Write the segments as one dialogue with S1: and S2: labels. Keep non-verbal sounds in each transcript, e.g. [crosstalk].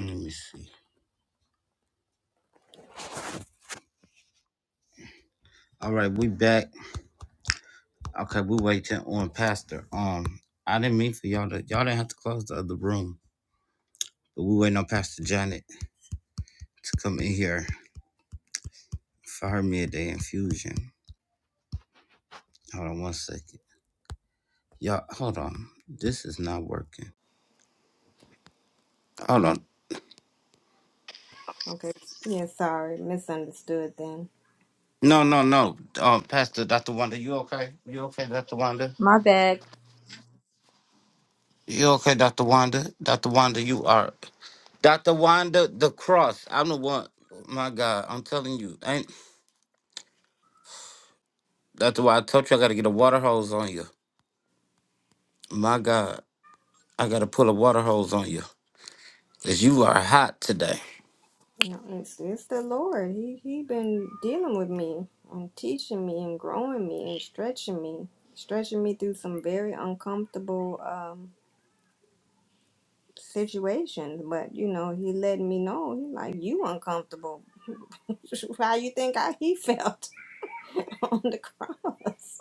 S1: Let me see. All right, we back. Okay, we waiting on Pastor. Um, I didn't mean for y'all to y'all didn't have to close the other room, but we waiting on Pastor Janet to come in here for her midday infusion. Hold on one second. Y'all, hold on. This is not working. Hold on.
S2: Okay. Yeah, sorry. Misunderstood then.
S1: No, no, no. Um, Pastor Dr. Wanda, you okay? You okay, Dr. Wanda?
S3: My bad.
S1: You okay, Dr. Wanda? Dr. Wanda, you are Dr. Wanda the cross. I'm the one. My God, I'm telling you. ain't. That's why I told you I gotta get a water hose on you. My God, I gotta pull a water hose on you. Cause you are hot today.
S2: No, it's it's the Lord. He he been dealing with me and teaching me and growing me and stretching me, stretching me through some very uncomfortable um situations. But you know, he let me know. He like you uncomfortable. [laughs] How you think I he felt [laughs] on the cross?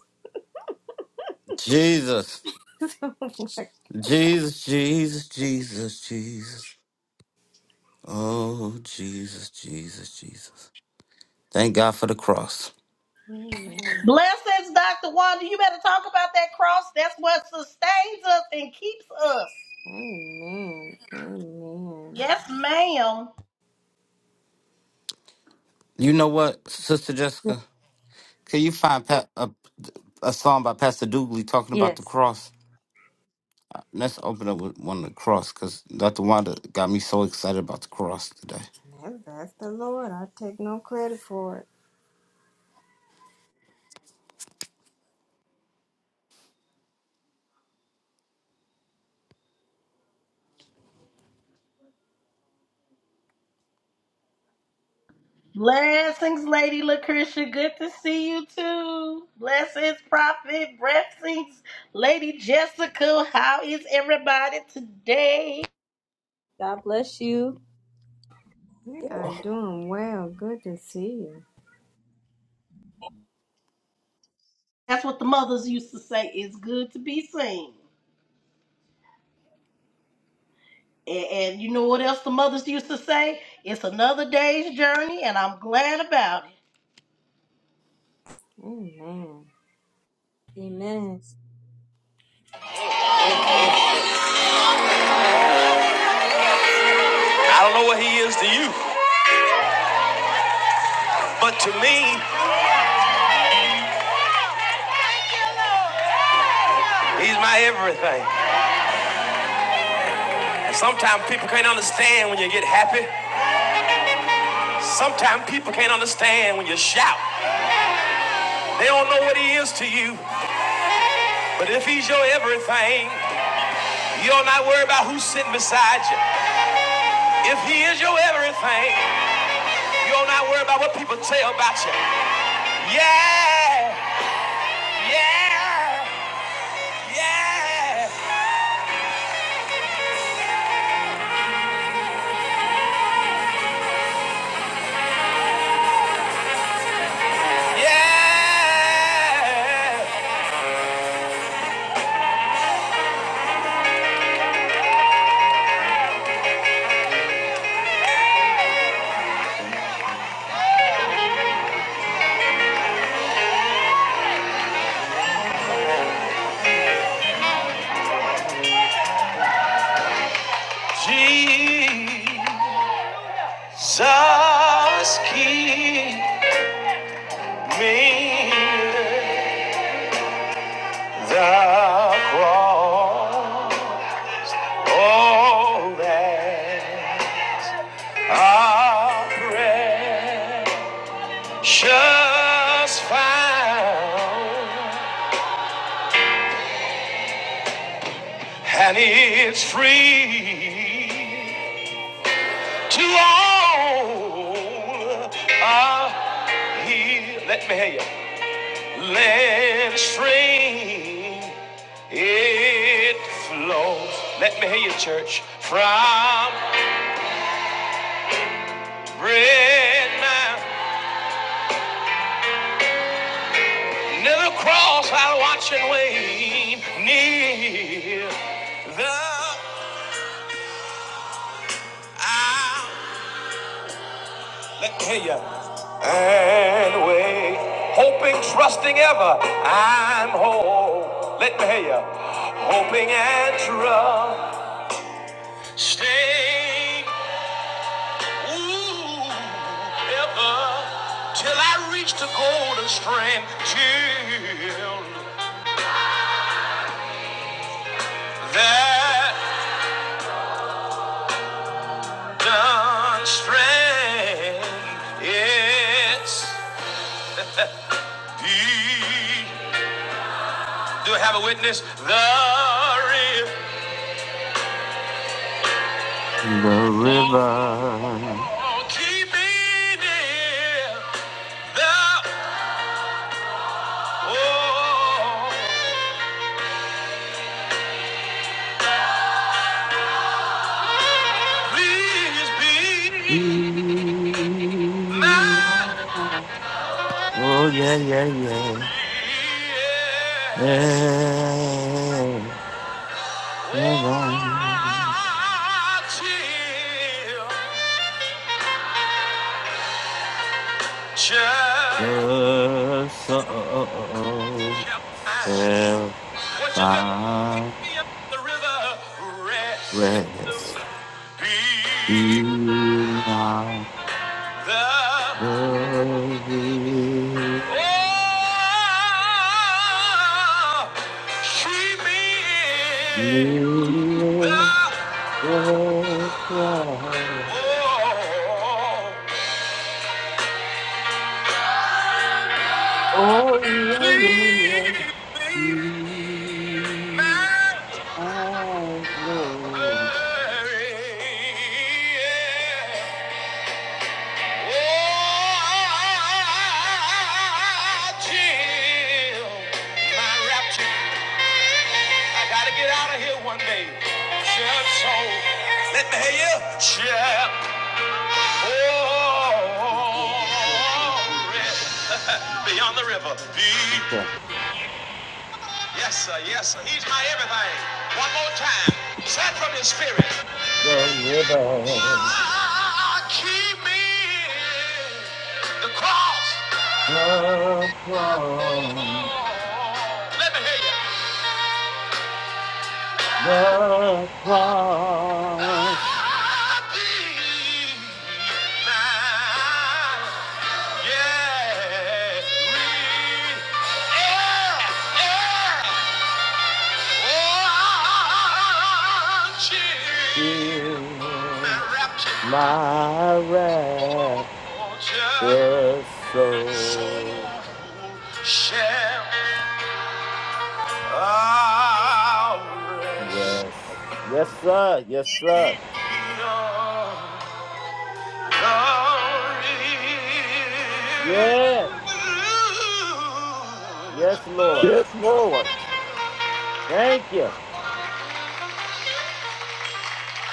S1: Jesus.
S2: [laughs] so I'm like,
S1: Jesus, Jesus, Jesus, Jesus. Oh, Jesus, Jesus, Jesus. Thank God for the cross.
S2: Amen.
S4: Blessings, Dr. Wanda. You better talk about that cross. That's what sustains us and keeps us.
S2: Amen. Amen.
S4: Yes, ma'am.
S1: You know what, Sister Jessica? Can you find pa- a, a song by Pastor Dooley talking about the
S3: Yes.
S1: cross? Let's open up with one of the cross because Dr. Wanda got me so excited about the cross today.
S2: That's, that's the Lord. I take no credit for it.
S4: Blessings, Lady Lucretia. Good to see you too. Blessings, Prophet. Blessings, Lady Jessica. How is everybody today?
S3: God bless you.
S2: We are doing well. Good to see you.
S4: That's what the mothers used to say. It's good to be seen. And, and you know what else the mothers used to say? It's another day's journey, and I'm glad about it.
S2: Amen.
S3: Amen. I don't know what he is to you, but to me, he's my everything. And sometimes people can't understand when you get happy. Sometimes people can't understand when you shout. They don't know what he is to you, but if he's your everything, you'll not worry about who's sitting beside you. If he is your everything, you'll not worry about what people tell about you. Yeah, yeah, yeah. Yeah, Jesus, keep me the cross. Oh, that I precious found, and it's free to all. Ah, he, let me hear you. Let it stream, it flows. Let me hear you, church. From red mount, near the cross, I'll watch and wait. Near the i let me hear you. And wait, hoping, trusting ever, I'm whole. Let me hear you. Hoping and trust. Stay Ooh, ever till I reach the golden strand till that done strand it's the do I have a witness the real
S1: The river.
S3: keep me near the oh please
S1: Oh
S3: be my
S1: yeah, yeah, yeah.
S3: yeah.
S1: yeah.
S3: Check.
S1: The soul shall
S3: What you look at
S1: find
S3: me up the river, rest
S1: rest
S3: be
S1: beyond
S3: the
S1: the river.
S3: oh, she be the
S1: Oh
S3: oh,
S1: yeah, yeah, yeah.
S3: please be
S1: You
S3: my
S1: are Lord.
S3: way. Oh, chill, my rapture. I gotta get out of here one day. Chill, so let me hear you. Chill, oh, beyond the river. Be.
S1: Okay.
S3: Yes, sir. Yes, sir. He's my everything. One more time. Set from his spirit.
S1: The river,
S3: Oh, keep me the cross.
S1: the cross,
S3: Oh, Let me hear you.
S1: the cross,
S3: I did not, yeah, re- yeah, yeah.
S1: heal my reckless soul.
S3: Shall I rest?
S1: Rest. Yes, sir. Yes, sir.
S3: Book
S1: Yes. Yes, Lord.
S5: Yes, Lord.
S1: Thank you.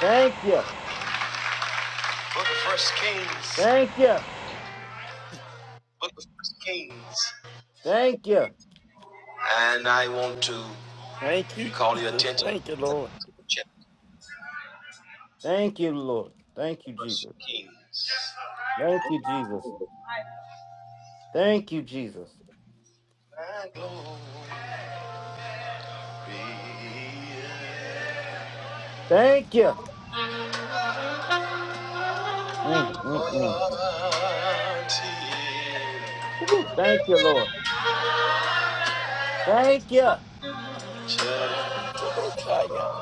S1: Thank you.
S3: of First Kings.
S1: Thank you.
S3: Book of First Kings.
S1: Thank you.
S3: And I want to
S5: Thank you,
S3: call your
S5: Jesus.
S3: attention
S5: Thank you,
S3: to
S5: Lord.
S3: the chapter
S1: Thank you, Lord.
S3: of
S1: Thank you,
S3: First
S1: Jesus.
S3: Kings.
S1: Thank you, Jesus. Thank you, Jesus.
S3: My glory
S1: Thank you. Mm, mm, mm. Woo, Thank you, Lord. Thank you.
S5: I
S3: until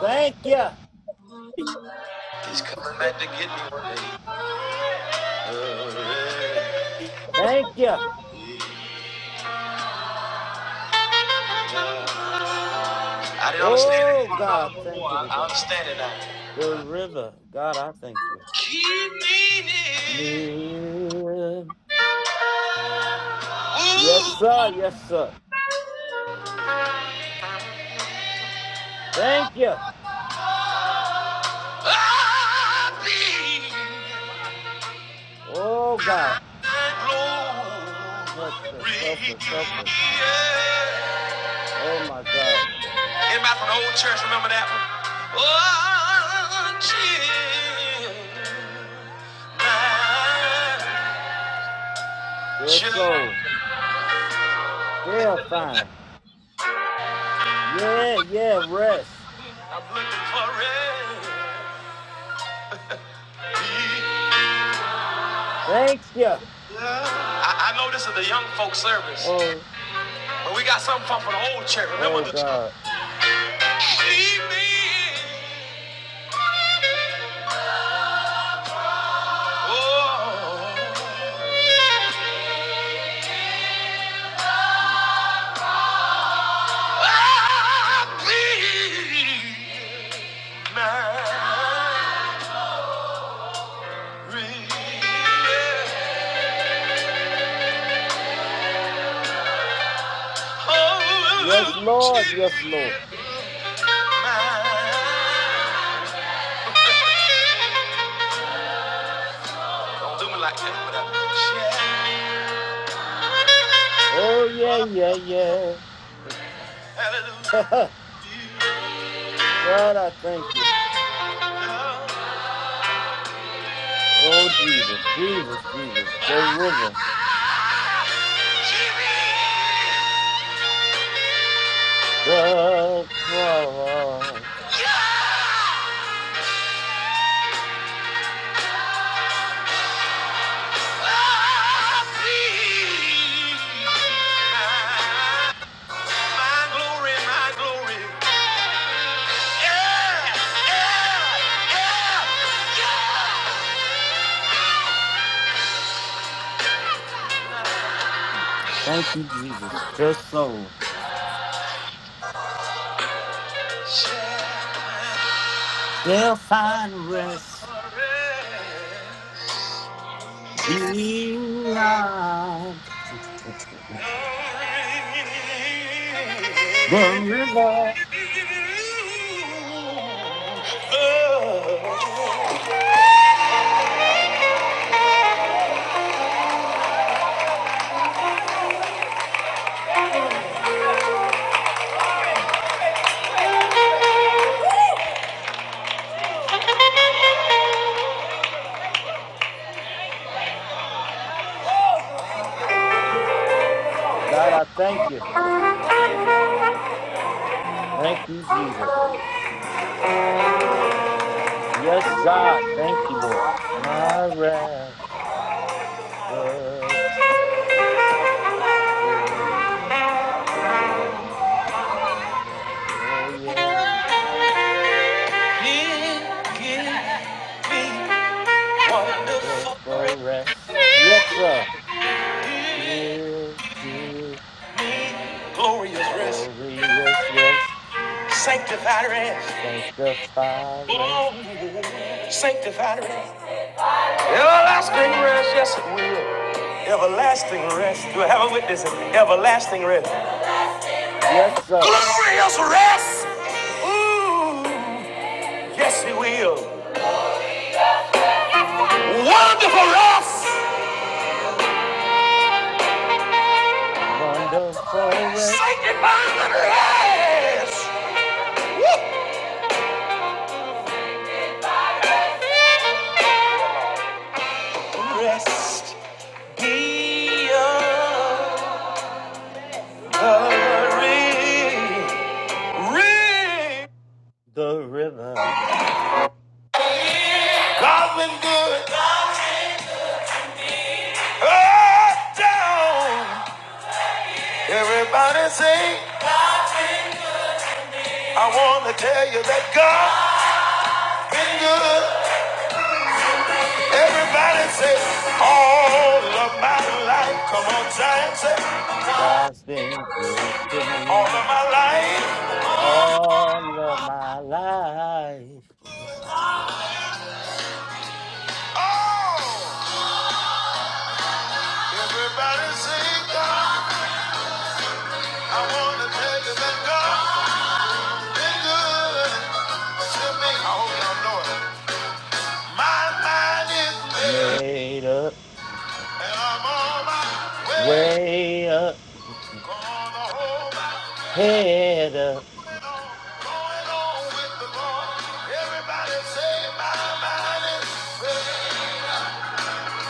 S1: Thank you.
S3: He's coming
S5: Thank
S3: back to get me
S5: you.
S1: Thank you.
S3: one day. I didn't understand
S1: Oh,
S3: it when
S1: God,
S3: I was
S1: thank
S3: more.
S1: you
S3: I, I
S1: today.
S3: understand it now.
S1: The river. God, I thank you.
S3: Keep meaning,
S1: Yeah. Yes,
S3: ooh,
S1: sir. Yes, sir. Thank you.
S3: I'll be
S1: Oh, God.
S3: that
S1: Help us.
S3: glory.
S1: Help us. Help us.
S3: Yeah.
S1: Oh, my God.
S3: Anybody from the old church remember that one? Until my
S1: The
S3: church,
S1: soul shall find. Yeah, yeah, rest.
S3: I'm looking for it.
S1: Thank you.
S3: I, I know this is the young folk service.
S1: Oh,
S3: But we got something fun for the old church. Remember
S1: oh
S3: the
S1: God.
S3: leave me. Oh, I bleed Mary. Oh,
S1: Yes,
S3: Mary.
S1: Lord. Yes, Lord.
S3: Don't do me like that, but I- share.
S1: Oh, yeah, yeah, yeah. [laughs]
S3: Hallelujah.
S1: God, I thank you.
S3: You know.
S1: Oh, Jesus, Jesus, Jesus. The river, the cross. Thank you, Jesus. Just so. They'll find rest beyond the river.
S3: Oh. Give,
S1: God, I thank you. Thank you, Jesus. Yes, God. Thank you, Lord. My record so shall find. Oh, yes, in the
S3: rest, me
S1: forest. Yes, sir. Here to
S3: glorious rest,
S1: glorious rest,
S3: sanctified rest,
S1: sanctified rest.
S3: Oh, sanctified rest. Everlasting rest, yes it will. Everlasting rest. Do I have a witness? Everlasting rest.
S1: Yes, sir.
S3: Glorious rest. Ooh, yes it will. Wonderful rest.
S1: Wonderful rest,
S3: Sanctify the rest. Woo! The rest be of the ring. Ring.
S1: the river.
S3: God's been good. Up, down. Everybody say, I want to tell you that God has been good. Everybody say, all of my life. Come on, giant, say,
S1: God's been good to
S3: all
S1: me.
S3: of my life.
S1: all of my life.
S3: Oh. Everybody sing God. I wanna tell you that God been good to me. I hope y'all know it. My mind is made,
S1: Made up,
S3: and I'm on my way.
S1: way up,
S3: Gonna hold my
S1: head up,
S3: head on, going on with the Lord. Everybody say my mind is made,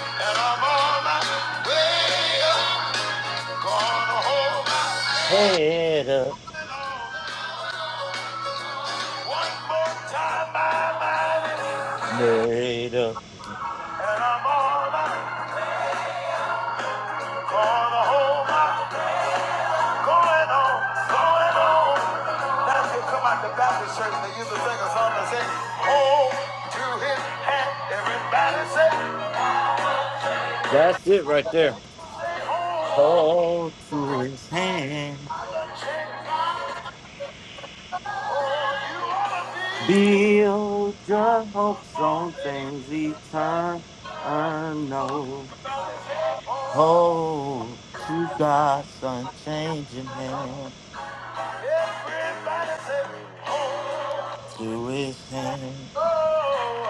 S3: and I'm on my way. Gonna hold my
S1: head up,
S3: head on. One more time, my mind is,
S1: made up.
S3: clear, and I'm on my way. Gonna hold my, going on, going on. That's what come out the Baptist church. and They used to sing a song that said, Hold to his hand. Everybody say,
S1: That's it right there. Hold to his hand. Build your hopes on things eternal. Hold to God's unchanging hand,
S3: everybody say,
S1: to his hand.
S3: oh.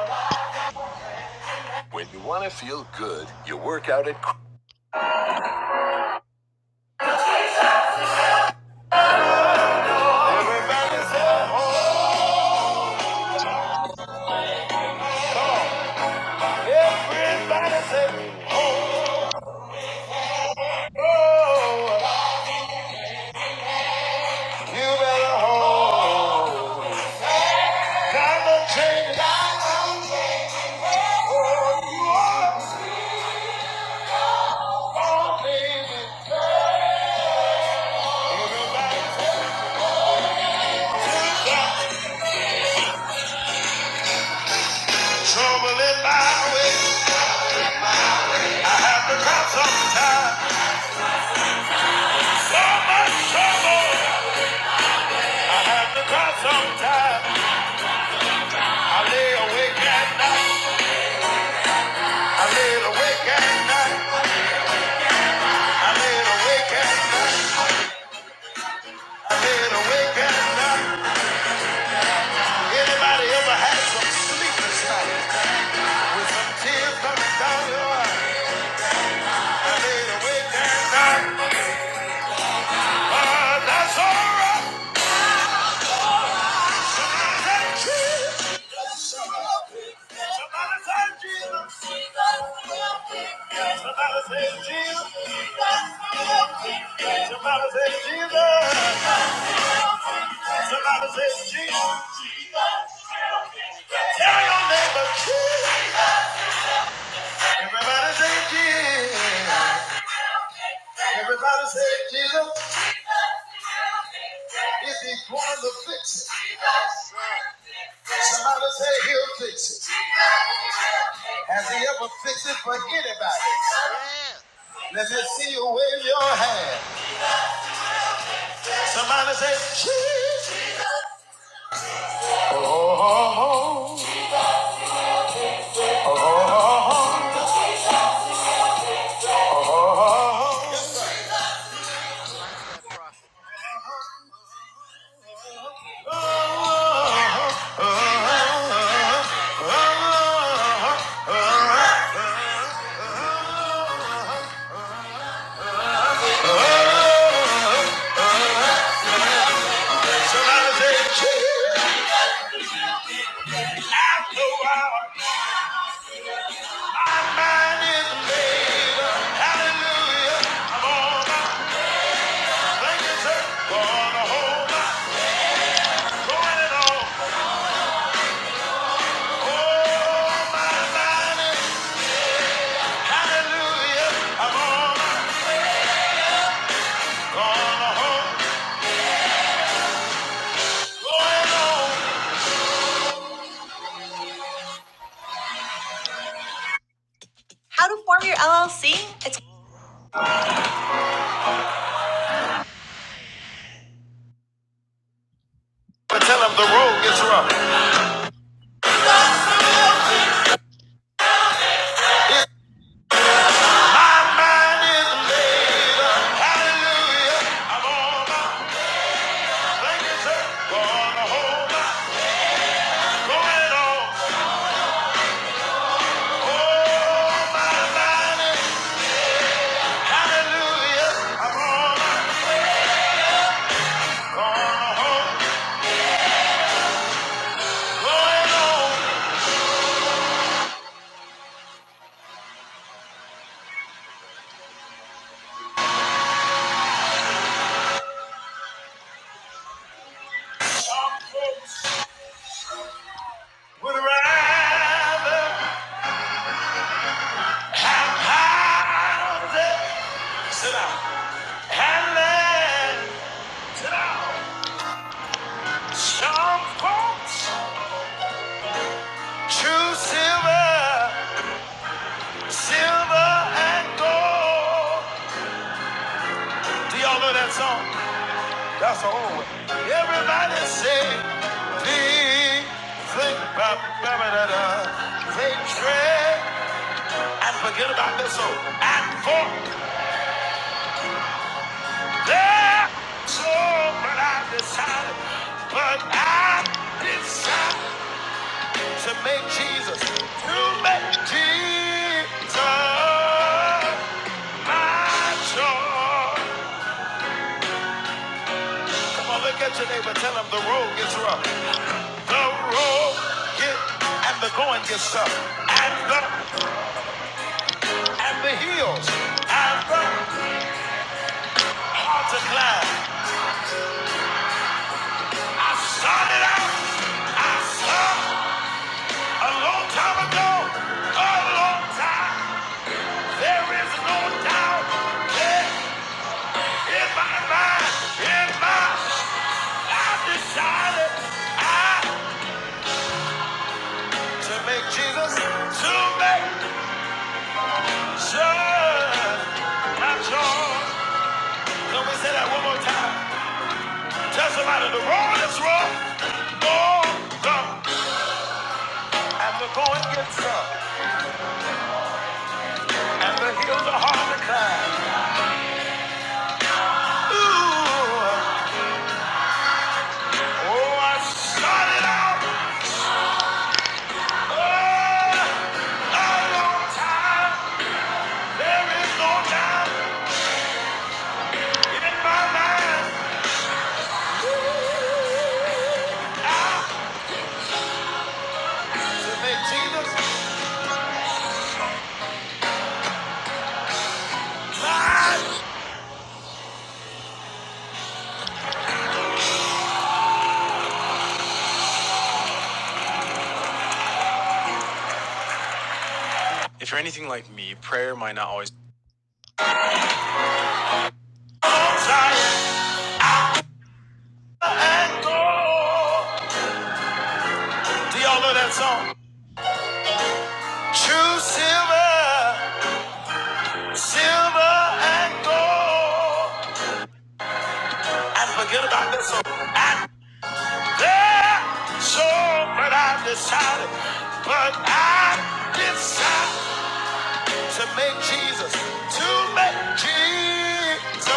S3: When you want to feel good, you work out at. Everybody say, oh. Everybody say, oh.
S1: God's are changing
S3: You better
S1: into
S3: hold.
S1: his hand.
S3: Gotta change. Gotta hold.
S1: Thank you, God.
S3: You are.
S1: Your hopes on things eternal.
S3: Everybody say,
S1: Oh, to God's are changing
S3: Trouble in my way.
S1: Trouble in my
S3: I
S1: way.
S3: have to cry sometimes. for my trouble. I have to cry sometimes. I lay awake at night. I lay awake at night. I lay awake at night. I lay awake at night. Anybody ever had? Uh, that's alright.
S1: That's alright.
S3: Somebody say Jesus. Somebody say Jesus. Somebody say Jesus. Somebody say Jesus.
S1: Jesus, he will fix it.
S3: Tell your neighbor Jesus.
S1: My God.
S3: Everybody say Jesus. Everybody say Jesus. If he's going to fix it,
S1: Yes, sir.
S3: somebody say he'll fix it. Has he ever fixed it for anybody?
S1: Yeah.
S3: Let me see you wave your
S1: My
S3: hand.
S1: God.
S3: Somebody say Jesus. Oh, oh, oh, oh, oh, oh, oh, oh, oh, oh, oh,
S1: I like that prophet.
S3: oh. i tell him the road gets rough. Mine is Gonna hold my going on. Oh, my mind is. Hallelujah. going on. Would rather have houses. Sit down. And land. Sit down. Some folks choose silver, silver and gold. Do y'all know that song? That's the old one. Everybody say, think, think, ba, ba, ba, da, da. They trade and forget about this soul. And for their soul, but I decided, but I decided to make Jesus, to make Jesus. Come on, look at your neighbor. Tell him the road gets rough. The road get and the going gets tough. And the and the hills to make Jesus to make sure my joy. Can we say that one more time? Tell somebody the road is rough. Oh, the and the going gets tough. And the hills are hard to climb. Ooh, oh, I started out. Oh, If you're anything like me, prayer might not always. Silent gold. Do y'all know that song? True silver, silver and gold. And forget about this song. And there, so, but I decided, but I decided. To make Jesus, to make Jesus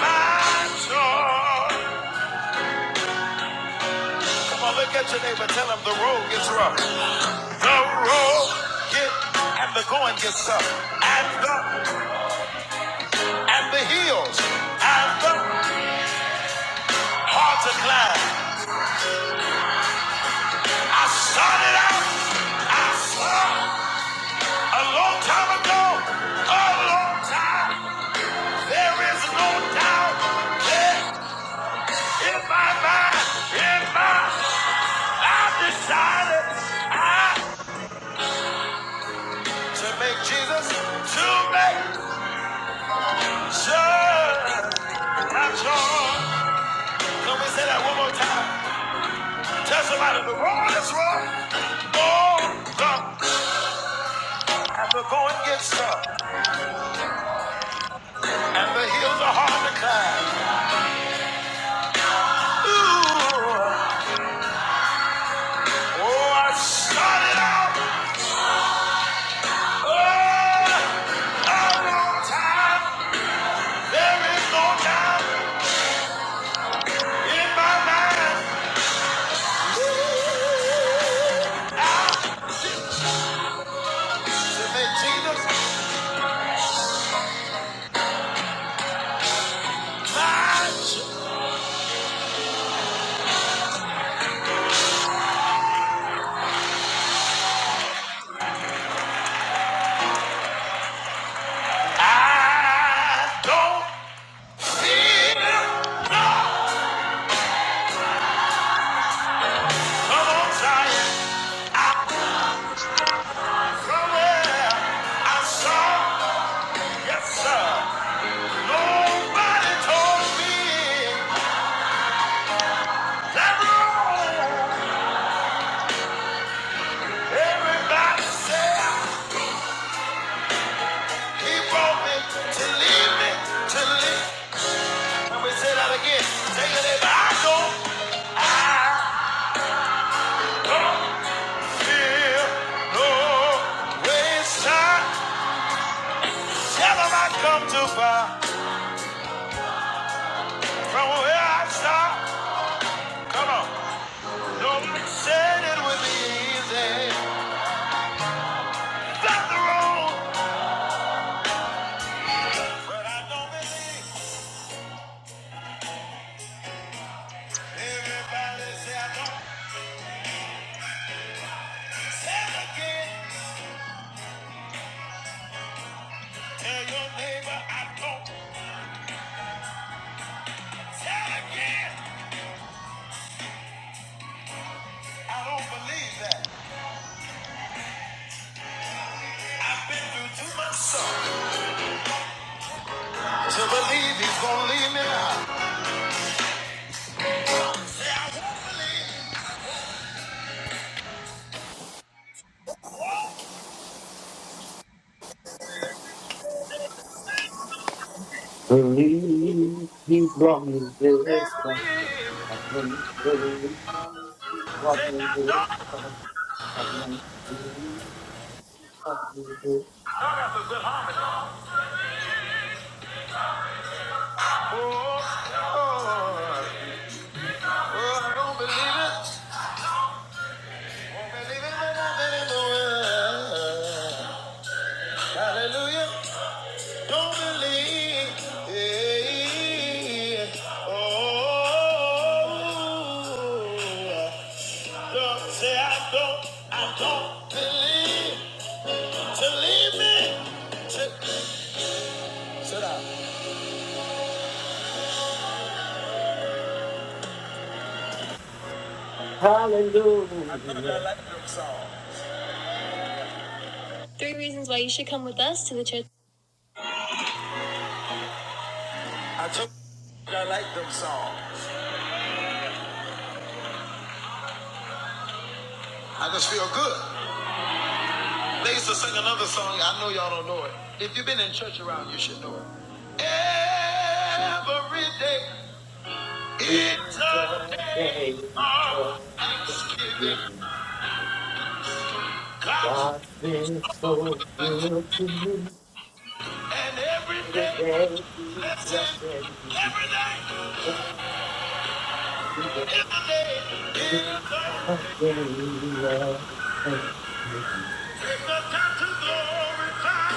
S3: my joy. Come on, look at your neighbor, tell him the road gets rough. The road gets and the going gets tough. And the and the hills and the hard to climb. I started out, I saw a long time ago, a long time. There is no doubt in my mind, in my heart To make Jesus, to make sure I'm sure. Can we say that one more time? Tell somebody the road is rough, goes up, and the going gets tough, and the hills are hard to climb. Ooh, oh, I started out oh, a long time. There is no doubt in my mind to make Jesus mine. I don't. Nobody told me. Everybody say, He brought me to lead me, to lead. Can we say that again? Take it in. I don't, I don't feel no waste time. It would be easy. Everybody say, I don't. tell again. Tell your neighbor, I don't. tell again. I don't believe that. I've been through too much suffering to believe he's gonna leave me now.
S1: Believe he brought me this far. Hallelujah.
S3: Oh, oh, I don't believe it. Won't believe it, won't believe it, won't. Hallelujah. Don't believe it. Oh, don't say I don't, I don't believe. To me. sit down. I told I like them songs. I told I like them songs. I just feel good. They used to sing another song. I know y'all don't know it. If you've been in church around, you should know it. Every day
S1: It's
S3: is
S1: a
S3: a day
S1: day of
S3: of thanksgiving.
S1: thanksgiving.
S3: God,
S1: God's been so good to me.
S3: and every
S1: Every
S3: day,
S1: day he's
S3: blessing,
S1: blessing me.
S3: every day
S1: Every day
S3: is a day.
S1: is
S3: It's a,
S1: a day of thanksgiving.
S3: it's a time to glorify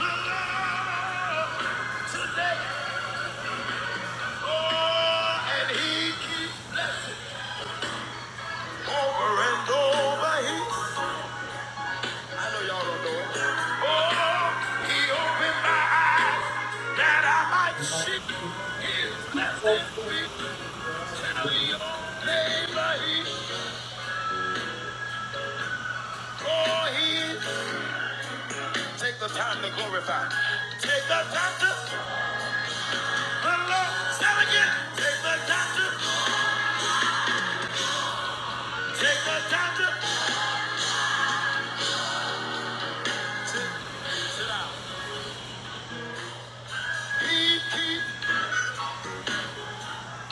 S3: the Lord today. Oh, and He keeps. Over and over, he, I know y'all don't know it. Oh, he opened my eyes that I might see his blessed feet. Tell your neighbor he, oh, he is. Take the time to glorify. Take the time to, the Lord, say it again. Take the time to, take the time to, sit, sit down. He keeps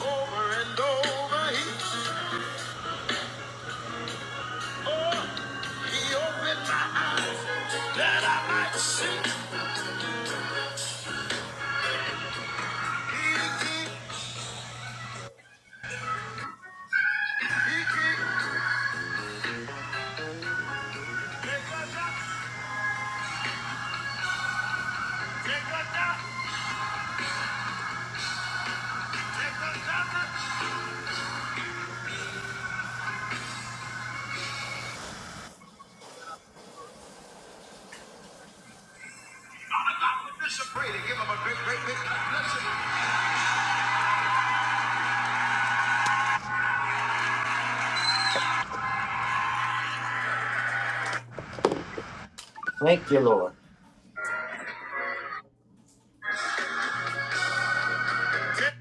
S3: over and over, he. He opened my eyes that I might see. He did. He did. Take a duck. Take a duck. Take a duck. I'm about to disagree to give him a big, big, big listen.
S1: Thank you, Lord.
S3: Take-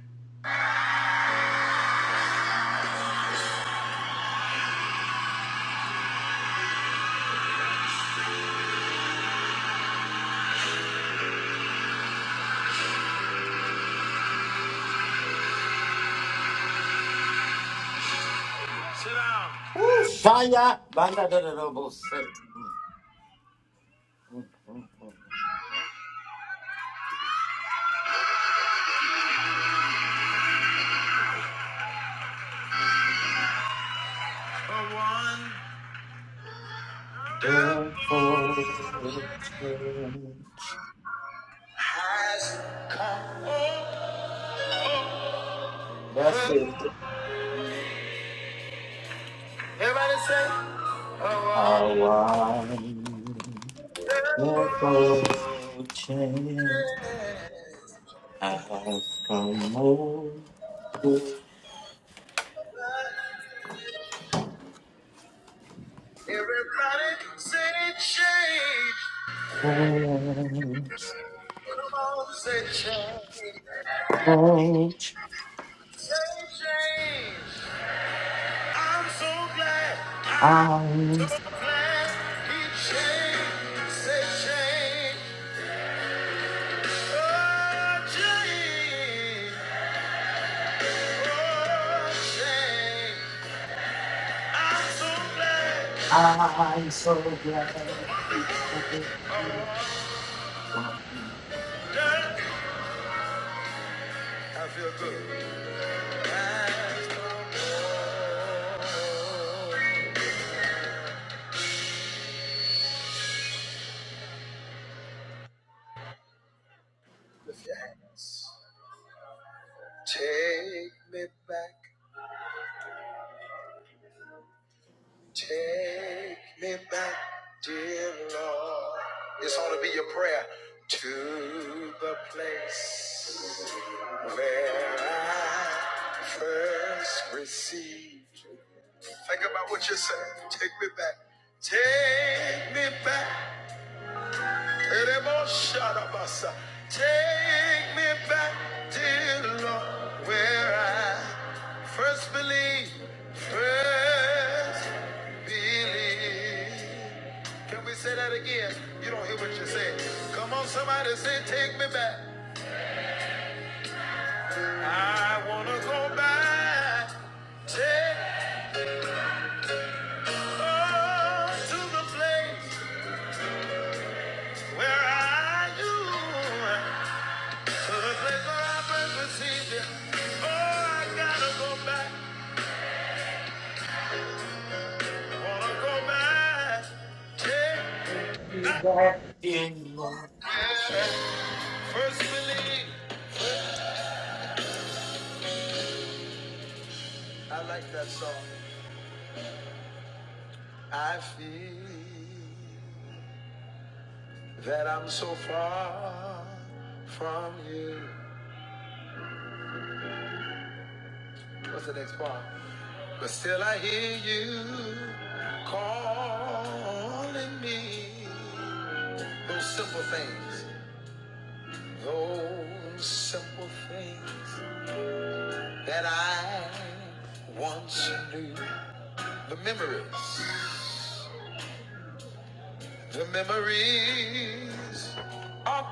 S3: Sit down.
S1: Ooh, Shia, Banda, da, da, da, bo, say. Good
S3: A wonderful
S1: fortune.
S3: has put.
S1: That's it.
S3: Everybody say. A
S1: I
S3: wonderful
S1: want good fortune. I've come over such
S3: day. Everybody say change. Come on, say change.
S1: age.
S3: Say change. I'm so glad. I'm so
S1: I'm,
S3: glad he changed. Say change. Oh, change. Oh, change. I'm so glad.
S1: I'm so glad I could
S3: Oh, wonder. I feel good. I'm so Lift your hands. Take me back, take me back, dear Lord. This ought to be your prayer to the place where I first received. Think about what you're saying. Take me back, take me back. Take me back, dear Lord, where I first believed. first believed. Can we say that again? You don't hear what you say. Come on, somebody say, take me back. I wanna go back. Take us to the place where I knew. Oh, I gotta go back. Wanna go back. Yeah.
S1: be back in Lord,
S3: First believe. I like that song. I feel that I'm so far from you. What's the next part? But still I hear you calling me. Those simple things. Those simple things. that I once knew. The memories, the memories are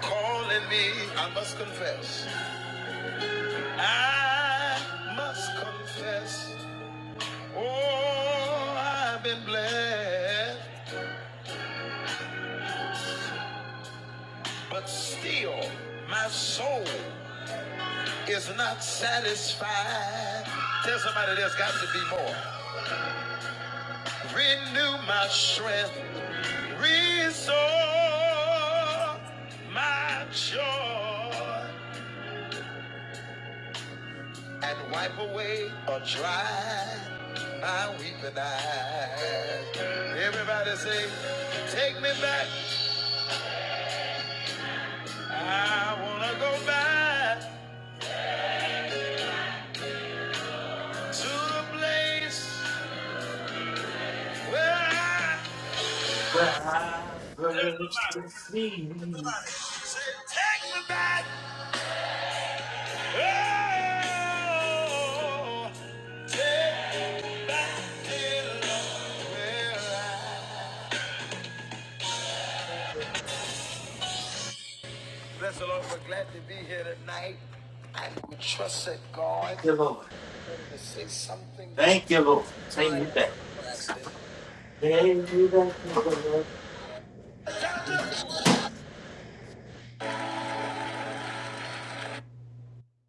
S3: calling me. I must confess, I must confess. Oh, I've been blessed, but still my soul is not satisfied. Tell somebody there's got to be more. Renew my strength. Restore my joy and wipe away or dry my weeping eyes. Everybody say, take me back. I wanna go back to the place where I
S1: where I first received.
S3: say, take me back. Oh, where I Bless the Lord. We're glad to be here tonight. And we trust that God
S1: Thank you, Lord.
S3: to say something to
S1: Thank you, Lord. Take
S3: my
S1: me back.
S3: accident.
S1: Take me back, dear Lord.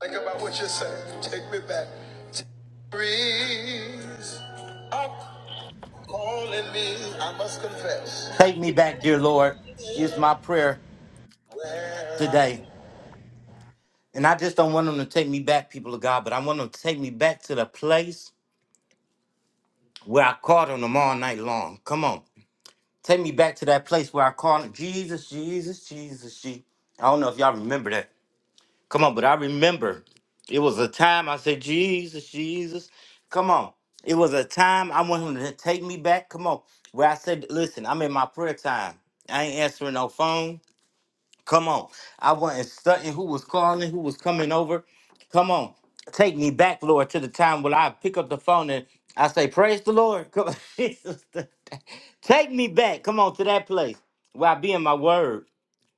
S3: Think about what you're saying. Take me back. Breeze up calling me. I must confess.
S1: Take me back, dear Lord. Here's my prayer
S3: Where
S1: today. And I just don't want them to take me back, people of God, but I want them to take me back to the place where I called on them all night long. Come on. Take me back to that place where I called on Jesus, Jesus, Jesus, Jesus. I don't know if y'all remember that. Come on, but I remember it was a time I said, Jesus, Jesus. Come on. It was a time I want him to take me back. Come on. Where I said, listen, I'm in my prayer time. I ain't answering no phone. Come on. I wasn't stunting who was calling, who was coming over. Come on. Take me back, Lord, to the time when I pick up the phone and I say, Praise the Lord. Come on. [laughs] Jesus. Take me back. Come on to that place where I be in my word,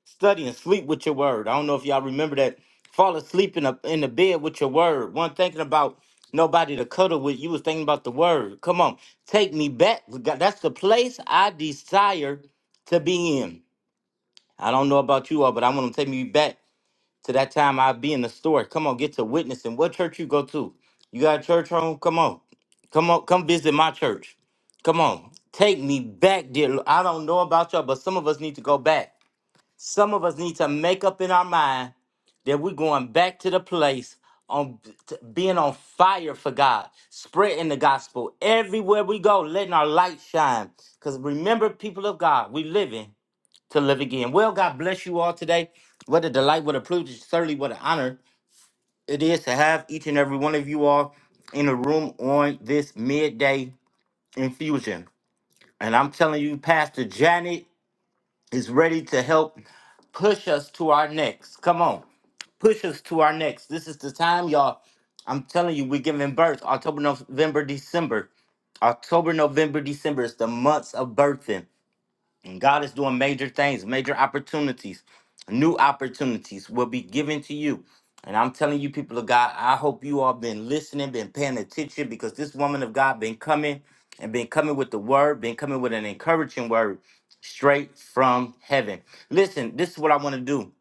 S1: study and sleep with your word. I don't know if y'all remember that. Fall asleep in a in the bed with your word. One thinking about nobody to cuddle with. You was thinking about the word. Come on. Take me back. God, That's the place I desire to be in. I don't know about you all, but I want to take me back to that time I'd be in the store. Come on, get to witnessing. What church you go to? You got a church home? Come on. Come on, come visit my church. Come on. Take me back, dear. Lord. I don't know about y'all, but some of us need to go back. Some of us need to make up in our mind that we're going back to the place on t- being on fire for God, spreading the gospel everywhere we go, letting our light shine. Because remember, people of God, we living to live again. Well, God bless you all today. What a delight, what a privilege, certainly what an honor it is to have each and every one of you all in the room on this midday infusion. And I'm telling you, Pastor Janet is ready to help push us to our next. Come on, push us to our next. This is the time, y'all. I'm telling you, we're giving birth October, November, December. October, November, December is the months of birthing. And God is doing major things, major opportunities, new opportunities will be given to you. And I'm telling you, people of God, I hope you all been listening, been paying attention, because this woman of God been coming and been coming with the word, been coming with an encouraging word straight from heaven. Listen, this is what I want to do.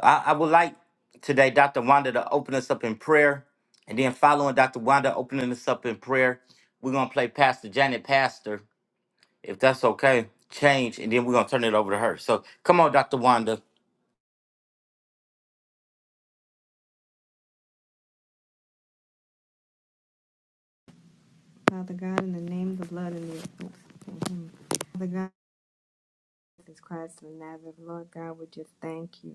S1: I, I would like today Dr. Wanda to open us up in prayer. And then following Dr. Wanda opening us up in prayer, we're gonna play Pastor Janet Pastor if that's okay, change, and then we're gonna turn it over to her. So come on, Dr. Wanda.
S2: Father God, in the name of the blood and the oops, Father God, Jesus Christ of Nazareth, Lord God, we just thank you.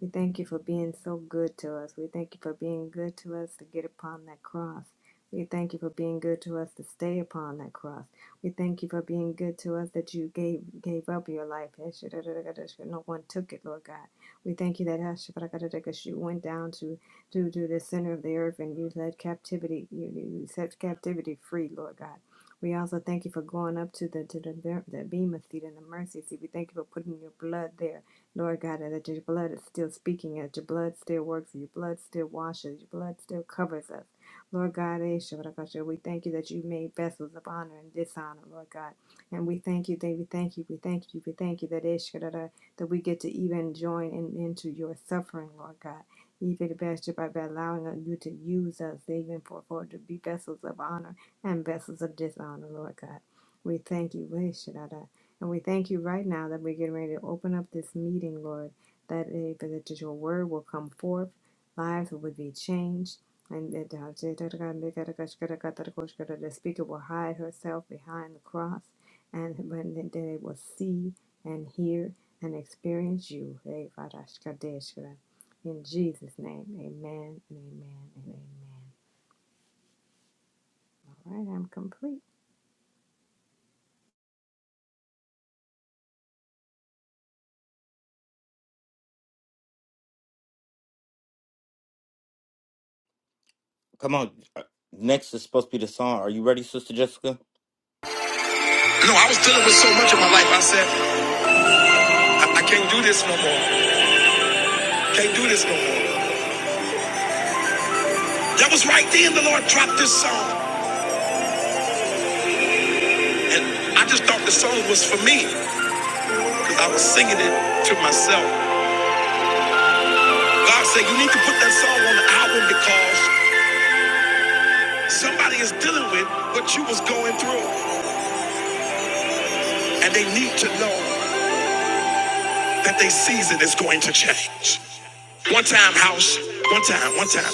S2: We thank you for being so good to us. We thank you for being good to us to get upon that cross. We thank you for being good to us to stay upon that cross. We thank you for being good to us that you gave gave up your life. No one took it, Lord God. We thank you that you went down to, to, to the center of the earth and you led captivity, you, you set captivity free, Lord God. We also thank you for going up to the to the, the Bema seat and the mercy seat. We thank you for putting your blood there Lord God, and that your blood is still speaking, and that your blood still works, and your blood still washes, your blood still covers us. Lord God, eh, Shabbatakasha, we thank you that you made vessels of honor and dishonor, Lord God. And we thank you, that we thank you, we thank you, we thank you that eh, Shabbataka, that we get to even join in, into your suffering, Lord God. Even the best by allowing you to use us, eh, even for, for to be vessels of honor and vessels of dishonor, Lord God. We thank you, eh, Shabbataka. And we thank you right now that we're getting ready to open up this meeting, Lord, that, it, that your word will come forth, lives will be changed, and that the speaker will hide herself behind the cross, and when they they will see and hear and experience you. In Jesus' name, amen and amen and amen. All right, I'm complete.
S1: Come on. Uh, Next is supposed to be the song. Are you ready, Sister Jessica?
S3: no, I was dealing with so much in my life. I said, I, I can't do this no more. Can't do this no more. That was right then the Lord dropped this song. And I just thought the song was for me because I was singing it to myself. God said you need to put that song on the album because somebody is dealing with what you was going through, and they need to know that their season is going to change. One time, house. One time. One time.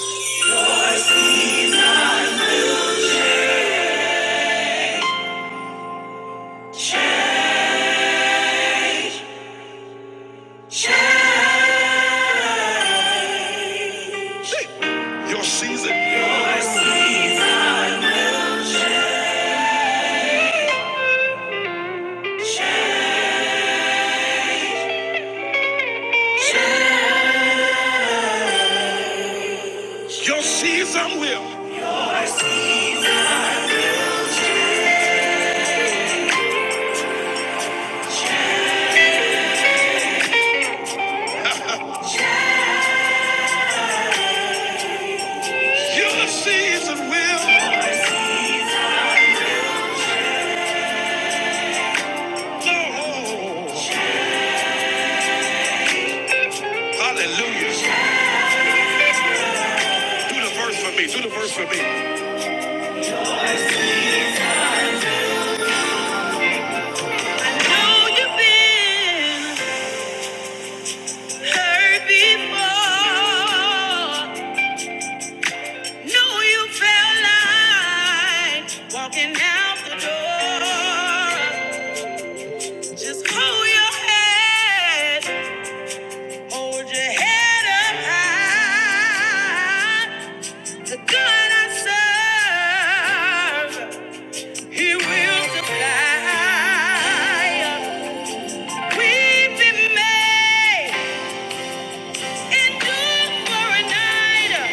S3: Hey, Your season. Your season will. Your season will. Oh, hallelujah. Do the verse for me. Do the verse for me. Know you've been hurt before. No, you felt like walking out the door. Just hold your head, hold your head up high. The God I serve, He will supply. We've been made endure for a night.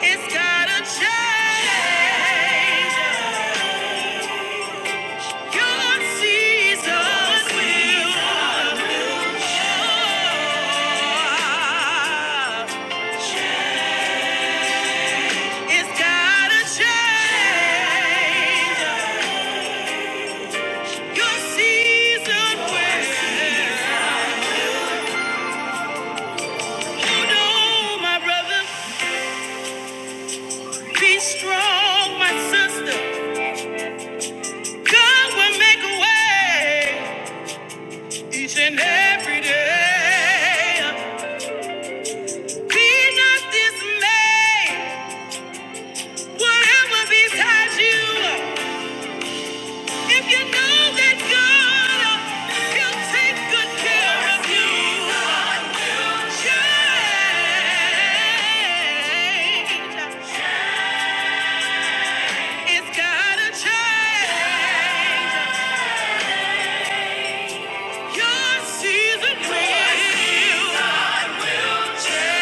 S3: It's gotta change. Your seasons will It's gotta change. Your season will. You know, my brother. Be strong, my sister. God will make a way each and every day. Be not dismayed, whatever besides you. If you know that God, He'll take good care of you. Change. It's gotta change. Your season will. Yeah.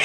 S3: Yeah.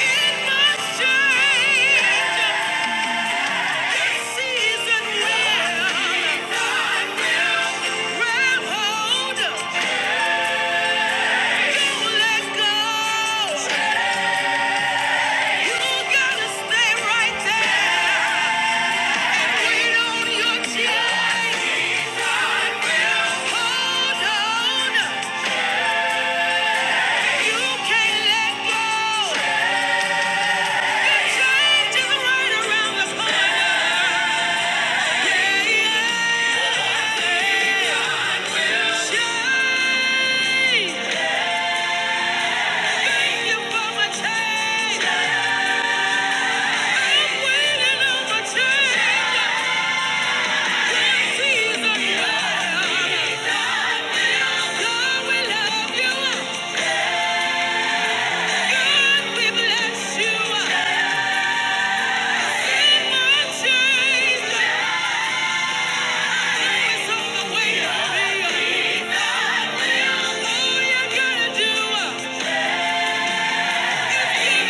S3: yeah, yeah. the gotta give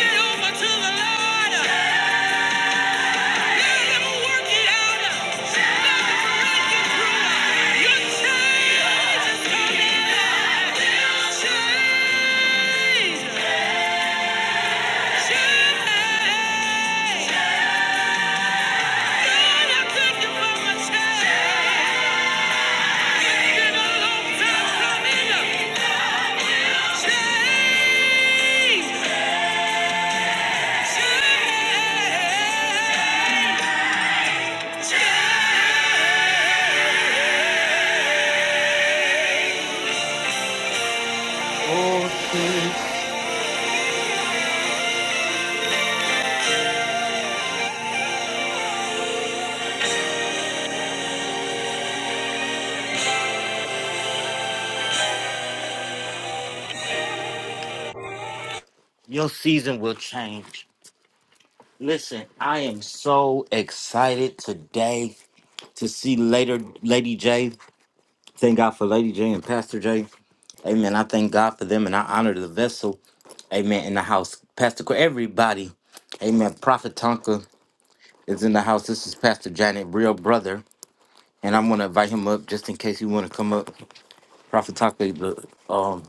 S3: it over to the Lord.
S1: Your season will change. Listen, I am so excited today to see later Lady J. Thank God for Lady J and Pastor J. Amen. I thank God for them and I honor the vessel. Amen. In the house. Pastor Qu- everybody. Amen. Prophet Tonka is in the house. This is Pastor Janet, real brother. and I'm gonna invite him up just in case you want to come up. Prophet Taka, the um,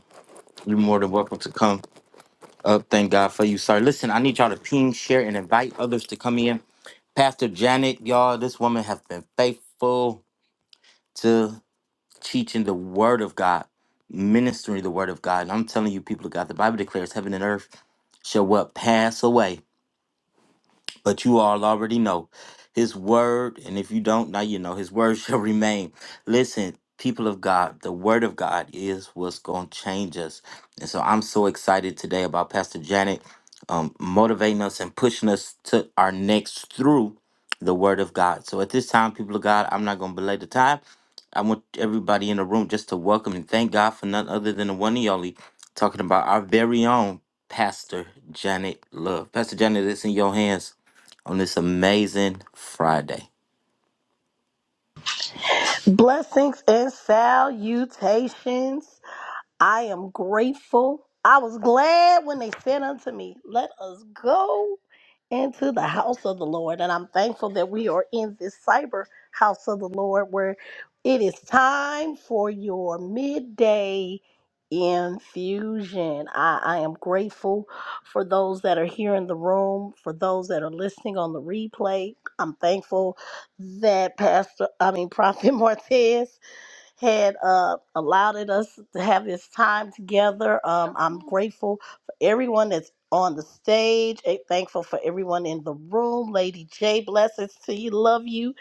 S1: you're more than welcome to come up. Thank God for you, sir. Listen, I need y'all to ping, share, and invite others to come in. Pastor Janet, y'all, this woman has been faithful to teaching the Word of God, ministering the Word of God. And I'm telling you, people of God, the Bible declares heaven and earth shall what pass away. but you all already know his word and if you don't now you know his word [laughs] shall remain listen people of god the word of god is what's going to change us and so i'm so excited today about pastor janet um, motivating us and pushing us to our next through the word of god so at this time people of god i'm not going to belay the time i want everybody in the room just to welcome and thank god for none other than the one and only talking about our very own pastor janet love pastor janet it's in your hands on this amazing Friday.
S4: Blessings and salutations. I am grateful. I was glad when they said unto me, Let us go into the house of the Lord. And I'm thankful that we are in this cyber house of the Lord where it is time for your midday infusion. I, I am grateful for those that are here in the room, for those that are listening on the replay. I'm thankful that Pastor, I mean, Prophet [laughs] Martez had uh, allowed it us to have this time together. Um, I'm grateful for everyone that's on the stage. eh, thankful for everyone in the room. Lady J, blessings to you. Love you.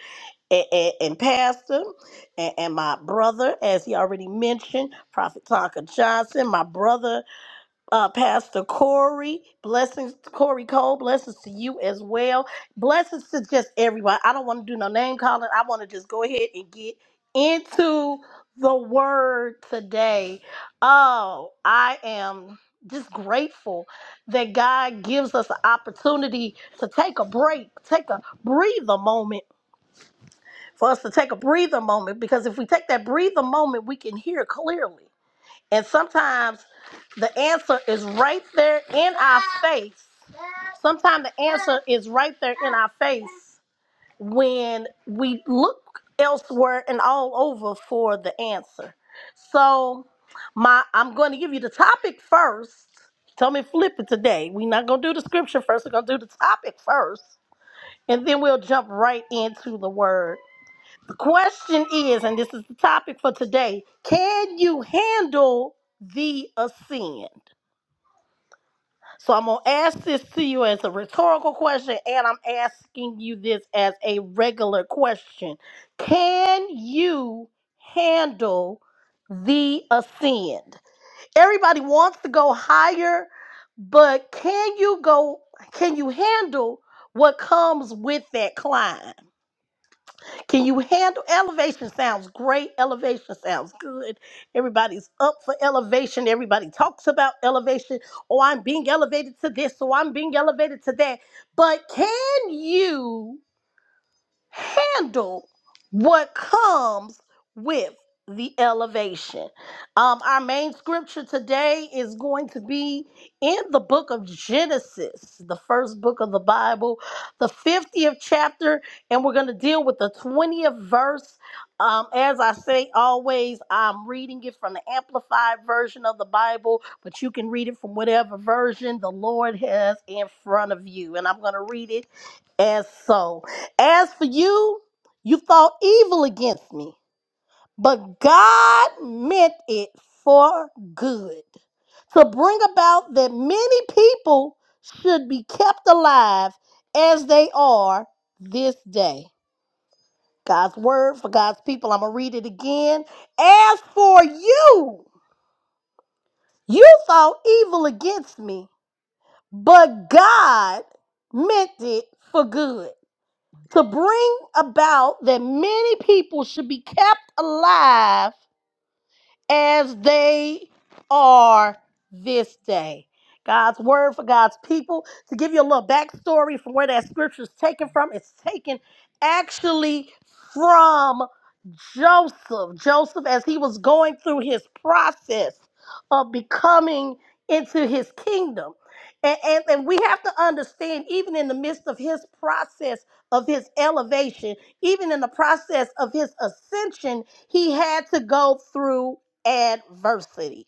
S4: And, and, and Pastor and, and my brother, as he already mentioned, Prophet Tonka Johnson, my brother uh, Pastor Corey. Blessings, Corey Cole. Blessings to you as well. Blessings to just everybody. I don't want to do no name calling. I want to just go ahead and get into the word today. Oh, I am just grateful that God gives us an opportunity to take a break, take a breather moment for us to take a breather moment because if we take that breather moment, we can hear clearly. And sometimes the answer is right there in our face. Sometimes the answer is right there in our face when we look elsewhere and all over for the answer. So my I'm going to give you the topic first. Tell me flip it today. We're not gonna do the scripture first, we're gonna do the topic first, and then we'll jump right into the word. The question is, and this is the topic for today, can you handle the ascend? So I'm going to ask this to you as a rhetorical question, and I'm asking you this as a regular question. Can you handle the ascend? Everybody wants to go higher, but can you go, can you handle what comes with that climb? Can you handle elevation? Sounds great. Elevation sounds good. Everybody's up for elevation. Everybody talks about elevation. Oh, I'm being elevated to this. Oh, I'm being elevated to that. But can you? handle what comes with the elevation. Um, our main scripture today is going to be in the book of Genesis, the first book of the Bible, the 50th chapter, and we're going to deal with the 20th verse. Um, as I say always, I'm reading it from the Amplified version of the Bible, but you can read it from whatever version the Lord has in front of you. And I'm going to read it as so. As for you, you thought evil against me, but God meant it for good to bring about that many people should be kept alive as they are this day. God's word for God's people. I'm going to read it again. As for you, you thought evil against me, but God meant it for good to bring about that many people should be kept alive as they are this day. God's word for God's people. To give you a little backstory from where that scripture is taken from, it's taken actually from Joseph. Joseph, as he was going through his process of becoming into his kingdom. And, and, and we have to understand, even in the midst of his process of his elevation, even in the process of his ascension, he had to go through adversity.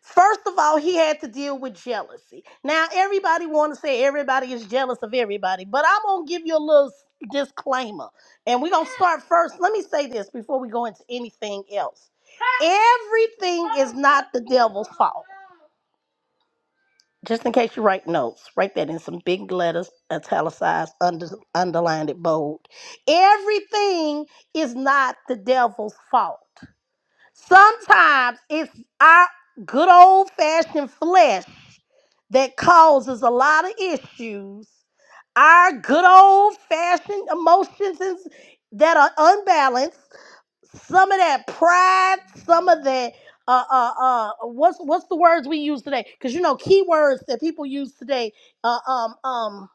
S4: First of all, he had to deal with jealousy. Now, everybody want to say everybody is jealous of everybody, but I'm going to give you a little s- disclaimer. And we're going to start first. Let me say this before we go into anything else. Everything is not the devil's fault. Just in case you write notes, write that in some big letters, italicized, under, underlined, it bold. Everything is not the devil's fault. Sometimes it's our good old fashioned flesh that causes a lot of issues. Our good old fashioned emotions is- that are unbalanced. Some of that pride, some of that. Uh, uh, uh, what's what's the words we use today? Because you know, keywords that people use today. Uh, um, um.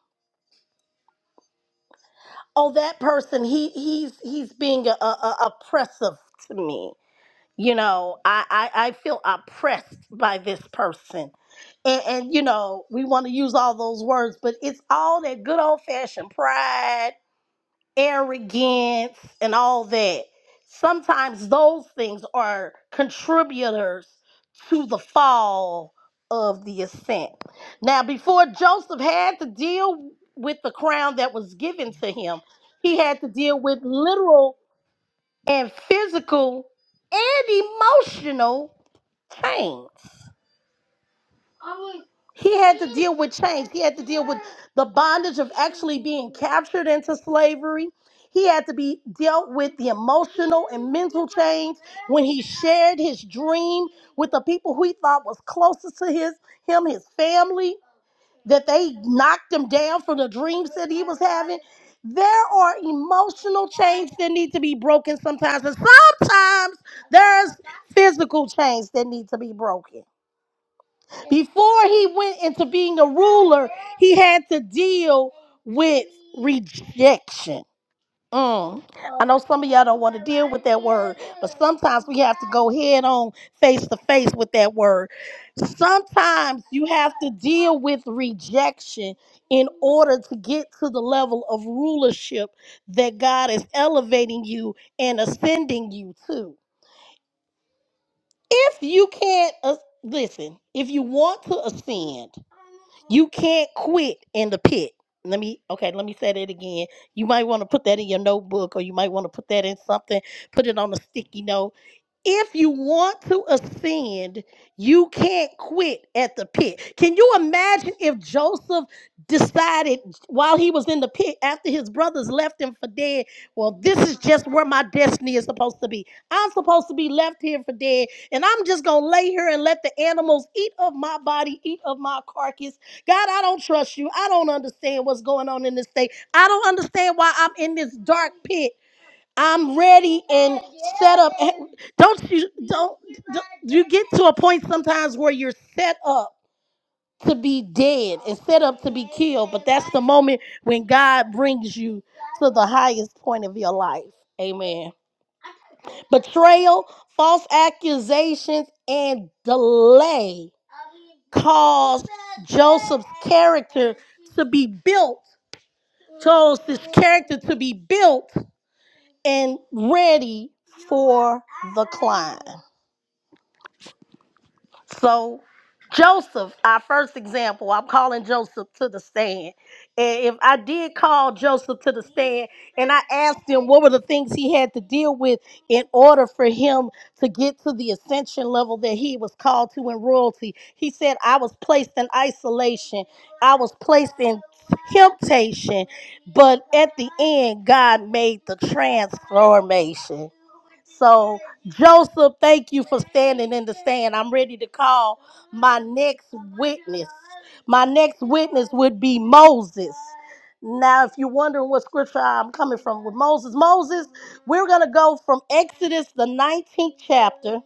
S4: Oh, that person. He he's he's being uh, uh, oppressive to me you know i i, I feel oppressed by this person and, and you know we want to use all those words but it's all that good old fashioned pride arrogance and all that sometimes those things are contributors to the fall of the ascent now before joseph had to deal with the crown that was given to him he had to deal with literal and physical and emotional Chains. He had to deal with chains. He had to deal with the bondage of actually being captured into slavery. He had to be dealt with the emotional and mental chains when he shared his dream with the people who he thought was closest to his him, his family, that they knocked him down from the dreams that he was having. There are emotional chains that need to be broken sometimes, and sometimes there's physical chains that need to be broken. Before he went into being a ruler, he had to deal with rejection. Mm. I know some of y'all don't want to deal with that word, but sometimes we have to go head on, face to face with that word. Sometimes you have to deal with rejection in order to get to the level of rulership that God is elevating you and ascending you to. If you can't, uh, listen, if you want to ascend, you can't quit in the pit. Let me okay, let me say that again. You might want to put that in your notebook or you might want to put that in something, put it on a sticky note if you want to ascend, you can't quit at the pit. Can you imagine if Joseph decided while he was in the pit after his brothers left him for dead? Well, this is just where my destiny is supposed to be. I'm supposed to be left here for dead, and I'm just gonna lay here and let the animals eat of my body, eat of my carcass. God, I don't trust you. I don't understand what's going on in this state. I don't understand why I'm in this dark pit. I'm ready and set up. Eh, Don't you don't, don't you get to a point sometimes where you're set up to be dead and set up to be killed, but that's the moment when God brings you to the highest point of your life. Amen. Betrayal, false accusations, and delay caused Joseph's character to be built. Chose his character to be built and ready for the climb. So, Joseph, our first example, I'm calling Joseph to the stand. And if I did call Joseph to the stand and I asked him what were the things he had to deal with in order for him to get to the ascension level that he was called to in royalty, he said, I was placed in isolation, I was placed in temptation, but at the end, God made the transformation. So, Joseph, thank you for standing in the stand. I'm ready to call my next witness. My next witness would be Moses. Now, if you're wondering what scripture I'm coming from with Moses, Moses, we're going to go from Exodus, the 19th chapter,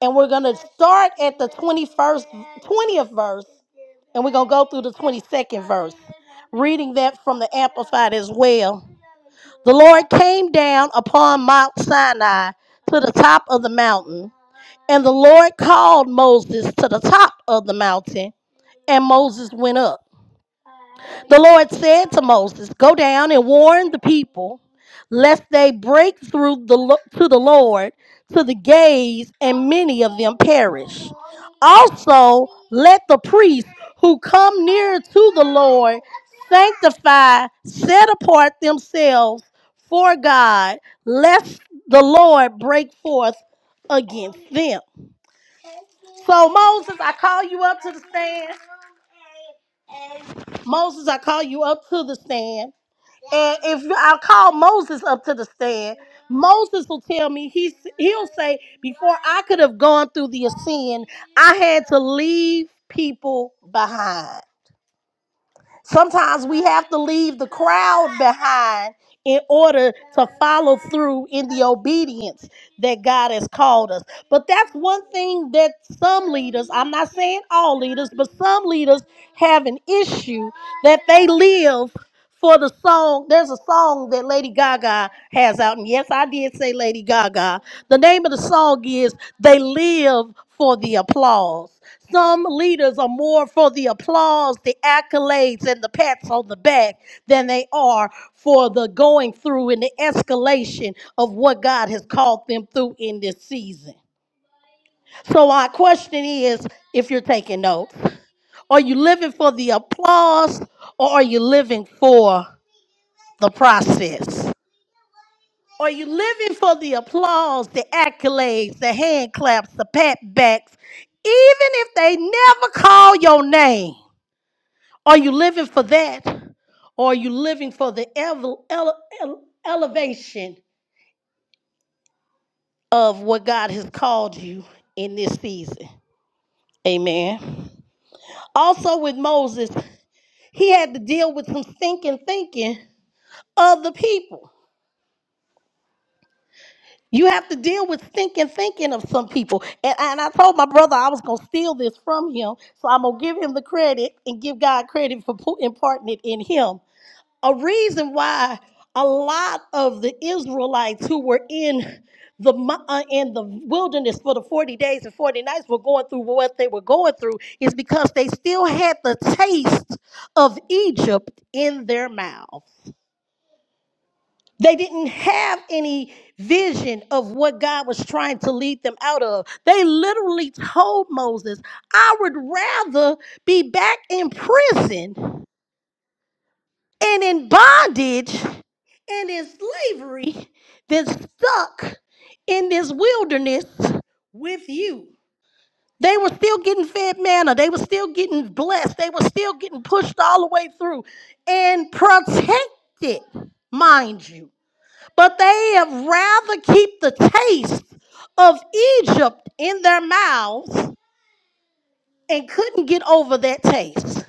S4: and we're going to start at the 21st, 20th verse, and we're going to go through the 22nd verse, reading that from the Amplified as well. The Lord came down upon Mount Sinai to the top of the mountain, and the Lord called Moses to the top of the mountain, and Moses went up. The Lord said to Moses, Go down and warn the people, lest they break through the, lo- to the Lord to the gates, and many of them perish. Also, let the priests who come near to the Lord sanctify, set apart themselves for God, lest the Lord break forth against them. So, Moses, I call you up to the stand. Moses, I call you up to the stand. And if you- I call Moses up to the stand, Moses will tell me he's he'll say before I could have gone through the ascend, I had to leave people behind. Sometimes we have to leave the crowd behind in order to follow through in the obedience that God has called us. But that's one thing that some leaders, I'm not saying all leaders, but some leaders have an issue that they live for the song. There's a song that Lady Gaga has out, and yes, I did say Lady Gaga. The name of the song is They Live for the Applause. Some leaders are more for the applause, the accolades, and the pats on the back than they are for the going through and the escalation of what God has called them through in this season. So, my question is if you're taking notes, are you living for the applause or are you living for the process? Are you living for the applause, the accolades, the hand claps, the pat backs, even if they never call your name? Are you living for that or are you living for the ele- ele- ele- elevation of what God has called you in this season? Amen. Also, with Moses, he had to deal with some stinking thinking of the people. You have to deal with thinking, thinking of some people. And, and I told my brother I was going to steal this from him. So I'm going to give him the credit and give God credit for pu- imparting it in him. A reason why a lot of the Israelites who were in the mo- uh, in the wilderness for the 40 days and 40 nights were going through what they were going through is because they still had the taste of Egypt in their mouth. They didn't have any vision of what God was trying to lead them out of. They literally told Moses, I would rather be back in prison and in bondage and in slavery than stuck in this wilderness with you. They were still getting fed manna. They were still getting blessed. They were still getting pushed all the way through and protected, mind you but they have rather keep the taste of Egypt in their mouths and couldn't get over that taste.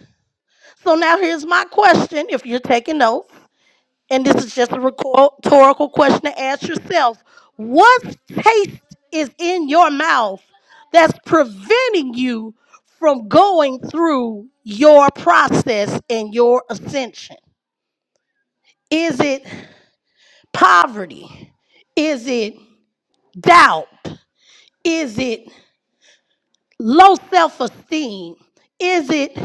S4: So now here's my question if you're taking notes, and this is just a rhetorical question to ask yourself. What taste is in your mouth that's preventing you from going through your process and your ascension? Is it poverty? Is it doubt? Is it low self esteem? Is it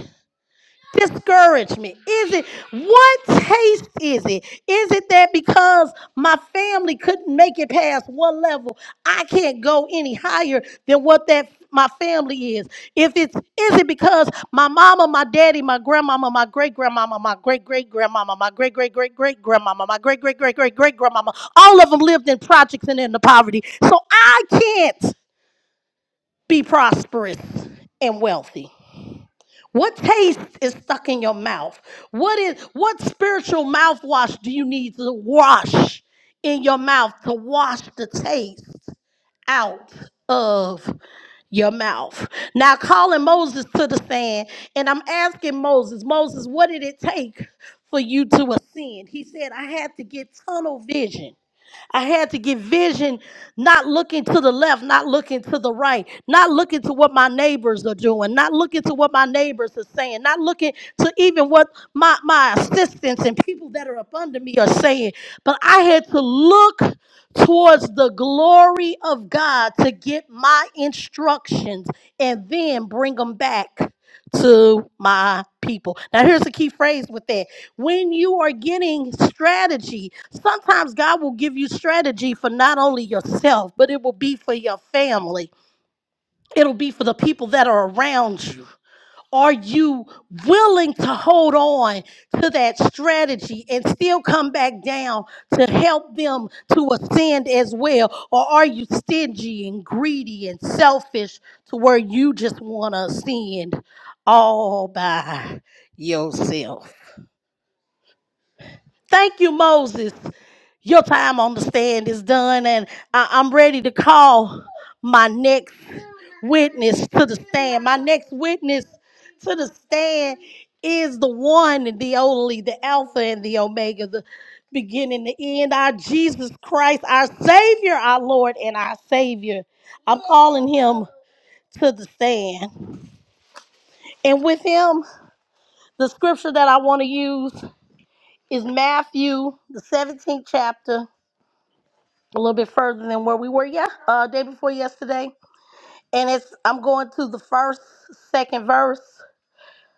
S4: discouragement? Is it what taste is it? Is it that because my family couldn't make it past one level, I can't go any higher than what that my family is? If it's is it because my mama, my daddy, my grandmama, my great grandmama, my great great grandmama, my great great great great grandmama, my great great great great great grandmama, all of them lived in projects and in the poverty. So I can't be prosperous and wealthy. What taste is stuck in your mouth? What is what spiritual mouthwash do you need to wash in your mouth to wash the taste out of your mouth? Now calling Moses to the sand, and I'm asking Moses, Moses, what did it take for you to ascend? He said, I had to get tunnel vision. I had to get vision, not looking to the left, not looking to the right, not looking to what my neighbors are doing, not looking to what my neighbors are saying, not looking to even what my, my assistants and people that are up under me are saying. But I had to look towards the glory of God to get my instructions and then bring them back to my people. Now, here's the key phrase with that. When you are getting strategy, sometimes God will give you strategy for not only yourself, but it will be for your family, it'll be for the people that are around you. Are you willing to hold on to that strategy and still come back down to help them to ascend as well? Or are you stingy and greedy and selfish to where you just want to ascend all by yourself? Thank you, Moses. Your time on the stand is done, and I- I'm ready to call my next witness to the stand. My next witness to the stand is the one and the only, the Alpha and the Omega, the beginning, the end, our Jesus Christ, our Savior, our Lord, and our Savior. I'm calling him to the stand. And with him, the scripture that I want to use is Matthew, the 17th chapter a little bit further than where we were, yeah, uh, day before yesterday. And it's I'm going to the first, second verse,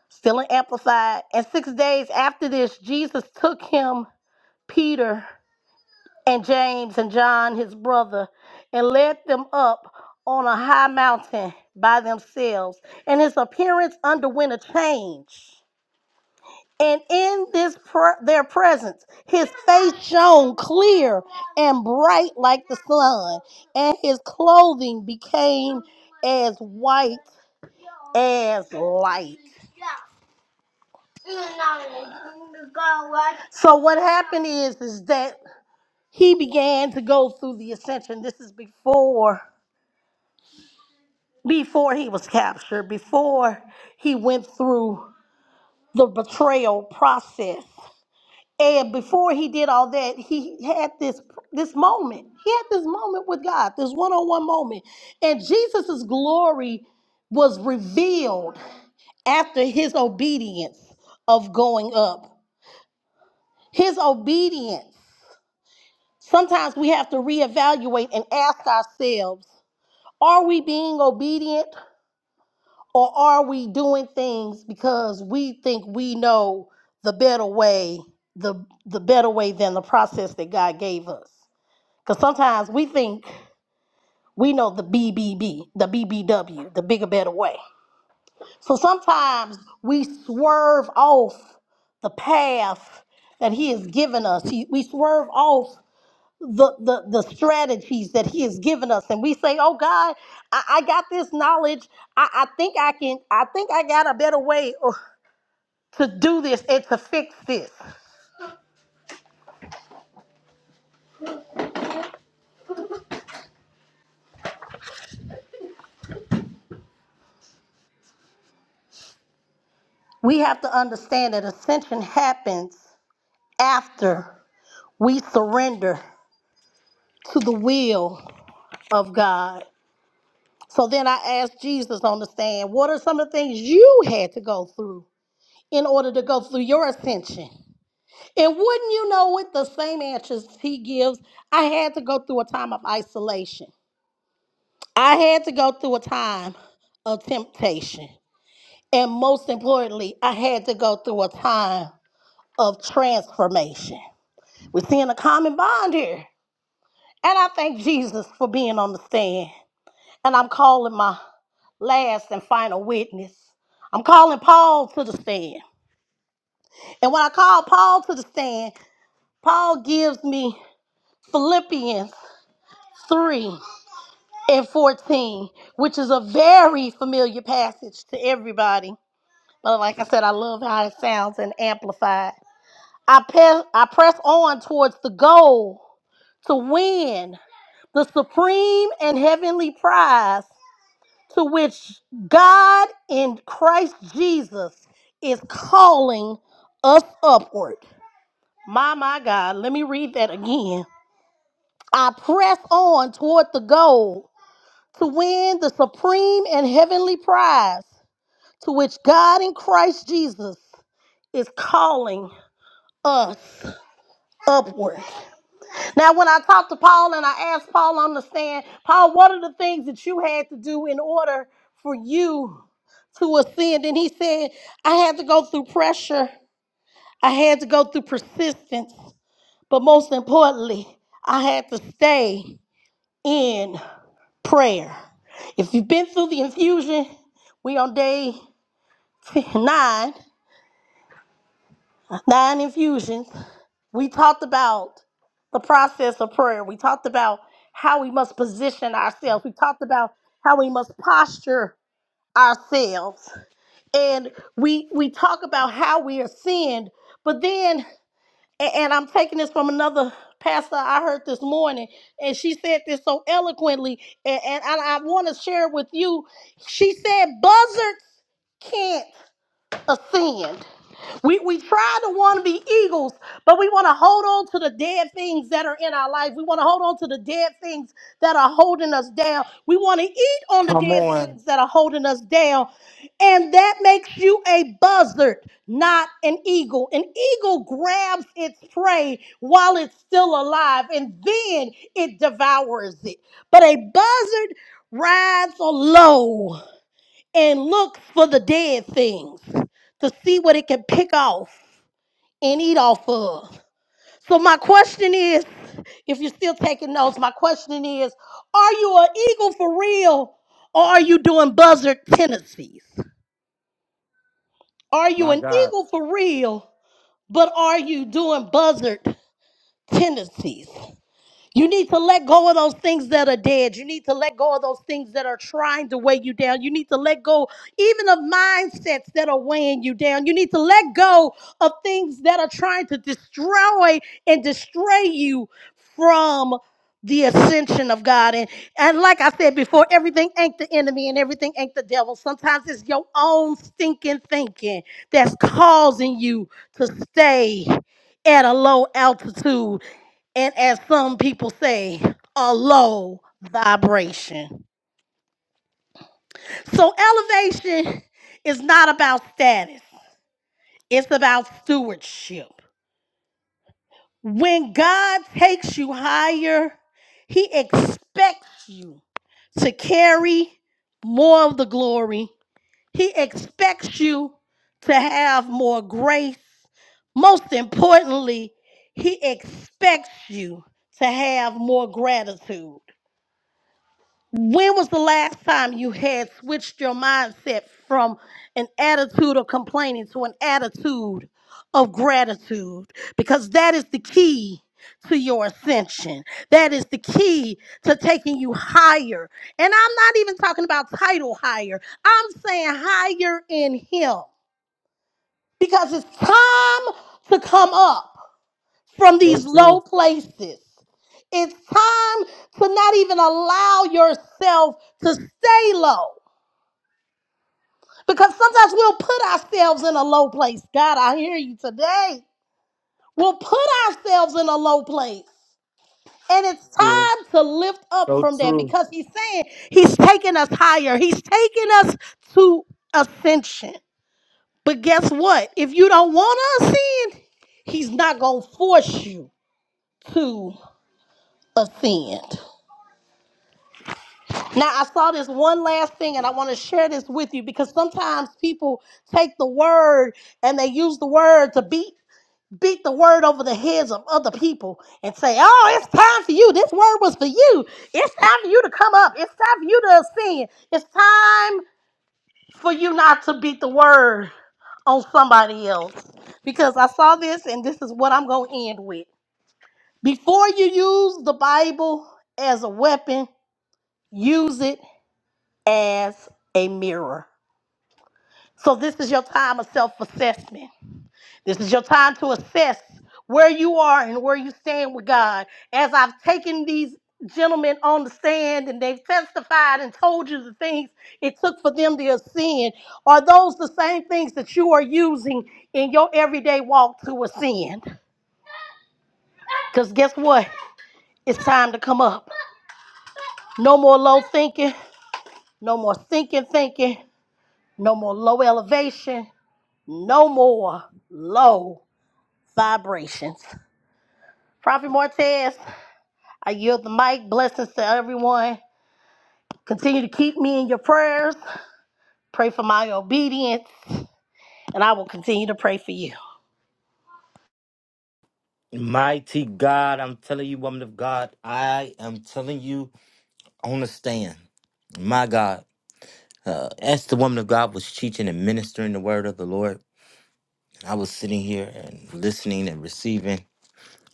S4: still in amplified. And six days after this, Jesus took him, Peter and James and John, his brother, and led them up on a high mountain by themselves. And his appearance underwent a change and in this pr- their presence his face shone clear and bright like the sun and his clothing became as white as light so what happened is is that he began to go through the ascension this is before before he was captured before he went through the betrayal process And before he did all that, he had this this moment. He had this moment with God, this one-on-one moment. And Jesus' glory was revealed after his obedience of going up. His obedience. Sometimes we have to reevaluate and ask ourselves, are we being obedient or are we doing things because we think we know the better way, the the better way than the process that God gave us? Because sometimes we think we know the BBB, the BBW, the bigger, better way. So sometimes we swerve off the path that He has given us. He, we swerve off the, the, the strategies that He has given us. And we say, oh God, I, I got this knowledge. I, I think I can, I think I got a better way or- to do this and to fix this. We have to understand that ascension happens after we surrender to the will of God. So then I asked Jesus on the stand, what are some of the things you had to go through in order to go through your ascension? And wouldn't you know it, the same answers he gives, I had to go through a time of isolation. I had to go through a time of temptation. And most importantly, I had to go through a time of transformation. We're seeing a common bond here. And I thank Jesus for being on the stand. And I'm calling my last and final witness. I'm calling Paul to the stand. And when I call Paul to the stand, Paul gives me Philippians 3 and 14, which is a very familiar passage to everybody. But like I said, I love how it sounds and amplified. I, pe- I press on towards the goal to win the supreme and heavenly prize to which God in Christ Jesus is calling us upward. My, my God, let me read that again. I press on toward the goal to win the supreme and heavenly prize to which God in Christ Jesus is calling us upward. Now, when I talked to Paul and I asked Paul on the stand, Paul, what are the things that you had to do in order for you to ascend? And he said, I had to go through pressure, I had to go through persistence, but most importantly, I had to stay in prayer. If you've been through the infusion, we on day [laughs] nine, nine infusions. We talked about the process of prayer. We talked about how we must position ourselves. We talked about how we must posture ourselves. And we we talk about how we are sinned, but then a- and I'm taking this from another pastor I heard this morning, and she said this so eloquently, and, and I, I want to share it with you. She said, Buzzards can't ascend. We, we try to want to be eagles, but we want to hold on to the dead things that are in our life. We want to hold on to the dead things that are holding us down. We want to eat on the
S1: Come
S4: dead
S1: on.
S4: things that are holding us down. And that makes you a buzzard, not an eagle. An eagle grabs its prey while it's still alive and then it devours it. But a buzzard rides low and look for the dead things to see what it can pick off and eat off of. So, my question is if you're still taking notes, my question is are you an eagle for real or are you doing buzzard tendencies? Are you
S1: My
S4: an
S1: God.
S4: eagle for real, but are you doing buzzard tendencies? You need to let go of those things that are dead. You need to let go of those things that are trying to weigh you down. You need to let go even of mindsets that are weighing you down. You need to let go of things that are trying to destroy and distray you from the ascension of God. And, and like I said before, everything ain't the enemy and everything ain't the devil. Sometimes it's your own stinking thinking that's causing you to stay at a low altitude and as some people say, a low vibration. So elevation is not about status, it's about stewardship. When God takes you higher, He expects you to carry more of the glory, He expects you to have more grace. Most importantly, He expects you to have more gratitude. When was the last time you had switched your mindset from an attitude of complaining to an attitude of gratitude? Because that is the key to your ascension. That is the key to taking you higher. And I'm not even talking about title higher, I'm saying higher in Him. Because it's time to come up from
S1: So
S4: these
S1: true,
S4: low places. It's time to not even allow yourself to stay low because sometimes we'll put ourselves in a low place. God, I hear you today. We'll put ourselves in a low place. And it's
S1: Will.
S4: time to lift up
S1: So
S4: from there
S1: true.
S4: because he's saying he's taking us higher. He's taking us to ascension. But guess what? If you don't want to ascend, he's not going to force you to ascend. Now, I saw this one last thing, and I want to share this with you because sometimes people take the word and they use the word to beat beat the word over the heads of other people and say, "Oh, it's time for you. This word was for you. It's time for you to come up. It's time for you to ascend. It's time for you not to beat the word on somebody else." Because I saw this, and this is what I'm going to end with. Before you use the Bible as a weapon, use it as a mirror. So this is your time of self-assessment. This is your time to assess where you are and where you stand with God. As I've taken these gentlemen on the stand and they've testified and told you the things it took for them to ascend, are those the same things that you are using in your everyday walk to ascend? Because guess what? It's time to come up. No more low thinking, no more sinking thinking, no more low elevation, No more low vibrations. Prophet Martez, I yield the mic. Blessings to everyone. Continue to keep me in your prayers. Pray for my obedience, and I will continue to pray for you.
S1: Mighty God, I'm telling you, woman of God, I am telling you on the stand. My God, uh, as the woman of God was teaching and ministering the word of the Lord, I was sitting here and listening and receiving.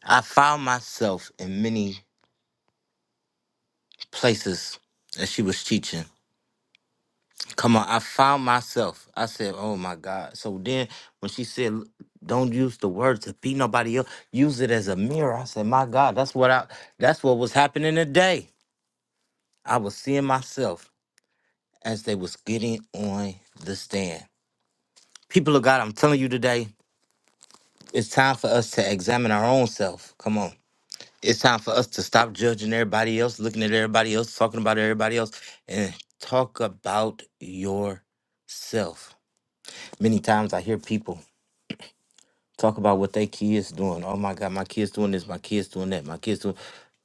S1: I found myself in many places as she was teaching. Come on, I found myself. I said, "Oh my God!" So then, when she said, "L- "Don't use the word to beat nobody else. Use it as a mirror," I said, "My God, that's what I. That's what was happening today. I was seeing myself as they was getting on the stand. People of God, I'm telling you today, it's time for us to examine our own self. Come on, it's time for us to stop judging everybody else, looking at everybody else, talking about everybody else, and talk about yourself. Many times I hear people. talk about what they kids doing. Oh my God, my kids doing this, my kids doing that, my kids doing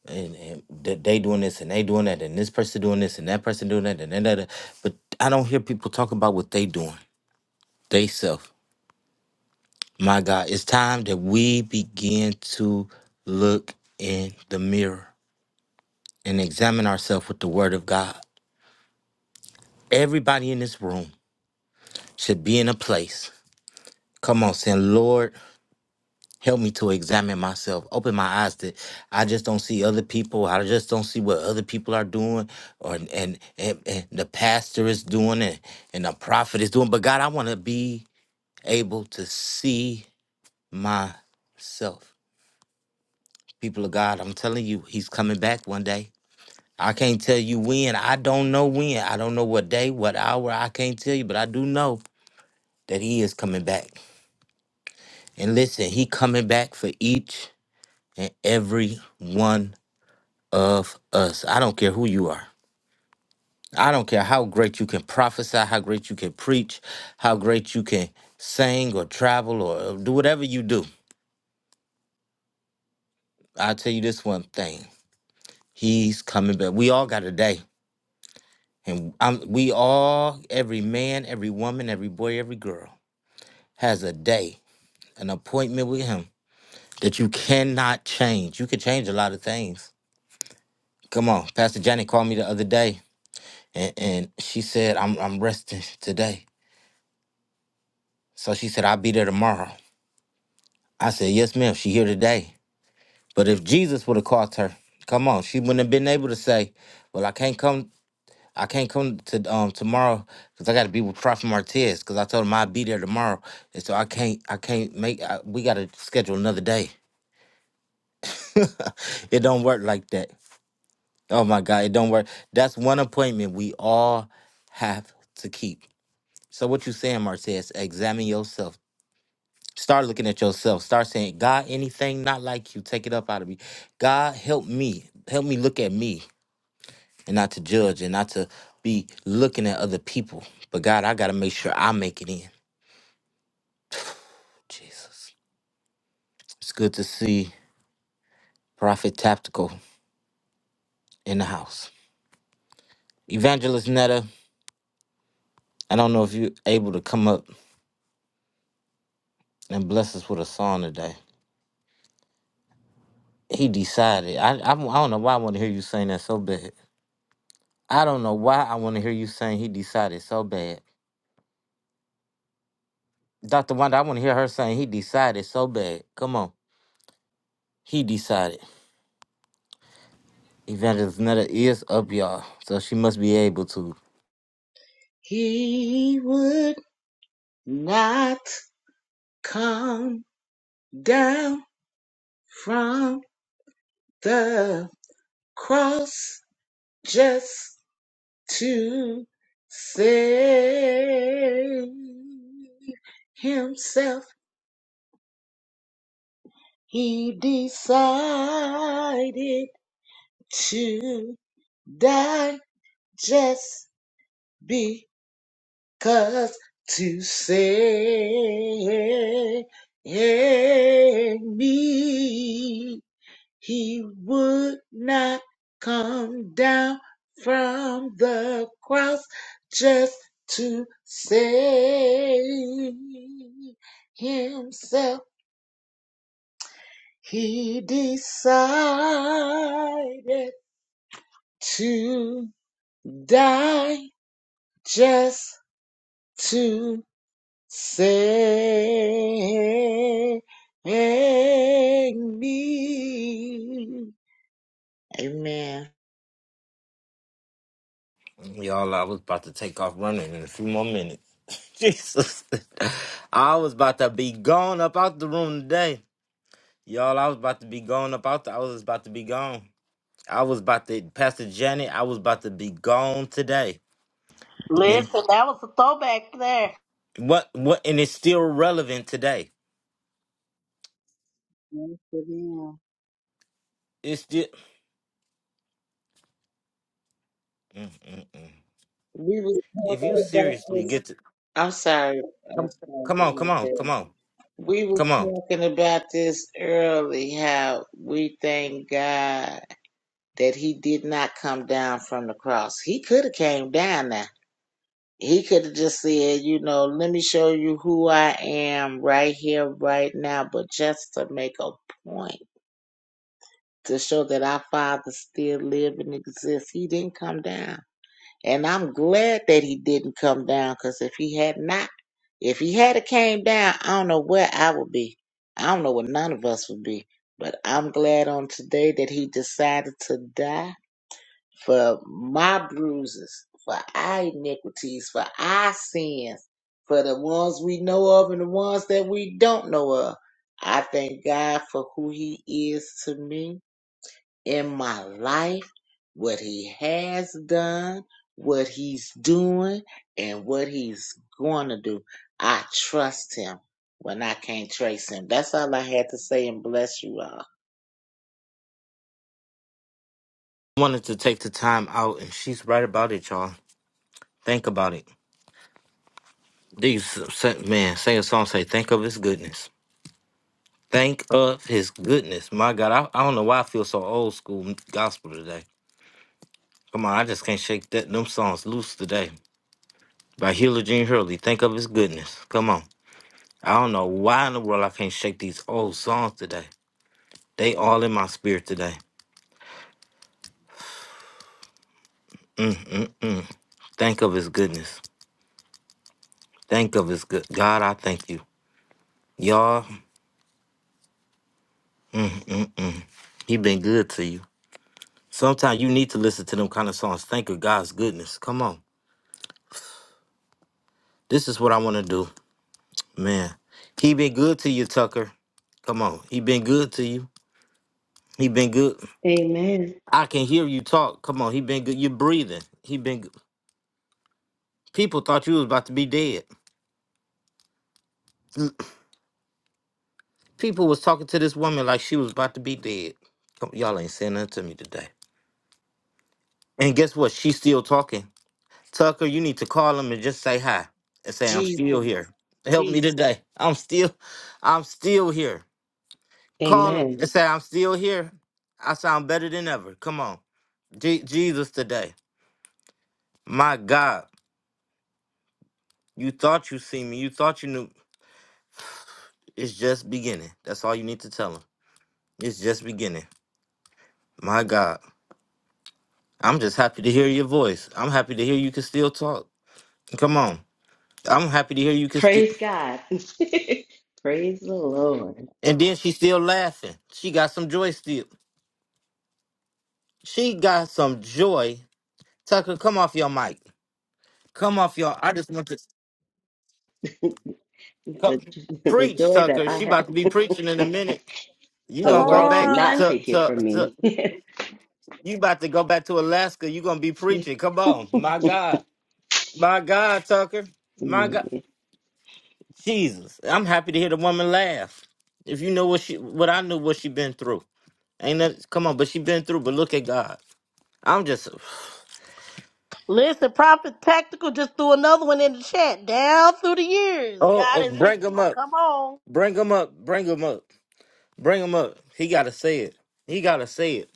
S1: and, and th- they doing this and they doing that and this person doing this and that person doing that and that, that, that. But I don't hear people talk about what they doing. They self. My God, it's time that we begin to look in the mirror and examine ourselves with the word of God. Everybody in this room should be in a place. Come on, saying, Lord, Help me to examine myself. Open my eyes that I just don't see other people. I just don't see what other people are doing, or and and, and the pastor is doing, and and the prophet is doing. But God, I want to be able to see myself. People of God, I'm telling you, He's coming back one day. I can't tell you when. I don't know when. I don't know what day, what hour. I can't tell you, but I do know that He is coming back. And listen, He coming back for each and every one of us. I don't care who you are. I don't care how great you can prophesy, how great you can preach, how great you can sing or travel or do whatever you do. I'll tell you this one thing. He's coming back. We all got a day. And i we all, every man, every woman, every boy, every girl, has a day, an appointment with him that you cannot change. You can change a lot of things. Come on. Pastor Janet called me the other day and, and she said, I'm, I'm resting today. So she said, I'll be there tomorrow. I said, Yes, ma'am, she here today. But if Jesus would have caught her, come on, she wouldn't have been able to say, Well, I can't come I can't come to um tomorrow because I gotta be with Prophet Martez because I told him I'd be there tomorrow. And so I can't I can't make I, we gotta schedule another day. [laughs] it don't work like that. Oh my God, it don't work. That's one appointment we all have to keep. So what you saying, Martez, examine yourself Start looking at yourself. Start saying, God, anything not like you, take it up out of me. God, help me. Help me look at me and not to judge and not to be looking at other people. But God, I got to make sure I make it in. Jesus. It's good to see Prophet Tactical in the house. Evangelist Netta, I don't know if you're able to come up and bless us with a song today. He decided. I, I, I don't know why I want to hear you sing that so bad. I don't know why I want to hear you sing he decided so bad. Dr. Wanda, I want to hear her saying he decided so bad. Come on. He decided. Evangelist Netta is up, y'all. So she must be able to.
S6: He would not come down from the cross just to save himself. He decided to die just because to save me. He would not come down from the cross just to save himself. He decided to die just to save me. Amen.
S1: Y'all, I was about to take off running in a few more minutes. [laughs] Jesus. I was about to be gone up out the room today. Y'all, I was about to be gone up out the I was about to be gone. I was about to Pastor Janet, I was about to be gone today. Man,
S4: Listen, that was a throwback there.
S1: What what and it's still relevant today.
S6: Yes,
S1: It's still mm, mm, mm.
S6: We was
S1: if you
S6: talking about
S1: seriously
S6: this.
S1: get to
S6: I'm sorry. I
S1: Come,
S6: apologize
S1: come on, come
S6: right
S1: on,
S6: there.
S1: come on,
S6: We was
S1: come on.
S6: talking about this early, how we thank God that he did not come down from the cross. He could have came down now. He could have just said, you know, let me show you who I am right here, right now, but just to make a point, to show that our Father still live and exists, he didn't come down. And I'm glad that he didn't come down because if he had not, if he had a came down, I don't know where I would be. I don't know where none of us would be. But I'm glad on today that he decided to die for my bruises, for our iniquities, for our sins, for the ones we know of and the ones that we don't know of. I thank God for who he is to me in my life, what he has done, what he's doing, and what he's going to do. I trust him when I can't trace him. That's all I had to say, and bless you all.
S1: Wanted to take the time out, and she's right about it, y'all. Think about it. These say- man, sing a song. Say, think of His goodness. Think of His goodness. My God, I, I don't know why I feel so old school gospel today. Come on, I just can't shake that them songs loose today. By Hila Jean Hurley. Think of His goodness. Come on. I don't know why in the world I can't shake these old songs today. They all in my spirit today. Mm, mm, mm. Think of His goodness. Think of His good God. I thank you. Y'all, mm, mm, mm. he been good to you. Sometimes you need to listen to them kind of songs. Think of God's goodness. Come on. This is what I want to do. Man, he been good to you, Tucker. Come on. He been good to you. He been good.
S7: Amen.
S1: I can hear you talk. Come on. He been good. you breathing. He been good. People thought you was about to be dead. [clears throat] Mm, People was talking to this woman like she was about to be dead. Come, y'all ain't saying nothing to me today. And guess what? She's still talking. Tucker, you need to call him and just say hi and say I'm
S6: Jesus,
S1: still here. Help me
S6: Jesus.
S1: today. I'm still, I'm still here. Call him
S7: Amen.
S1: and say I'm still here. I sound better than ever. Come on, Je- Jesus today. My God, you thought you see me. You thought you knew. It's just beginning. That's all you need to tell him. It's just beginning. My God, I'm just happy to hear your voice. I'm happy to hear you can still talk. Come on, I'm happy to hear you can still.
S7: Praise God. [laughs] Praise the Lord.
S1: And then she still laughing. She got some joy still. She got some joy. Tucker, come off your mic. Come off your. I just want to come,
S7: The, [laughs] the
S1: preach,
S7: joy that
S1: Tucker.
S7: I
S1: She
S7: have,
S1: about to be preaching in a minute. You
S7: the
S4: Come
S1: gonna go
S7: world
S1: back
S7: cannot
S4: on.
S1: to
S7: take it
S1: to
S7: from
S1: to.
S7: me. [laughs]
S1: You about to go back to Alaska. You gonna be preaching. Come on, my God, my God, Tucker, my God, Jesus. I'm happy to hear the woman laugh. If you know what she, what I knew, what she been through. Ain't that? Come on, but she been through. But look at God. I'm just.
S4: Listen, Prophet Tactical just threw another one in the chat. Down through the years,
S1: Oh,
S4: God
S1: oh
S4: has been.
S1: bring them
S4: Oh,
S1: up.
S4: come on.
S1: Bring them up. Bring them up. Bring him up. He gotta say it. He gotta say it.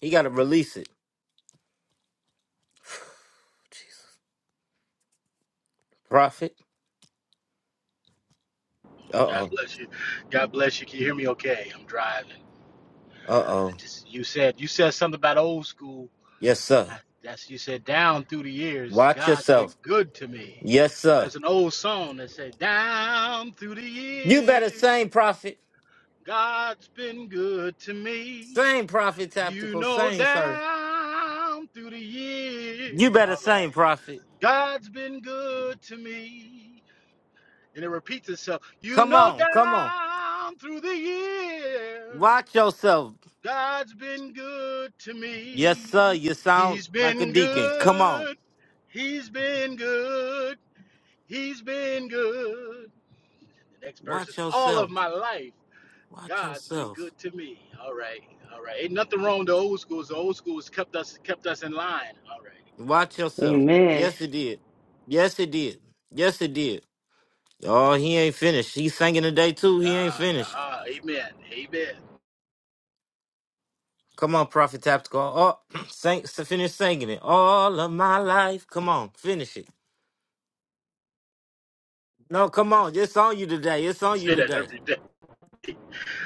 S1: He gotta release it. Jesus. Prophet. Uh
S8: God
S1: oh.
S8: bless you. God bless you. Can you hear me okay? I'm driving.
S1: Uh
S8: I
S1: oh.
S8: Just you said you said something about old school.
S1: Yes, sir.
S8: I, that's you said down through the years,
S1: Watch
S8: God's been
S1: yourself.
S8: good to me.
S1: Yes, sir.
S8: There's an old song that said down through the
S1: You
S8: years,
S1: better sing, prophet.
S8: God's been good to me.
S1: Sing, prophet
S8: You
S1: tactical.
S8: know
S1: Sing, sir.
S8: down through the years.
S1: You better
S8: All
S1: sing,
S8: right.
S1: prophet.
S8: God's been good to me. And it repeats itself. You
S1: Come
S8: know
S1: on. Come on.
S8: down through the years.
S1: Watch yourself.
S8: God's been good to
S1: Yes, sir.
S8: me.
S1: You sound
S8: He's
S1: like a
S8: been
S1: deacon. Come on.
S8: good. He's been good. He's been good. The next verse
S1: Watch
S8: is all of
S1: yourself.
S8: my life.
S1: Watch
S8: God's been
S1: yourself.
S8: good to me. All right. All right. Ain't nothing wrong with the old schools. The old schools kept us kept us in line. All right.
S1: Watch yourself.
S8: Okay.
S7: Amen.
S1: Yes, it did. Yes, it did. Yes, it did. Oh, he ain't finished. He's singing today too. He ain't
S8: Uh,
S1: finished.
S8: uh, amen. Amen.
S1: Come on, Prophet Tactical. Oh, [clears throat] sing, s- finish singing it. All of my life. Come on, finish it. No, come on. It's on you today. It's
S8: You
S1: on you
S8: say that
S1: today.
S8: every day.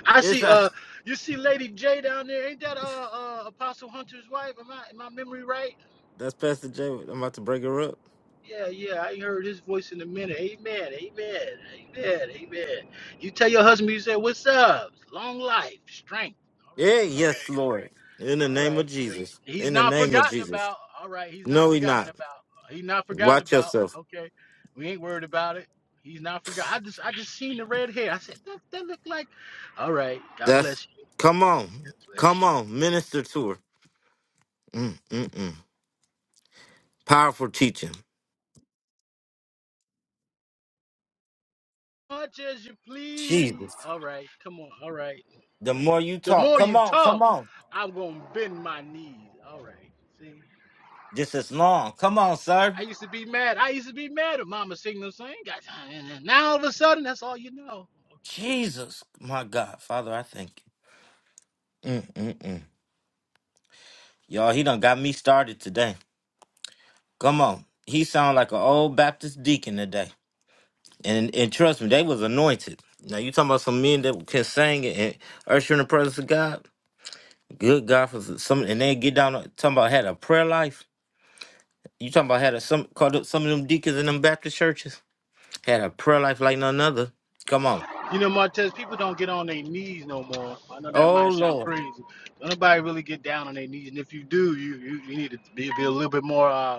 S8: I
S1: It's
S8: see
S1: uh,
S8: uh you see Lady J down there. Ain't that uh, uh Apostle Hunter's wife? Am I am my memory right?
S1: [laughs] that's Pastor J. I'm about to break her up.
S8: Yeah, yeah, I ain't heard his voice in a minute. Amen, amen, amen, amen. You tell your husband, you say, "What's up? Long life, strength." All right,
S1: Yeah,
S8: all right,
S1: yes, Lord. In the
S8: all
S1: name of
S8: right. He
S1: Jesus.
S8: he's
S1: In the
S8: not
S1: name of
S8: forgotten
S1: Jesus.
S8: about. All right, he's not
S1: No, he
S8: forgotten
S1: not.
S8: about. He's not forgotten
S1: Watch
S8: about.
S1: yourself.
S8: Okay, we ain't worried about it. He's not forgot. I just I just seen the red hair. I said that that look like. All right, God
S1: That's
S8: bless you.
S1: come on.
S8: God bless
S1: Come
S8: you.
S1: on. Minister to her. Mm, mm, mm. Powerful teaching.
S8: Much as you please.
S1: Jesus.
S8: All right, come on. All right.
S1: The more you
S8: The
S1: talk,
S8: more
S1: come
S8: you
S1: on, come
S8: talk,
S1: on.
S8: I'm gonna bend my knees. All right. See,
S1: just as long. Come on, sir.
S8: I used to be mad. I used to be mad at Mama Signal saying, now all of a sudden, that's all you know. Okay.
S1: Jesus, my God, Father, I thank you. Mm, mm, mm. Y'all, he done got me started today. Come on, he sound like an old Baptist deacon today, and and trust me, they was anointed. Now you talking about some men that can sing and usher in the presence of God. Good God for some, and they get down talking about had a prayer life. You talking about had a some called up some of them deacons in them Baptist churches had a prayer life like none other. Come on,
S8: You know, Martez, people don't get on their knees no more. I know that
S1: oh
S8: might sound
S1: Lord
S8: crazy. Don't nobody really get down on their knees, and if you do, you you, you need to be, be a little bit more. Uh,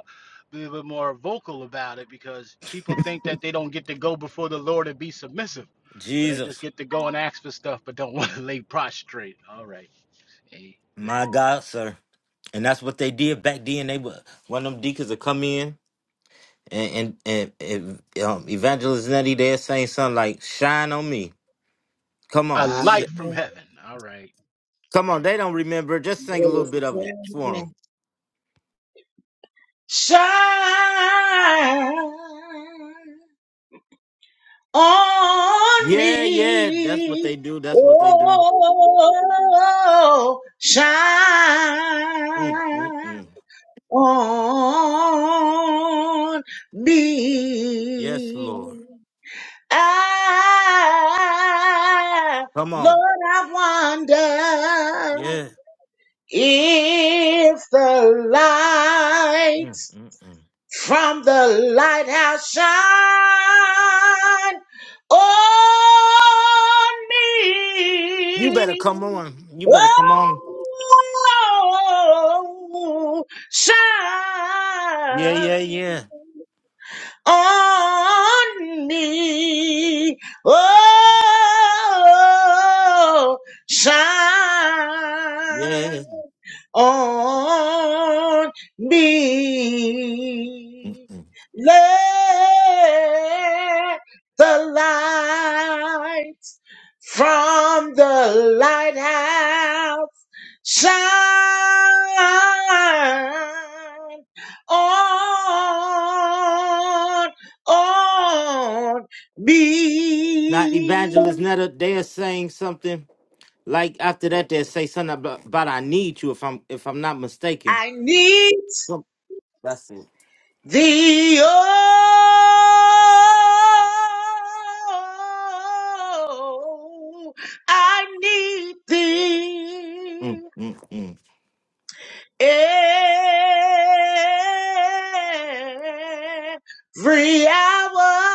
S8: a little bit more vocal about it because people think that they don't get to go before the Lord and be submissive, but they just
S1: Jesus,
S8: get to go and ask for stuff, but don't [laughs] want to lay prostrate. All right. A,
S1: my God, sir. And that's what they did back then. They were one of them deacons would come in and and, and, and um, evangelist Nettie there saying something like "Shine on me." Come
S8: a
S1: on,
S6: I
S8: light
S1: Sh-
S8: from
S6: will
S8: heaven. All right.
S1: come on. They don't remember. Just sing a little bit of it for them.
S6: shine on
S1: Yeah, yeah. That's what
S6: me.
S1: they do. That's what they do.
S6: Oh,
S1: Mm, mm,
S6: shine.
S1: mm.
S6: on
S1: Yes,
S6: me.
S1: Lord.
S6: I,
S1: Come
S6: Lord,
S1: on.
S6: I wonder
S1: Yeah.
S6: if the light
S1: Mm, mm, mm.
S6: from the lighthouse shine on
S1: You better
S6: me.
S1: come on. You better come on.
S6: Oh, shine
S1: Yeah, yeah, yeah,
S6: on me. Oh, shine
S1: yeah.
S6: on
S1: Mm,
S6: me.
S1: mm.
S6: Let the light from the lighthouse shine on, on
S1: Now,
S6: me.
S1: evangelist Netta, they're saying something Like after that, they say something about, about I need you. If I'm if I'm not mistaken.
S6: I need
S1: Yep. That's it.
S6: The oh, I need
S1: Mm,
S6: thee
S1: mm, mm,
S6: every hour.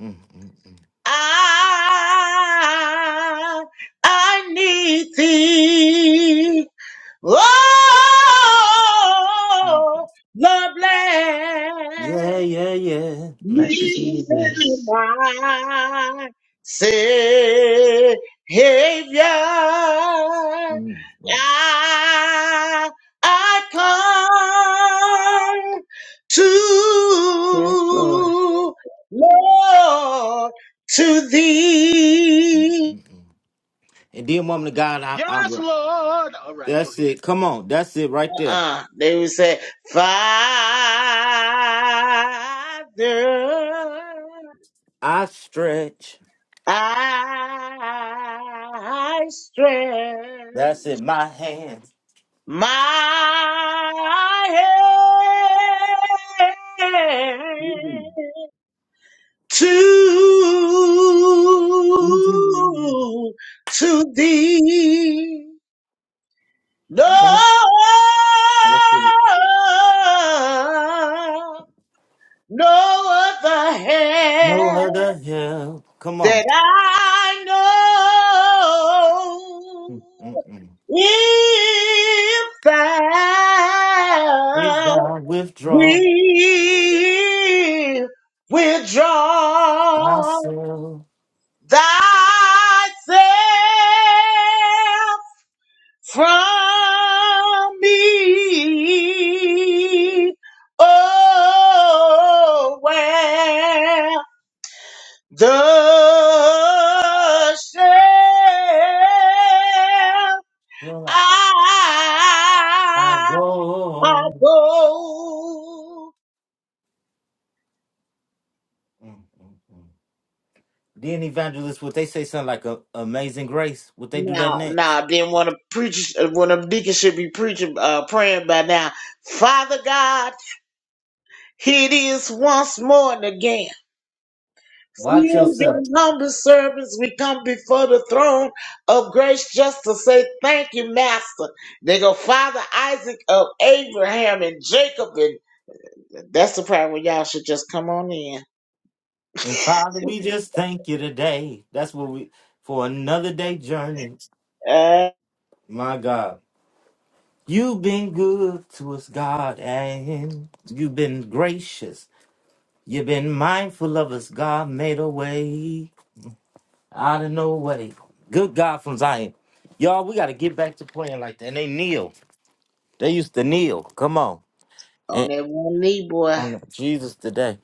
S1: mm, mm,
S6: I I need thee.
S1: mm.
S6: Oh, Lord
S1: Yeah,
S6: bless.
S1: yeah, yeah. Mm,
S7: Bless you,
S1: mm,
S6: Neither
S7: Jesus.
S6: my Savior.
S1: mm, mm,
S6: I, I come
S7: Yes, Lord.
S6: to Lord to thee.
S1: mm. And then, woman of God, I, I,
S8: Yes, Lord. All right, go
S1: that's
S8: ahead.
S1: it. Come on, that's it right there.
S6: Uh, they would say, Father.
S1: I stretch.
S6: I strength
S1: That's it. My hands.
S6: my hand
S1: Mhm,
S6: to
S1: mhm.
S6: to thee, no
S1: That- That's it. [laughs]
S6: no other
S1: No
S6: hand.
S1: other help. Come on.
S6: that I know
S1: Mm-mm.
S6: if
S1: If
S6: thou
S1: thou withdraw,
S6: will withdraw
S1: counsel,
S6: thyself from me. Oh, well, Thus shall
S1: I go.
S6: I go.
S1: Mm, mm, mm. Then evangelist, would they say something like a, "Amazing Grace"? Would they do that
S6: Now,
S1: next?
S6: now, then one of preachers, uh, one of deacons should be preaching, uh, praying by now. Father God, it is once more and again.
S1: Watch
S6: Few
S1: yourself.
S6: and humble servants, we come before the throne of grace just to say thank you, Master. They go, Father Isaac of Abraham and Jacob and. That's the part where y'all should just come on in.
S1: And Father, we just thank you today. That's what we for another day journey.
S6: Uh,
S1: My God, you've been good to us, God, and you've been gracious. You've been mindful of us, God. Made a way out of no way. Good God from Zion. Y'all, we got to get back to praying like that. And they kneel. They used to kneel. Come on.
S6: on that one knee, boy.
S1: on Jesus today.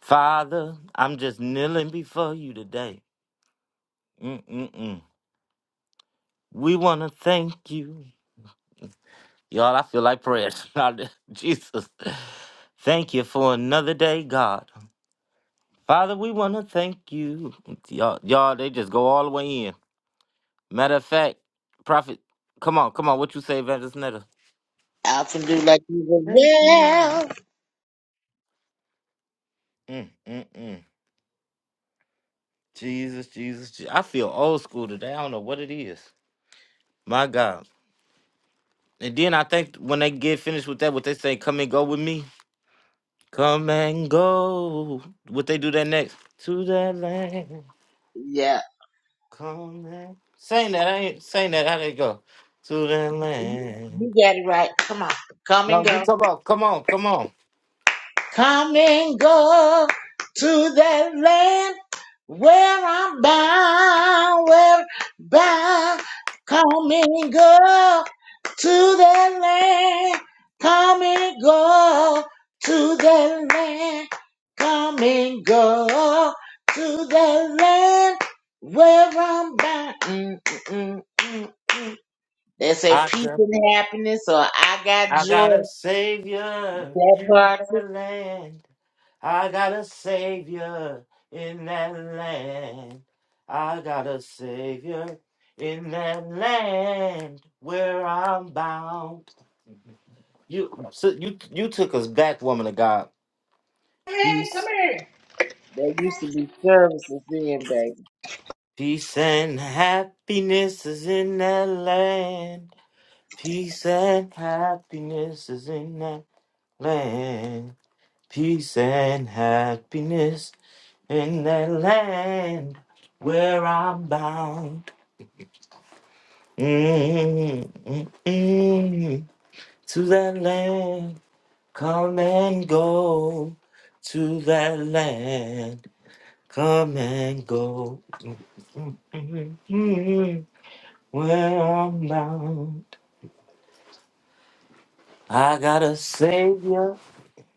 S1: Father, I'm just kneeling before you today. Mm-mm-mm. We want to thank you. Y'all, I feel like praying. [laughs] Now, Jesus, thank you for another day, God. Father, we want to thank you. Y'all, y'all, they just go all the way in. Matter of fact, prophet, come on, come on. What you say, Evangelist Netta?
S6: Out and do like you were
S1: Thank you.
S6: well.
S1: Mm-mm-mm. Jesus, Jesus, Jesus. I feel old school today. I don't know what it is. My God. And then I think when they get finished with that, what they say, come and go with me. Come and go. What they do that next? To that land.
S6: Yeah,
S1: Come and sing that. I ain't saying that. How they go? To that land.
S6: you got it right. Come on. Come and
S1: No, you
S6: go.
S1: come on. Come on. Come on.
S6: Come and go to that land where I'm bound, where I'm bound. Come and go to that land. Come and go to that land. Come and go to that land where I'm bound. Mm, mm, mm, mm, mm. They say
S1: I
S6: peace
S1: got,
S6: and happiness, or I got
S1: I got a
S6: joy.
S1: savior
S6: That
S1: in
S6: part.
S1: that land. I got a savior in that land. I got a savior in that land where I'm bound. You so you you took us back, woman of God.
S4: Come here. Come here.
S6: There used to be services then, baby.
S1: Peace and happiness is in that land. Peace and happiness is in that land. Peace and happiness in that land where I'm bound. mm mm mm. To that land, come and go. To that land, come and go. Where I'm not, I got a savior.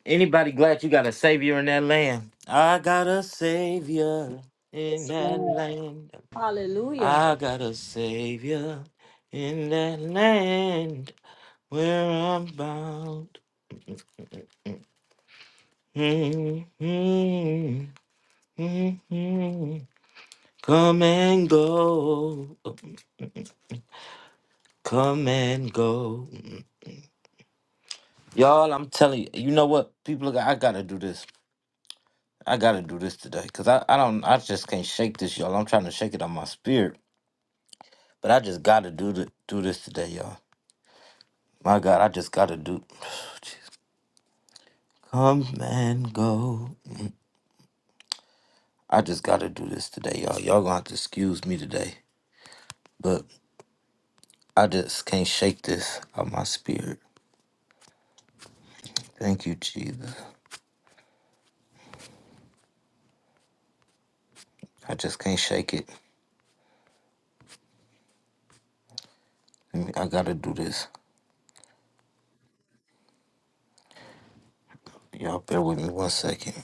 S1: Anybody glad you got a savior in that land? I got a savior in
S6: That's
S1: that
S6: not-
S1: land. I got a savior in that land where I'm bound. Mhm, mhm. Come and go, come and go. Y'all, I'm telling you, you know what? People, look, I gotta do this. I gotta do this today because I, I don't I just can't shake this, y'all. I'm trying to shake it on my spirit, but I just gotta do the, do this today, y'all. My God, I just gotta do. [sighs] Jeez. Come and go. I just gotta do this today, y'all. Y'all gonna have to excuse me today, but I just can't shake this on my spirit. Thank you, Jesus. I just can't shake it. I mean, I gotta do this. Y'all bear with me one second.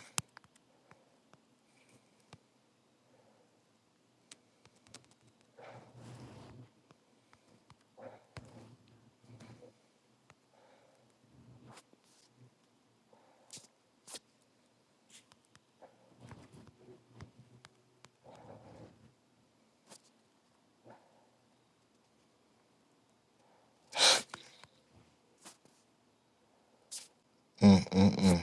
S1: Mm-mm-mm.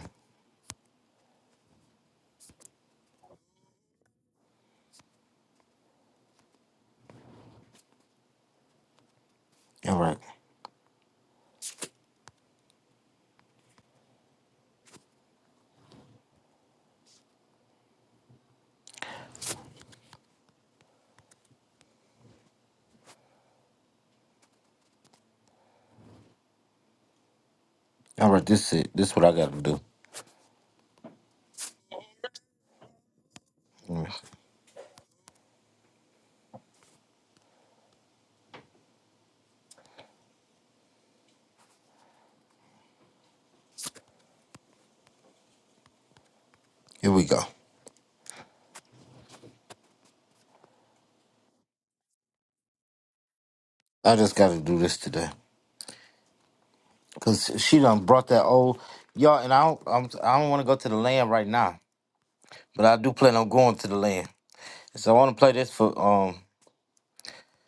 S1: All right. All right, this is it. This is what I gotta do. Mm. Here we go. I just got to do this today because she done brought that old y'all, and I don't I'm, I don't want to go to the land right now, but I do plan on going to the land. So I want to play this for um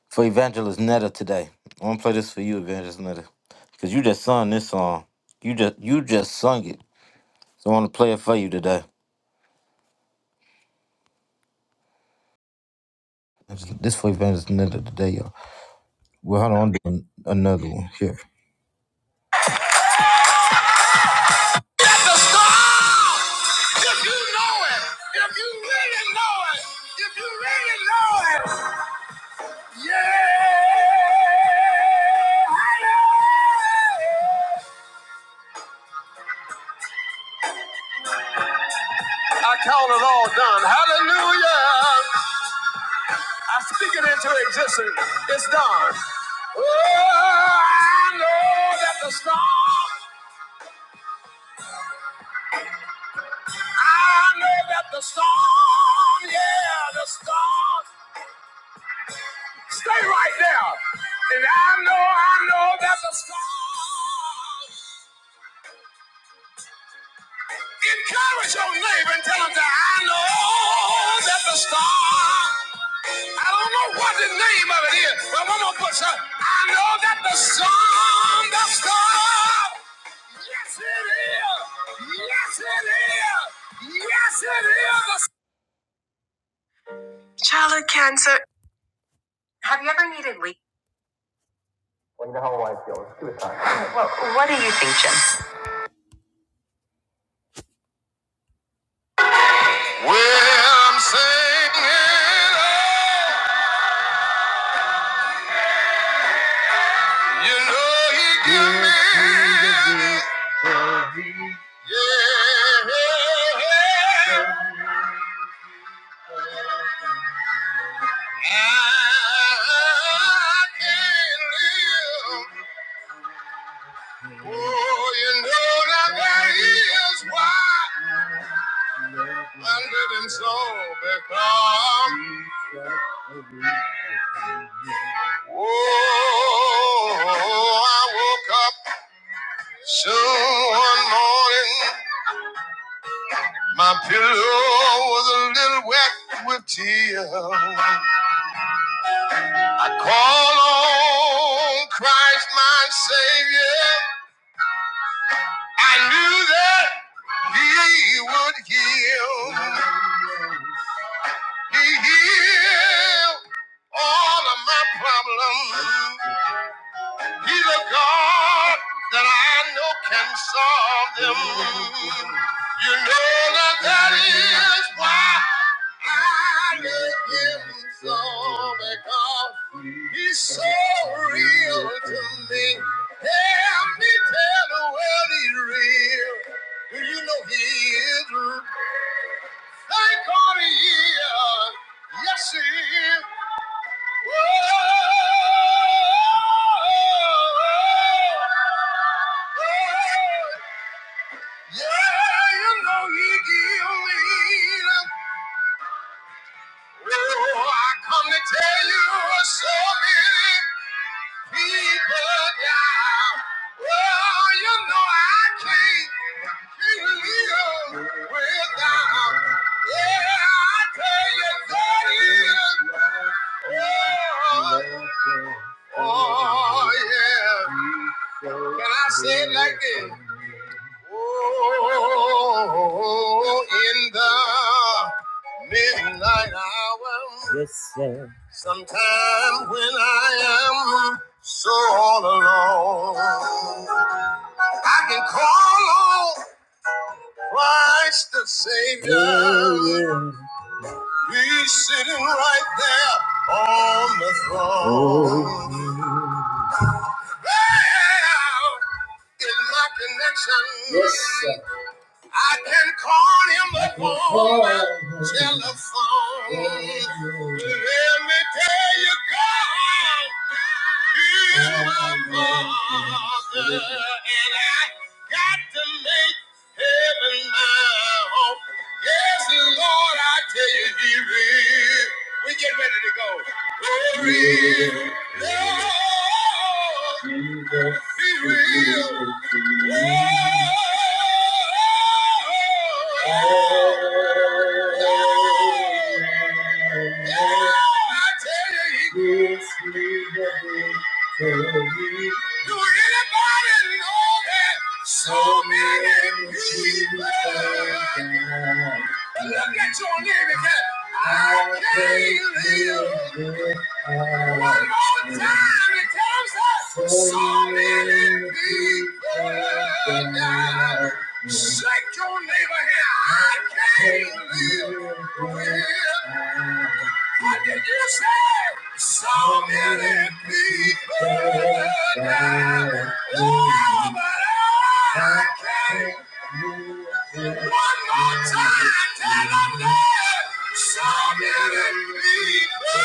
S1: for Evangelist Netta today. I want to play this for you, Evangelist Netta, because you just sung this song. You just you just sung it. So I want to play it for you today. This for Evangelist Netta today, y'all. Well, hold on, I'm doing another
S6: Okay.
S1: one here. If you know it, if you really know it, if you really know it. Yeah! I count it all done. Hallelujah. I speak it into existence. It's done. Oh, I know that the storm, I know that the storm, yeah, the storm. Stay right there. And I know, I know that the storm. Encourage your neighbor and tell them that I know that the star I don't know what the name of it is, but I'm gonna put some. I know that the song, the song. Yes, it is. Yes, it is. Yes, it is. The s- Have you ever needed leave? Well, what do you think, Jay? Well, I'm saying, you know, he give me. Yeah, he gives me. Yeah. I can't live. Oh, you know that that is why I'm living so because. Oh, I woke up soon one morning. My pillow was a little wet with tears. Call on Christ, my Savior. I knew that he would heal. He healed all of my problems. He's a God that I know can solve them. You know that that is why I love him so because he's so real to me. Help me tell the world he's real. Do you know he is? Thank God he is. Yes, he is. Yeah, you know he give me the Oh, I come to tell you so many people down. Oh, you know I can't, can't live without. Yeah, I tell you that is. Oh, oh yeah. Can I say it like this? Oh, in the midnight hour. Yes, sir. Sometime when I am so all alone, I can call on Christ the Savior. Oh, yeah. He's sitting right there on the throne. Oh, yeah. Well, In my connection, yes, sir. I can call him upon my telephone. Let me tell you, God is my father, and I got to make heaven my home. Yes, Lord, I tell you, He real. We get ready to go. He real. Lord, be real. Look at your name and say, I can't live. One more time, it comes up. So many people die. Shake your neighbor here. I can't live with. What did you say? So many people die. Oh, but I can't. One more time, tell them that so many people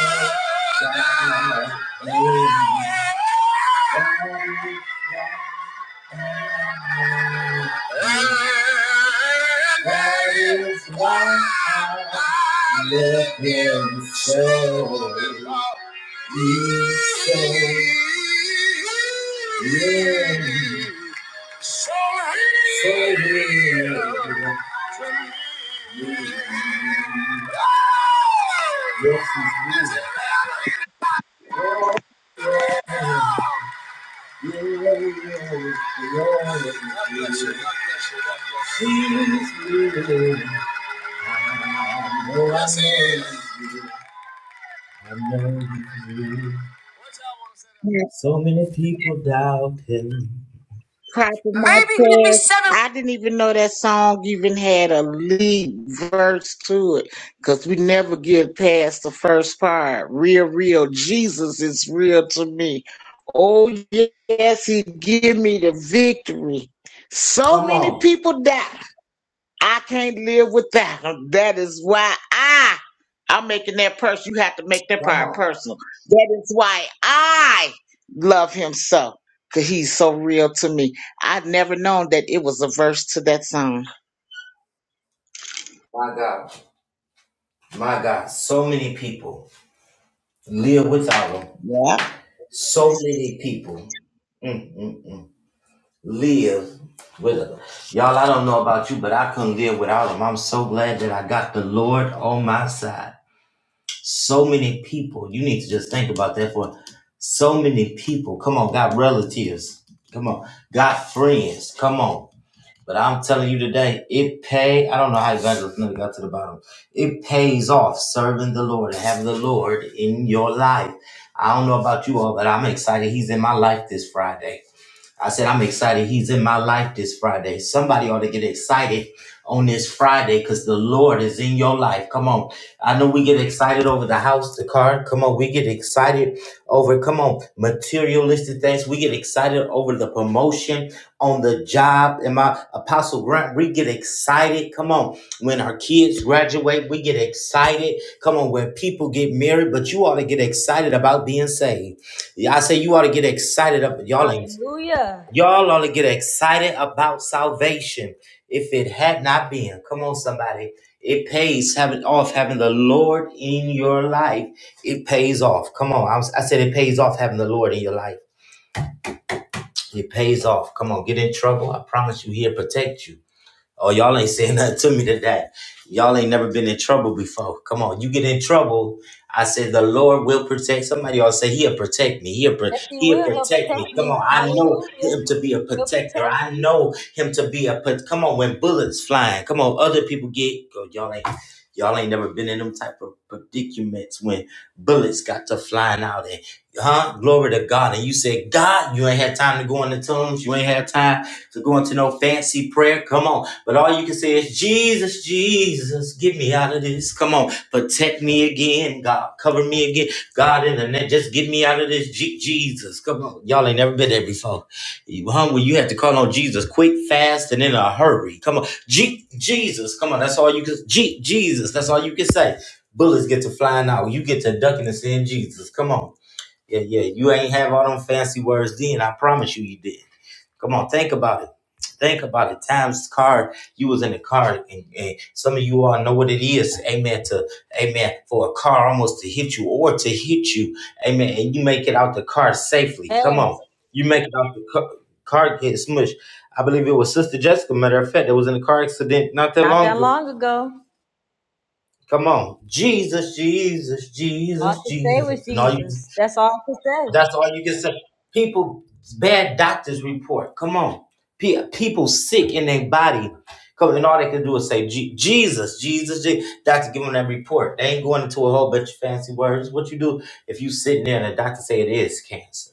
S1: die. And that is why I live in so peace. Yeah. So Yes,
S6: Yeah,
S1: So many people doubt him.
S6: Clapping my
S1: Baby, give me
S6: hands.
S1: seven.
S6: I didn't even know that song even had a lead verse to it because we never get past the first part. Real, real. Jesus is real to me. Oh, yes, he give me the victory. So many people die. I can't live without them. That is why I I'm making that person. You have to make that
S1: Come
S6: part
S1: on,
S6: personal. That is why I love him so. Cause he's so real to me. I'd never known that it was a verse to that song.
S1: my God, my God. So many people live without him.
S6: Yeah.
S1: So many people mm, mm, mm, live with them. Y'all, I don't know about you, but I couldn't live without him. I'm so glad that I got the Lord on my side. So many people, you need to just think about that for so many people. Come on, got relatives. Come on, got friends. Come on. But I'm telling you today, it pay. I don't know how evangelist never got to the bottom. It pays off serving the Lord and having the Lord in your life. I don't know about you all, but I'm excited. He's in my life this Friday. I said, I'm excited. He's in my life this Friday. Somebody ought to get excited on this Friday because the Lord is in your life. Come on. I know we get excited over the house, the car. Come on. We get excited over, come on, materialistic things. We get excited over the promotion on the job. And my Apostle Grant, we get excited. Come on. When our kids graduate, we get excited. Come on, when people get married, but you ought to get excited about being saved. Yeah, I say you ought to get excited up. Y'all ain't
S3: Hallelujah.
S1: y'all ought to get excited about salvation. If it had not been, come on, somebody. It pays having off having the Lord in your life. It pays off. Come on. I, was, I said it pays off having the Lord in your life. It pays off. Come on, get in trouble. I promise you, he'll protect you. Oh, y'all ain't saying [laughs] nothing to me to that. Y'all ain't never been in trouble before. Come on, you get in trouble. I said the Lord will protect. Somebody all say He'll protect me. He'll pro-
S3: Yes, he
S1: He'll
S3: will. He'll
S1: protect me.
S3: protect
S1: Come
S3: me.
S1: on, I know
S3: Hallelujah.
S1: Him to be a
S3: He'll
S1: protector.
S3: protect
S1: I
S3: me.
S1: know Him to be a put. Come on, when bullets flying, come on, other people get. Oh, y'all ain't y'all ain't never been in them type of predicaments when bullets got to flying out and huh? Glory to God. And you said, God, you ain't had time to go in the tombs. You ain't had time. So going to no fancy prayer, come on. But all you can say is, Jesus, Jesus, get me out of this. Come on, protect me again, God. Cover me again, God, in the net. Just get me out of this, Je- Jesus. Come on. Y'all ain't never been there before. You humble, you have to call on Jesus quick, fast, and in a hurry. Come on, Je- Jesus, come on. That's all you can, Je- Jesus, that's all you can say. Bullets get to flying out. You get to ducking and saying, Jesus, come on. Yeah, yeah. You ain't have all them fancy words then. I promise you, you did. Come on, think about it. Think about it. Times card, you was in the car, and, and some of you all know what it is. Amen. To amen for a car almost to hit you or to hit you. Amen. And you make it out the car safely. Come
S3: Yes.
S1: on, you make it out the car, car get smushed. I believe it was Sister Jessica. Matter of fact, that was in a car accident not that
S3: Not
S1: long
S3: that
S1: ago.
S3: long ago.
S1: Come on, Jesus, Jesus,
S3: All I
S1: Jesus,
S3: could say was
S1: Jesus, and all you.
S3: Jesus. That's all I could say.
S1: That's all you can say. People, bad doctors report. Come on. Pe- People sick in their body. Come on, and all they can do is say, "Je- Jesus, Jesus, Je-" Doctor, give them that report. They ain't going into a whole bunch of fancy words. What you do if you sitting there and the doctor say it is cancer?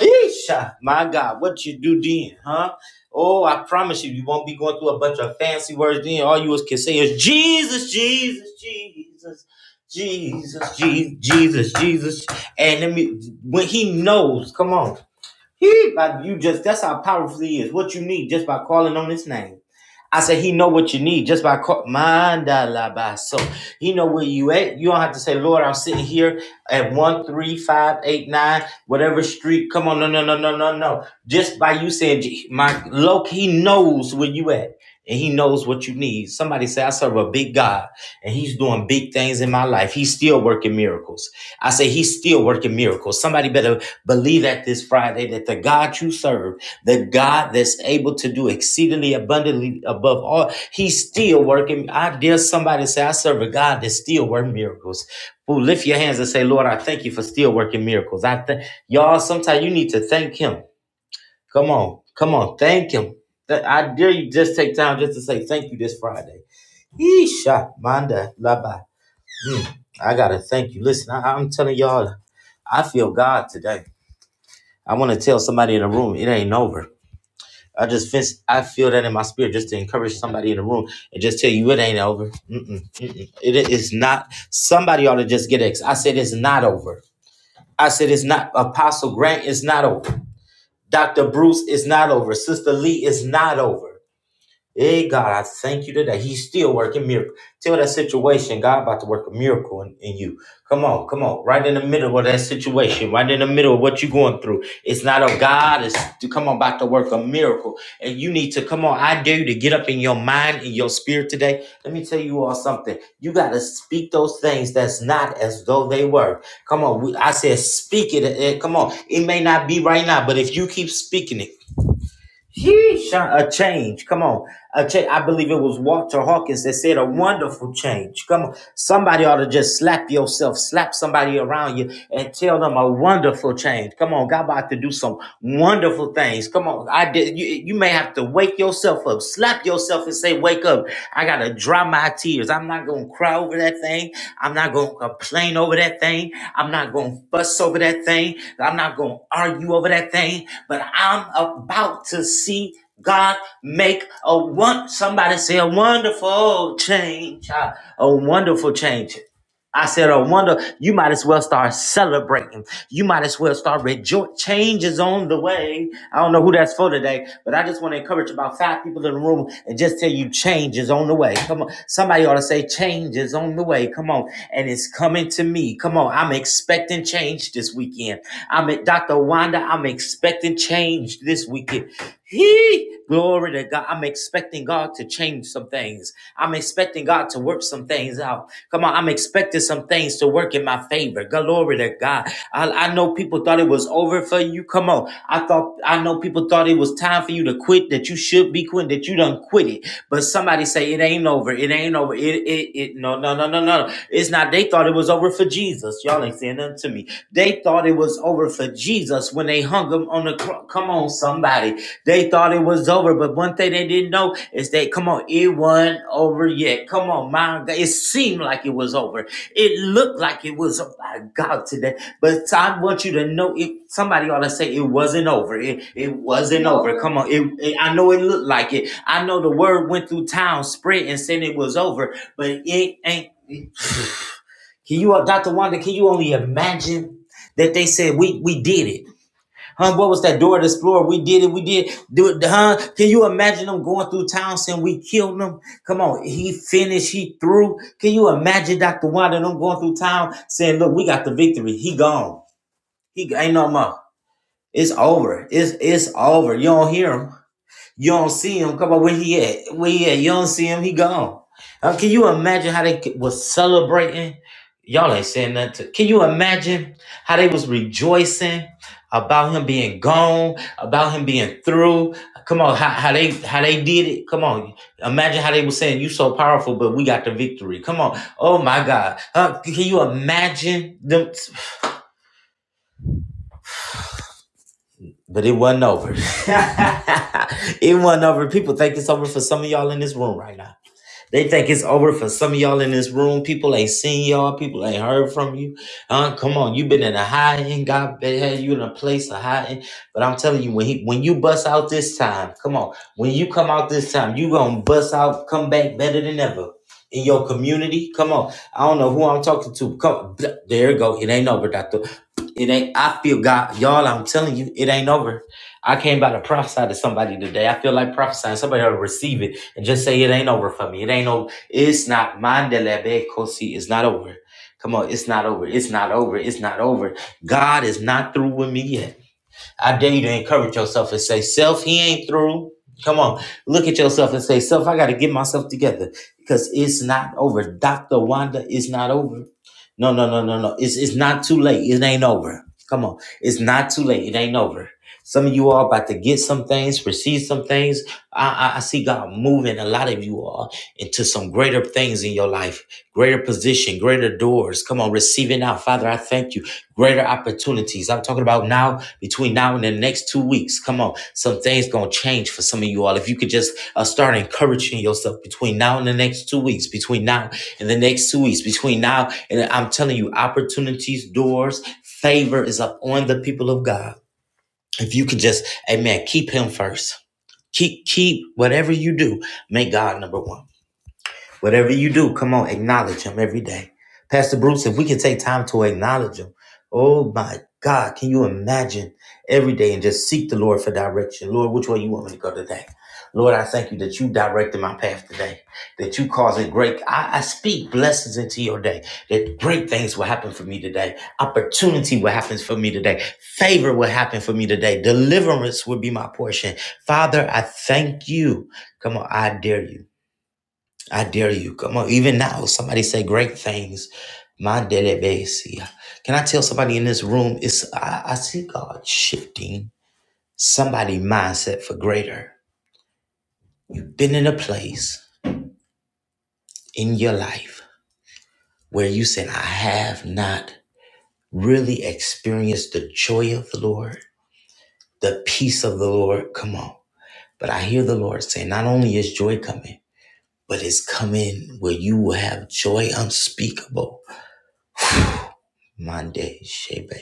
S1: Yeesh, my God, what you do then, huh? Oh, I promise you, you won't be going through a bunch of fancy words then. All you can say is Jesus, Jesus, Jesus, Jesus, Jesus, Jesus, Jesus. And let me, when he knows, come on. He, but you just, that's how powerful he is. What you need just by calling on his name. I said, he know what you need just by call. Mandala So he know where you at. You don't have to say, Lord, I'm sitting here at one, three, five, eight, nine, whatever street. Come on. No, no, no, no, no, no. Just by you saying, "Gee, my look, he knows where you at and he knows what you need. Somebody say, I serve a big God and he's doing big things in my life. He's still working miracles. I say, he's still working miracles. Somebody better Believe that this Friday that the God you serve, the God that's able to do exceedingly abundantly above all, He's still working. I dare somebody say, I serve a God that's still working miracles. Who lift your hands and say, Lord, I thank you for still working miracles. I th- y'all, sometimes you need to thank Him. Come on, come on, thank Him. Th- I dare you just take time just to say thank you this Friday. Yeesha, manda laba. Mm, I gotta thank you. Listen, I- I'm telling y'all, I feel God today. I want to tell somebody in the room it ain't over. I just fence, I feel that in my spirit just to encourage somebody in the room and just tell you it ain't over. Mm-mm, mm-mm. It is not. Somebody ought to just get ex. I said it's not over. I said it's not. Apostle Grant is not over. Dr. Bruce is not over. Sister Lee is not over. Hey God, I thank you today. He's still working miracle. Tell that situation, God about to work a miracle in, in you. Come on, come on. Right in the middle of that situation, right in the middle of what you're going through. It's not of God, it's to come on about to work a miracle. And you need to come on. I dare you to get up in your mind and your spirit today. Let me tell you all something. You gotta speak those things that's not as though they were. Come on. we- I said speak it. eh, Come on. It may not be right now, but if you keep speaking it, Yeesh, a change. Come on. A change. I believe it was Walter Hawkins that said a wonderful change. Come on, somebody ought to just slap yourself, slap somebody around you, and tell them a wonderful change. Come on, God about to do some wonderful things. Come on, I did. You, you may have to wake yourself up, slap yourself, and say, "Wake up! I gotta dry my tears. I'm not gonna cry over that thing. I'm not gonna complain over that thing. I'm not gonna fuss over that thing. I'm not gonna argue over that thing. But I'm about to see." God make a one. Somebody say a wonderful change. Ah, A wonderful change. I said a wonder. You might as well start celebrating. You might as well start rejoicing. Change is on the way. I don't know who that's for today, but I just want to encourage about five people in the room and just tell you change is on the way. Come on. Somebody ought to say change is on the way. Come on. And it's coming to me. Come on. I'm expecting change this weekend. I'm at Dr. Wanda. I'm expecting change this weekend. He. Glory to God. I'm expecting God to change some things. I'm expecting God to work some things out. Come on, I'm expecting some things to work in my favor. Glory to God. I, I know people thought it was over for you. Come on. I thought I know people thought it was time for you to quit, that you should be quitting, that you done quit it. But somebody say it ain't over. It ain't over. It it it no no no no no. no. It's not they thought it was over for Jesus. Y'all ain't saying nothing to me. They thought it was over for Jesus when they hung him on the cross. Come on, somebody. They thought it was over, but one thing they didn't know is that, come on, it wasn't over yet. Come on, my God. It seemed like it was over. It looked like it was, oh my God, today. But I want you to know, it, somebody ought to say it wasn't over. It, it
S3: Wasn't
S1: wasn't over.
S3: over.
S1: Come on. It, it- I know it looked like it. I know the word went through town, spread, and said it was over, but it ain't. Can you, Dr. Wanda, can you only imagine that they said, we, we did it? Huh? What was that door to explore? We did it. We did do it. Huh? Can you imagine them going through town saying we killed them? Come on. He finished. He threw. Can you imagine Dr. Wanda them going through town saying, look, we got the victory. He gone. He ain't no more. It's over. It's it's over. You don't hear him. You don't see him. Come on, where he at? Where he at? You don't see him. He gone. Uh, can you imagine how they was celebrating? Y'all ain't saying nothing. To, can you imagine how they was rejoicing about him being gone, about him being through? Come on, how, how they how they did it? Come on, imagine how they was saying you so powerful, but we got the victory. Come on, oh my God, Uh, can you imagine them? But it wasn't over. [laughs] it wasn't over. People think it's over for some of y'all in this room right now. They think it's over for some of y'all in this room. People ain't seen y'all. People ain't heard from you. Uh, come on, you been in a high end. God been- had you in a place of high end. But I'm telling you, when he when you bust out this time, come on. When you come out this time, you gonna bust out, come back better than ever. In your community, come on. I don't know who I'm talking to. Come, there you go. It ain't over, doctor. It ain't. I feel God, y'all. I'm telling you, it ain't over. I came by to prophesy to somebody today. I feel like prophesying. Somebody ought to receive it and just say it ain't over for me. It ain't over. It's not. Mandelebe kosi. It's not over. Come on, it's not over. It's not over. It's not over. God is not through with me yet. I dare you to encourage yourself and say, Self, he ain't through. Come on, look at yourself and say, Self, I got to get myself together because it's not over. Dr. Wanda it's not over. No, no, no, no, no. It's, it's not too late. It ain't over. Come on, it's not too late. It ain't over. Some of you all about to get some things, receive some things. I, I, I see God moving a lot of you all into some greater things in your life, greater position, greater doors. Come on, receiving now. Father, I thank you. Greater opportunities. I'm talking about now between now and the next two weeks. Come on, some things gonna change for some of you all. If you could just uh, start encouraging yourself between now and the next two weeks, between now and the next two weeks, between now and I'm telling you, opportunities, doors, favor is up on the people of God. If you could just, Amen, keep Him first. Keep keep whatever you do, make God number one. Whatever you do, come on, acknowledge him every day. Pastor Bruce, if we can take time to acknowledge him, oh my God, can you imagine every day and just seek the Lord for direction? Lord, which way you want me to go today? Lord, I thank you that you directed my path today, that you caused it great. I, I speak blessings into your day, that great things will happen for me today. Opportunity will happen for me today. Favor will happen for me today. Deliverance will be my portion. Father, I thank you. Come on, I dare you. I dare you. Come on. Even now, somebody say great things. My daily basis. Can I tell somebody in this room? It's I, I see God shifting somebody mindset for greater. You've been in a place in your life where you said, I have not really experienced the joy of the Lord, the peace of the Lord. Come on. But I hear the Lord saying, not only is joy coming, but it's coming where you will have joy unspeakable [sighs] Monday, Shebe,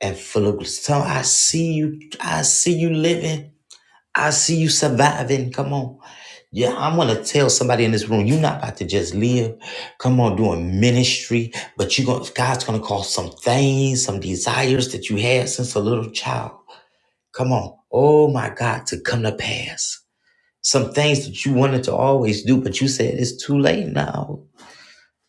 S1: and full of glory. So I see you, I see you living, I see you surviving. Come on. Yeah, I'm gonna tell somebody in this room, you're not about to just live. Come on, doing ministry, but you gonna God's gonna cause some things, some desires that you had since a little child. Come on, oh my God, to come to pass. Some things that you wanted to always do, but you said it's too late now.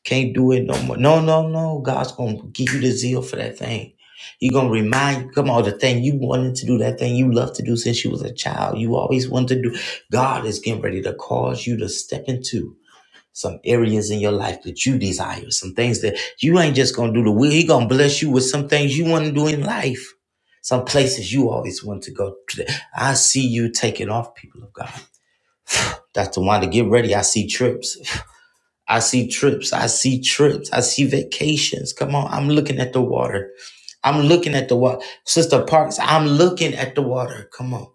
S1: Can't do it no more. No, no, no. God's gonna give you the zeal for that thing. He gonna remind you, come on, the thing you wanted to do, that thing you loved to do since you was a child. You always wanted to do. God is getting ready to cause you to step into some areas in your life that you desire, some things that you ain't just gonna do the will. He gonna bless you with some things you want to do in life. Some places you always want to go. to. I see you taking off, people of God. Dr. Wanda, get ready. I see trips. [laughs] I see trips. I see trips. I see vacations. Come on. I'm looking at the water. I'm looking at the water. Sister Parks, I'm looking at the water. Come on.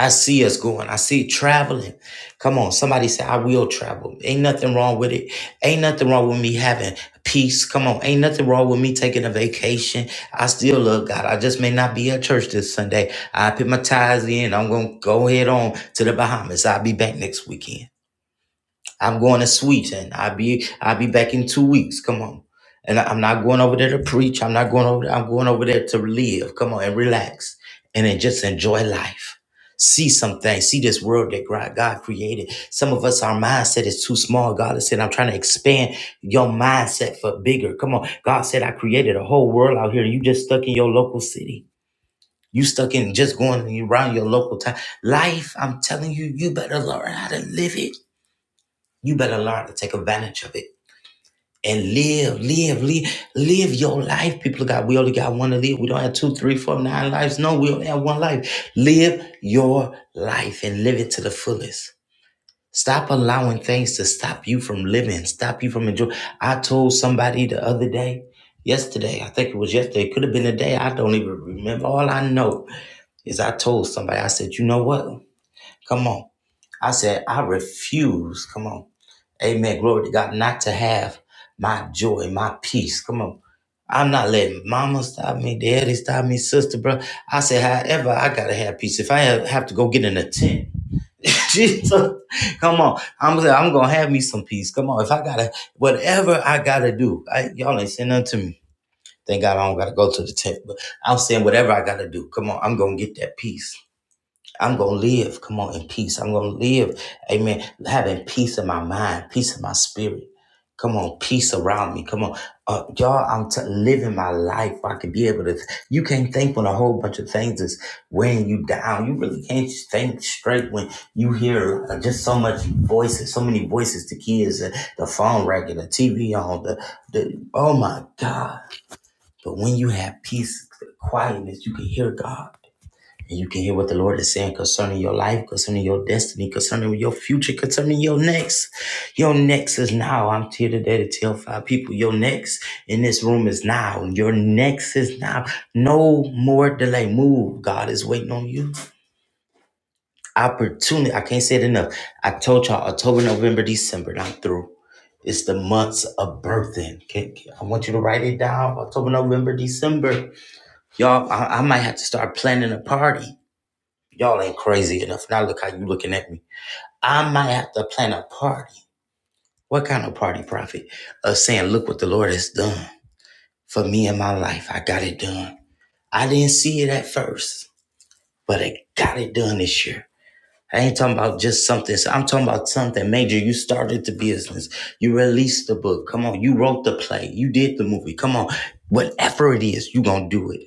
S1: I see us going. I see traveling. Come on. Somebody say, I will travel. Ain't nothing wrong with it. Ain't nothing wrong with me having peace. Come on. Ain't nothing wrong with me taking a vacation. I still love God. I just may not be at church this Sunday. I put my ties in. I'm going to go head on to the Bahamas. I'll be back next weekend. I'm going to Sweden. I'll be I'll be back in two weeks. Come on. And I- I'm not going over there to preach. I'm not going over there. I'm going over there to live. Come on and relax. And then just enjoy life. See something. See this world that God God created. Some of us, our mindset is too small. God has said, I'm trying to expand your mindset for bigger. Come on. God said, I created a whole world out here. You just stuck in your local city. You stuck in just going around your local town. Life, I'm telling you, you better learn how to live it. You better learn to take advantage of it and live, live, live, live your life. People of God, we only got one to live. We don't have two, three, four, nine lives. No, we only have one life. Live your life and live it to the fullest. Stop allowing things to stop you from living, stop you from enjoying. I told somebody the other day, yesterday, I think it was yesterday, it could have been a day, I don't even remember. All I know is I told somebody, I said, you know what? Come on. I said, I refuse. Come on. Amen. Glory to God. Not to have my joy, my peace. Come on. I'm not letting mama stop me, daddy stop me, sister, bro. I say, however, I gotta have peace. If I have have to go get in a tent, [laughs] Jesus, come on. I'm gonna, I'm gonna have me some peace. Come on. If I gotta, whatever I gotta do, I, y'all ain't saying nothing to me. Thank God I don't gotta go to the tent, but I'm saying whatever I gotta do. Come on, I'm gonna get that peace. I'm going to live, come on, in peace. I'm going to live, amen, having peace in my mind, peace in my spirit. Come on, peace around me. Come on. Uh, y'all, I'm t- living my life. I could be able to. You can't think when a whole bunch of things is weighing you down. You really can't think straight when you hear uh, just so much voices, so many voices, the kids, uh, the phone racket, the TV on, the, the, oh my God. But when you have peace, quietness, you can hear God. And you can hear what the Lord is saying concerning your life, concerning your destiny, concerning your future, concerning your next. Your next is now. I'm here today to tell five people your next in this room is now. Your next is now. No more delay. Move. God is waiting on you. Opportunity. I can't say it enough. I told y'all October, November, December. and I'm through. It's the months of birthing. Okay, okay, I want you to write it down. October, November, December. Y'all, I, I might have to start planning a party. Y'all ain't crazy enough. Now look how you looking at me. I might have to plan a party. What kind of party, Prophet? Of uh, saying, look what the Lord has done for me in my life. I got it done. I didn't see it at first, but I got it done this year. I ain't talking about just something. So I'm talking about something major. You started the business. You released the book. Come on. You wrote the play. You did the movie. Come on. Whatever it is, you gonna do it.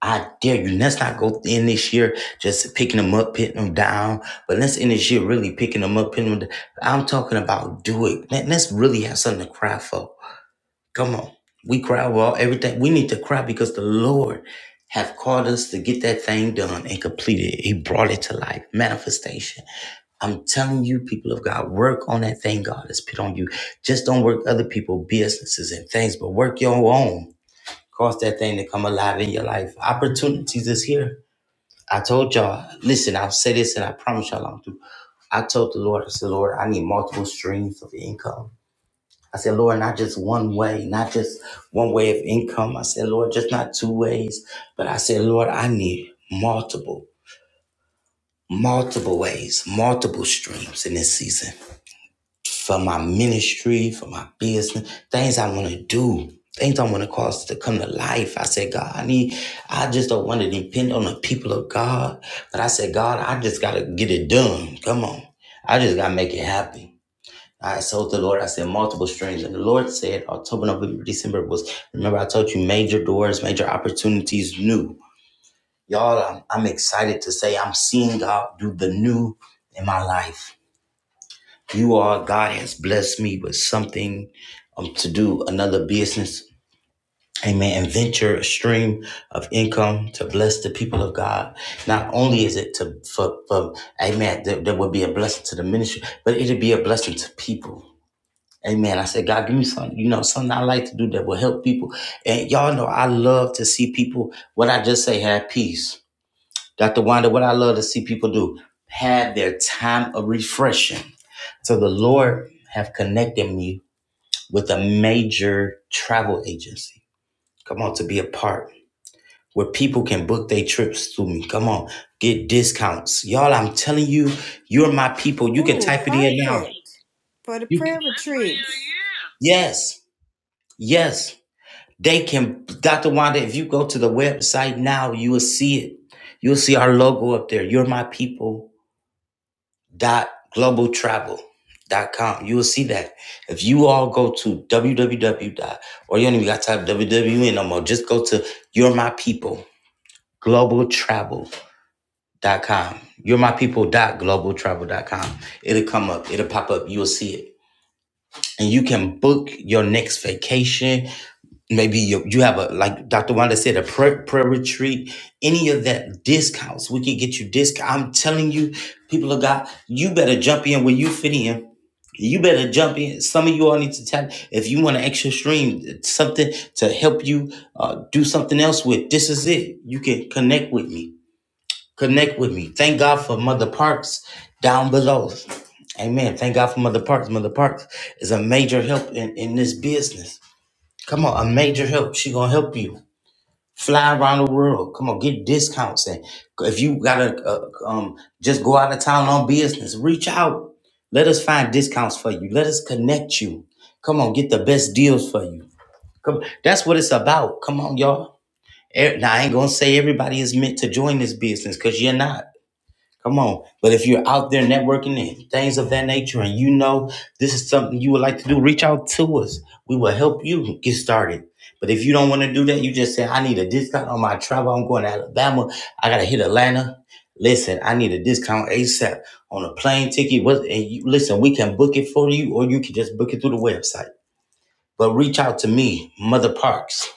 S1: I dare you. Let's not go in this year just picking them up, picking them down. But let's end this year really picking them up, picking them down. I'm talking about do it. Let, us really have something to cry for. Come on. We cry well everything. We need to cry because the Lord have called us to get that thing done and completed. He brought it to life. Manifestation. I'm telling you, people of God, work on that thing God has put on you. Just don't work other people' businesses and things, but work your own. Cause that thing to come alive in your life. Opportunities is here. I told y'all, listen, I'll say this and I promise y'all I'm through. I told the Lord, I said, Lord, I need multiple streams of income. I said, Lord, not just one way, not just one way of income. I said, Lord, just not two ways. But I said, Lord, I need multiple, multiple ways, multiple streams in this season. for my ministry, for my business, things I want to do, things I want to cause to come to life. I said, God, I need, I just don't want to depend on the people of God. But I said, God, I just got to get it done. Come on. I just got to make it happen. I told the Lord, I said multiple strings. And the Lord said October, November, December was, remember I told you major doors, major opportunities, new. Y'all, I'm, I'm excited to say I'm seeing God do the new in my life you are God has blessed me with something um, to do another business. Amen. And venture a stream of income to bless the people of God. Not only is it to for, for Amen, there, there will be a blessing to the ministry, but it'll be a blessing to people. Amen. I said, God, give me something, you know, something I like to do that will help people. And y'all know I love to see people, what I just say, have peace. Dr. Wanda, what I love to see people do, have their time of refreshing. So the Lord have connected me with a major travel agency. Come on, to be a part where people can book their trips through me. Come on, get discounts. Y'all, I'm telling you, you're my people. You can
S2: Ooh,
S1: type it in now.
S2: perfect for the
S1: You can,
S2: prayer retreat.
S1: yes, yes. They can, Dr. Wanda, if you go to the website now, you will see it. You'll see our logo up there. You're my people. dot global travel dot com. You will see that. If you all go to www dot or you don't even got to type www no more, just go to you're my people global travel dot com. You're my people dot global travel dot com. It'll come up, it'll pop up, you'll see it. And you can book your next vacation maybe you, you have a like dr wanda said a prayer, prayer retreat any of that discounts we can get you discount i'm telling you people of god you better jump in where you fit in you better jump in. Some of you all need to tap if you want an extra stream, something to help you uh, do something else with. This is it. You can connect with me. Connect with me. Thank God for Mother Parks down below. Amen. Thank God for Mother Parks. Mother Parks is a major help in, in this business. Come on, a major help. She gonna help you fly around the world. Come on, get discounts and if you gotta uh, um just go out of town on business, reach out. Let us find discounts for you. Let us connect you. Come on, get the best deals for you. Come, that's what it's about. Come on, y'all. Eh, Now I ain't gonna say everybody is meant to join this business because you're not. Come on. But if you're out there networking and things of that nature and you know this is something you would like to do, reach out to us. We will help you get started. But if you don't want to do that, you just say, I need a discount on my travel. I'm going to Alabama. I got to hit Atlanta. Listen, I need a discount ASAP on a plane ticket. What, and you, listen, we can book it for you or you can just book it through the website. But reach out to me, Mother Parks.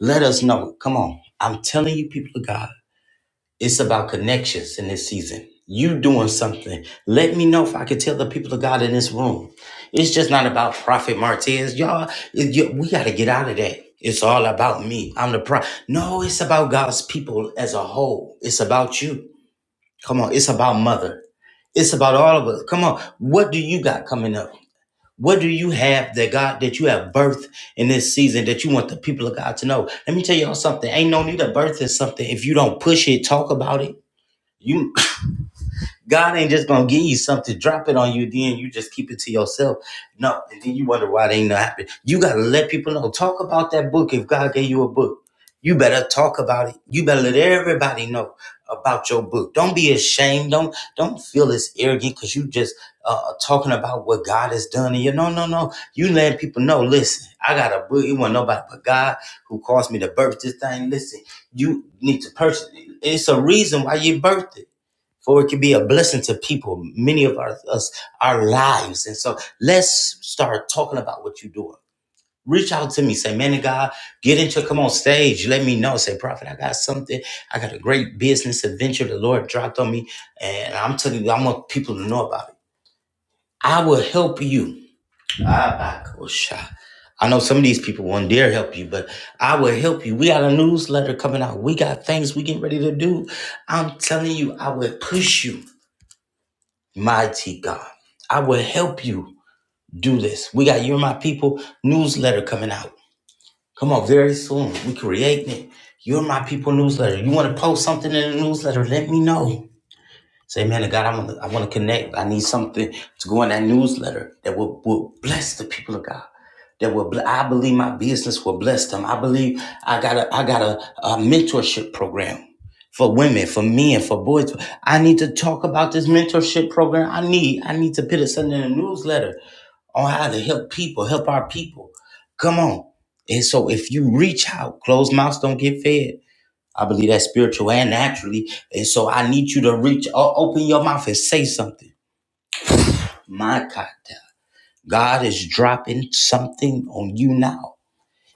S1: Let us know. Come on. I'm telling you, people of God. It's about connections in this season. You doing something. Let me know if I can tell the people of God in this room. It's just not about Prophet Martez. Y'all, it- you- we got to get out of that. It's all about me. I'm the pro. No, it's about God's people as a whole. It's about you. Come on. It's about mother. It's about all of us. Come on. What do you got coming up? What do you have that God that you have birthed in this season that you want the people of God to know? Let me tell y'all something. Ain't no need of birthing something if you don't push it, talk about it you God ain't just gonna give you something, drop it on you, then you just keep it to yourself. No, and then you wonder why it ain't not happen. You gotta let people know. Talk about that book if God gave you a book. You better talk about it. You better let everybody know about your book. Don't be ashamed. Don't don't feel this arrogant because you just uh, talking about what God has done. And you no no no. You let people know. Listen, I got a book. It wasn't nobody but God who caused me to birth this thing. Listen, you need to purchase. it. It's a reason why you birthed it for it can be a blessing to people, many of our, us, our lives. And so let's start talking about what you're doing. Reach out to me, say, man of God, get into, come on stage, let me know. Say, prophet, I got something. I got a great business adventure the Lord dropped on me, and I'm telling you, I want people to know about it. I will help you. I ah, cool I know some of these people won't dare help you, but I will help you. We got a newsletter coming out. We got things we getting ready to do. I'm telling you, I will push you. Mighty God. I will help you do this. We got You're My People newsletter coming out. Come on, very soon. We creating it. You're My People newsletter. You want to post something in the newsletter? Let me know. Say, man, God, I want to I want to connect. I need something to go in that newsletter that will, will bless the people of God. That will bl- I believe my business will bless them. I believe I got a I got a, a mentorship program for women, for men, for boys. I need to talk about this mentorship program. I need I need to put it something in a newsletter on how to help people, help our people. Come on. And so if you reach out, closed mouths don't get fed. I believe that's spiritual and naturally. And so I need you to reach, o- open your mouth and say something. My God, God is dropping something on you now.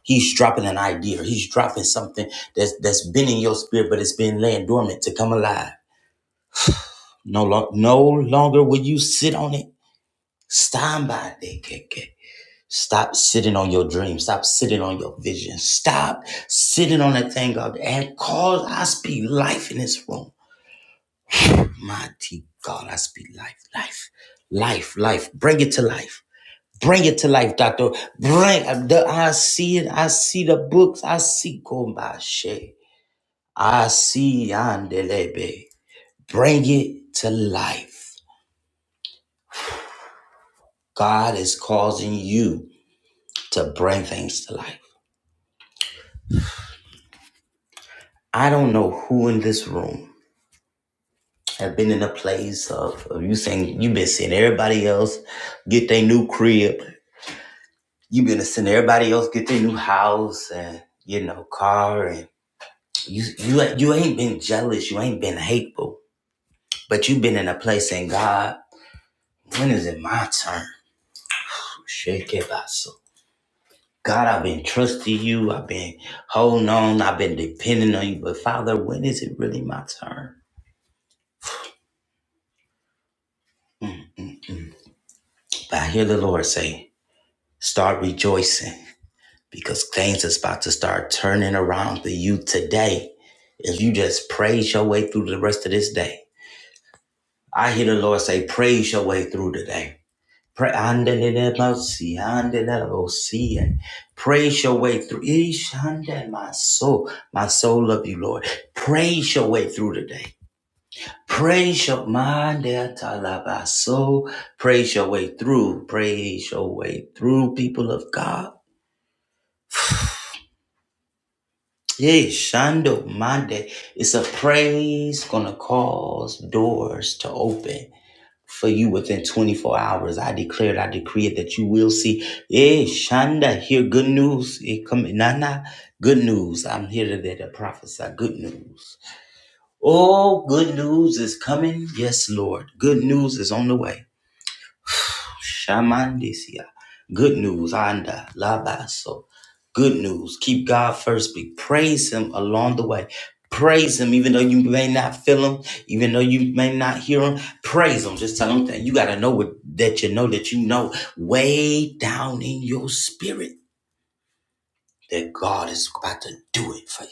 S1: He's dropping an idea. He's dropping something that's that's been in your spirit, but it's been laying dormant to come alive. No, lo- no longer will you sit on it. Stand by it. KK. Stop sitting on your dream. Stop sitting on your vision. Stop sitting on that thing, God, and cause I speak life in this room. Mighty God, I speak life, life, life, life. Bring it to life. Bring it to life, doctor. Bring the I see it. I see the books. I see Kombashe. I see Yandelebe. Bring it to life. God is causing you to bring things to life. I don't know who in this room have been in a place of, of you saying you've been seeing everybody else get their new crib. you been to send everybody else get their new house and you know car and you you you ain't been jealous, you ain't been hateful, but you've been in a place in God. When is it my turn so? God, I've been trusting you. I've been holding on. I've been depending on you. But Father, when is it really my turn? Mm, mm, mm. But I hear the Lord say, start rejoicing. because things is about to start turning around for you today if you just praise your way through the rest of this day. I hear the Lord say, praise your way through today. Pray, andelelebosi, andelelebosi, and praise your way through. Eesh, ande, My soul, my soul love you, Lord. Praise your way through today. Praise your mind, Talabaso. praise your way through. Praise your way through, people of God. Yay, Shando Mande. It's a praise gonna cause doors to open for you within 24 hours. I declared, I decree it that you will see. Yay, Shanda, hear good news. It coming. Nana, good news. I'm here today to prophesy good news. Oh, good news is coming. Yes, Lord. Good news is on the way. Shamandesia. Good news, Anda, Labaso. Good news. Keep God first. Be praise Him along the way. Praise Him, even though you may not feel Him, even though you may not hear Him. Praise Him. Just tell Him that you got to know what, that you know that you know way down in your spirit that God is about to do it for you.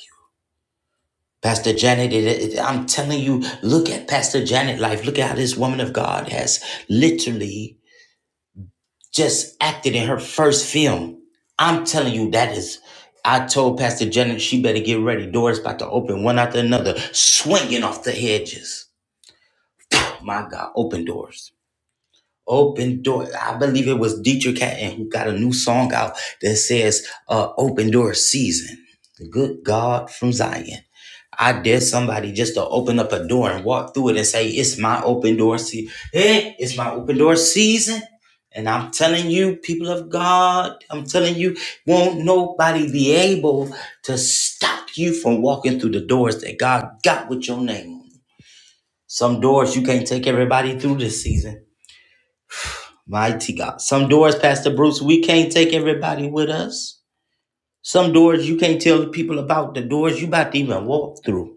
S1: Pastor Janet, it, it- I'm telling you, look at Pastor Janet' life. Look at how this woman of God has literally just acted in her first film. I'm telling you, that is. I told Pastor Janet she better get ready. Doors about to open one after another, swinging off the hedges. My God, open doors. Open door. I believe it was Dietrich Hatton who got a new song out that says uh, "Open Door Season." The good God from Zion. I dare somebody just to open up a door and walk through it and say, "It's my open door season. Hey, it's my open door season." And I'm telling you, people of God, I'm telling you, won't nobody be able to stop you from walking through the doors that God got with your name on. Some doors you can't take everybody through this season. Mighty God. Some doors, Pastor Bruce, we can't take everybody with us. Some doors you can't tell the people about, the doors you about to even walk through.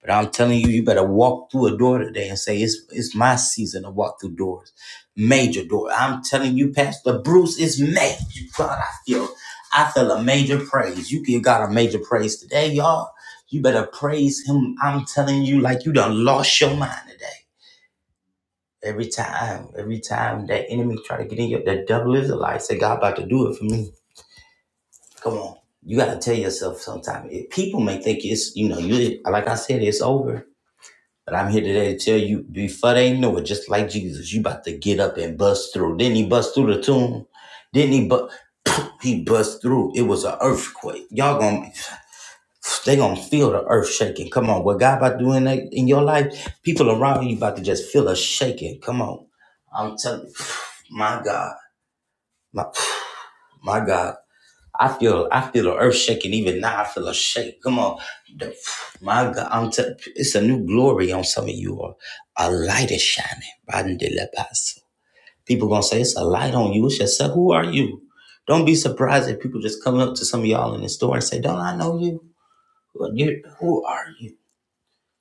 S1: But I'm telling you, you better walk through a door today and say, it's, it's my season to walk through doors. Major door. I'm telling you, Pastor Bruce, it's major. God, I feel, I feel a major praise. You give God a major praise today, y'all. You better praise him. I'm telling you, like you done lost your mind today. Every time, every time that enemy try to get in your, the devil is a lie. Say, God about to do it for me. Come on. You got to tell yourself sometime. If people may think it's, you know, you like I said, it's over. But I'm here today to tell you, before they know it, just like Jesus, you about to get up and bust through. Didn't he bust through the tomb? Didn't he but [clears throat] he bust through? It was an earthquake. Y'all gonna they gonna feel the earth shaking. Come on, what God about doing that in your life? People around you about to just feel a shaking. Come on, I'm telling you, [sighs] my God, my [sighs] my God, I feel I feel the earth shaking even now. I feel a shake. Come on, The- [sighs] my God, I'm t- it's a new glory on some of you. All. A light is shining. Bandelebaso. People gonna say it's a light on you. It's yourself. Who are you? Don't be surprised if people just come up to some of y'all in the store and say, "Don't I know you? Well, you who are you?"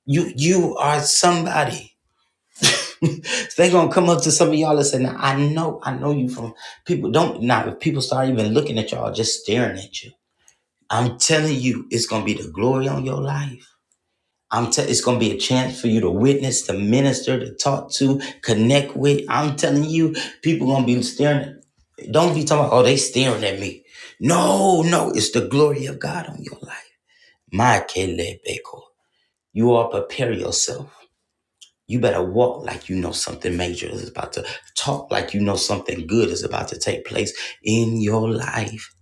S1: You you are somebody. [laughs] they gonna come up to some of y'all and say, now, I know, I know you from people don't now if people start even looking at y'all, just staring at you. I'm telling you, it's gonna be the glory on your life. I'm te- it's gonna be a chance for you to witness, to minister, to talk to, connect with. I'm telling you, people gonna be staring. At, don't be talking about, oh, they staring at me. No, no, it's the glory of God on your life. My Kelebeko. You all prepare yourself You better walk like you know something major is about to talk like you know something good is about to take place in your life.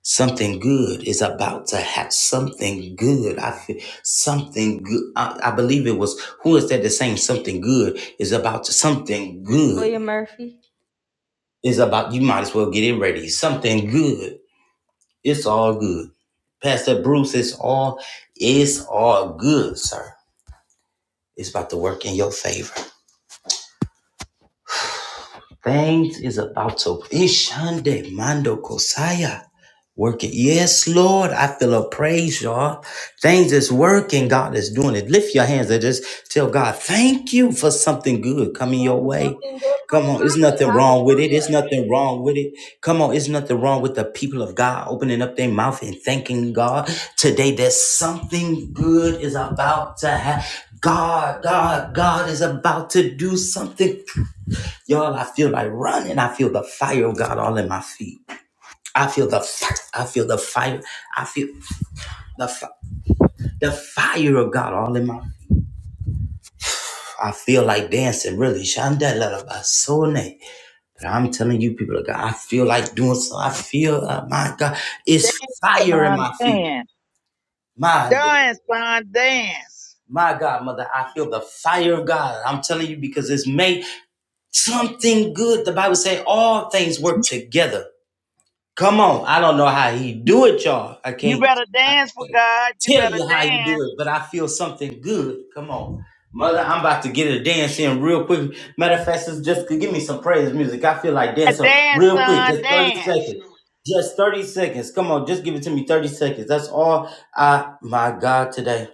S1: Something good is about to have something good. I feel something good. I, I believe it was who is that the same something good is about to something good
S3: William Murphy.
S1: is about you might as well get it ready. Something good. It's all good. Pastor Bruce, it's all it's all good, sir. It's about to work in your favor. Things is about to Ishande Mando Kosaya. Working. Yes, Lord. I feel a praise, y'all. Things is working. God is doing it. Lift your hands and just tell God, thank you for something good
S3: Thank you,
S1: coming
S3: Lord,
S1: your
S3: for
S1: way.
S3: something good
S1: Come
S3: coming
S1: on. It's nothing
S3: my way.
S1: wrong with it. It's
S3: Hallelujah.
S1: nothing wrong with it. Come on. It's nothing wrong with the people of God opening up their mouth and thanking God today that something good is about to happen. God, God, God is about to do something Y'all, I feel like running. I feel the fire of God all in my feet. I feel the fire. I feel the fire. I feel the fi- the fire of God all in my. I feel like dancing. Really, Shandala But I'm telling you, people of God, I feel like doing so. I feel, uh, my God, it's
S9: Dance,
S1: fire in my
S9: son,
S1: feet.
S9: dance.
S1: My
S9: Dance, son, dance.
S1: my God, mother, I feel the fire of God. I'm telling you because it's made something good. The Bible says all things work together Come on. I don't know how he do it, y'all. I
S9: You
S1: can't,
S9: better
S1: I
S9: dance for
S1: can't
S9: God. You
S1: tell
S9: better
S1: you how he do
S9: dance.
S1: it, but I feel something good. Come on. Mother, I'm about to get a dance in real quick. Matter of fact, just just give me some praise music. I feel like dancing
S9: Dance,
S1: real quick.
S9: son,
S1: Just 30
S9: dance.
S1: seconds. Just 30 seconds. Come on, just give it to me 30 seconds. That's all I my God today.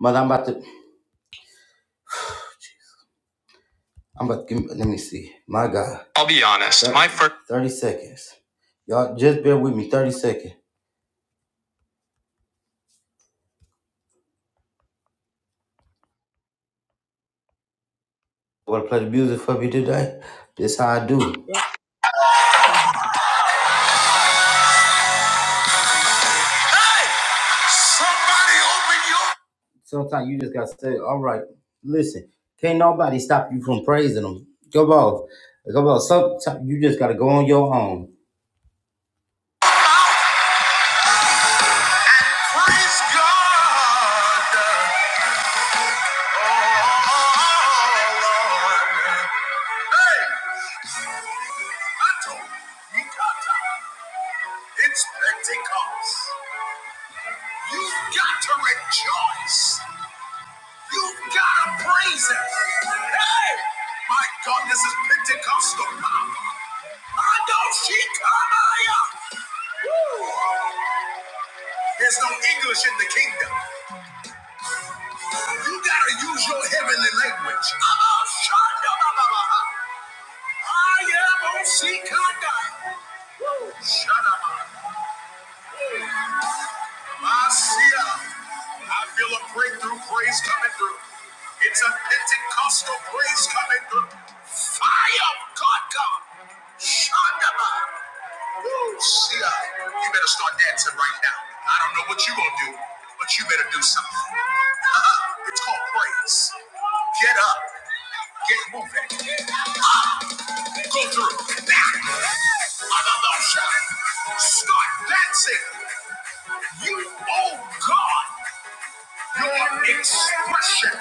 S1: Mother, I'm about to I'm about to give me, let me see. My God. I'll be honest. thirty, my first 30 seconds. Y'all just bear with me 30 seconds. want to play the music for me today? That's how I do. Somebody open your. Sometimes you just gotta say, "All right, listen, can't nobody stop you from praising them. Go off, go off. Sometimes you just gotta go on your own." Praise God. Oh, Lord. Hey, Otto, you you got time. It's Pentecost. You've got to rejoice. You gotta praise him. Hey! My God, this is Pentecostal power. I don't see Kamaya. Woo! There's no English in the kingdom. You gotta use your heavenly language. I'm a shanda ba ba ba. I am a sikanda. Shut up. Masia. I feel a breakthrough praise coming through. It's a Pentecostal praise coming through. Fire of God come. Shandaba. Woo, Sia. You better start dancing right now. I don't know what you gonna do, but you better do something. [laughs] it's called praise. Get up. Get moving. Ah, go through. Now. Mother Moshe. Start dancing. You, owe God, your expression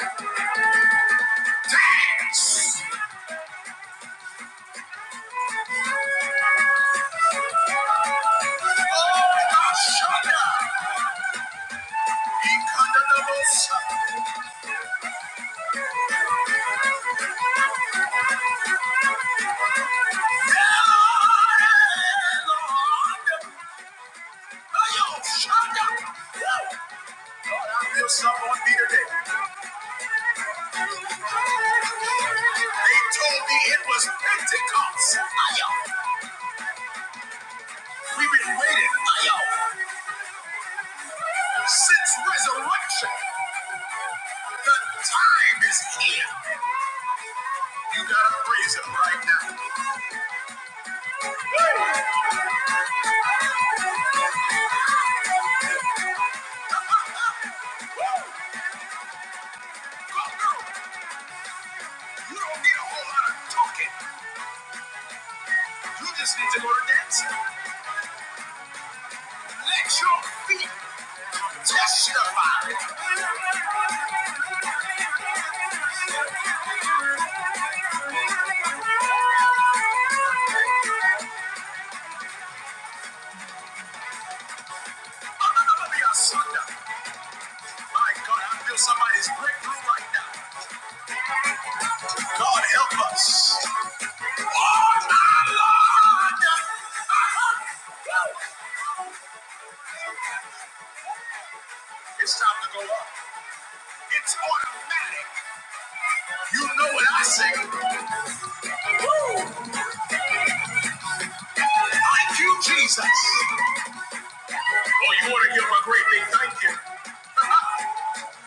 S1: dance. Oh, Ashana, because of the most, Yeah, Lord. Ayo, Shanda. Woo. Lord, I feel something on me today. They told me it was Pentecost. Ayo, we've been waiting. Ayo, since resurrection. The time is here. You gotta praise him right now. You don't need a whole lot of talking. You just need to go to dance. Let your feet testify. Anamandiasanda. My God, I feel somebody's breakthrough right now. God help us. Oh my Lord. It's time to go up. It's order. You know what I say. Thank you, Jesus. Oh, you want to give him a great big thank you.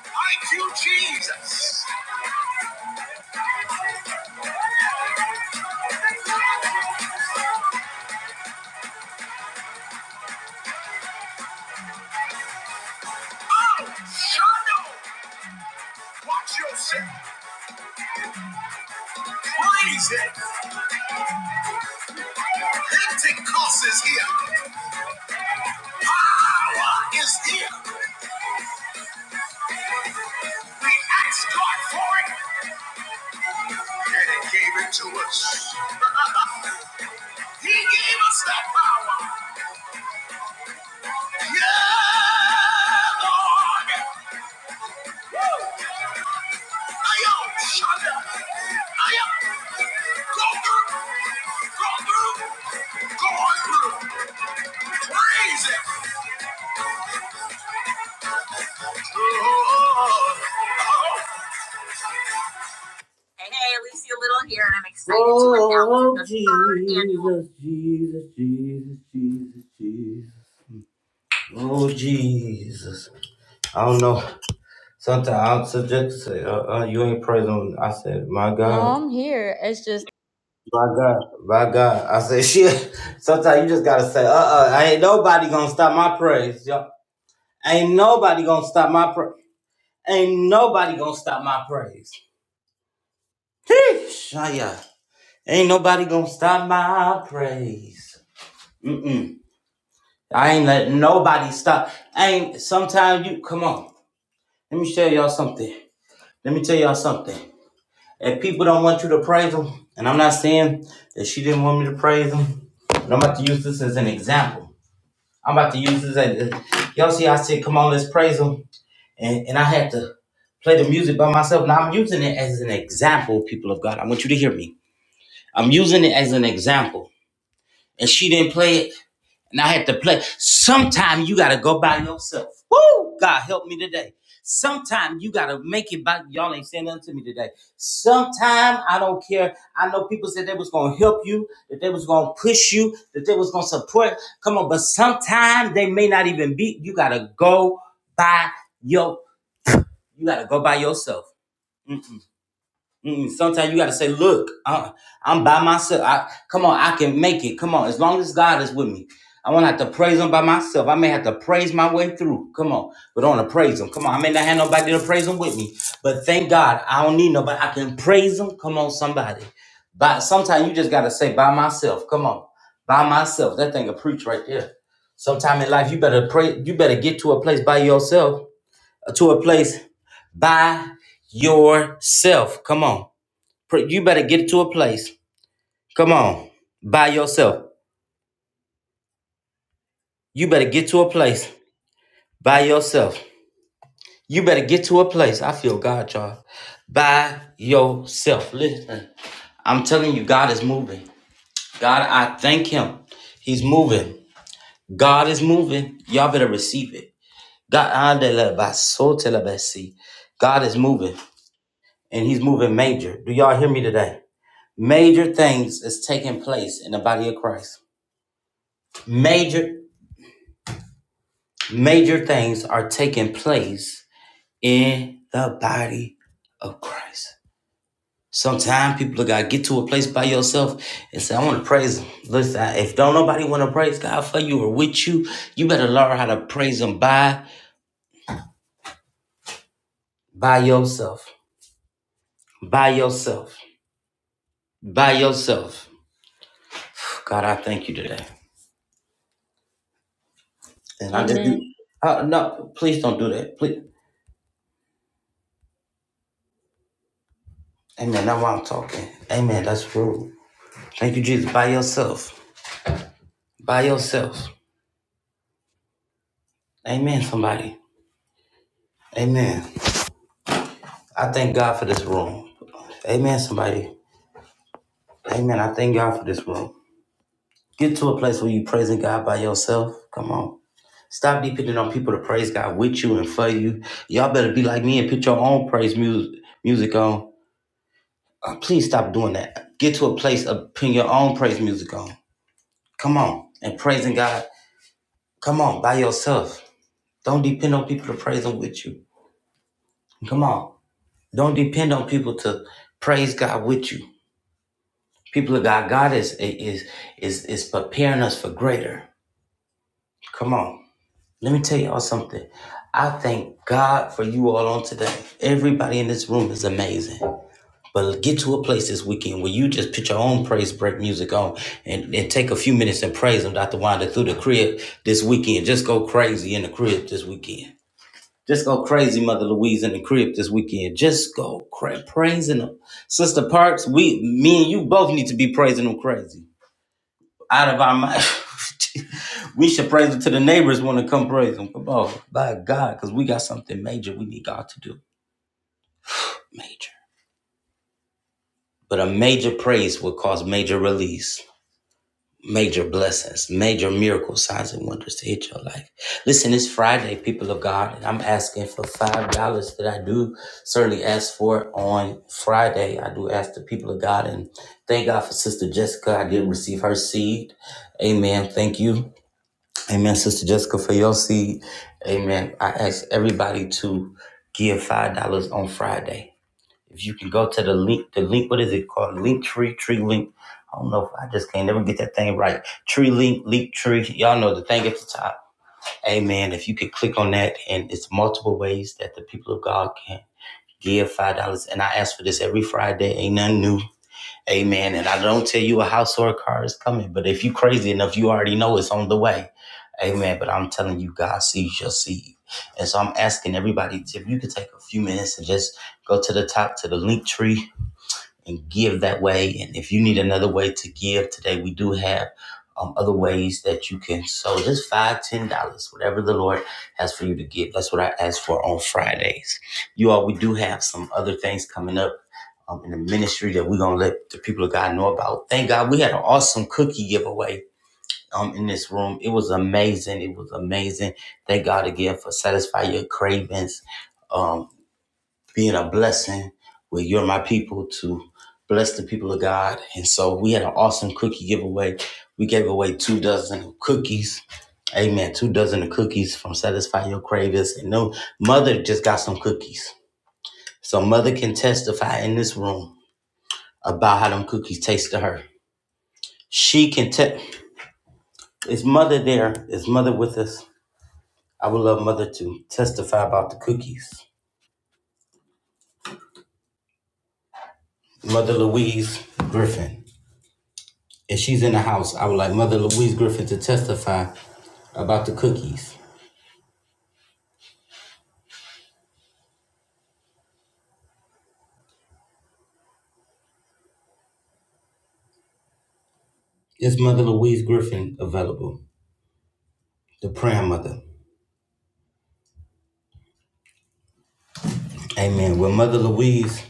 S1: Thank you, Jesus. Praise him. Pentecost is here. Is here. Ask God for it, and He gave it to us. He gave us that power. Yeah, Lord. I am Shonda. I am go through, go through. Amazing. Oh, Hey, hey, at least you're little here, and I'm excited oh, to announce the Jesus, third annual. Jesus, Jesus, Jesus, Jesus, Jesus. Oh, Jesus. I don't know. Sometimes I'll subject say, uh, uh, you ain't praising. him. I said, my
S3: No,
S1: God,
S3: I'm here. It's just,
S1: my God, my God. I said, [laughs] shit. Sometimes you just gotta say, uh, uh ain't nobody gonna stop my praise, yo. Ain't nobody gonna stop my praise. Ain't nobody gonna stop my praise. Sheesh, ah, yeah. Ain't nobody gonna stop my praise. Mm-mm. I ain't letting nobody stop. ain't sometimes you come on. Let me show y'all something. Let me tell y'all something. If people don't want you to praise them, and I'm not saying that she didn't want me to praise them, but I'm about to use this as an example. I'm about to use this as y'all see. I said, "Come on, let's praise them," and and I had to play the music by myself. Now I'm using it as an example, people of God. I want you to hear me. I'm using it as an example, and she didn't play it, and I had to play. Sometimes you gotta go by yourself. Woo! God help me today. Sometimes you gotta make it by y'all ain't saying nothing to me today. Sometimes I don't care you, that they was gonna push you, that they was work. So so you like so look, uh, I'm by myself. I come on, kid, come on. As long as God is with me, I won't have to praise Him by myself. I may have to praise my way through. Come on, but I want to praise Him. Come on, I may not have nobody to praise Him with me, but thank God I don't need nobody. I can praise Him. Come on, somebody. But sometimes you just gotta say by myself. Come on, by myself. That thing a preach right there. Sometime in life you better pray. You better get to a place by yourself to a place by yourself. Come on. You better get to a place. Come on. By yourself. You better get to a place by yourself. You better get to a place. I feel God, y'all. By yourself. Listen, I'm telling you, God is moving. God, I thank Him. He's moving. God is moving. Y'all better receive it. God, I de la- by so te la- by God is moving, and He's moving major. Do y'all hear me today? Major things is taking place in the body of Christ. Major, major things are taking place in the body of Christ. Sometimes people gotta get to a place by yourself and say, I want to praise him. Listen, if don't nobody want to praise God for you or with you, you better learn how to praise him by by yourself. By yourself. By yourself. God, I thank you today. And I just
S3: amen.
S1: uh, no, please don't do that. Please. Amen. That's why I'm talking. Amen. That's true. Thank you, Jesus. By yourself. By yourself. Amen, somebody. Amen. I thank God for this room. Amen, somebody. Amen. I thank God for this room. Get to a place where you praising God by yourself. Come on. Stop depending on people to praise God with you and for you. Y'all better be like me and put your own praise music music on. Uh, please stop doing that. Get to a place of putting your own praise music on. Come on. And praising God. Come on, by yourself. Don't depend on people to praise Him with you. Come on. Don't depend on people to praise God with you. People of God, God is is is is preparing us for greater. Come on. Let me tell y'all something. I thank God for you all on today. Everybody in this room is amazing. But get to a place this weekend where you just put your own praise break music on and, and take a few minutes and praise Him, Dr. Wanda, through the crib this weekend. Just go crazy in the crib this weekend. Just go crazy, Mother Louise, in the crib this weekend. Just go crazy praising them. Sister Parks, we, me and you both need to be praising them crazy. Out of our mind. [laughs] we should praise them to the neighbors want to come praise them. Come on, by God, because we got something major we need God to do. Major. But a major praise will cause major release. major blessings, major miracle signs and wonders to hit your life. Listen, it's Friday, people of God, and I'm asking for five dollars that I do certainly ask for on Friday. I do ask the people of God and thank God for Sister Jessica. I did receive her seed. Amen. Thank you. Amen, Sister Jessica, for your seed. Amen. I ask everybody to give five dollars on Friday. If you can go to the link, the link, what is it called? Link tree, tree link. I don't know. If, I just can't never get that thing right. Tree link, link a, a. And so you can take a few minutes and just go to the top to the link tree and give that way. And if you need another way to give today, we do have um, other ways that you can. So just five, ten dollars, whatever the Lord has for you to give. That's what I asked for on face. You all know. Um, thank God we had an awesome cookie giveaway um in this room. It was amazing. It was amazing. Thank God again for satisfy your cravings, um, being a blessing with you're my people to bless the people of God. And so we had an awesome cookie giveaway. We gave away two dozen of cookies. Amen. Two dozen of cookies from Satisfy Your Cravings. And no mother just got some cookies. So mother can testify in this room about how them cookies taste to her. She can tell is mother there? Is mother with us? I would love Mother to testify about the cookies. Mother Louise Griffin. If she's in the house, I would like Mother Louise Griffin to testify about the cookies. Is Mother Louise Griffin available? The prayer mother. Amen. Well, Mother Louise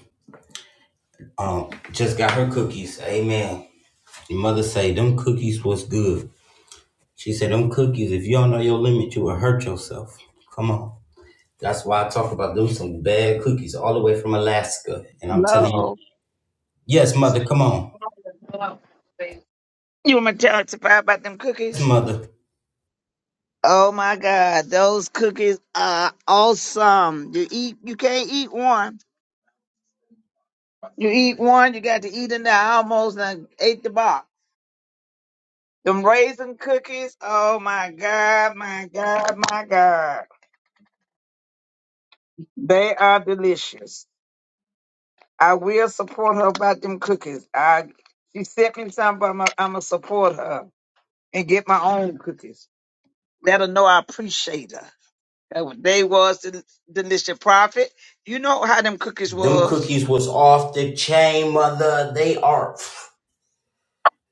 S1: um, just got her cookies. Amen. Your mother say, them cookies was good. She said, them cookies, if you don't know your limit, you will hurt yourself. Come on. That's why I talk about them some bad cookies all the way from Alaska. And I'm telling you,
S9: Lord.
S1: yes, mother, come on.
S9: You want me to testify about them
S1: Yes,
S9: cookies?
S1: mother.
S9: Oh my God, those cookies are awesome. You eat, you can't eat one. You eat one, you got to eat in there. I almost done ate the box. Them raisin cookies, oh my God, my God, my God. They are delicious. I will support her about them cookies. I she sent me something, but I'm gonna I'm support her and get my own cookies. Let her know I appreciate her. That what They was the delicious profit. You know how them cookies
S1: Them
S9: was.
S1: cookies was off the chain, mother. They are.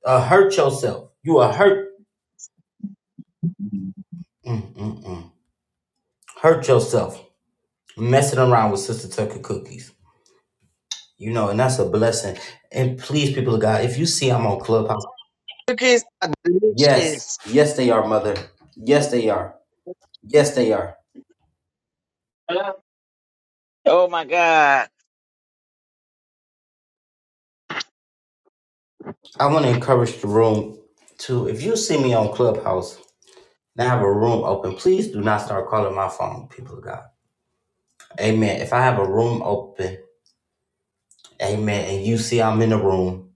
S1: Uh, hurt yourself. You are hurt. Mm-mm-mm. Hurt yourself. Messing around with Sister Tucker cookies. You know, and that's a blessing. And please, people of God, if you see I'm on Clubhouse,
S9: Cookies are
S1: yes,
S9: delicious.
S1: yes, they are, mother. Yes, they are. Yes, they are.
S9: Oh my God.
S1: I want to encourage the room to, if you see me on Clubhouse and I have a room open, please do not start calling my phone, people of God. Amen. If I have a room open, Amen. And you see I'm in the room.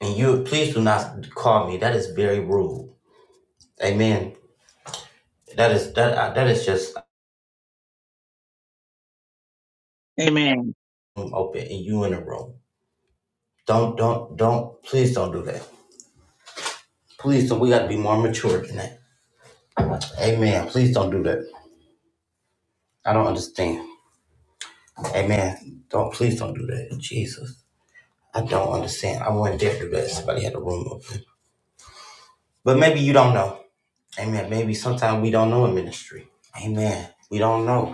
S1: And you please do not call me. That is very rude. Amen. That is that uh, that is just
S9: Amen.
S1: I'm open and you in the room. Don't don't don't please don't do that. Please don't we gotta be more mature than that. Amen. Please don't do that. I don't understand. Amen. Don't please don't do that. Jesus. I don't understand. I wouldn't dare do that. Somebody had a room open. But maybe you don't know. Amen. Maybe sometimes we don't know in ministry. Amen. We don't know.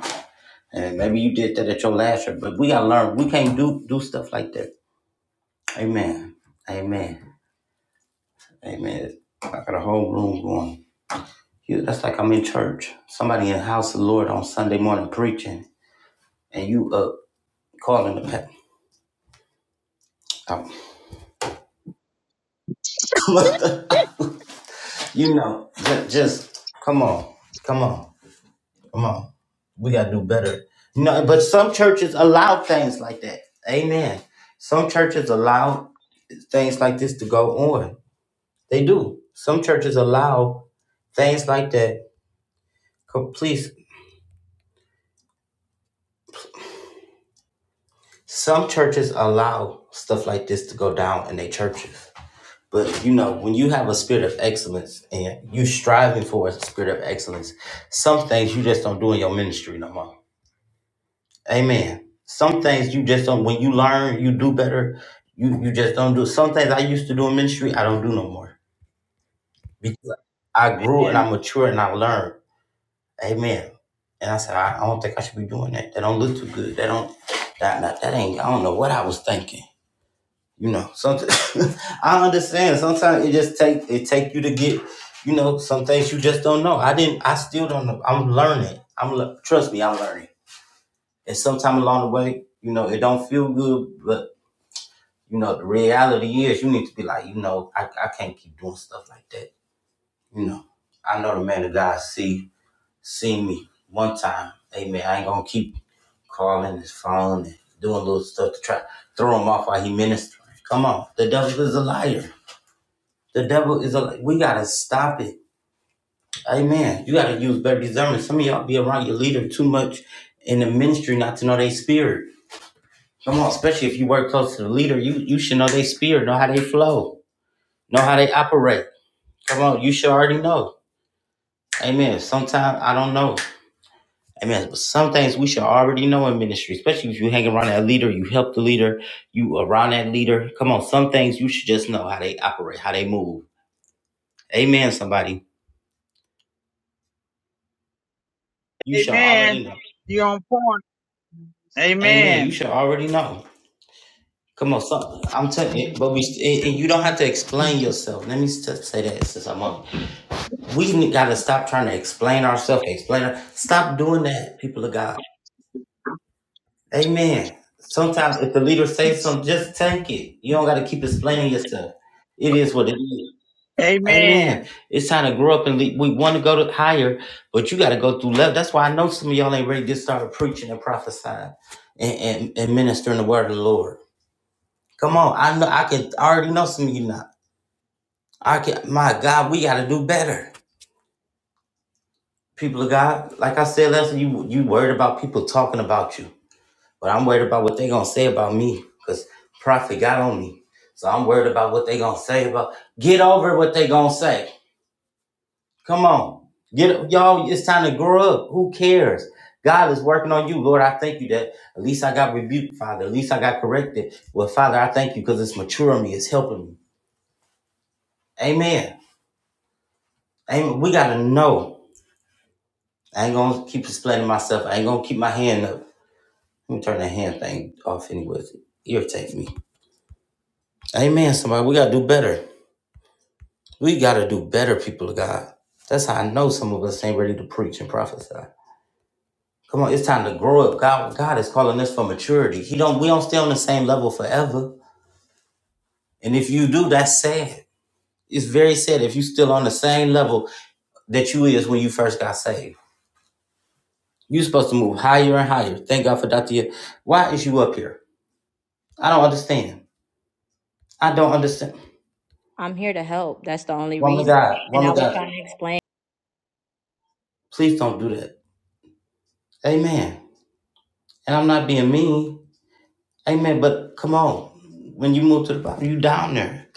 S1: And maybe you did that at your last year, but we gotta learn. We can't do do stuff like that. Amen. Amen. Amen. I got a whole room going. You, that's like I'm in church. Somebody in the house of the Lord on Sunday morning preaching, and you up calling the pet. [laughs] you know, just, just come on, come on, come on. We gotta do better. No, but some churches allow things like that. Amen. Some churches allow things like this to go on They do. Some churches allow things like that. Co- Please, some churches allow stuff like this to go down in their churches. But you know, when you have a spirit of excellence and you striving for a spirit of excellence, some things you just don't do in your ministry no more. Amen. Some things you just don't. When you learn, you do better. You you just don't do some things I used to do in ministry. I don't do no more because I grew and
S9: Amen.
S1: I matured and I learned. Amen. And I said, I, I don't think I should be doing that. That don't look too good. That don't that, that that ain't I don't know what I was thinking. You know, something [laughs] I understand. Sometimes it just take it take you to get, you know, some things you just don't know. I didn't I still don't know. I'm learning. I'm le- trust me, I'm learning. And sometime along the way, you know, it don't feel good, but you know, the reality is you need to be like, you know, I, I can't keep doing stuff like that. You know. I know the man of God see seen me one time. Hey man, I ain't gonna keep calling his phone and doing little stuff to try to throw him off while he ministering. Come on, the devil is a liar. The devil is a. li- We gotta stop it. Amen. You gotta use better discernment. Some of y'all be around your leader too much in the ministry not to know they spirit. Come on, especially if you work close to the leader, you you should know they spirit, know how they flow, know how they operate. Come on, you should already know. Amen. Sometimes I don't know. Amen. But some things we should already know in ministry, especially if you hang around that leader, you help the leader, you around that leader. Come on, some things you should just know how they operate, how they move. Amen, somebody. You should already
S9: Amen.
S1: know.
S9: You on point.
S1: Amen. You
S9: Amen.
S1: should already know. Come on, some, I'm telling you, but we, and and you don't have to explain yourself. Let me just say that since I'm on. We got to stop trying to explain ourselves, explain. Stop doing that, people of God. Amen. Sometimes if the leader says something, just take it. You don't got to keep explaining yourself. It is what it is. Amen.
S9: Amen.
S1: It's time to grow up and lead. we want to go to higher, but you got to go through love. That's why I know some of y'all ain't ready to start preaching and prophesying and, and, and ministering the word of the Lord. Come on, I know I can I already know some of you not. I can. My God, we got to do better, people of God. Like I said, last you you worried about people talking about you. But I'm worried about what they gonna say about me, cause prophet got on me. So I'm worried about what they gonna say about. Get over what they gonna say. Come on, get y'all. It's time to grow up. Who cares? God is working on you, Lord. I thank you that at least I got rebuked, Father. At least I got corrected. Well, Father, I thank you because it's maturing me. It's helping me. Amen. Amen. We gotta know. I ain't gonna keep explaining myself. I ain't gonna keep my hand up. Let me turn that hand thing off anyway. It irritates me. Amen. Somebody, we gotta do better. We got to do better, people of God. That's how I know some of us ain't ready to preach and prophesy. Come on, it's time to grow up. God, God is calling us for maturity. He don't. We don't stay on the same level forever. And if you do, that's sad. It's very sad if you still on the same level that you is when you first got saved. you supposed to move higher and higher. Thank God for Dr. Ye- Why is you up here? I don't understand. I don't understand.
S3: I'm here to help. That's the only
S1: Woman of
S3: reason.
S1: God,
S3: And
S1: woman
S3: I
S1: of
S3: was
S1: God,
S3: trying to explain.
S1: please don't do that. Amen. And I'm not being mean. Amen. But come on, when you move to the bottom, you down there.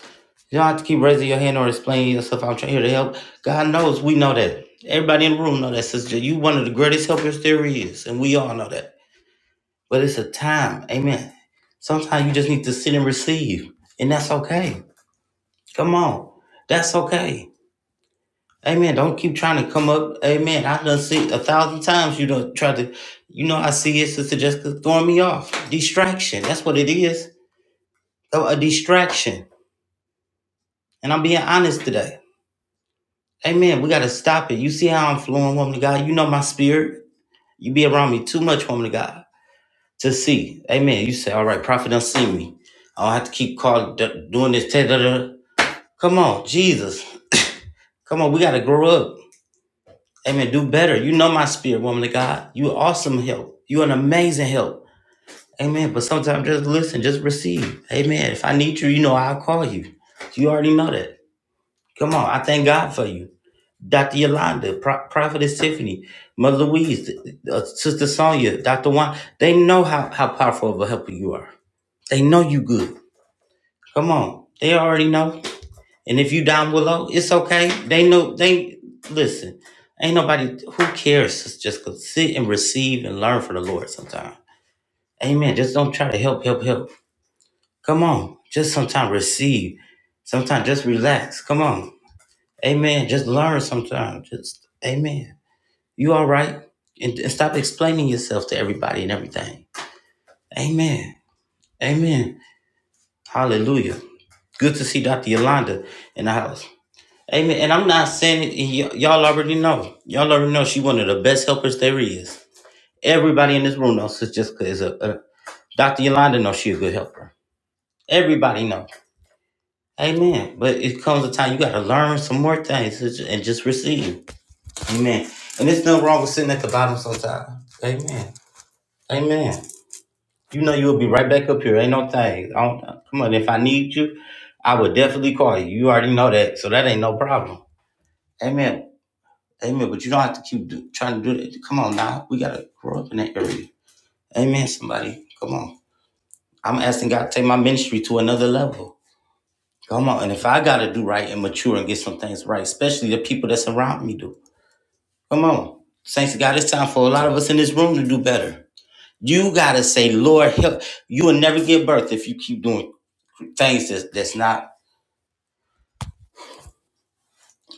S1: You don't have to keep raising your hand or explaining yourself. I'm trying here to help. God knows we know that. Everybody in the room know that, sister. You one of the greatest helpers there is, and we all know that. But it's a time, amen. Sometimes you just need to sit and receive, and that's okay. Come on, that's okay. Amen. Don't keep trying to come up. Amen. I done see it a thousand times you don't try to. You know I see it, sister Jessica throwing me off. Distraction. That's what it is. A a distraction. And I'm being honest today. Amen. We got to stop it. You see how I'm flowing, woman of God? You know my spirit. You be around me too much, woman of God, to see. Amen. You say, all right, prophet don't see me. I don't have to keep calling, d- doing this. da, da, da. Come on, Jesus. [coughs] Come on, we got to grow up. Amen. Do better. You know my spirit, woman of God. You awesome help. You an amazing help. Amen. But sometimes just listen, just receive. Amen. If I need you, you know I'll call you. You already know that. Come on, I thank God for you. Dr. Yolanda, Pro- Prophetess Tiffany, Mother Louise, uh, Sister Sonia, Dr. Juan, they know how, how powerful of a helper you are. They know you good. Come on. They already know. And if you down below, it's okay. They know, they, listen, ain't nobody, who cares? It's just go sit and receive and learn from the Lord sometime. Amen. Just don't try to help, help, help. Come on. Just sometimes receive. Sometimes just relax. Come on. Amen. Just learn sometimes. Just, amen. You all right? And, and stop explaining yourself to everybody and everything. Amen. Amen. Hallelujah. Good to see Dr. Yolanda in the house. Amen. And I'm not saying it, and y- y'all already know. Y'all already know she's one of the best helpers there is. Everybody in this room knows Sister Jessica is a, a Dr. Yolanda knows she's a good helper. Everybody knows. Amen. But it comes a time you got to learn some more things and ju- and just receive. Amen. And there's nothing wrong with sitting at the bottom sometimes. Amen. Amen. You know you'll be right back up here. Ain't no thing. I don't, come on, if I need you, I would definitely call you. You already know that, so that ain't no problem. Amen. Amen. But you don't have to keep do, trying to do that. Come on now, we gotta grow up in that area. Amen. Somebody, come on. I'm asking God to take my ministry to another level. Come on, and if I gotta do right and mature and get some things right, especially the people that's around me do. Come on, saints of God, it's time for a lot of us in this room to do better. You gotta say, Lord, help. You will never give birth if you keep doing things that's, that's not.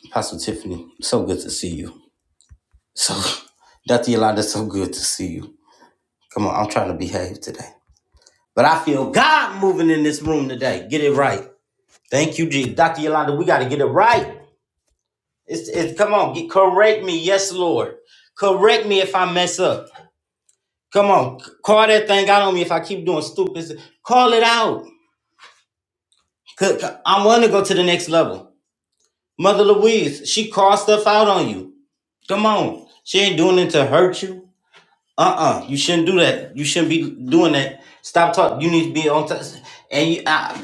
S1: Apostle Tiffany, so good to see you. So, [laughs] Dr. Yolanda, so good to see you. Come on, I'm trying to behave today. But I feel God moving in this room today. Get it right. Thank you, Jesus. Dr. Yolanda, we gotta get it right. It's, it's come on, get, correct me. Yes, Lord. Correct me if I mess up. Come on, c- call that thing out on me if I keep doing stupid. s- Call it out. 'Cause I want to go to the next level. Mother Louise, she called stuff out on you. Come on. She ain't doing it to hurt you. Uh-uh. You shouldn't do that. You shouldn't be doing that. Stop talking. You need to be on t- and you I,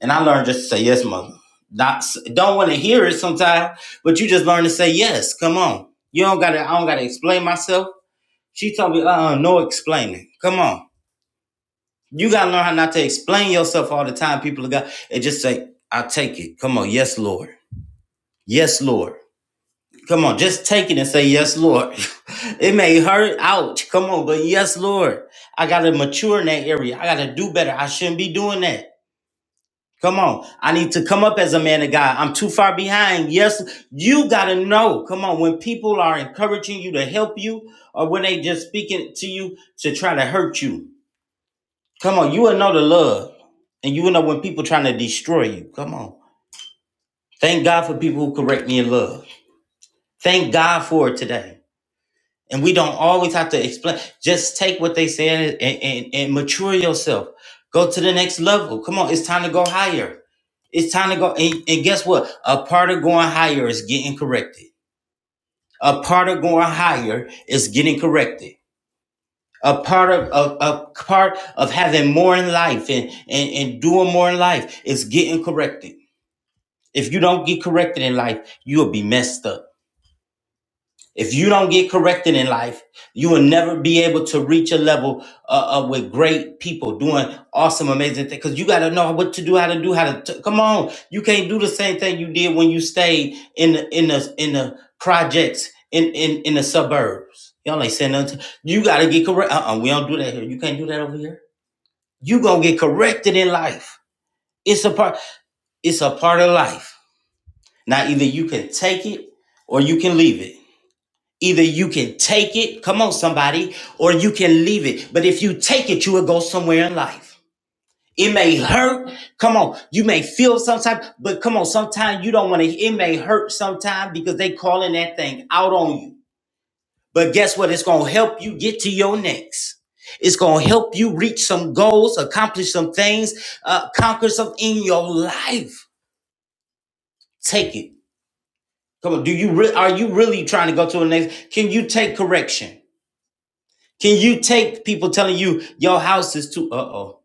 S1: and I learned just to say yes, mother. Not don't want to hear it sometimes, but you just learn to say yes. Come on. You don't gotta I don't gotta explain myself. She told me, uh-uh, no explaining. Come on. You gotta learn how not to explain yourself all the time, people of God, and just say, I take it. Come on, yes, Lord. Yes, Lord. Come on, just take it and say, Yes, Lord. [laughs] it may hurt. Ouch. Come on, but yes, Lord. I got to mature in that area. I got to do better. I shouldn't be doing that. Come on. I need to come up as a man of God. I'm too far behind. Yes, you got to know. Come on. When people are encouraging you to help you or when they just speaking to you to try to hurt you, come on. You will know the love and you will know when people trying to destroy you. Come on. Thank God for people who correct me in love. Thank God for it today. and we don't always have to explain. Just take what they said and, and, and mature yourself. Go to the next level. Come on, it's time to go higher. It's time to go. And, and guess what? A part of going higher is getting corrected. A part of going higher is getting corrected. A part of a, a part of having more in life and, and, and doing more in life is getting corrected. If you don't get corrected in life, you'll be messed up. If you don't get corrected in life, you will never be able to reach a level uh, uh, with great people doing awesome, amazing things. Because you got to know what to do, how to do, how to t- come on. You can't do the same thing you did when you stayed in the in the in the projects in in in the suburbs. Y'all ain't saying nothing. to- you got to get correct. Uh-uh, we don't do that here. You can't do that over here. You gonna get corrected in life. It's a part. It's a part of life. Now either you can take it or you can leave it. Either you can take it, come on, somebody, or you can leave it. But if you take it, you will go somewhere in life. It may hurt. Come on. You may feel sometimes, but come on, sometimes you don't want to. It may hurt sometimes because they calling that thing out on you. But guess what? It's going to help you get to your next. It's going to help you reach some goals, accomplish some things, uh, conquer some in your life. Take it. Come on. Do you re- are you really trying to go to the next? Can you take correction? Can you take people telling you your house is too? Uh oh,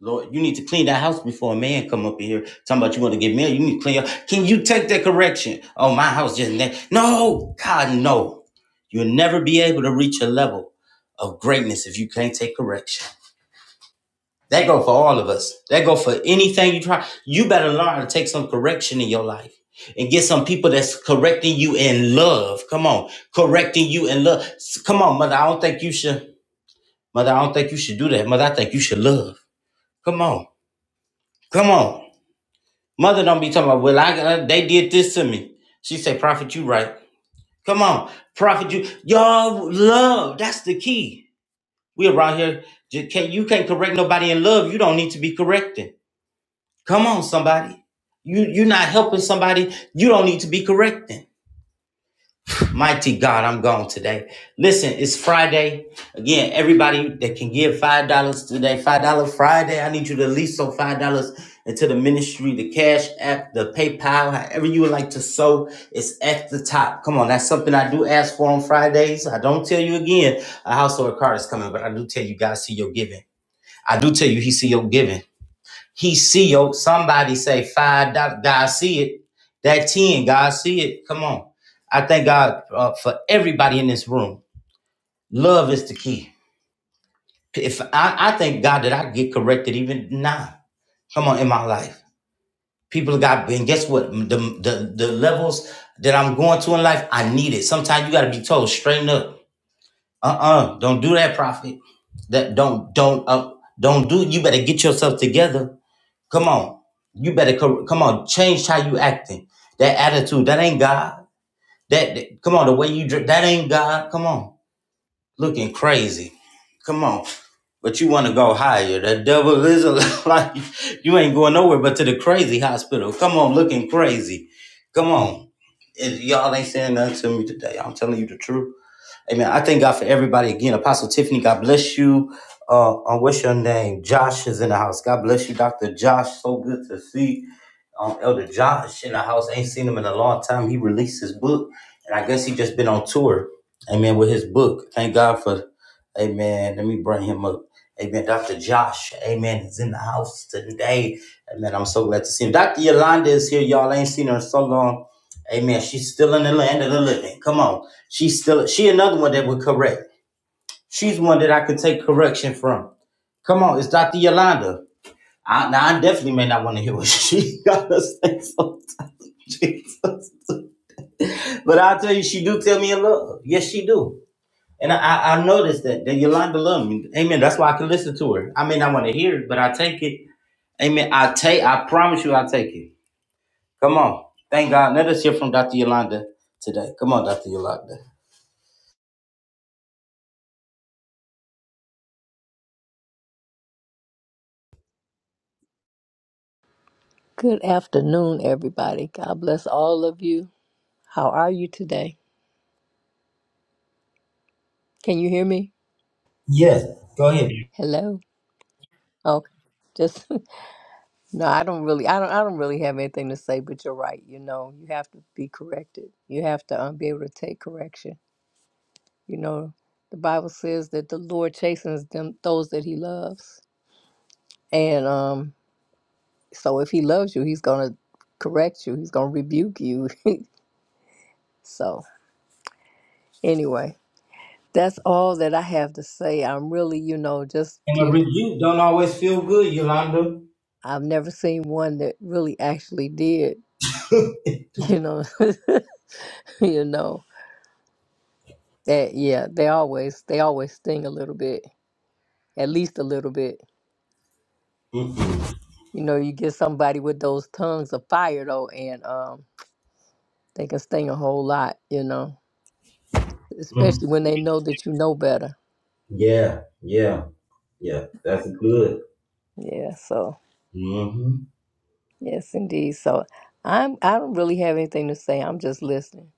S1: Lord, you need to clean that house before a man come up in here talking about you want to get married. You need to clean. up. can you take that correction? Oh, my house just ne- no, God no. You'll never be able to reach a level of greatness if you can't take correction. That go for all of us. That go for anything you try. You better learn how to take some correction in your life and get some people that's correcting you in love. Come on, correcting you in love. Come on, mother. I don't think you should. Mother, I don't think you should do that. Mother, I think you should love. Come on. Come on. Mother, don't be talking about, well, I got, they did this to me. She say, Prophet, you right. Come on. Prophet, you, y'all love. That's the key. We around here, ju- can't, you can't correct nobody in love. You don't need to be correcting. Come on, somebody. You, you're not helping somebody. You don't need to be correcting. Mighty God, I'm gone today. Listen, it's Friday. Again, everybody that can give $5 today, $5 Friday, I need you to at least sow $5 into the ministry, the Cash App, the PayPal, however you would like to sow, it's at the top. Come on, that's something I do ask for on Fridays. I don't tell you again a house or a car is coming, but I do tell you God see your giving. I do tell you He see your giving. He see yo. Somebody say five dollars. God see it. That ten. God see it. Come on. I thank God uh, for everybody in this room. Love is the key. If I, I thank God that I get corrected even now. Come on, in my life, people got. And guess what? The the the levels that I'm going to in life, I need it. Sometimes you got to be told straighten up. Uh uh-uh, uh. do not do that, prophet. That don't don't uh, don't do. You better get yourself together Come on. You better cor- come on, change how you acting. That attitude, that ain't God. That, that- come on, the way you dress, that ain't God. Come on. Looking crazy. Come on. But you want to go higher. The devil is a [laughs] like you ain't going nowhere but to the crazy hospital. Come on, looking crazy. Come on. If y'all ain't saying nothing to me today. I'm telling you the truth. Amen. I thank God for everybody again. Apostle Tiffany, God bless you. Uh, uh, what's your name? Josh is in the house. God bless you, Dr. Josh. So good to see um, Elder Josh in the house. Ain't seen him in a long time. He released his book, and I guess he just been on tour. Amen. With his book, thank God for. Amen. Let me bring him up. Amen. Dr. Josh, amen, is in the house today. Amen. I'm so glad to see him. Dr. Yolanda is here. Y'all I ain't seen her in so long. Amen. She's still in the land of the living. Come on. She's still, she another one that would correct. She's one that I could take correction from. Come on. It's Dr. Yolanda. I, now I definitely may not want to hear what [laughs] she got to say sometimes, [laughs] but I'll tell you, she do tell me in love. Yes, she do. And I, I noticed that, that Yolanda love me. Amen. That's why I can listen to her. I may not want to hear it, but I take it. Amen. I take. I promise you, I take it. Come on. Thank God. Let us hear from Dr. Yolanda today. Come on, Dr. Yolanda.
S10: Good afternoon, everybody. God bless all of you. How are you today? Can you hear me?
S1: Yes. Go ahead.
S10: Hello. Okay. Just [laughs] no, I don't really, I don't, I don't really have anything to say. But you're right. You know, you have to be corrected. You have to um, be able to take correction. You know, the Bible says that the Lord chastens them those that He loves, and um, so if He loves you, He's gonna correct you. He's gonna rebuke you. [laughs] so anyway, that's all that I have to say. I'm really, you know, just
S1: And a
S10: here
S1: review don't always feel good, Yolanda.
S10: I've never seen one that really actually did,
S1: [laughs]
S10: you know, [laughs] you know that yeah, they always they always sting a little bit, at least a little bit. Y-
S1: Mm-mm.
S10: You know, you get somebody with those tongues of fire though, and um, they can sting a whole lot, you know,
S1: Mm.
S10: especially when they know that you know better.
S1: Yeah. Yeah. Yeah. That's good.
S10: Yeah, so
S1: Mm-hmm.
S10: yes, indeed. So I'm I don't really have anything to say. I'm just listening.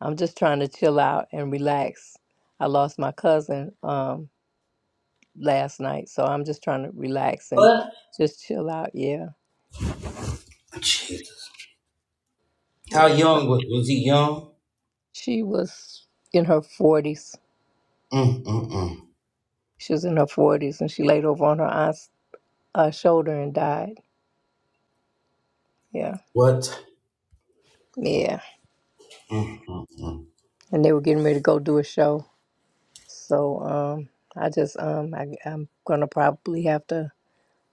S10: I'm just trying to chill out and relax. I lost my cousin. Um, last night. So I'm just trying to relax and
S1: What?
S10: just chill out. Yeah.
S1: Jesus. How
S10: Yeah. So
S1: young was, was he? Young?
S10: she was in her 40s.
S1: Mm, mm, mm.
S10: She was in her 40s and she laid over on her aunt's uh, shoulder and died. Yeah.
S1: What?
S10: Yeah.
S1: Mm, mm, mm.
S10: And they were getting ready to go do a show. So um, I just, um, I, I'm going to probably have to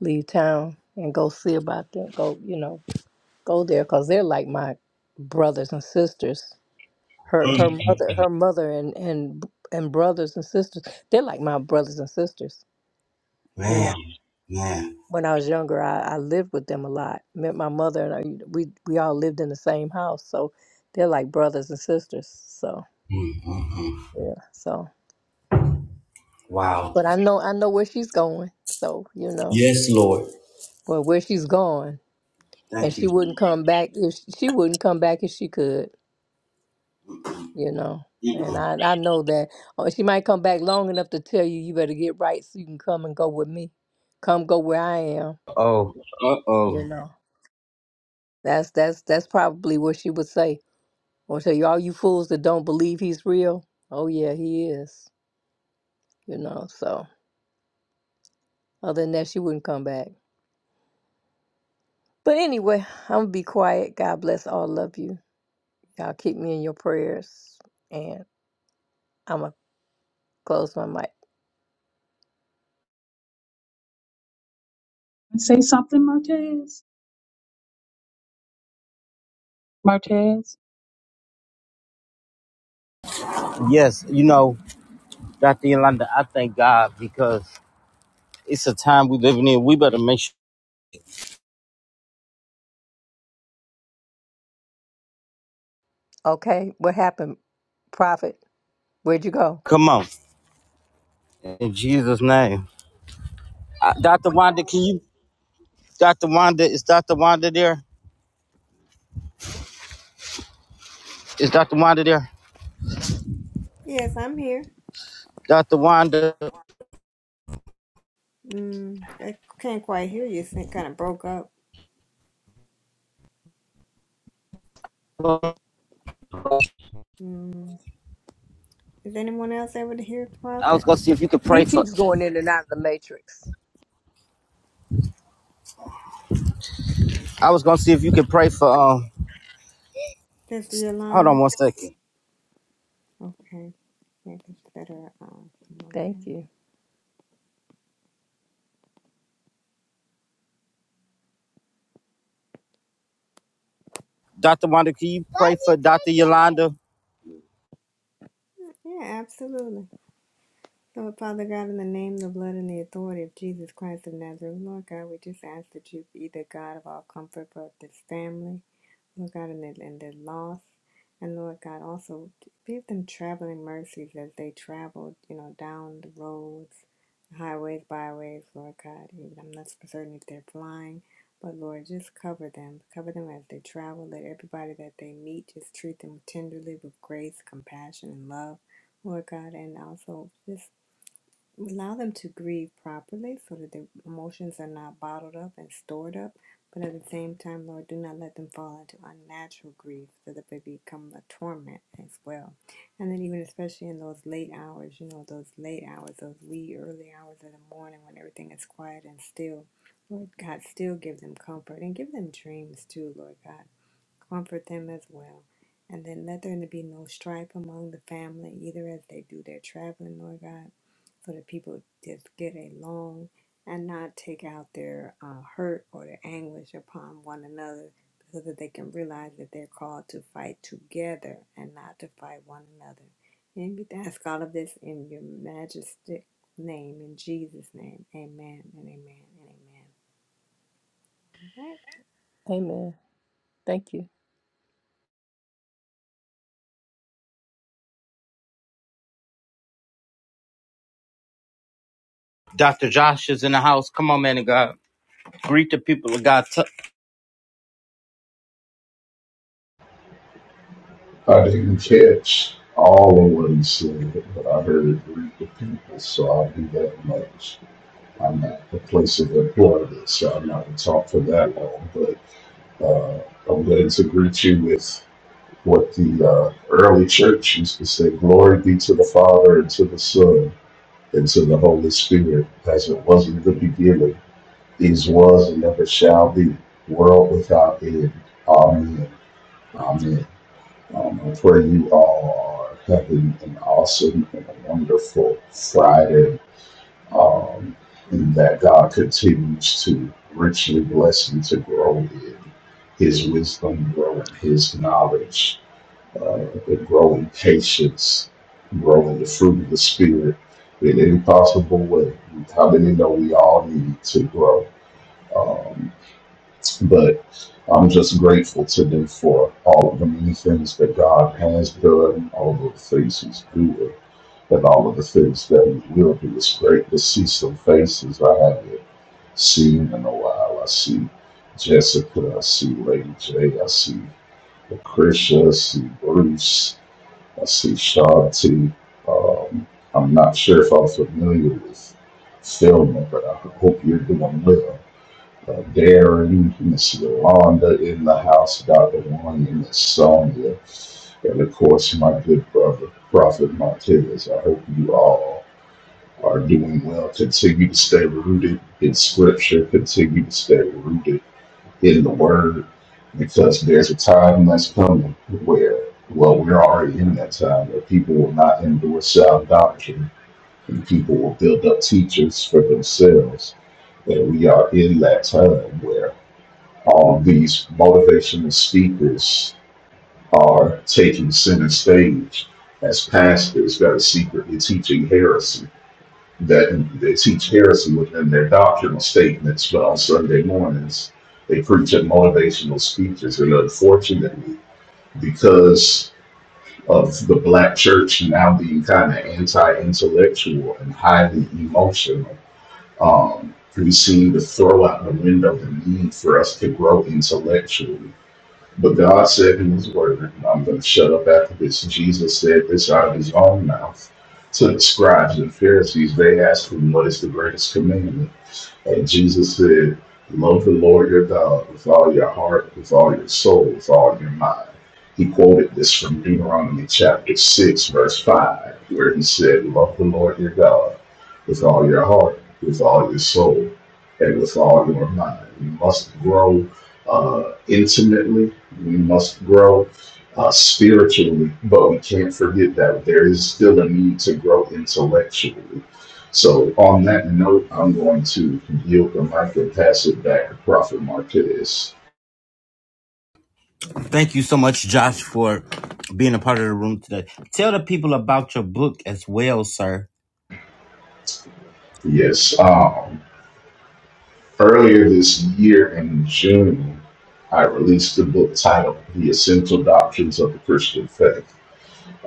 S10: leave town and go see about them. Go, you know, go there because they're like my brothers and sisters. her her
S1: Mm.
S10: mother her mother and and and brothers and sisters they're like my brothers and sisters you
S1: Man,
S10: know
S1: man.
S10: when i was younger i, I lived with them a lot met my mother and I, we we all lived in the same house so they're like brothers and sisters so
S1: Mm, mm, mm.
S10: yeah so
S1: Wow.
S10: but i know i know where she's going so you know
S1: Yes, Lord.
S10: well where she's going and
S1: Thank you.
S10: she wouldn't
S1: Jesus.
S10: come back if she, she wouldn't come back if she could you know. And
S1: Mm-mm.
S10: I, I know that oh, she might come back long enough to tell you you better get right so you can come and go with me. Come go where I am,
S1: Oh, uh
S10: you
S1: oh.
S10: know. That's that's that's probably what she would say. Or say, all you fools that don't believe he's real. Oh yeah, he is. You know, so other than that she wouldn't come back. But anyway, I'm gonna be quiet. God bless all of you. Y'all keep me in your prayers and I'm gonna close my mic.
S11: Say something, Martez. Martez.
S1: Oh, God.
S10: Okay, what happened, Prophet? Where'd you go?
S1: Come on. In Jesus' name. Uh, Dr. Wanda, can you? Dr. Wanda, is Dr. Wanda there? Is Dr. Wanda there?
S2: Yes, I'm here.
S1: Dr. Wanda,
S2: Mm, I can't quite hear you. It kind of broke up. Mm. Is anyone else able to hear the
S1: I was
S2: prophet?
S1: gonna see if you could
S10: He
S1: pray for.
S10: keeps going in and out of the matrix.
S1: I was gonna see if you could pray for. Um,
S2: This
S1: hold
S2: Yolanda.
S1: on one second.
S2: Okay, maybe it's better. Um,
S10: Thank you.
S1: Dr. Wanda, can you pray for Dr. Yolanda?
S2: yeah, absolutely. So, Father God, in the name, the blood, and the authority of Jesus Christ of Nazareth, Lord God, we just ask that you be the God of all comfort for this family. Lord God, and their, and their loss. And Lord God, also give them traveling mercies as they travel, you know, down the roads, highways, byways, Lord God. Even I'm not certain if they're flying, but Lord, just cover them. Cover them as they travel. Let everybody that they meet just treat them tenderly with grace, compassion, and love, Lord God. And also just Allow them to grieve properly so that their emotions are not bottled up and stored up. But at the same time, Lord, do not let them fall into unnatural grief so that they become a torment as well. And then, even especially in those late hours, you know, those late hours, those wee early hours of the morning when everything is quiet and still, Lord God, still give them comfort and give them dreams too, Lord God comfort them as well. And then let there be no strife among the family, either as they do their traveling, Lord God so that people to just get along and not take out their uh, hurt or their anguish upon one another so that they can realize that they're called to fight together and not to fight one another. And we ask all of this in your majestic name, in Jesus' name. Amen and amen and amen. All right.
S10: Amen. Thank you.
S1: Dr. Josh is in the house. Come on, man of God. Greet the people of God. T-
S12: I didn't catch all of what he said, but I heard it read the people, so I do that much. I'm not the place of employment, so I'm not going to talk for that long, but uh, I'm going to greet you with what the uh, early church used to say Glory be to the Father, and to the Son, and to the Holy Spirit, as it was in the beginning, is, was, and ever shall be, world without end. Amen. Amen. Um, I pray you all are having an awesome and a wonderful Friday, um, and that God continues to richly bless you to grow in His wisdom, grow in His knowledge, uh, and grow in patience, grow in the fruit of the Spirit in any possible way. How many know we all need to grow? Um, but I'm just grateful today for all of the many things that God has done, all of the things He's doing, and all of the things that He will do. It's great to see some faces I haven't seen in a while. I see Jessica, I see Lady J, I see Lucretia, I see Bruce, I see Shanti. Um, I'm not sure if I'm familiar with Filmer, but I hope you're doing well uh, Darren, Miss Yolanda in the house, Dr. One, and Miss Sonia, and of course my good brother, Prophet Martinez. I hope you all are doing well. Continue to stay rooted in Scripture. Continue to stay rooted in the Word, because there's a time that's coming where, well, we're already in that time where people will not endure sound doctrine, and people will build up teachers for themselves. And we are in that time where um, these motivational speakers are taking center stage as pastors that are secretly teaching heresy. That they teach heresy within their doctrinal statements, but on Sunday mornings they preach at motivational speeches. And unfortunately, because of the black church now being kind of anti-intellectual and highly emotional, um, we seem to throw out the window the need for us to grow intellectually but God said in his word, and I'm going to shut up after this. Jesus said this out of his own mouth to the scribes and Pharisees. They asked him, What is the greatest commandment? And Jesus said, Love the Lord your God with all your heart, with all your soul, with all your mind. He quoted this from Deuteronomy chapter 6, verse 5, where he said, Love the Lord your God with all your heart, with all your soul, and with all your mind. We must grow uh, intimately, we must grow uh, spiritually, but we can't forget that there is still a need to grow intellectually so on that note, I'm going to yield the mic and pass it back to Prophet Marquez.
S1: Thank you so much, Josh, for being a part of the room today. Tell the people about your book as well, sir.
S12: Yes. Um, earlier this year in June, I released a book titled The Essential Doctrines of the Christian Faith.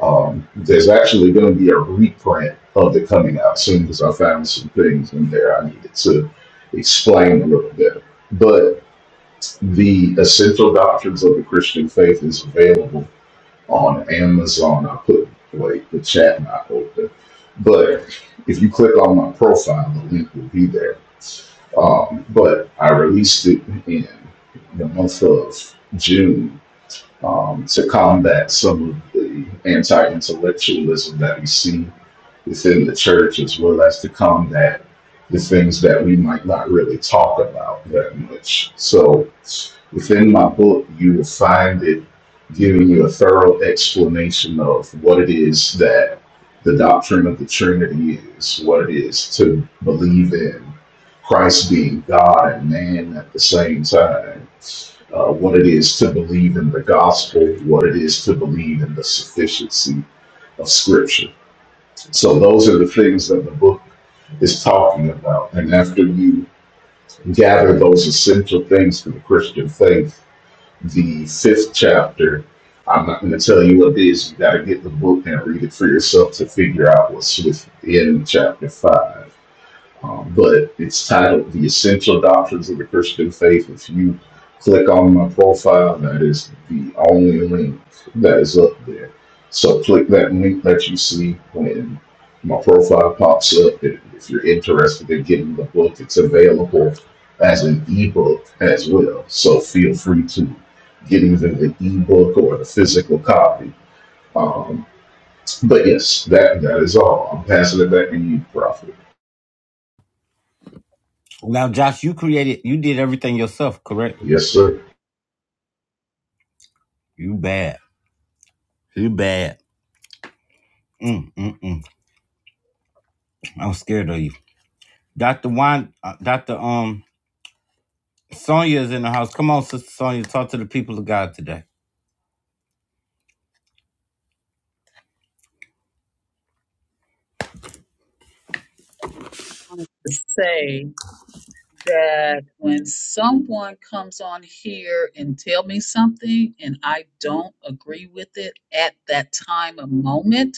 S12: Um, there's actually going to be a reprint of it coming out soon because I found some things in there I needed to explain a little bit. But the Essential Doctrines of the Christian Faith is available on Amazon. I put like the chat not open, but if you click on my profile, the link will be there. Um, but I released it in the month of June um, to combat some of the anti-intellectualism that we see within the church, as well as to combat the things that we might not really talk about that much. So Within my book. You will find it giving you a thorough explanation of what it is that the doctrine of the Trinity is, what it is to believe in Christ being God and man at the same time, uh, what it is to believe in the gospel, what it is to believe in the sufficiency of Scripture. So, those are the things that the book is talking about. And after you gather those essential things for the Christian faith, the fifth chapter. I'm not going to tell you what it is. You got to get the book and read it for yourself to figure out what's within chapter five. Um, but it's titled The Essential Doctrines of the Christian Faith. If you click on my profile, that is the only link that is up there. So click that link that you see when my profile pops up. If if you're interested in getting the book, it's available as an ebook as well. So feel free to get either the ebook or the physical copy. Um, but yes, that that is all. I'm passing it back to you, Prophet.
S1: Now, Josh, you created, you did everything yourself, correct?
S12: Yes, sir.
S1: You bad. You bad. Mm, mm, mm. I'm scared of you. Dr. Wanda, uh, Dr. Um, Sonia is in the house. Come on, Sister Sonia, talk to the people of God today.
S11: wanted to say that when someone comes on here and tell me something and I don't agree with it at that time of moment,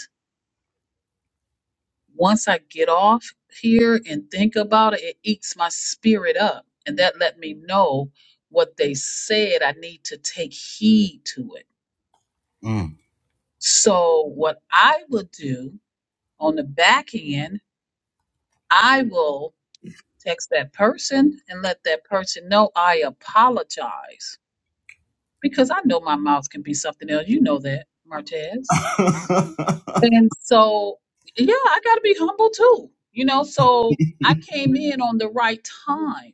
S11: once I get off here and think about it, it eats my spirit up. And that let me know what they said. I need to take heed to it.
S1: Mm.
S11: So what I will do on the back end, I will text that person and let that person know I apologize because I know my mouth can be something else. You know that, Martez.
S1: [laughs]
S11: And so, yeah, I got to be humble too. You know, so I came in on the right time.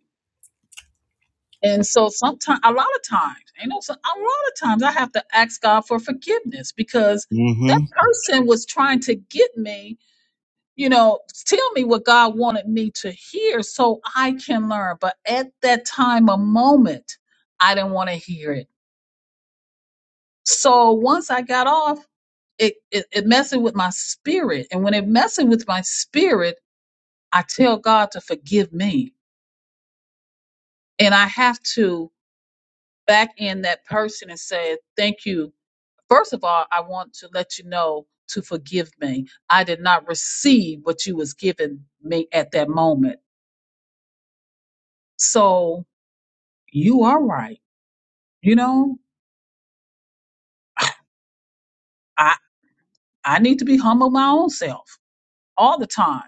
S11: And so sometimes, a lot of times, you know, so a lot of times I have to ask God for forgiveness because
S1: hmm
S11: that person was trying to get me you know, tell me what God wanted me to hear so I can learn. But at that time, a moment, I didn't want to hear it. So once I got off, it, it, it messed with my spirit. And when it messed with my spirit, I tell God to forgive me. And I have to back in that person and say, thank you. First of all, I want to let you know to forgive me. I did not receive what you was giving me at that moment. So you are right You know, I I need to be humble my own self all the time.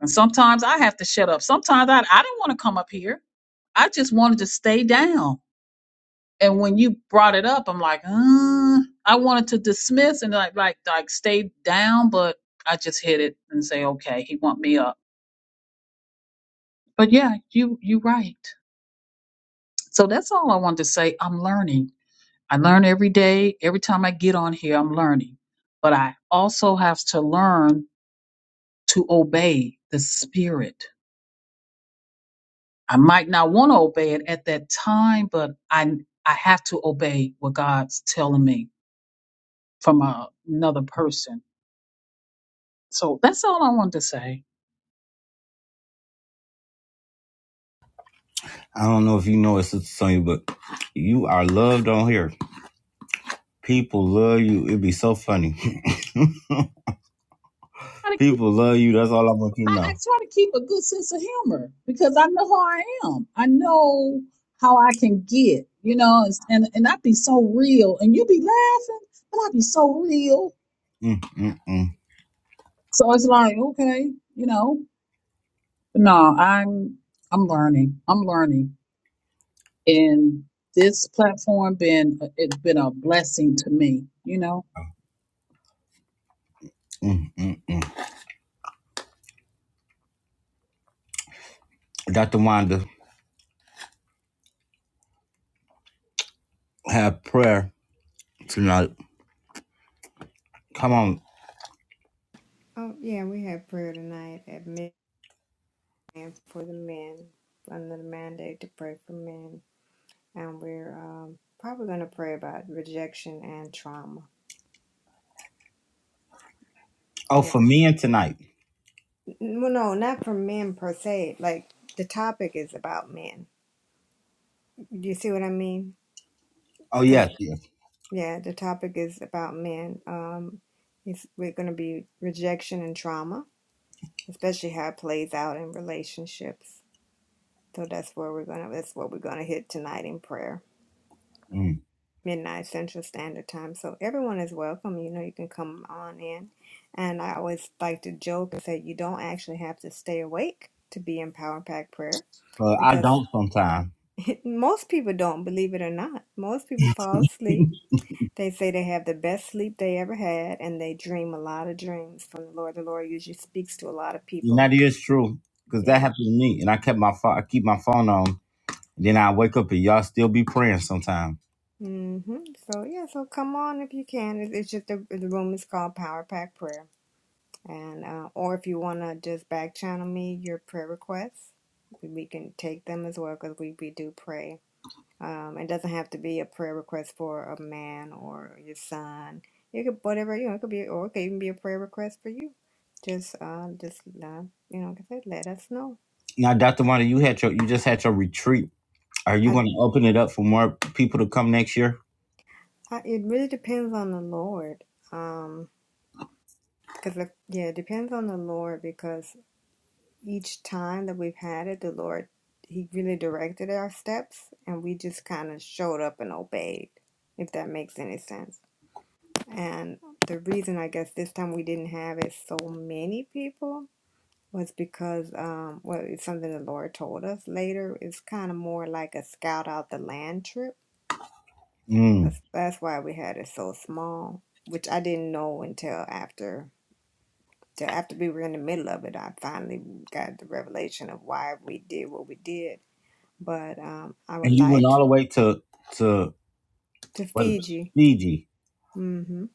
S11: And sometimes I have to shut up. Sometimes I I didn't want to come up here. I just wanted to stay down. And when you brought it up, I'm like, uh, I wanted to dismiss and like like like stay down, but I just hit it and say, okay, he want me up. But yeah, you you right. So that's all I wanted to say. I'm learning. I learn every day. Every time I get on here, I'm learning. But I also have to learn to obey the spirit. I might not want to obey it at that time, but I I have to obey what God's telling me from a- another person. So that's all I wanted to say.
S1: I don't know if you know it, Sister Sonya, but you are loved on here. People love you. It'd be so funny.
S11: I, try
S1: [laughs]
S11: to keep-
S1: People love you. That's all I want you to
S11: I I
S1: know.
S11: try to keep a good sense of humor because I know who I am. I know how I can get, you know, it's- and and I be so real, and you be laughing, but I be so real.
S1: Mm, mm, mm,
S11: So it's like, okay, you know, no, I'm I'm learning. I'm learning. and this platform been it's been a blessing to me you know
S1: mm, mm, mm. Dr. Wanda, have prayer tonight. Come on.
S2: Oh, yeah, we have prayer tonight at midnight for the men, under the mandate to pray for men. And we're um, probably going to pray about rejection and trauma
S1: Oh,
S2: Yeah.
S1: for me and tonight.
S2: Well, no, not for men per se. Like the topic is about men. Do you see what I mean?
S1: Oh,
S2: Because
S1: yes, yes.
S2: yeah, the topic is about men. Um, it's, we're going to be rejection and trauma, especially how it plays out in relationships. So that's where we're gonna. That's what we're gonna hit tonight in prayer,
S1: Mm.
S2: midnight Central Standard Time. So everyone is welcome. You know, you can come on in. And I always like to joke and say you don't actually have to stay awake to be in Power Pack Prayer
S1: Uh, I
S2: because
S1: don't sometimes. [laughs]
S2: [laughs] Most people don't believe it or not. Most people fall asleep.
S1: And
S2: They say they have the best sleep they ever had, and they dream a lot of dreams from the Lord. The Lord usually speaks to a lot of people.
S1: that is true, because that
S2: Yeah.
S1: happened to me. And I kept my phone. I keep my phone on. Then I wake up and y'all still be praying sometimes.
S2: Mm-hmm. So yeah. So come on if you can. It's, it's just the, the room is called Power Pack Prayer, and uh, or if you wanna just back channel me your prayer requests, we we can take them as well because we we do pray. Um, it doesn't have to be a prayer request for a man or your son. It could whatever you know. It could be, or it could even be a prayer request for you. Just, uh, just uh, you know, like I said, let us know.
S1: Now, Doctor Wanda, you had your you just had your retreat Are you
S2: I,
S1: going to open it up for more people to come next year?
S2: I, it really depends on the Lord. Um, because if, yeah, it depends on the Lord because each time that we've had it, the Lord He really directed our steps, and we just kind of showed up and obeyed. If that makes any sense. And the reason I guess this time we didn't have it so many people was because, um, well, it's something the Lord told us later. It's kind of more like a scout out the land trip.
S1: Mm.
S2: That's that's why we had it so small, which I didn't know until after. till After we were in the middle of it, I finally got the revelation of why we did what we did. But um, I
S1: And
S2: would
S1: you went
S2: like
S1: all the
S2: to
S1: way to to
S2: to
S1: what? is it?
S2: Fiji.
S1: Fiji.
S2: hmm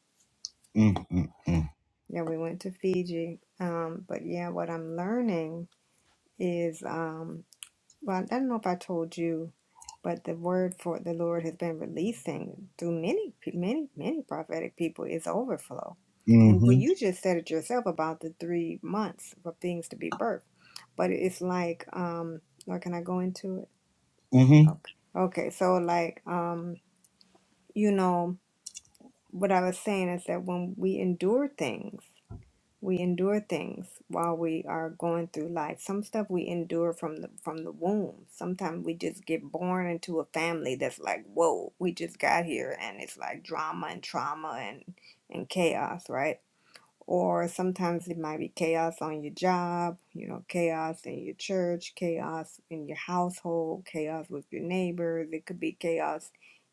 S1: Mm, mm, mm.
S2: Yeah, we went to Fiji. Um, but yeah, what I'm learning is um well, I don't know if I told you, but the word for the Lord has been releasing through many many many prophetic people is overflow. And well,
S1: Mm-hmm.
S2: you just said it yourself about the three months for things to be birthed, but it's like um, or can I go into it?
S1: Mm-hmm.
S2: Okay, okay. So like um, you know what I was saying is that when we endure things. we endure things while we are going through life some stuff we endure from the from the womb sometimes we just get born into a family that's like whoa we just got here and it's like drama and trauma and and chaos right or sometimes it might be chaos on your job you know chaos in your church chaos in your household chaos with your neighbors it could be chaos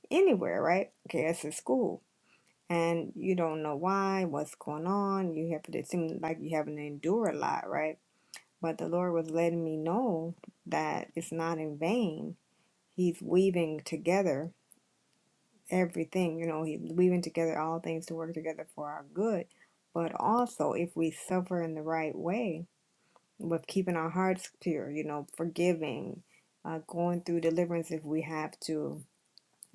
S2: anywhere right chaos in school and you don't know why, what's going on. You have it seems like you having to endure a lot, right? But the Lord was letting me know that it's not in vain. He's weaving together everything, you know, he's weaving together all things to work together for our good. But also if we suffer in the right way, with keeping our hearts pure, you know, forgiving, uh, going through deliverance if we have to,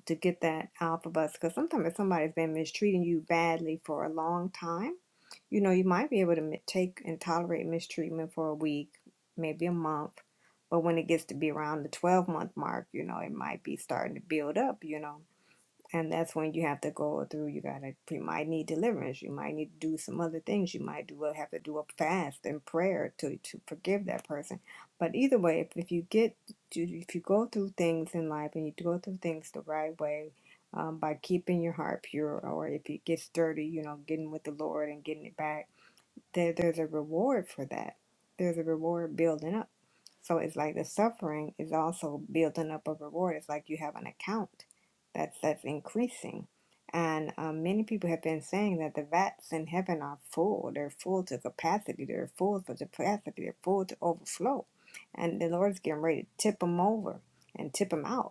S2: to get that out of us. Because sometimes if somebody's been mistreating you badly for a long time, you know, you might be able to mi- take and tolerate mistreatment for a week, maybe a month, but when it gets to be around the 12 month mark, you know, it might be starting to build up, you know. And that's when you have to go through. You gotta, you might need deliverance. You might need to do some other things. You might do well, have to do a fast and prayer to to forgive that person. But either way, if, if you get, if you go through things in life and you go through things the right way, um, by keeping your heart pure, or if it gets dirty, you know, getting with the Lord and getting it back there, there's a reward for that. There's a reward building up. So it's like the suffering is also building up a reward. It's like you have an account that's that's increasing. And um, many people have been saying that the vats in heaven are full. They're full to capacity. They're full to capacity. They're full to overflow. And the Lord's getting ready to tip them over and tip them out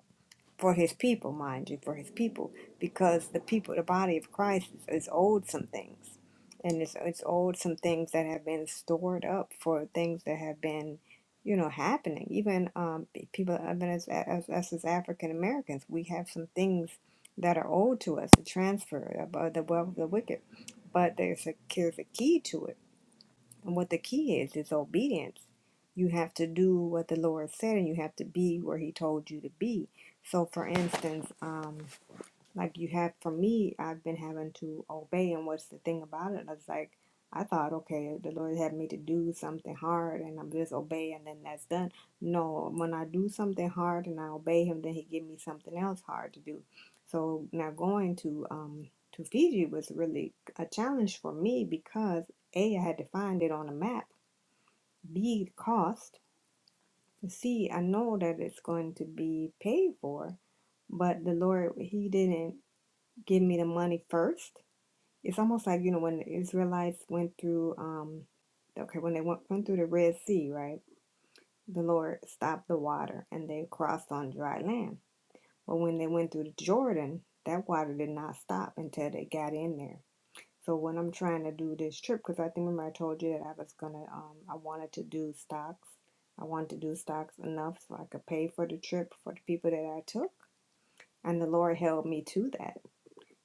S2: for his people, mind you, for his people, because the people, the body of Christ is, is owed some things. And it's, it's owed some things that have been stored up for things that have been, you know, happening. Even um, pe- people, uh, even as, as us as African Americans, we have some things that are owed to us, the transfer of uh, the wealth of the wicked. But there's a, there's a key to it and what the key is is obedience. You have to do what the Lord said, and you have to be where He told you to be. So, for instance, um, like you have for me i've been having to obey and what's the thing about it i was like i thought okay the lord had me to do something hard and i'm just obey and then that's done no when i do something hard and i obey him then he give me something else hard to do so now going to um to fiji was really a challenge for me because a i had to find it on a map b the cost c i know that it's going to be paid for but the lord he didn't give me the money first. It's almost like, you know, when the Israelites went through, um, okay, when they went, went through the Red Sea, right? The Lord stopped the water and they crossed on dry land. But when they went through the Jordan, that water did not stop until they got in there. So when I'm trying to do this trip, because I think remember I told you that I was gonna, um, I wanted to do stocks. I wanted to do stocks enough so I could pay for the trip for the people that I took, and the Lord held me to that.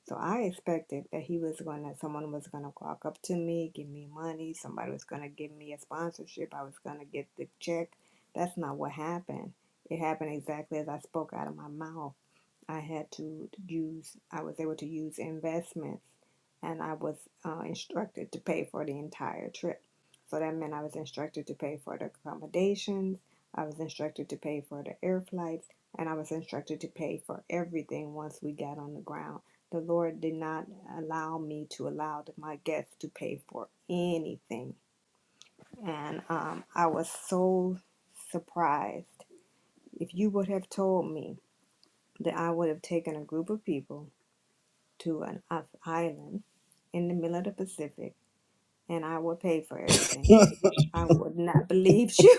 S2: So I expected that he was gonna, someone was gonna walk up to me, give me money, somebody was gonna give me a sponsorship, I was gonna get the check. That's not what happened. It happened exactly as I spoke out of my mouth. I had to use, I was able to use investments and I was uh, instructed to pay for the entire trip. So that meant I was instructed to pay for the accommodations, I was instructed to pay for the air flights, and I was instructed to pay for everything once we got on the ground. The Lord did not allow me to allow my guests to pay for anything. And um, I was so surprised. If you would have told me that I would have taken a group of people to an island in the middle of the Pacific, and I would pay for everything. I would not believe you.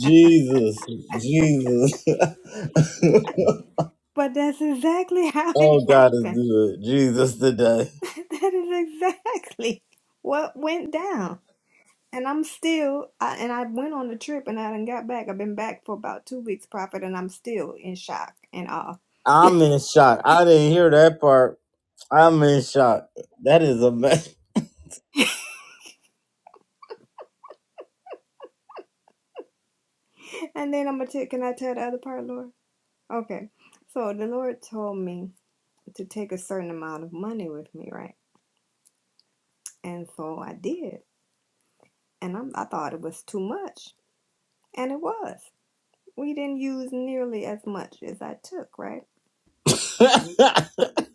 S1: Jesus, Jesus. [laughs]
S2: [laughs] but that's exactly [laughs] how it
S1: oh, God is
S2: happened.
S1: good. Jesus today.
S2: That is exactly what went down. And I'm still, I, and I went on the trip and I done got back. I've been back for about two weeks, prophet, and I'm still in shock and awe.
S1: I'm in shock. I didn't hear that part. I'm in shock. That is amazing.
S2: And then I'm gonna tell, can I tell the other part, Lord? Okay. So the Lord told me to take a certain amount of money with me, right? And so I did. and i I thought it was too much, and it was. We didn't use nearly as much as I took, right?
S1: [laughs]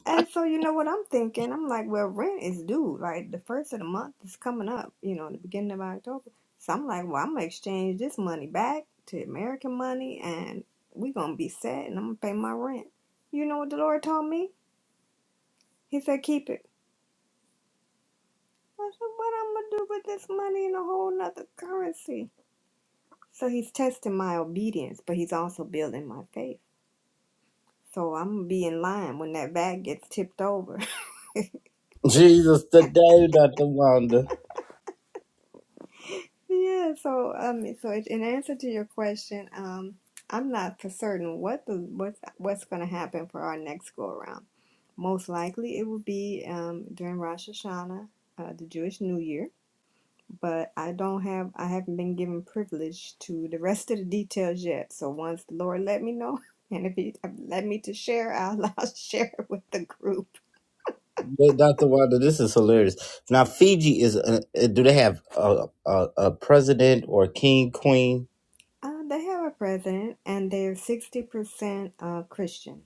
S2: And so you know what I'm thinking? I'm like, well, rent is due. Like the first of the month is coming up, you know, the beginning of October. So I'm like, well, I'm gonna exchange this money back to American money, and we are gonna be set, and I'm gonna pay my rent. You know what the Lord told me? He said, keep it. I said, what I'm gonna do with this money in a whole nother currency? So he's testing my obedience, but he's also building my faith. So I'm gonna be in line when that bag gets tipped over. [laughs]
S1: Jesus today, Dr. Wanda.
S2: yeah. So um. So it, in answer to your question, um, I'm not for certain what the what's what's gonna happen for our next go around. Most likely, it will be um during Rosh Hashanah, uh, the Jewish New Year. But I don't have I haven't been given privilege to the rest of the details yet. So once the Lord let me know, [laughs] and if He let me to share, I'll, [laughs] I'll share it with the group.
S1: But Dr. Wilder, this is hilarious. Now, Fiji is, uh uh, do they have a, a, a president or a king, queen?
S2: Uh, they have a president, and they're sixty percent uh, Christian.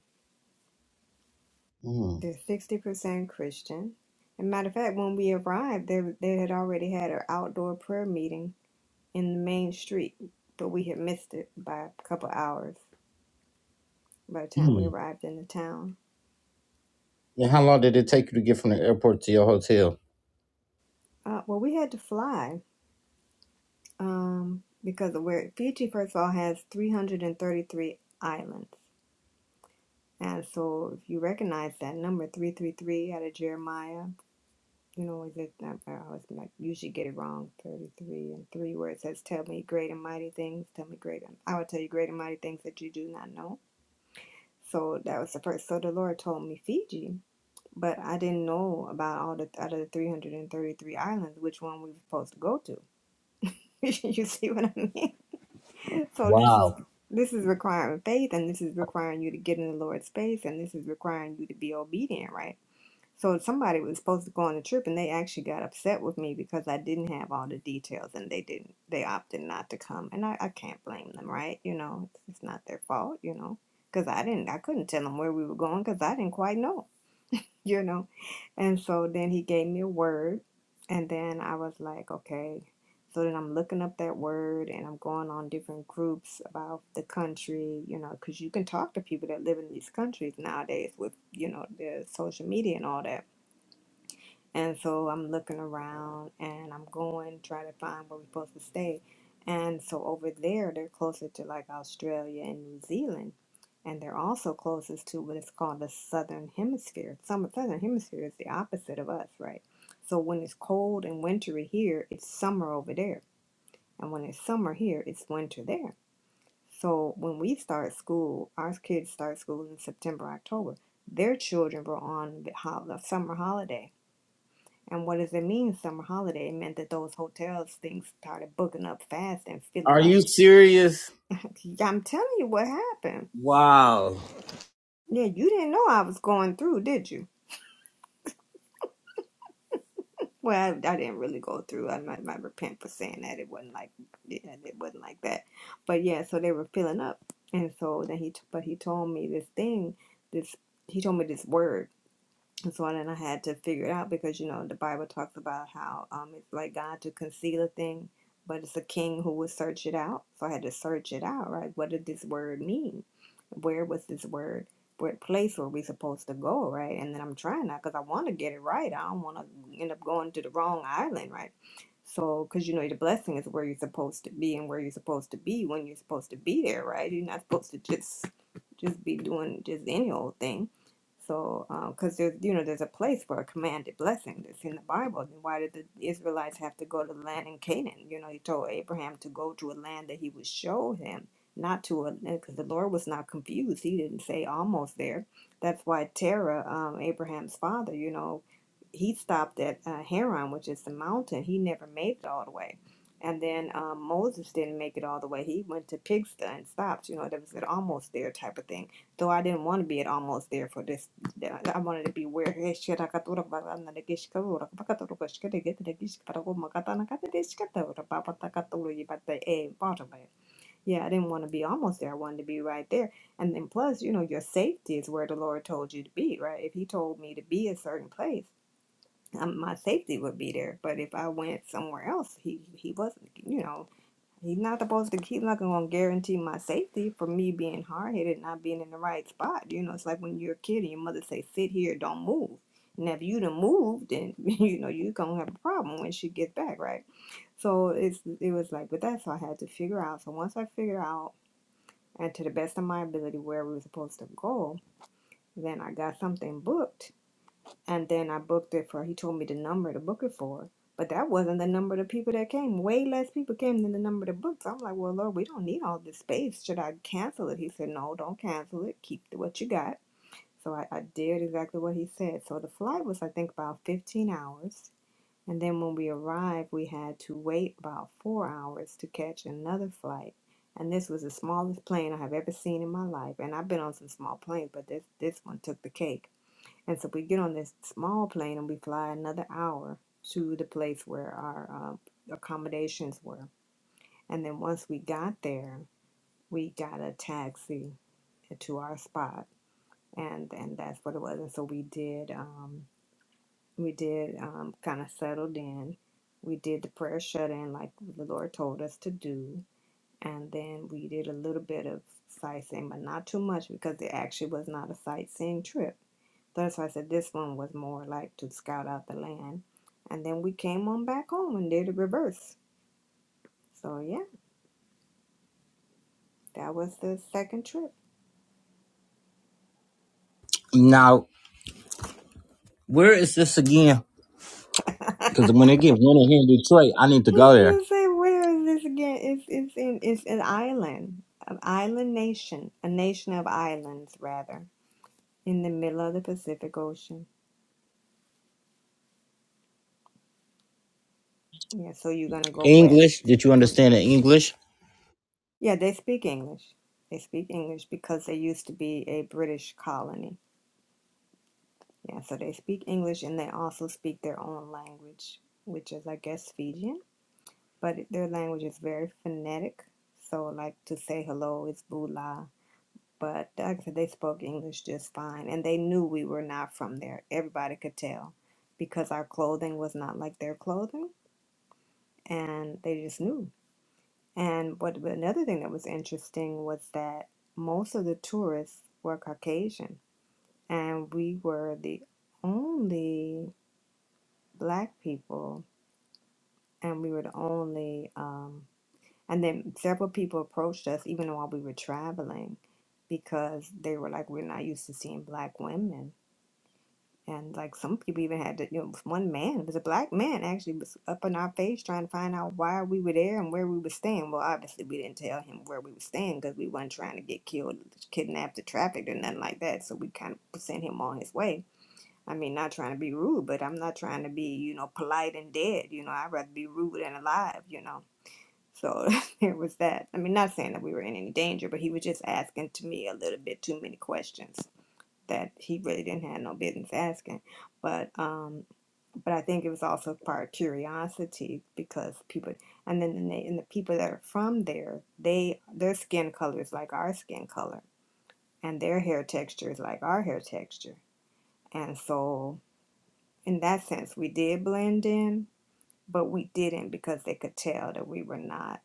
S1: Mm.
S2: They're sixty percent Christian. And matter of fact, when we arrived, they they had already had an outdoor prayer meeting in the main street, but we had missed it by a couple hours by the time we
S1: Mm.
S2: arrived in the town.
S1: And how long did it take you to get from the airport to your hotel?
S2: Uh, well, we had to fly um, because of where Fiji, first of all, has three hundred and thirty-three islands, and so if you recognize that number, three three three out of Jeremiah nor is this number. I always like usually get it wrong. Thirty three and three where it says, Tell me great and mighty things, tell me great and I will tell you great and mighty things that you do not know. So that was the first so the Lord told me Fiji. But I didn't know about all the out of the three hundred and thirty three islands which one we were supposed to go to. [laughs] you see what I mean? So this is this is requiring faith and this is requiring you to get in the Lord's space and this is requiring you to be obedient, right? So somebody was supposed to go on a trip, and they actually got upset with me because I didn't have all the details, and they didn't. They opted not to come, and I, I can't blame them, right? You know, it's, it's not their fault, you know, because I didn't. I couldn't tell them where we were going because I didn't quite know, you know. And so then he gave me a word, and then I was like, okay. So then I'm looking up that word, and I'm going on different groups about the country, you know, because you can talk to people that live in these countries nowadays with, you know, the social media and all that and so I'm looking around and I'm going trying to find where we're supposed to stay. And so over there, they're closer to like Australia and New Zealand. And they're also closest to what is called the Southern Hemisphere. Some Southern Hemisphere is the opposite of us, right? So when it's cold and wintry here, it's summer over there. And when it's summer here, it's winter there. So when we start school, our kids start school in September, October. Their children were on the hol- the summer holiday and what does it mean, summer holiday? It meant that those hotels things started booking up fast and filling
S1: Are
S2: up.
S1: you serious?
S2: [laughs] I'm telling you what happened.
S1: Wow.
S2: Yeah, you didn't know I was going through, did you? Well, I, I didn't really go through. I might, might repent for saying that. It wasn't like yeah, it wasn't like that. But yeah, so they were filling up, and so then he t- but he told me this thing. This he told me this word And so then I had to figure it out because you know the Bible talks about how um it's like God to conceal a thing, but it's a king who would search it out. So I had to search it out, right? What did this word mean? Where was this word? What place were we supposed to go, right? And then I'm trying that because I want to get it right. I don't want to end up going to the wrong island, right? So, because you know the blessing is where you're supposed to be and where you're supposed to be when you're supposed to be there, right? You're not supposed to just just be doing just any old thing. So, because there's you know there's a place for a commanded blessing that's in the Bible. Then why did the Israelites have to go to the land in Canaan? You know, he told Abraham to go to a land that he would show him, not to a because the Lord was not confused. He didn't say almost there. That's why Terah, um, Abraham's father, you know, he stopped at uh, Haran, which is the mountain. He never made it all the way. And then um, Moses didn't make it all the way. He went to Pigsta and stopped. You know, there was an almost there type of thing though I didn't want to be at almost there for this they- I I wanted to be where he shira katura baka na negish katura baka turu kashke de get negish parago makata na kate desh katura papa takaturu yibata e bottom it. Yeah, I didn't want to be almost there. I wanted to be right there. And then plus, you know, your safety is where the Lord told you to be, right? If He told me to be a certain place, um, my safety would be there. But if I went somewhere else, He He wasn't, you know. He's not supposed to. He's not gonna guarantee my safety for me being hard headed, not being in the right spot. You know, it's like when you're a kid and your mother say, "Sit here, don't move." And if you done moved, then [laughs] you know you gonna have a problem when she gets back, right? So it's it was like, but that's what I had to figure out. So once I figured out, and to the best of my ability, where we were supposed to go, then I got something booked and then I booked it for. He told me the number to book it for, but that wasn't the number of people that came. Way less people came than the number of booked. So I'm like, well, Lord, we don't need all this space. Should I cancel it? He said, no, don't cancel it. Keep the- what you got. So I, I did exactly what he said. So the flight was, I think, about 15 hours. And then when we arrived, we had to wait about four hours to catch another flight. And this was the smallest plane I have ever seen in my life. And I've been on some small planes, but this this one took the cake and so we get on this small plane and we fly another hour to the place where our uh, accommodations were. And then once we got there, we got a taxi to our spot, and and that's what it was. And so we did um, we did um, kind of settled in. We did the prayer shut in like the Lord told us to do, and then we did a little bit of sightseeing, but not too much because it actually was not a sightseeing trip that's why I said this one was more like to scout out the land. And then we came on back home and did a reverse. So yeah, that was the second trip.
S1: Now, where is this again? Because when it get winter here in Detroit, I need
S2: [laughs]
S1: to go there.
S2: you say where is this again? It's it's in it's an island, an island nation, a nation of islands rather, in the middle of the Pacific Ocean. Yeah, so you're gonna go
S1: English.
S2: west
S1: Did you
S2: from.
S1: understand the English?
S2: Yeah, they speak English. They speak English because they used to be a British colony. Yeah, so they speak English and they also speak their own language, which is, I guess, Fijian, but their language is very phonetic. So, like to say hello is bula. But like I said, they spoke English just fine, and they knew we were not from there. Everybody could tell because our clothing was not like their clothing, and they just knew. And what but another thing that was interesting was that most of the tourists were Caucasian, and we were the only black people, and we were the only. Um, and then several people approached us, even while we were traveling, because they were like, "We're not used to seeing black women." And like some people even had to, you know, one man it was a black man actually was up in our face trying to find out why we were there and where we were staying. Well, obviously we didn't tell him where we were staying because we weren't trying to get killed, kidnapped, or trafficked, or nothing like that. So we kind of sent him on his way I mean, not trying to be rude, but I'm not trying to be, you know, polite and dead. You know, I'd rather be rude and alive, you know. So [laughs] there was that. I mean, not saying that we were in any danger, but he was just asking to me a little bit too many questions that he really didn't have no business asking. But um, but I think it was also part curiosity because people, and then and, they, and the people that are from there, they their skin color is like our skin color, and their hair texture is like our hair texture, and so in that sense, we did blend in, but we didn't because they could tell that we were not,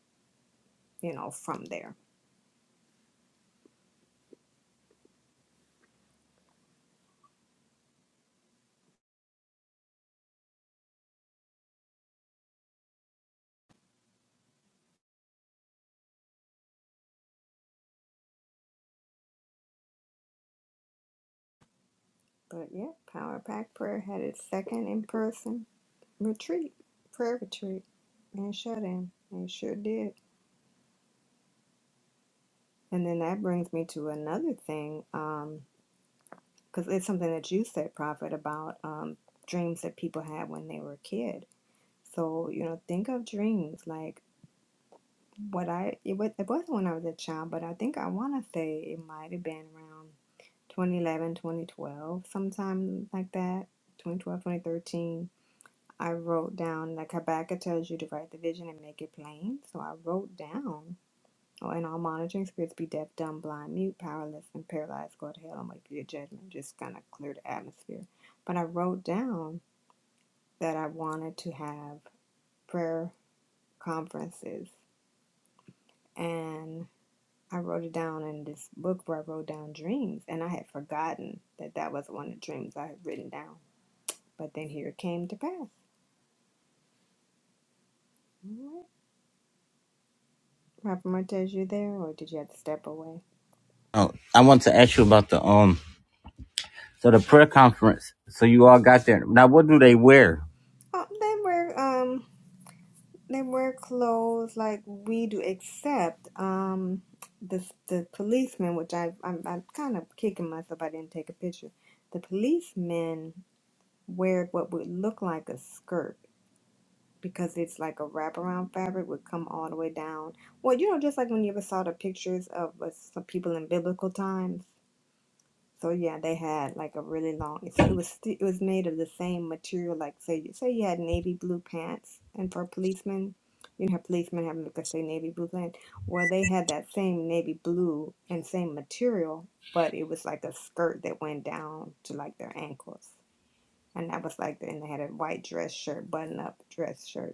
S2: you know, from there. But yeah, Power Pack Prayer had its second in person retreat, prayer retreat, and shut in. It sure did. And then that brings me to another thing, um, because it's something that you said, Prophet, about um, dreams that people had when they were a kid. So, you know, think of dreams. like. what I it was it wasn't when I was a child, but I think I want to say it might have been around 2011, 2012, sometime like that, 2012, 2013. I wrote down like Habakkuk tells you to write the vision and make it plain. So I wrote down, oh, and all monitoring spirits be deaf, dumb, blind, mute, powerless, and paralyzed. Go to hell and wait for your judgment. Just kind of clear the atmosphere. But I wrote down that I wanted to have prayer conferences, and I wrote it down in this book where I wrote down dreams, and I had forgotten that that was one of the dreams I had written down. But then here it came to pass. All right. Papa Martez, you there, or did you have to step away?
S1: Oh, I want to ask you about the um. So the prayer conference. So you all got there. Now, what do they wear?
S2: Oh, they wear um, they wear clothes like we do, except um, the the policemen, which I I'm, I'm kind of kicking myself I didn't take a picture. The policemen wear what would look like a skirt. because it's like a wraparound fabric would come all the way down. Well, you know, just like when you ever saw the pictures of uh, some people in biblical times. So yeah, they had like a really long. So it was sti- it was made of the same material. Like say you say you had navy blue pants, and for policemen, you have policemen having like say navy blue pants. Well, they had that same navy blue and same material, but it was like a skirt that went down to like their ankles, and that was like, and they had a white dress shirt, button up dress shirt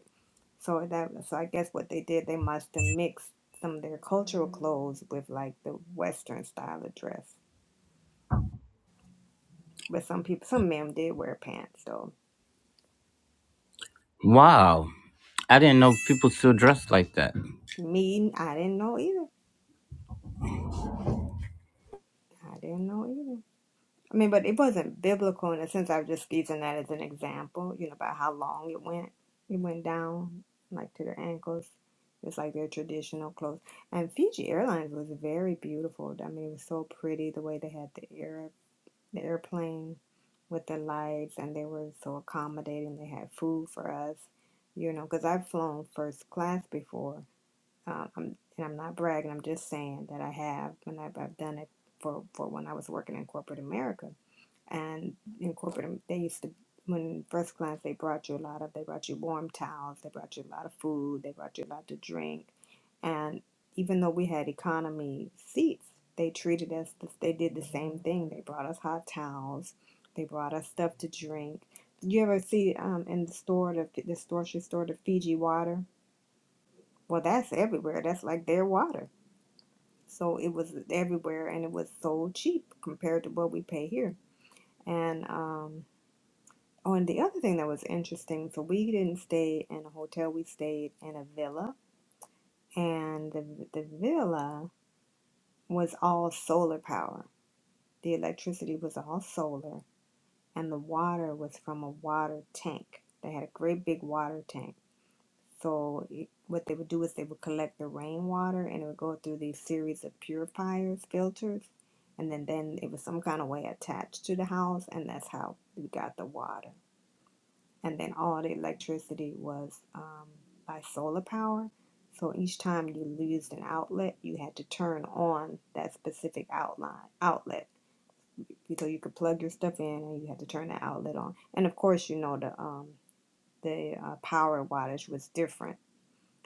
S2: so that so I guess what they did, they must have mixed some of their cultural clothes with like the Western style of dress. But some people, some men did wear pants though.
S1: Wow, I didn't know people still dressed like that.
S2: Me, I didn't know either. I didn't know either. I mean, but it wasn't biblical in a sense. I was just using that as an example, you know, about how long it went. It went down like to their ankles. It's like their traditional clothes. And Fiji Airlines was very beautiful. I mean, it was so pretty the way they had the air. the airplane with the lights, and they were so accommodating. They had food for us, you know, because I've flown first class before. Um, I'm, and I'm not bragging, I'm just saying that I have when I've, I've done it for, for when I was working in corporate America and in corporate, um, they used to, when first class, they brought you a lot of, they brought you warm towels, they brought you a lot of food, they brought you a lot to drink. And even though we had economy seats, they treated us, the- they did the same thing. They brought us hot towels, they brought us stuff to drink. Did you ever see um, in the store, the, the grocery store, the Fiji water? Well, that's everywhere. That's like their water. So it was everywhere and it was so cheap compared to what we pay here. And um. Oh, and the other thing that was interesting, so we didn't stay in a hotel, we stayed in a villa, and the the villa was all solar power. The electricity was all solar, and the water was from a water tank. They had a great big water tank. So it, what they would do is they would collect the rainwater and it would go through these series of purifiers, filters, and then then it was some kind of way attached to the house, and that's how we got the water. and then all the electricity was um, by solar power. So each time you used an outlet, you had to turn on that specific outline outlet. So you could plug your stuff in, and you had to turn the outlet on. And of course, you know the um, the uh, power wattage was different.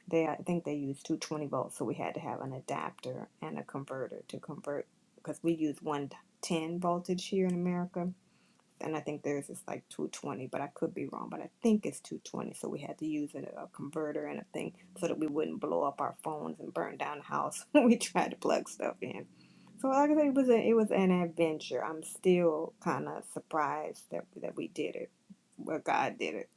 S2: They I think they used 220 volts, so we had to have an adapter and a converter to convert because we use 110 voltage here in America and I think theirs is like 220, but I could be wrong, but I think it's 220. So we had to use a, a converter and a thing so that we wouldn't blow up our phones and burn down the house [laughs] when we tried to plug stuff in. So like I said, it was a, it was an adventure. I'm still kind of surprised that that we did it, well God did it.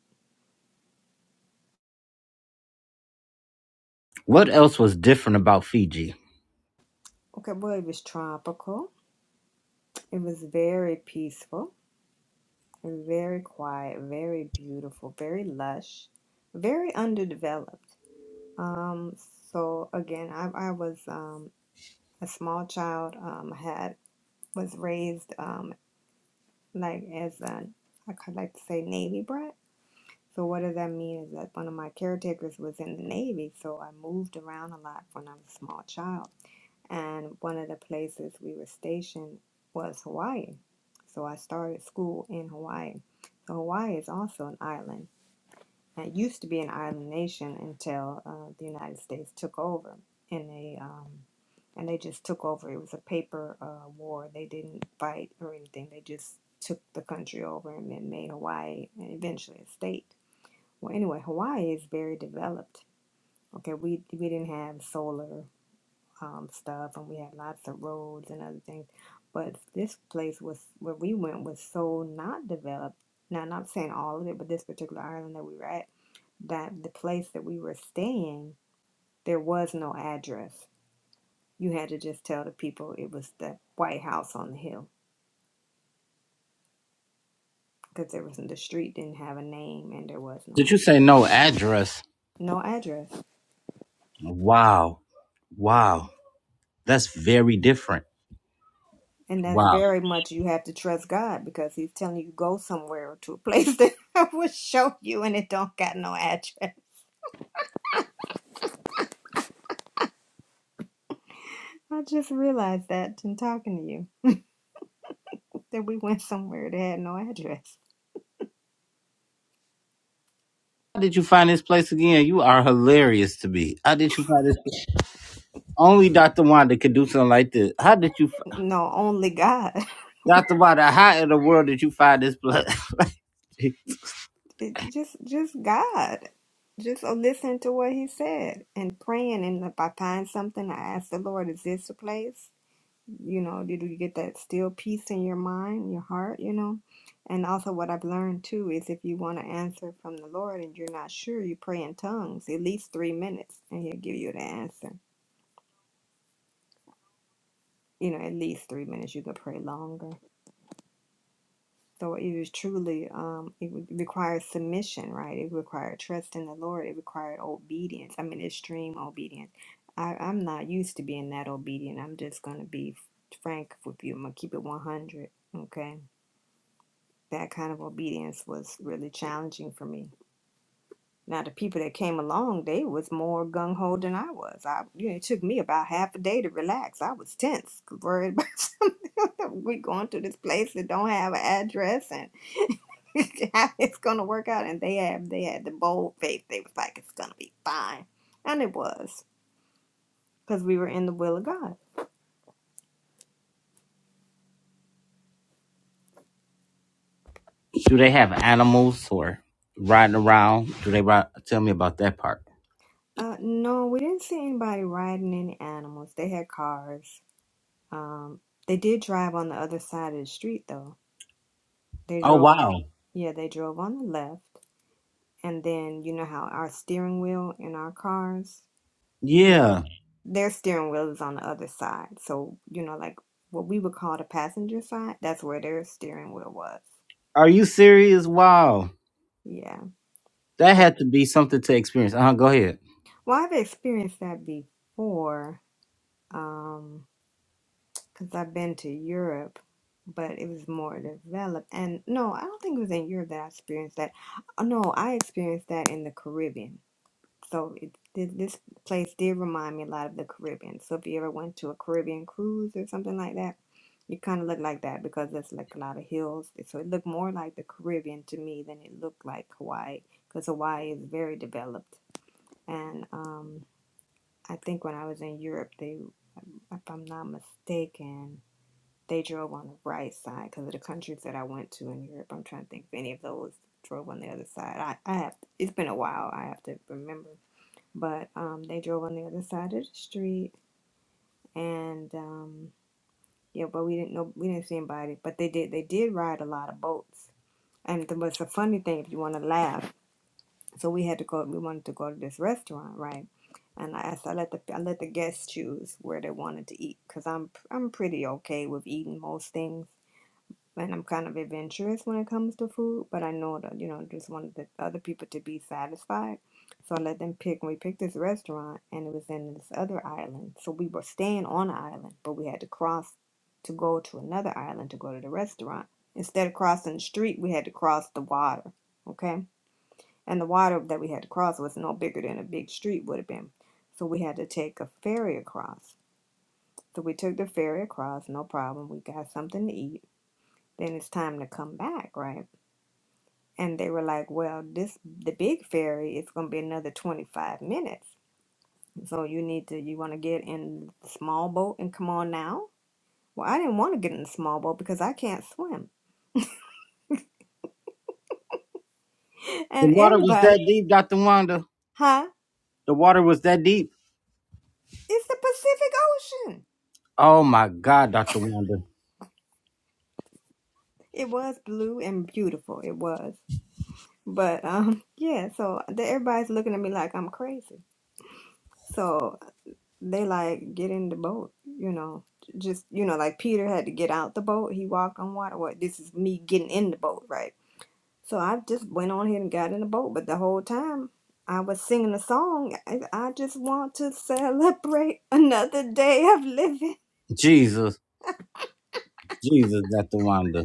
S1: What else was different about Fiji?
S2: Okay, well it was tropical. It was very peaceful, very quiet, very beautiful, very lush, very underdeveloped. Um, so again, I, I was um, a small child, um, had was raised um, like as an I could like to say Navy brat. So what does that mean is that one of my caretakers was in the Navy, so I moved around a lot when I was a small child. And one of the places we were stationed was Hawaii. So I started school in Hawaii. So Hawaii is also an island. It used to be an island nation until uh, the United States took over, and they um, and they just took over. It was a paper uh, war. They didn't fight or anything. They just took the country over and then made Hawaii and eventually a state. Well, anyway, Hawaii is very developed. Okay, we we didn't have solar um, stuff, and we had lots of roads and other things. But this place was where we went was so not developed. Now, I'm not saying all of it, but this particular island that we were at that the place that we were staying, there was no address. You had to just tell the people it was the White House on the hill because there was the street didn't have a name and there was no
S1: Did
S2: ad-
S1: you say no address?
S2: no address.
S1: Wow, wow, that's very different.
S2: And that's
S1: Wow.
S2: very much you have to trust God because He's telling you go somewhere to a place [laughs] that I will show you and it don't got no address. I just realized that in talking to you that we went somewhere that had no address.
S1: How did you find this place again? You are hilarious to me. How did you find this? place? Only Dr. Wanda could do something like this. How did you,
S2: No, only God.
S1: Dr. Wanda? How in the world did you find this place? [laughs]
S2: It's just just God. Just listening to what he said and praying. And if I find something, I ask the Lord, is this the place? You know, did you get that still peace in your mind, your heart, you know? And also what I've learned too is if you want to answer from the Lord and you're not sure, you pray in tongues at least three minutes and he'll give you the answer. You know, at least three minutes. You can pray longer. So it was truly, um, it would require submission, right? It required trust in the Lord. It required obedience. I mean, extreme obedience. I, I'm not used to being that obedient. I'm just going to be f- frank with you. I'm going to keep it 100. Okay. That kind of obedience was really challenging for me. Now, the people that came along, they was more gung ho than I was. I, you know, it took me about half a day to relax. I was tense, worried [laughs] about we going to this place that don't have an address and [laughs] how it's gonna work out and they had they had the bold faith they was like it's gonna be fine and it was because we were in the will of god
S1: Do they have animals or riding around? Do they ride? Tell me about that part.
S2: uh no we didn't see anybody riding any animals they had cars um they did drive on the other side of the street though they
S1: Oh
S2: drove on
S1: wow,
S2: yeah they drove on the left and then you know how our steering wheel in our cars you know
S1: yeah.
S2: their steering wheel is on the other side so you know like what we would call the passenger side that's where their steering wheel was
S1: Are you serious? Wow,
S2: Yeah.
S1: that
S2: Yeah.
S1: had to be something to experience. Uh huh. Go ahead.
S2: Well, I've experienced that before, um, because 'cause I've been to Europe, but it was more developed. And no, I don't think it was in Europe that I experienced that. Oh, No, I experienced that in the Caribbean. So it, thi- this place did remind me a lot of the Caribbean. So if you ever went to a Caribbean cruise or something like that, it kind of looked like that because it's like a lot of hills. So it looked more like the Caribbean to me than it looked like Hawaii, because Hawaii is very developed. And um I think when I was in Europe, they, if I'm not mistaken, they drove on the right side because of the countries that I went to in Europe. I'm trying to think if any of those drove on the other side. I, I have, it's been a while. I have to remember, but um, they drove on the other side of the street, and um, yeah, but we didn't know, we didn't see anybody, but they did, they did ride a lot of boats. And the, what's a funny thing, if you want to laugh. so we had to go we wanted to go to this restaurant right and i asked i let the i let the guests choose where they wanted to eat because i'm i'm pretty okay with eating most things and i'm kind of adventurous when it comes to food but i know that you know just wanted the other people to be satisfied so i let them pick and we picked this restaurant and it was in this other island so we were staying on an island but we had to cross to go to another island to go to the restaurant instead of crossing the street we had to cross the water okay and the water that we had to cross was no bigger than a big street would have been. So we had to take a ferry across. So we took the ferry across, no problem. We got something to eat. Then it's time to come back, right? And they were like, "Well, this the big ferry is going to be another 25 minutes. So you need to you want to get in the small boat and come on now?" Well, I didn't want to get in the small boat because I can't swim. [laughs]
S1: The
S2: And
S1: water was that
S2: everybody,
S1: deep, Doctor Wanda.
S2: huh?
S1: The water was that deep.
S2: It's the Pacific Ocean.
S1: Oh my God, Doctor Wanda.
S2: It was blue and beautiful. It was. But um, [laughs] yeah, so they, everybody's looking at me like I'm crazy. So they like get in the boat, you know, just you know, like Peter had to get out the boat. He walked on water. What this is me getting in the boat, right? So I just went on here and got in the boat. But the whole time I was singing a song. I, I just want to celebrate [laughs] another day of living.
S1: Jesus, Jesus, Doctor Wanda.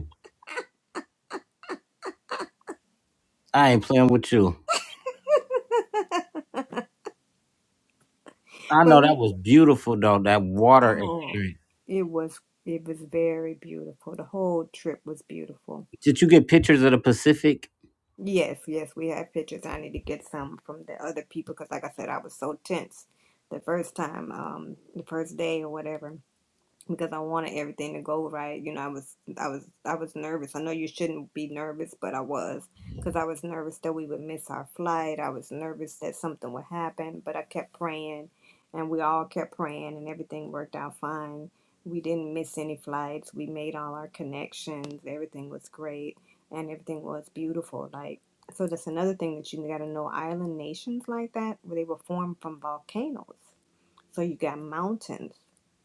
S1: I ain't playing with you. I
S2: But
S1: know that
S2: we,
S1: was beautiful though. That water
S2: oh,
S1: experience.
S2: it was it was very beautiful. The whole trip was beautiful
S1: Did you get pictures of the Pacific?
S2: Yes, yes, we have pictures. I need to get some from the other people because, like I said, I was so tense the first time, um, the first day or whatever because I wanted everything to go right. You know, I was I was I was nervous. I know you shouldn't be nervous, but I was because I was nervous that we would miss our flight. I was nervous that something would happen, but I kept praying and we all kept praying and everything worked out fine. We didn't miss any flights. We made all our connections. Everything was great and everything was beautiful like so that's another thing that you got to know island nations like that where they were formed from volcanoes so you got mountains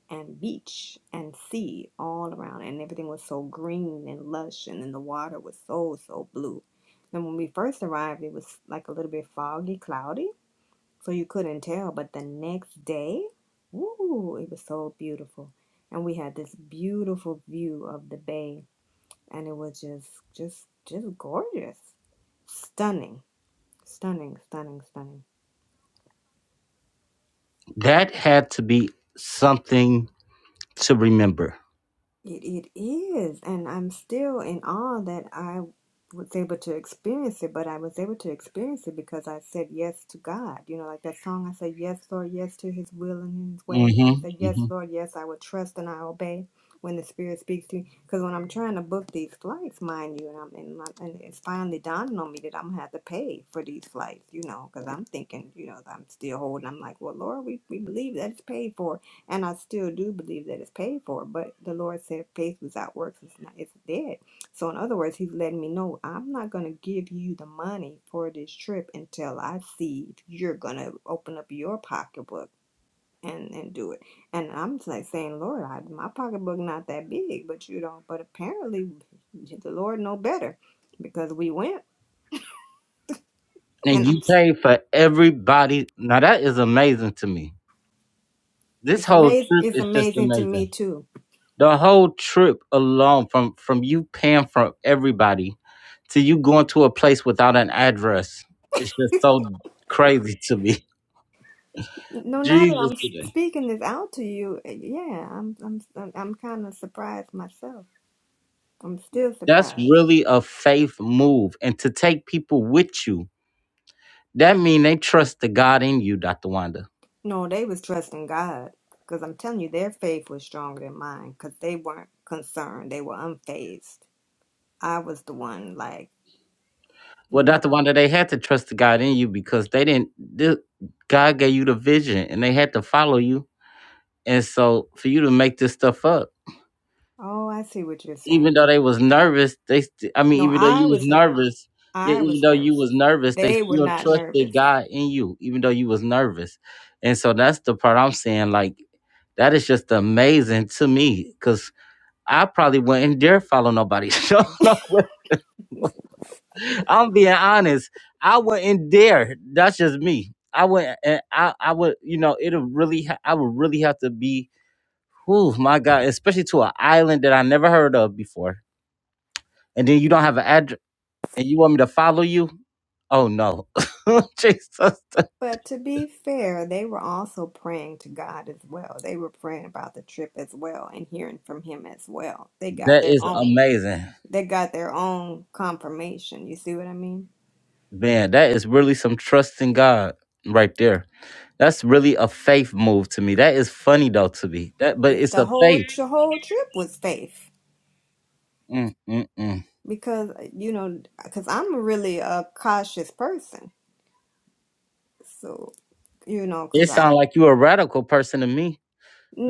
S2: and beach and sea all around, and everything was so green and lush, and then the water was so, so blue. Then when we first arrived, it was like a little bit foggy, cloudy, so you couldn't tell. But the next day, woo, it was so beautiful. And we had this beautiful view of the bay, and it was just, just, just gorgeous. Stunning, stunning, stunning, stunning.
S1: That had to be something to remember.
S2: It, it is, and I'm still in awe that I was able to experience it, but I was able to experience it because I said yes to God. You know, like that song, I said, Yes, Lord, yes to His will and His way. I
S1: Mhm,
S2: said, Yes,
S1: mhm,
S2: Lord, yes, I will trust and I obey when the Spirit speaks to me. Because when I'm trying to book these flights, mind you, and, I'm, and, my, and it's finally dawning on me that I'm going to have to pay for these flights, you know, because I'm thinking, you know, I'm still holding. I'm like, Well, Lord, we, we believe that it's paid for and I still do believe that it's paid for, but the Lord said faith without works is not it's dead. So in other words, he's letting me know I'm not gonna give you the money for this trip until I see if you're gonna open up your pocketbook and, and do it. And I'm just like saying, Lord, I, my pocketbook not that big, but you don't but apparently the Lord know better because we went
S1: and
S2: and I'm,
S1: you pay for everybody. Now that is amazing to me. This
S2: it's
S1: whole
S2: amazing
S1: trip
S2: it's
S1: is just
S2: amazing to
S1: amazing.
S2: me too
S1: The whole trip alone, from from you paying for everybody to you going to a place without an address, it's just so crazy to me. [laughs]
S2: No, now that
S1: Jesus,
S2: I'm
S1: today.
S2: speaking this out to you, eh, yeah, I'm I'm I'm kind of surprised myself. I'm still
S1: that's
S2: surprised.
S1: really a faith move, and to take people with you, that mean they trust the God in you, Doctor Wanda.
S2: No, they was trusting God because I'm telling you, their faith was stronger than mine because they weren't concerned. They were unfazed. I was the one like
S1: Well, Dr.
S2: nervous.
S1: Wanda, they had to trust the God in you because they didn't. The, God gave you the vision, and they had to follow you. And so, for you to make this stuff up,
S2: Oh, I see what you're
S1: even
S2: saying.
S1: though they was nervous, they. St- I mean,
S2: No,
S1: even though you
S2: I
S1: was
S2: was nervous.
S1: nervous, yeah,
S2: I
S1: even
S2: was
S1: though you
S2: nervous.
S1: was nervous, they
S2: They were
S1: still
S2: not
S1: trusted
S2: nervous.
S1: God in you, even though you was nervous. And so that's the part I'm saying. Like, that is just amazing to me because I probably wouldn't dare follow nobody. [laughs] So no, I'm being honest. I wouldn't dare. That's just me. I wouldn't. and I I would. You know, it'll really. ha- I would really have to be. Oh my God! Especially to an island that I never heard of before, and then you don't have an address, and you want me to follow you? Oh no, [laughs] Jesus!
S2: But to be fair, they were also praying to God as well. They were praying about the trip as well and hearing from him as well. They got
S1: That
S2: their
S1: is
S2: own
S1: amazing,
S2: they got their own confirmation. You see what I mean?
S1: man. That is really some trust in God right there. That's really a faith move to me. That is funny though to me. That, but
S2: The
S1: it's
S2: the
S1: a
S2: whole
S1: faith.
S2: the whole trip was faith
S1: Mm-mm-mm.
S2: because uh, you know cuz I'm really a cautious person. So, you know,
S1: It
S2: because I.
S1: sound like you a radical person to me.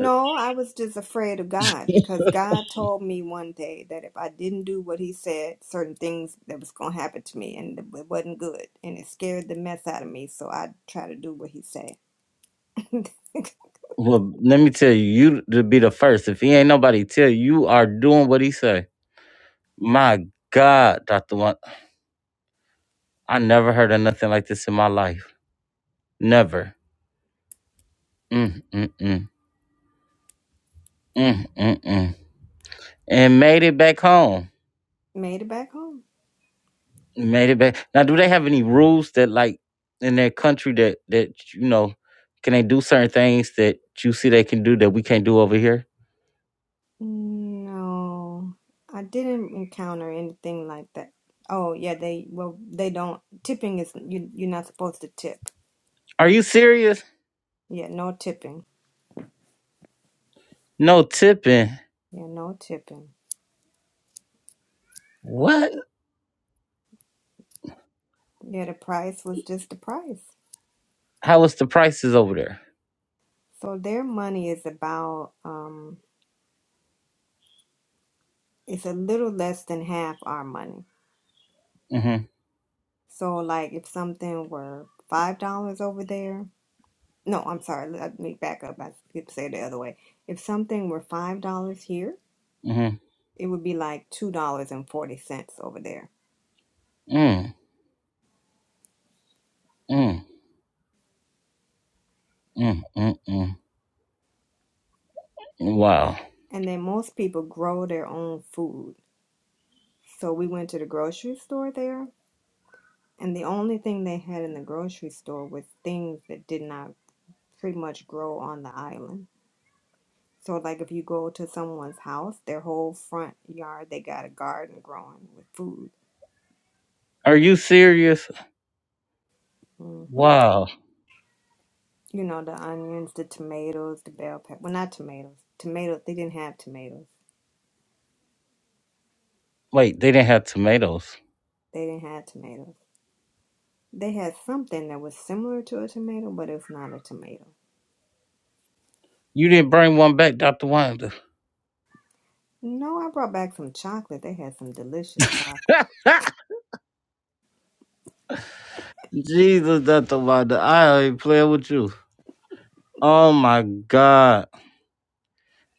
S1: Uh,
S2: I was just afraid of God because God told me one day that if I didn't do what He said, certain things that was going to happen to me, and it wasn't good, and it scared the mess out of me. So I try to do what He said. [laughs]
S1: Well, let me tell you, you to be the first. If he ain't nobody tell you, you are doing what he say. My God, Doctor One, I never heard of nothing like this in my life. Never. Mm mm mm mm mm mm. And made it back home.
S2: Made it back home.
S1: Made it back. Now, do they have any rules that, like, in their country that that you know, can they do certain things that you see they can do that we can't do over here?
S2: No, I didn't encounter anything like that. Oh yeah, they well they don't tipping is you you're not supposed to tip.
S1: Are you serious?
S2: Yeah, no tipping.
S1: No tipping.
S2: Yeah, no tipping.
S1: What?
S2: Yeah, the price was just the price.
S1: How was the prices over there?
S2: So their money is about um. it's a little less than half our money.
S1: Mm-hmm.
S2: So, like, if something were five dollars over there, no, I'm sorry, let me back up. I could say it the other way. If something were five dollars here,
S1: Mm-hmm.
S2: it would be like two dollars and forty cents over there.
S1: Mm. Mm. Mm. Mm. Mm. Wow.
S2: And then most people grow their own food. So we went to the grocery store there, and the only thing they had in the grocery store was things that did not pretty much grow on the island. So like if you go to someone's house, their whole front yard, they got a garden growing with food.
S1: Are you serious?
S2: hmm
S1: Wow.
S2: You know, the onions, the tomatoes, the bell pepper. Well, not tomatoes. Tomatoes, they didn't have tomatoes.
S1: Wait, they didn't have tomatoes.
S2: They didn't have tomatoes. They had something that was similar to a tomato, but it's not a tomato.
S1: You didn't bring one back, Dr. Wanda.
S2: No, I brought back some chocolate. They had some delicious chocolate.
S1: [laughs] Jesus, that's a lot. I ain't playing with you. Oh my God!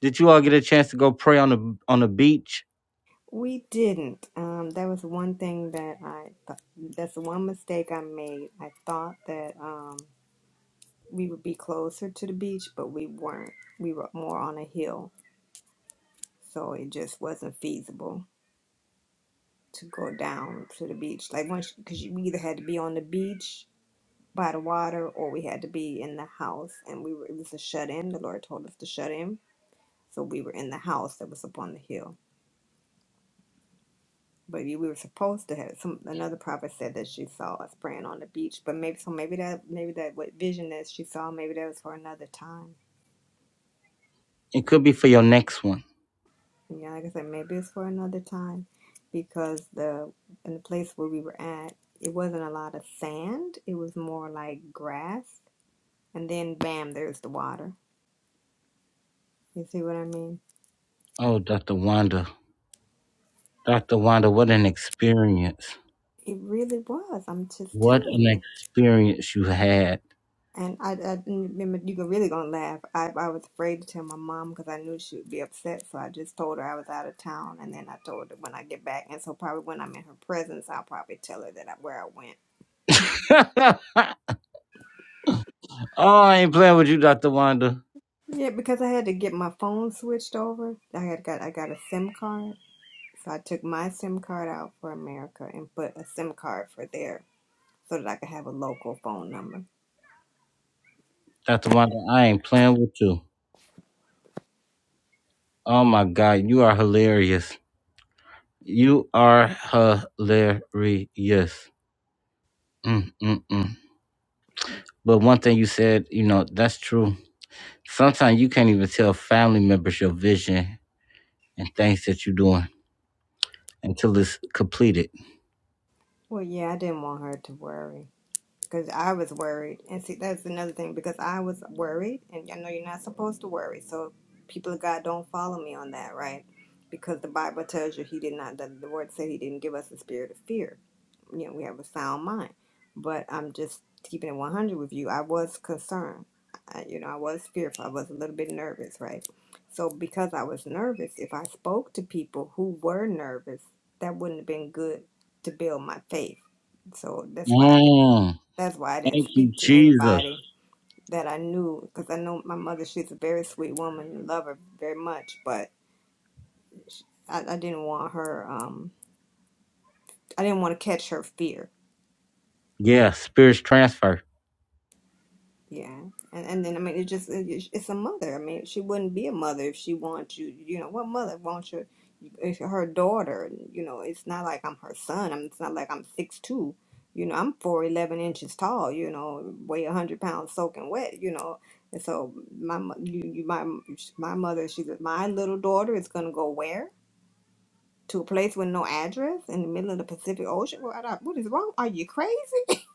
S1: Did you all get a chance to go pray on the on the beach?
S2: We didn't. Um, that was one thing that I, th- that's the one mistake I made. I thought that, um. we would be closer to the beach, but we weren't. We were more on a hill, so it just wasn't feasible to go down to the beach. Like once, because we either had to be on the beach by the water, or we had to be in the house, and we were. It was a shut in. The Lord told us to shut in, so we were in the house that was up on the hill. But we were supposed to have some. Another prophet said that she saw us praying on the beach, but maybe so. Maybe that maybe that what vision that she saw, maybe that was for another time.
S1: It could be for your next one.
S2: Yeah, like I said, maybe it's for another time because the in the place where we were at, it wasn't a lot of sand. It was more like grass. And then bam, there's the water. You see what I mean?
S1: Oh, Dr. Wanda, Dr. Wanda, what an experience!
S2: It really was. I'm just
S1: What
S2: telling
S1: an
S2: you.
S1: experience you had.
S2: And I, I remember you were really gonna laugh. I, I was afraid to tell my mom because I knew she would be upset. So I just told her I was out of town, and then I told her when I get back. And so probably when I'm in her presence, I'll probably tell her that I, where I went.
S1: [laughs] oh, I ain't playing with you, Dr. Wanda.
S2: Yeah, because I had to get my phone switched over. I had got I got a SIM card, so I took my SIM card out for America and put a SIM card for there, so that I could have a local phone number.
S1: Dr. Wanda, I ain't playing with you. Oh my God, you are hilarious. You are hilarious. Mm, mm, mm. But one thing you said, you know, that's true. Sometimes you can't even tell family members your vision and things that you're doing until it's completed.
S2: Well, yeah, I didn't want her to worry because I was worried, and see, that's another thing because I was worried, and I know you're not supposed to worry. So, people of God, don't follow me on that, right? Because the Bible tells you He did not. The, the Word said He didn't give us a spirit of fear you know, we have a sound mind. But I'm just keeping it 100 with you. I was concerned. I, you know, I was fearful. I was a little bit nervous, right? So because I was nervous, if I spoke to people who were nervous, that wouldn't have been good to build my faith. So that's why I didn't,
S1: Mm.
S2: that's why I didn't
S1: Thank you,
S2: speak to
S1: Jesus.
S2: anybody that I knew because I know my mother. She's a very sweet woman. Love her very much, but I, I didn't want her. Um, I didn't want to catch her fear
S1: Yeah, spirits transfer.
S2: Yeah, and and then I mean, it just it, it's a mother. I mean, she wouldn't be a mother if she wants you. You know, what mother wants your if you're her daughter? You know, it's not like I'm her son. I'm, it's not like I'm six two. You know, I'm four eleven inches tall. You know, weigh a hundred pounds soaking wet. You know, and so my mo- you, you my my mother. She's my little daughter is gonna go where to a place with no address in the middle of the Pacific Ocean. What, what is wrong? Are you crazy?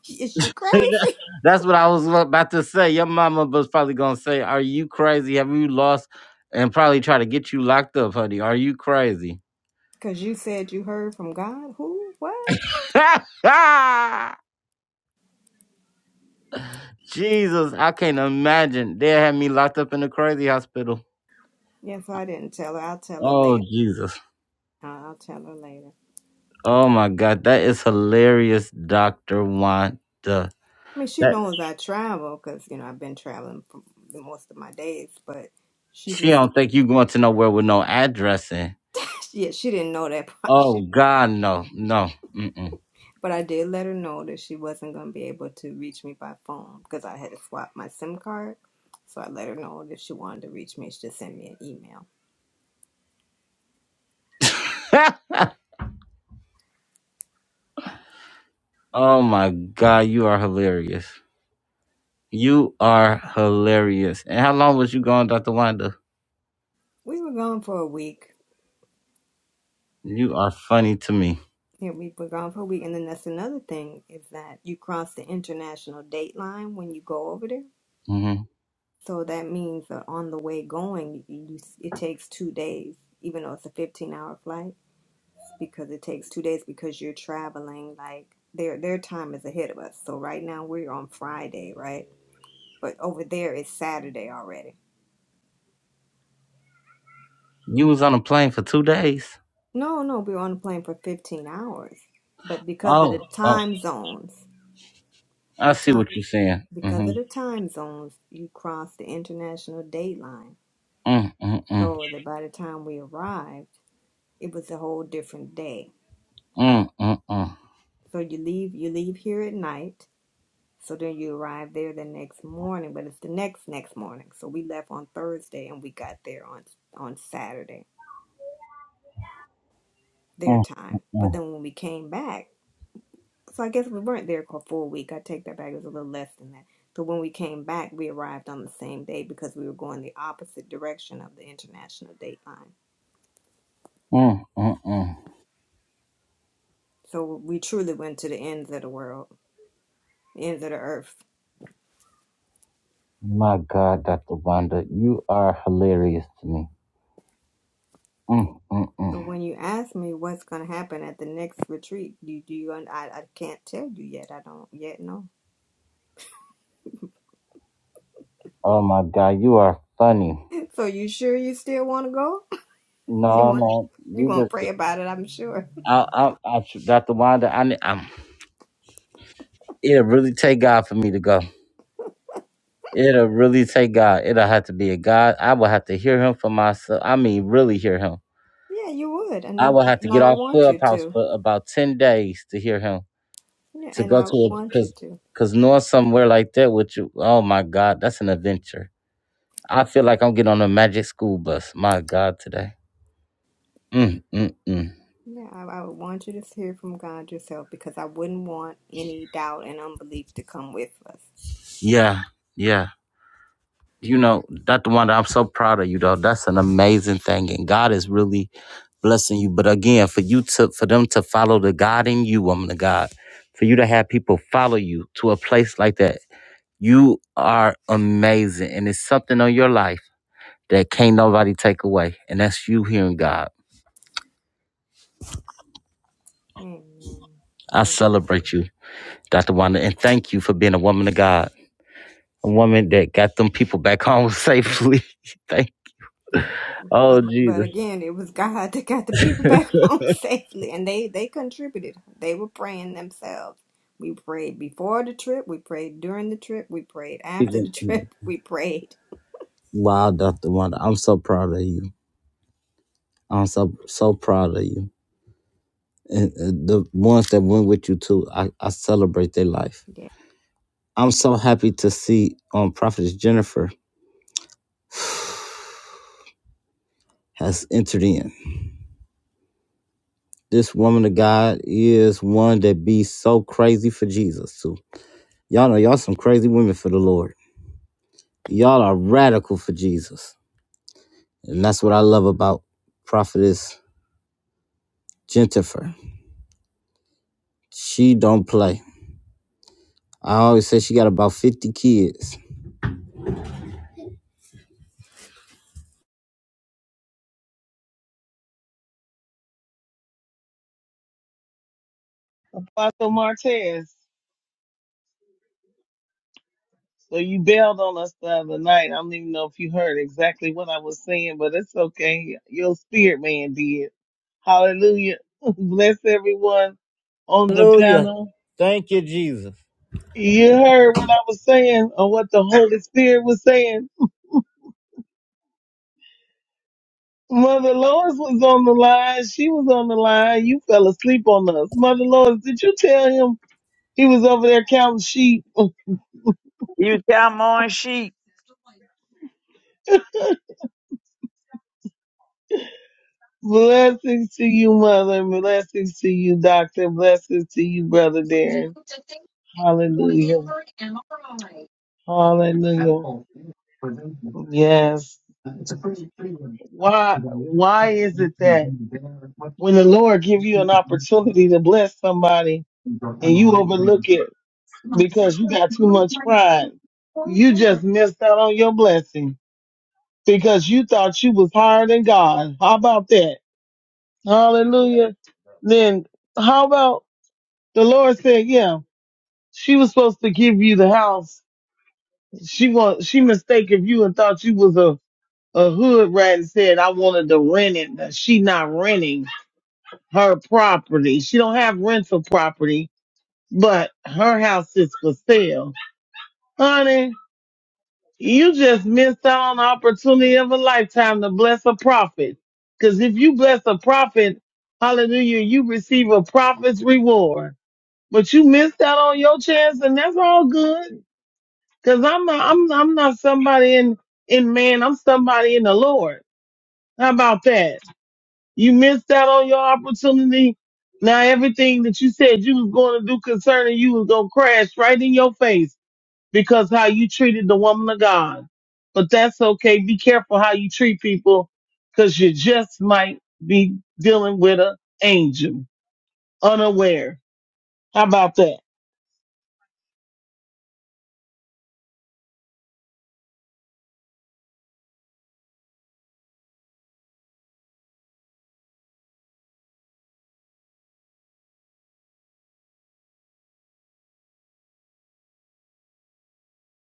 S2: [laughs] is you crazy?
S1: That's what I was about to say. Your mama was probably gonna say, "Are you crazy? Have you lost?" And probably try to get you locked up, honey. Are you crazy?
S2: Because you said you heard from God? Who? What?
S1: [laughs] Jesus, I can't imagine. They had me locked up in a crazy hospital.
S2: Yes, I didn't tell her. I'll tell her
S1: Oh
S2: later.
S1: Jesus.
S2: Uh, I'll tell her later.
S1: Oh my God, that is hilarious, Doctor Wanda.
S2: I mean, she
S1: That
S2: knows I travel because, you know, I've been traveling for the most of my days, but she
S1: she
S2: just,
S1: don't think you going to nowhere with no addressing.
S2: [laughs] yeah, she didn't know that [laughs] part. She,
S1: Oh God, no, no. Mm-mm.
S2: but I did let her know that she wasn't going to be able to reach me by phone because I had to swap my SIM card. So I let her know that if she wanted to reach me, she just send me an email.
S1: [laughs] Oh my God, you are hilarious. You are hilarious. And how long was you gone, Dr. Wanda?
S2: We were gone for a week
S1: You are funny to me.
S2: Yeah, we were gone for a week, and then that's another thing is that you cross the international date line when you go over there.
S1: hmm
S2: So that means that on the way going, you, you it takes two days, even though it's a fifteen-hour flight, because it takes two days because you're traveling like their their time is ahead of us. So right now we're on Friday, right? But over there it's Saturday already.
S1: You was on a plane for two days.
S2: No, no, we were on the plane for fifteen hours, but because of the
S1: Oh, oh,
S2: time zones,
S1: I
S2: the
S1: see
S2: time.
S1: what you're saying. Mm-hmm.
S2: because of the time zones, you crossed the international date line.
S1: Mm, mm, mm,
S2: So that by the time we arrived, it was a whole different day.
S1: mm, mm, mm,
S2: So you leave you leave here at night. So then you arrive there the next morning, but it's the next next morning. So we left on Thursday and we got there on on Saturday, their
S1: mm,
S2: time. But
S1: mm,
S2: then when we came back, so I guess we weren't there for a full week. I take that back. It was a little less than that. So when we came back, we arrived on the same day because we were going the opposite direction of the international dateline.
S1: mm, mm, mm.
S2: So we truly went to the ends of the world, ends of the earth.
S1: My God, Dr. Wanda, you are hilarious to me. Mm, mm,
S2: So
S1: mm.
S2: when you ask me what's going to happen at the next retreat, do, do you? I, I can't tell you yet. I don't yet know. [laughs]
S1: Oh my God, you are funny.
S2: So you sure you still want to go? [laughs] You
S1: No,
S2: want?
S1: no,
S2: You're
S1: you
S2: gonna pray
S1: just,
S2: about it, I'm sure.
S1: I, I, I, Dr. Wanda, I, ne- I'm It'll really take God for me to go. It'll really take God. It'll have to be a God. I will have to hear him for myself. I mean, really hear him.
S2: Yeah, you would, and
S1: I
S2: I
S1: will have to
S2: and
S1: get
S2: I would
S1: off
S2: want you
S1: Clubhouse
S2: to.
S1: for about 10 days to hear him,
S2: Yeah,
S1: to
S2: and
S1: go
S2: I
S1: to
S2: would
S1: it.
S2: want you
S1: Because cause
S2: to.
S1: 'cause knowing somewhere like that with you, oh my God, that's an adventure. I feel like I'm getting on a magic school bus. My God, today. Mm, mm, mm.
S2: Yeah, I, I would want you to hear from God yourself because I wouldn't want any doubt and unbelief to come with us.
S1: Yeah, yeah. You know, Dr. Wanda, I'm so proud of you though. That's an amazing thing. And God is really blessing you. But again, for you to for them to follow the God in you, woman of God, for you to have people follow you to a place like that. You are amazing. And it's something on your life that can't nobody take away. And that's you hearing God.
S2: Amen.
S1: I
S2: Amen.
S1: celebrate you, Dr. Wanda, and thank you for being a woman of God. A woman that got them people back home [laughs] safely. [laughs] thank Oh
S2: But
S1: Jesus.
S2: again, it was God that got the people back [laughs] home safely, and they they contributed. They were praying themselves. We prayed before the trip. We prayed during the trip. We prayed after the trip. [laughs] We prayed.
S1: Wow, Dr. Wanda, I'm so proud of you. I'm so so proud of you. And uh, the ones that went with you too, I, I celebrate their life. I'm so happy to see um Prophetess Jennifer [sighs] has entered in. This woman of God is one that be so crazy for Jesus too. Y'all know y'all some crazy women for the Lord. Y'all are radical for Jesus. And that's what I love about Prophetess Jennifer. She don't play. I always say she got about 50 kids
S13: Apostle Martez. So you bailed on us the other night. I don't even know if you heard exactly what I was saying, but it's okay. Your spirit man did. Hallelujah. [laughs] Bless everyone on the
S1: Hallelujah.
S13: panel.
S1: Thank you, Jesus.
S13: You heard what I was saying or what the Holy Spirit was saying. Mother Lois was on the line. She was on the line. You fell asleep on us. Mother Lois, did you tell him he was over there counting sheep? [laughs]
S9: You cow mowing sheep.
S13: Blessings to you, Mother. Blessings to you, Doctor. Blessings to you, Brother Darren. Hallelujah. Hallelujah. Yes. Why, why is it that when the Lord give you an opportunity to bless somebody and you overlook it because you got too much pride, you just missed out on your blessing because you thought you was higher than God. How about that? Hallelujah. Then how about the Lord said, yeah. she was supposed to give you the house. She want she mistaken you and thought you was a a hood rat and said I wanted to rent it. Now, She not renting her property. She don't have rental property, but her house is for sale. Honey, you just missed out on the opportunity of a lifetime to bless a prophet. Cause if you bless a prophet, hallelujah, you receive a prophet's reward. But you missed out on your chance and that's all good. Cause I'm not, I'm, I'm not somebody in, in man. I'm somebody in the Lord. How about that? You missed out on your opportunity. Now everything that you said you was going to do concerning you was going to crash right in your face because how you treated the woman of God. But that's okay. Be careful how you treat people because you just might be dealing with an angel unaware. How about that?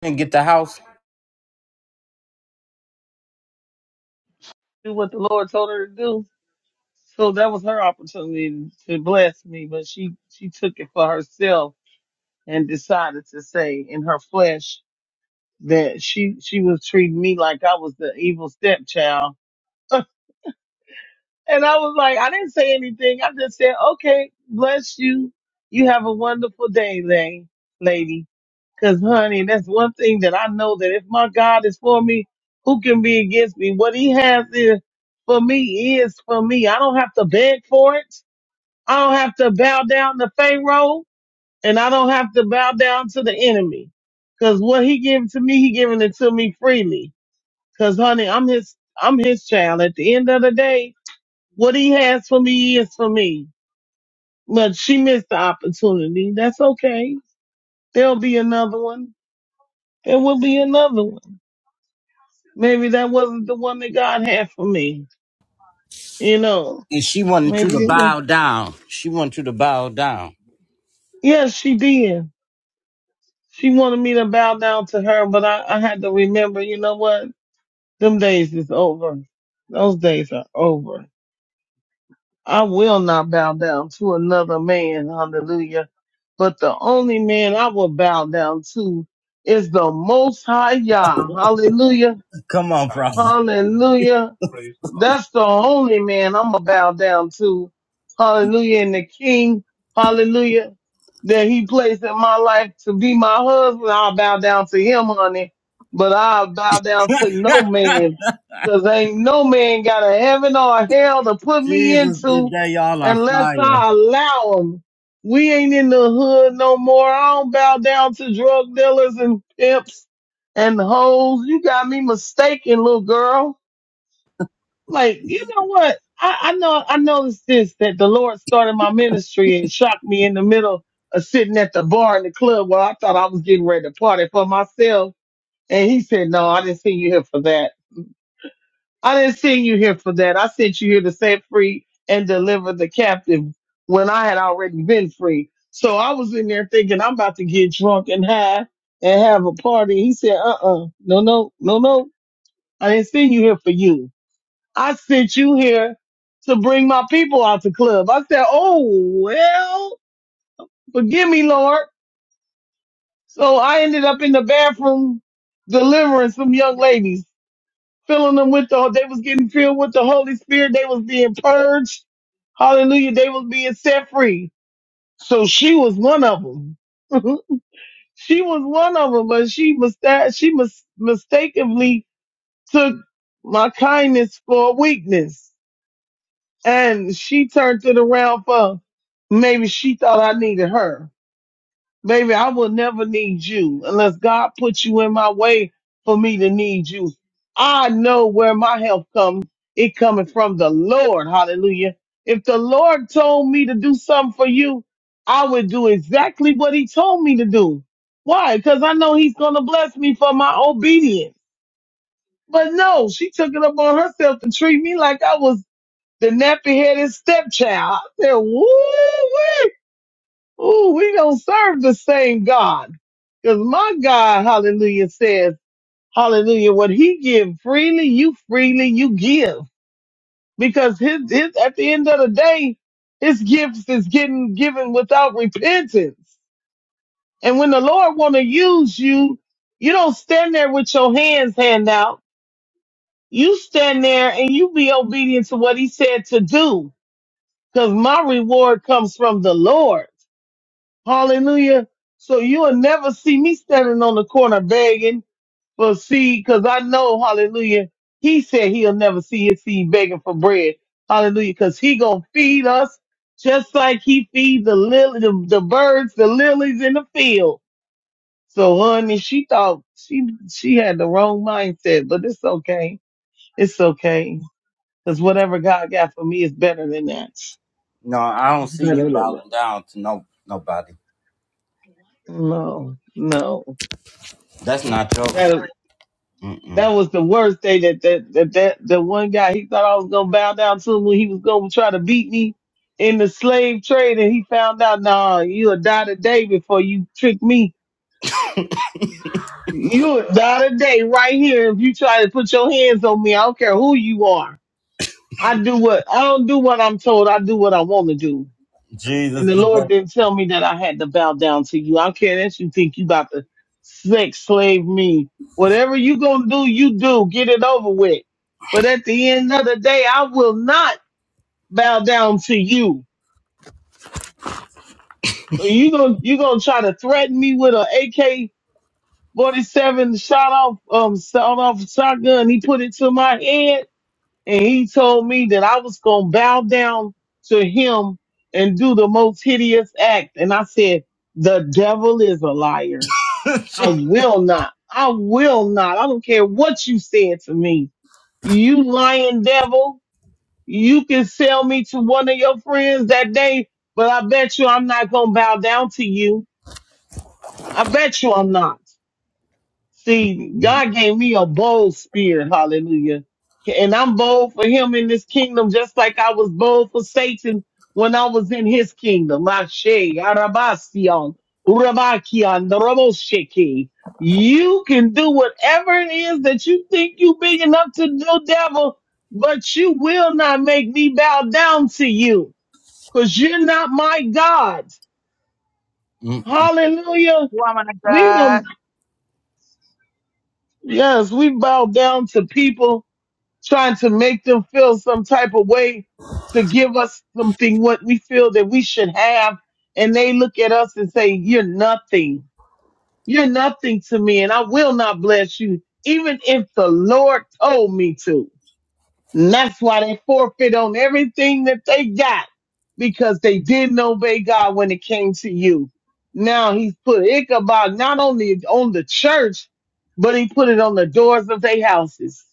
S1: And get the house.
S13: Do what the Lord told her to do So that was her opportunity to bless me, but she, she took it for herself and decided to say in her flesh that she, she was treating me like I was the evil stepchild. [laughs] And I was like, I didn't say anything. I just said, okay, bless you. You have a wonderful day, lay, lady. Cause honey, that's one thing that I know that if my God is for me, who can be against me? What he has is for me is for me. I don't have to beg for it. I don't have to bow down to Pharaoh and I don't have to bow down to the enemy. Cause what he giving to me, he giving it to me freely. Cause honey, I'm his, I'm his child. At the end of the day, what he has for me is for me. But she missed the opportunity. That's okay. There'll be another one. There will be another one. Maybe that wasn't the one that God had for me. You know,
S1: And she wanted you
S13: maybe
S1: to
S13: it was.
S1: bow down. She wanted you to bow down.
S13: Yes, she did. She wanted me to bow down to her, but I, I had to remember, you know what? Them days is over. Those days are over. I will not bow down to another man. Hallelujah. But the only man I will bow down to is the most high Yah. Hallelujah.
S1: Come on, prophet.
S13: Hallelujah. That's the only man I'm gonna bow down to. Hallelujah. And the king, hallelujah, that he placed in my life to be my husband, I'll bow down to him, honey. But I'll bow down to no man. Cause ain't no man got a heaven or a hell to put me
S1: Jesus,
S13: into
S1: today y'all are
S13: unless
S1: fire.
S13: I allow him. We ain't in the hood no more. I don't bow down to drug dealers and pimps and hoes. You got me mistaken, little girl. Like, you know what? I, I know, I noticed this that the Lord started my ministry and shocked me in the middle of sitting at the bar in the club where I thought I was getting ready to party for myself. And he said, No, I didn't send you here for that. I didn't send you here for that. I sent you here to set free and deliver the captive when I had already been free. So I was in there thinking I'm about to get drunk and high and have a party. He said, uh uh, no, no, no, no. I didn't send you here for you. I sent you here to bring my people out to club. I said, Oh, well, forgive me, Lord. So I ended up in the bathroom delivering some young ladies, filling them with the, they was getting filled with the Holy Spirit. They was being purged. Hallelujah. They was being set free. So she was one of them. [laughs] she was one of them, but she mista- she mis- mistakenly took my kindness for weakness. and she turned it around for maybe she thought I needed her. Maybe I will never need you unless God put you in my way for me to need you. I know where my help comes. It coming from the Lord. Hallelujah. If the Lord told me to do something for you, I would do exactly what he told me to do. Why? Because I know he's going to bless me for my obedience. But no, she took it upon herself to treat me like I was the nappy headed stepchild. I said, woo, ooh, we don't serve the same God. Cause my God, hallelujah, says, hallelujah, what he give freely, you freely, you give. Because his, his, at the end of the day, his gifts is getting given without repentance. And when the Lord want to use you, you don't stand there with your hands hand out. You stand there and you be obedient to what he said to do because my reward comes from the Lord. Hallelujah. So you'll never see me standing on the corner begging for seed because I know, hallelujah, he said he'll never see his seed begging for bread. Hallelujah. Because he going to feed us just like he feeds the lily, the, the birds, the lilies in the field. So honey, she thought she, she had the wrong mindset, but it's okay. It's okay. Because whatever God got for me is better than that. It's
S1: No, I don't see
S13: better
S1: you
S13: than that.
S1: bowing down to no nobody.
S13: No, no.
S1: That's not your.
S13: That
S1: Mm-mm.
S13: that was the worst day that that that, that the one guy he thought I was gonna bow down to him when he was gonna try to beat me in the slave trade and he found out nah you'll die today before you trick me. You'll die today right here if you try to put your hands on me. I don't care who you are. I do what I don't do what I'm told, I do what I wanna do. And
S1: Jesus,
S13: the Lord didn't tell me that I had to bow down to you. I don't care that you think you about to sex slave me. Whatever you gonna do, you do. Get it over with. But at the end of the day, I will not bow down to you. So you gonna you gonna try to threaten me with an AK forty seven shot off um shot off shotgun. He put it to my head. and he told me that I was going to bow down to him and do the most hideous act. And I said, the devil is a liar. I
S1: today. [laughs]
S13: will not. I will not. I don't care what you said to me. You lying devil. You can sell me to one of your friends that day, but I bet you I'm not going to bow down to you. I bet you I'm not. See, God gave me a bold spirit, hallelujah. And I'm bold for him in this kingdom, just like I was bold for Satan when I was in his kingdom. Ashe, Arabasion, Urabakian, Roboshiki. You can do whatever it is that you think you big enough to do, devil, but you will not make me bow down to you, because you're not my God.
S1: Mm.
S13: Hallelujah.
S9: Woman of
S13: We
S9: God.
S13: don't, yes, we bow down to people trying to make them feel some type of way to give us something what we feel that we should have. And they look at us and say, You're nothing. You're nothing to me, and I will not bless you, even if the Lord told me to. And that's why they forfeit on everything that they got because they didn't obey God when it came to you. Now he's put Ichabod not only on the church, but he put it on the doors of their houses.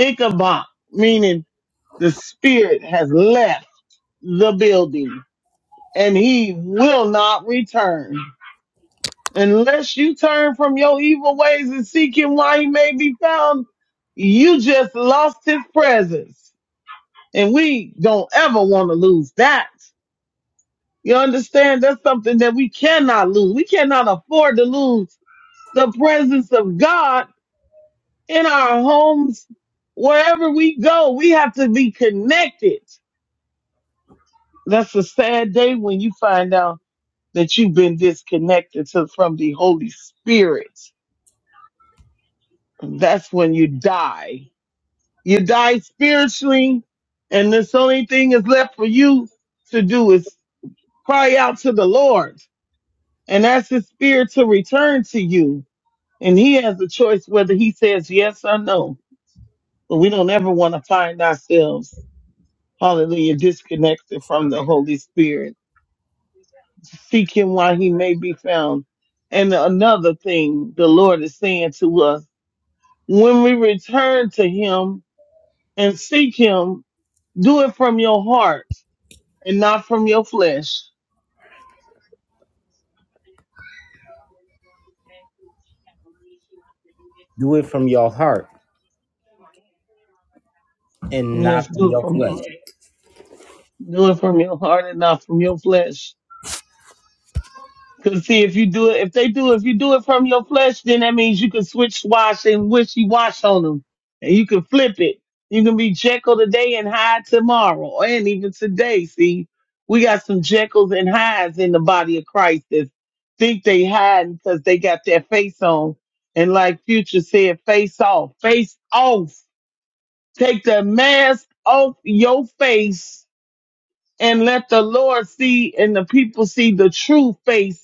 S13: Ichabod, meaning The spirit has left the building and he will not return. Unless you turn from your evil ways and seek him while he may be found, you just lost his presence. And we don't ever want to lose that. You understand? That's something that we cannot lose. We cannot afford to lose the presence of God in our homes, wherever we go. We have to be connected. That's a sad day when you find out that you've been disconnected to, from the Holy Spirit. That's when you die. You die spiritually, and this only thing is left for you to do is cry out to the Lord and ask His Spirit to return to you. And He has a choice whether He says yes or no. But we don't ever want to find ourselves, hallelujah, disconnected from the Holy Spirit. Seek Him while He may be found. And another thing the Lord is saying to us when we return to him and seek him, do it from your heart and not from your flesh.
S1: Do it from your heart and not
S13: Yes,
S1: from
S13: do it
S1: your
S13: from your
S1: flesh.
S13: heart. Do it from your heart and not from your flesh. Cause see, if you do it, if they do, if you do it from your flesh, then that means you can switch wash and wishy wash on them, and you can flip it. You can be Jekyll today and Hyde tomorrow, and even today. See, we got some Jekylls and Hydes in the body of Christ that think they hiding because they got their face on, and like Future said, face off, face off. Take the mask off your face and let the Lord see and the people see the true face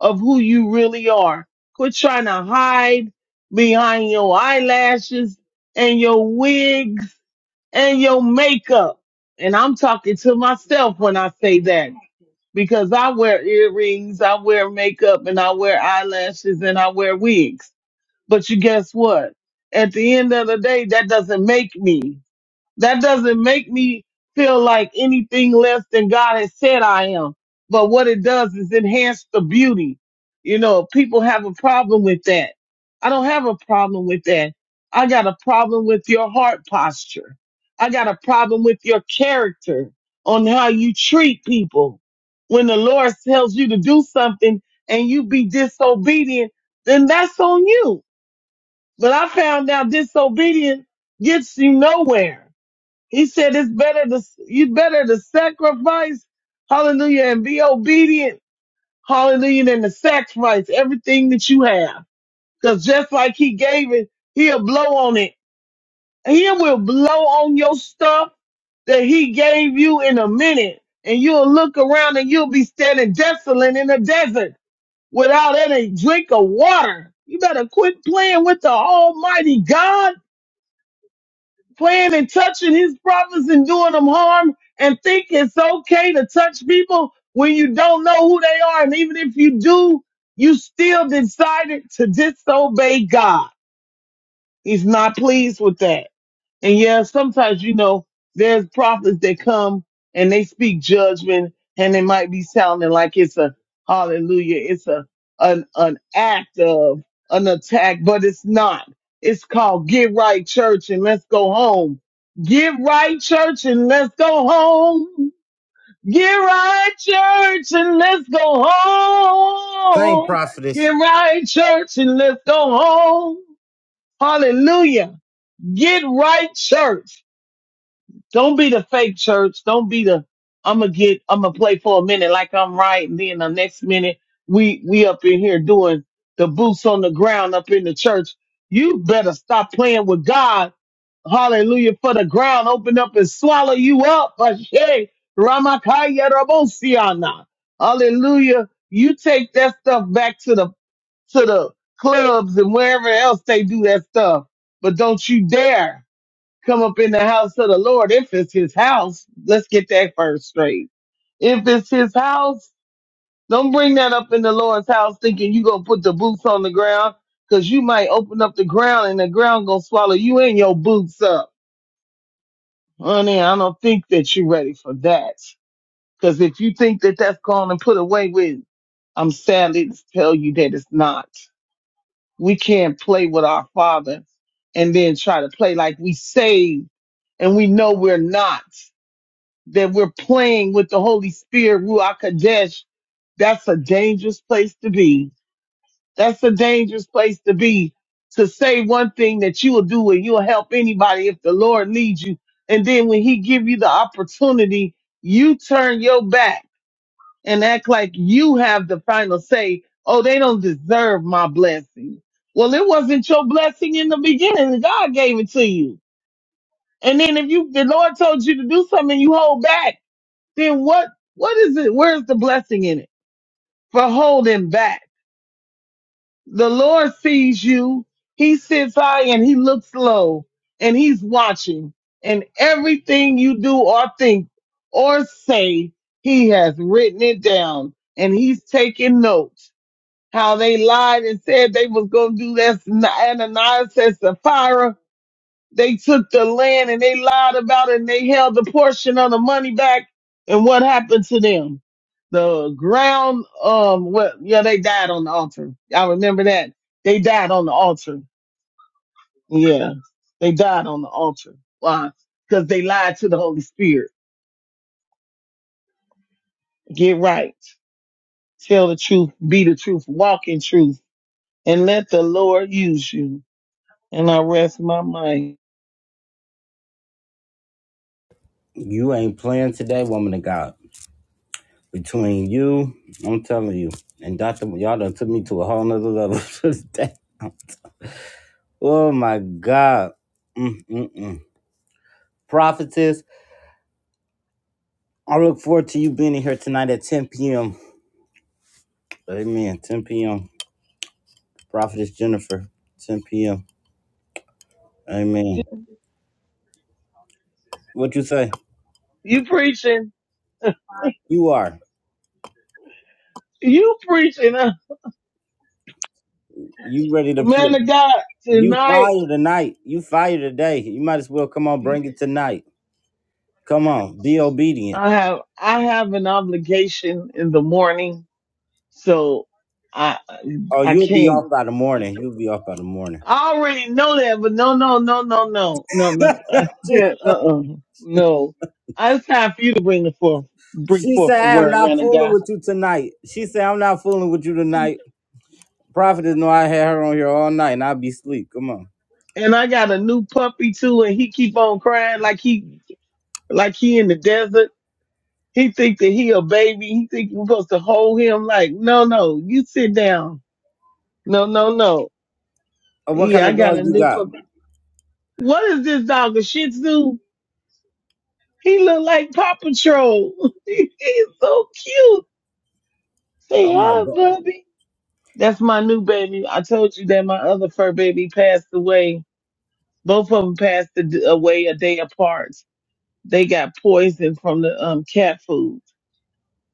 S13: of who you really are. Quit trying to hide behind your eyelashes and your wigs and your makeup. And I'm talking to myself when I say that because I wear earrings, I wear makeup and I wear eyelashes and I wear wigs. But you guess what? At the end of the day, that doesn't make me. That doesn't make me feel like anything less than God has said I am. But what it does is enhance the beauty. You know, people have a problem with that. I don't have a problem with that. I got a problem with your heart posture. I got a problem with your character on how you treat people. When the Lord tells you to do something and you be disobedient, then that's on you. But I found out disobedience gets you nowhere he said it's better to you better to sacrifice, hallelujah, and be obedient, hallelujah, than to sacrifice everything that you have. Because just like he gave it, he'll blow on it. He will blow on your stuff that he gave you in a minute. And you'll look around and you'll be standing desolate in the desert without any drink of water. You better quit playing with the Almighty God playing and touching his brothers and doing them harm and think it's okay to touch people when you don't know who they are. And even if you do, you still decided to disobey God. He's not pleased with that. And yeah, sometimes, you know, there's prophets that come and they speak judgment and it might be sounding like it's a hallelujah. It's a, an, an act of an attack, but it's not. It's called get right church and let's go home. Get right church and let's go home. Get right church and let's go
S1: Thank
S13: home. Get
S1: prophetess.
S13: right church and let's go home. Hallelujah. Get right church. Don't be the fake church. Don't be the I'ma get I'ma play for a minute like I'm right and then the next minute we we up in here doing the boots on the ground up in the church. You better stop playing with God. Hallelujah for the ground. Open up and swallow you up. [laughs] Ashe. Ramakaya Rabosiana. Hallelujah. You take that stuff back to the to the clubs and wherever else they do that stuff. But don't you dare come up in the house of the Lord. If it's his house, let's get that first straight. If it's his house, don't bring that up in the Lord's house thinking you gonna put the boots on the ground because you might open up the ground and the ground gonna swallow you and your boots up. Honey, I don't think that you're ready for that. Because if you think that that's gone and put away with, I'm sadly to tell you that it's not. We can't play with our father and then try to play like we saved and we know we're not. that we're playing with the Holy Spirit, Ruach Kadesh, that's a dangerous place to be. That's a dangerous place to be to say one thing that you will do and you'll help anybody if the Lord leads you. And then when he give you the opportunity, you turn your back and act like you have the final say. Oh, they don't deserve my blessing. Well, it wasn't your blessing in the beginning. God gave it to you. And then if you, the Lord told you to do something and you hold back, then what what is it where's the blessing in it for holding back the lord sees you he sits high and he looks low and he's watching and everything you do or think or say he has written it down and he's taking notes how they lied and said they was going to do this ananias and sapphira they took the land and they lied about it and they held the portion of the money back. And what happened to them? The ground, um, what, yeah, they died on the altar. I remember that. They died on the altar. Yeah. They died on the altar. Why? Because they lied to the Holy Spirit. Get right. Tell the truth. Be the truth. Walk in truth. And let the Lord use you. And I rest my mind.
S1: You ain't playing today, woman of God. Between you, I'm telling you, and Doctor, y'all done took me to a whole nother level [laughs] today. Oh my God. Mm-mm-mm. Prophetess, I look forward to you being in here tonight at 10 p.m. Amen. 10 p.m. Prophetess Jennifer, 10 p.m. Amen. What you say?
S13: You preaching.
S1: You are.
S13: You preaching, uh,
S1: You ready to
S13: man
S1: preach?
S13: of God,
S1: You
S13: tonight.
S1: fire tonight. You fire today. You might as well come on, bring it tonight. Come on, be obedient.
S13: I have I have an obligation in the morning, so I
S1: Oh,
S13: I
S1: you'll be
S13: can't.
S1: off by the
S13: I
S1: morning.
S13: can't-
S1: You'll be off by the morning.
S13: I already know that, but no, no, no, no, no, no,
S1: [laughs]
S13: no. I
S1: she,
S13: said, uh, uh no. I- It's time for you to bring the forth, bring
S1: she
S13: forth
S1: said,
S13: the
S1: I am
S13: word,
S1: not
S13: man of
S1: fooling
S13: God.
S1: with you tonight. She said, I'm not fooling with you tonight. Prophetess know I had her on here all night and i would be asleep. Come on.
S13: And I got a new puppy too, and he keep on crying like he, like he in the desert. He think that he a baby. He think we're supposed to hold him. Like, no, no, you sit down. No, no, no.
S1: Uh, what kind
S13: Yeah,
S1: of
S13: I got
S1: dogs
S13: a
S1: you
S13: new
S1: got?
S13: puppy. What is this dog? A Shih Tzu? He look like Paw Patrol. [laughs] He's so cute. Say
S1: Oh my
S13: hi,
S1: god.
S13: Bubby. That's my new baby. I told you that my other fur baby passed away. Both of them passed a d- away a day apart. They got poisoned from the um, cat food,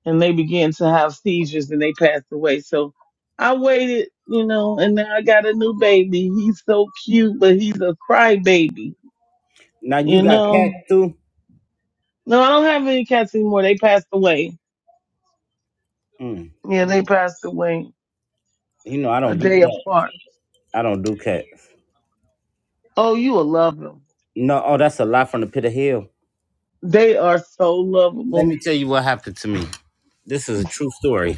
S13: and they began to have seizures, and they passed away. So I waited, you know, and now I got a new baby. He's so cute, but he's a crybaby,
S1: Now you
S13: you
S1: got
S13: know.
S1: cats too?
S13: No, I don't have any cats anymore. They passed away.
S1: Mm.
S13: Yeah, they passed away
S1: You know I
S13: a
S1: don't do
S13: day
S1: cats.
S13: apart.
S1: I don't do cats.
S13: Oh, you will love them.
S1: No. oh that's a lie from the pit of hell.
S13: They are so
S1: Let
S13: lovable.
S1: me tell you what happened to me. This is a true story.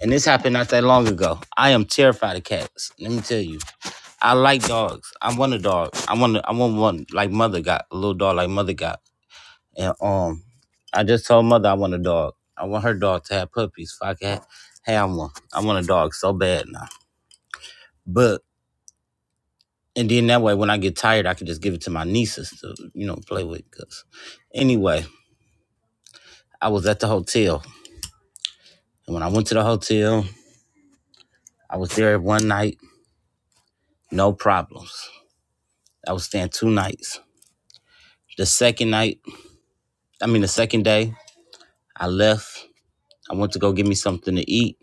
S1: And this happened not that long ago. I am terrified of cats. Let me tell you. I like dogs. I want a dog. I want a, I want one like mother got a little dog like mother got. And um, I just told mother I want a dog. I want her dog to have puppies. If I can have one, I want a dog so bad now. But and then that way, when I get tired, I can just give it to my nieces to you know play with. Cause anyway, I was at the hotel, and when I went to the hotel, I was there one night, no problems. I was staying two nights. The second night, I mean the second day, I left. I went to go get me something to eat.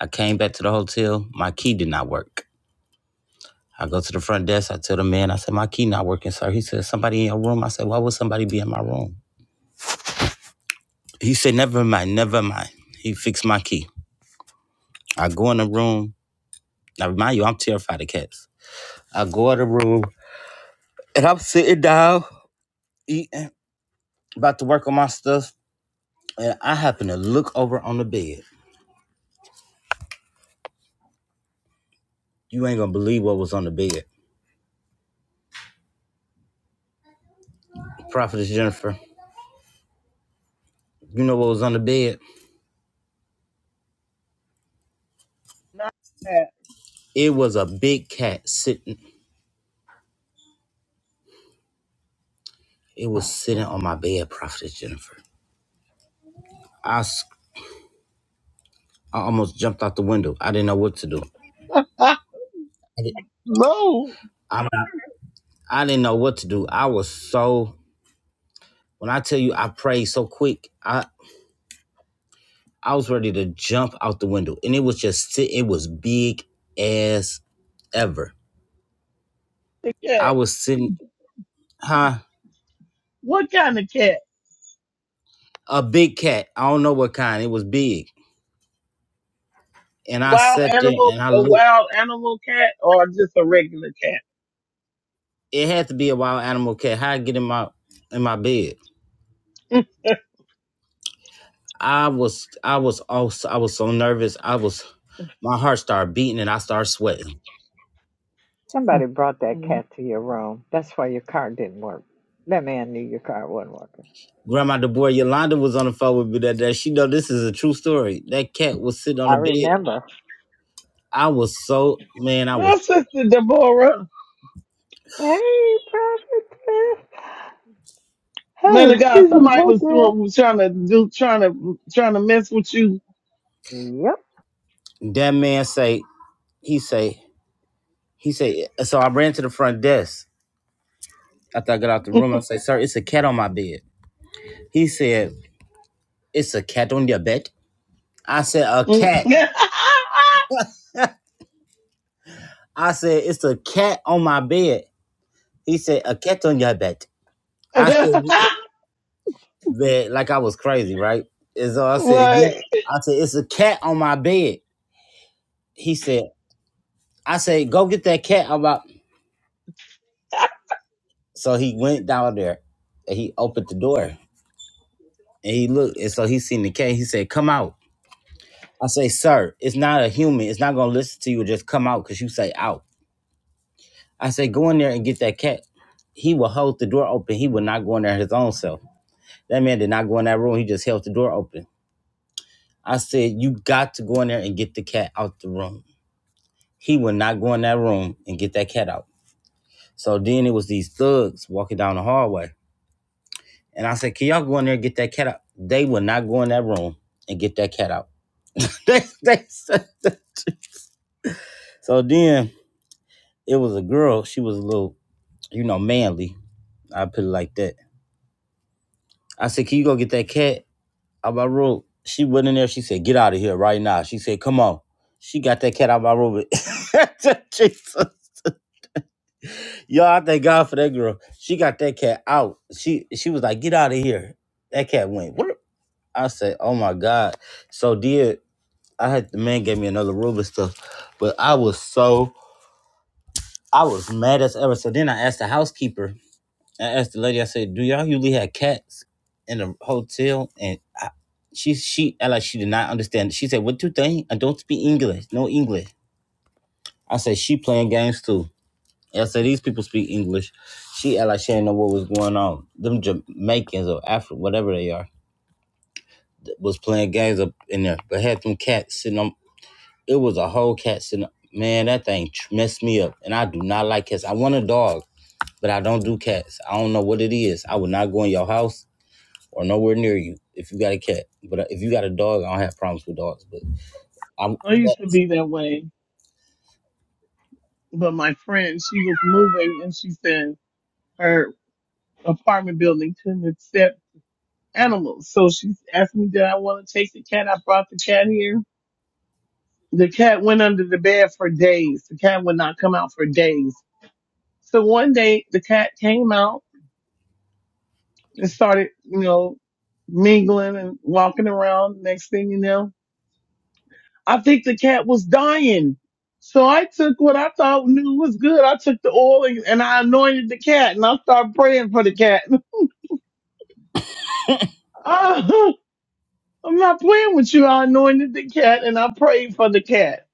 S1: I came back to the hotel. My key did not work. I go to the front desk. I tell the man, I said, my key not working, sir. He said, somebody in your room. I said, why would somebody be in my room? He said, never mind, never mind. He fixed my key. I go in the room. Now, remind you, I'm terrified of cats. I go in the room and I'm sitting down, eating, about to work on my stuff. And I happen to look over on the bed. You ain't gonna believe what was on the bed. Prophetess Jennifer, you know what was on the bed?
S13: Not a
S1: It was a big cat sitting, it was sitting on my bed, Prophetess Jennifer. I. I almost jumped out the window. I didn't know what to do.
S13: cat.
S1: I did-
S13: [laughs] no,
S1: I'm not, I didn't know what to do. I was so when I tell you I prayed so quick, I I was ready to jump out the window, and it was just it was big as ever.
S13: a
S1: I
S13: cat.
S1: was sitting, huh?
S13: What kind of cat?
S1: A big cat. I don't know what kind. It was big, and I
S13: Wild
S1: sat there
S13: animal,
S1: and I
S13: a
S1: looked.
S13: wild animal cat, or just a regular cat?
S1: It had to be a wild animal cat. How I get in my in my bed? I was I was also I was so nervous. I was my heart started beating and I started sweating.
S14: Somebody brought that
S13: Mm.
S14: cat to your room. That's why your car didn't work. That man knew your car wasn't working.
S1: Grandma DeBoer Yolanda was on the phone with me that day. She know this is a true story. That cat was sitting on
S14: I
S1: the bed.
S14: remember.
S1: I was so man, I was
S13: Hi, Sister Deborah.
S14: Hey, prophetess. Oh,
S13: Man of God,
S14: excuse me,
S13: somebody
S14: hey,
S13: was
S14: girl.
S13: doing was trying to do trying to trying to mess with you.
S14: Yep.
S1: that man say, he say, he say, so I ran to the front desk after I got out the room. I say, sir, it's a cat on my bed. He said, It's a cat on your bed. I said,
S13: [laughs]
S1: a
S13: what?
S1: cat. I said, it's a cat on my bed. He said, a cat on your bed. I said, "Yeah." like I was crazy, right? And so I said, yeah. I said, it's a cat on my bed. He said, I say, go get that cat. I'm out. So he went down there and he opened the door and he looked. And so he seen the cat. He said, come out. I say, sir, it's not a human. It's not going to listen to you. Just come out because you say out. I say, go in there and get that cat. He will hold the door open. He will not go in there his own self. That man did not go in that room. He just held the door open. I said, you got to go in there and get the cat out the room. He will not go in that room and get that cat out. So then it was these thugs walking down the hallway. And I said, Can y'all go in there and get that cat out? They would not go in that room and get that cat out. [laughs] they, they said that. So then it was a girl. She was a little, you know, manly. I put it like that. I said, Can you go get that cat out of my room? She went in there. She said, Get out of here right now. She said, Come on. She got that cat out of my room. [laughs] Jesus. Y'all, I thank God for that girl. She got that cat out. She she was like, Get out of here. That cat went. Whoop. I said, Oh my God. So did I had the man gave me another room and stuff, but I was so I was mad as ever. So then I asked the housekeeper. I asked the lady. I said, "Do y'all usually have cats in the hotel?" And I, she she I like she did not understand. She said, "What do you think? I don't speak English. No English." I said, "She playing games too." I said, "These people speak English." She I like she didn't know what was going on. Them Jamaicans or Afro, whatever they are, th- was playing games up in there, but had them cats sitting on. It was a whole cat sitting. up. Man, that thing messed me up, and I do not like cats. I want a dog, but I don't do cats. I don't know what it is. I would not go in your house or nowhere near you if you got a cat. But uh, if you got a dog, I don't have problems with dogs. But I'm
S13: I used to
S1: cats.
S13: be that way, but my friend, she was moving and she said her apartment building couldn't accept animals. So she asked me, did I want to take the cat? I brought the cat here. The cat went under the bed for days. The cat would not come out for days. So one day the cat came out and started, you know, mingling and walking around. Next thing you know, I think the cat was dying. So I took what I thought knew was good. I took the oil and, and I anointed the cat and I started praying for the cat. [laughs] Oh, I'm not playing with you. I anointed the cat and I prayed for the cat.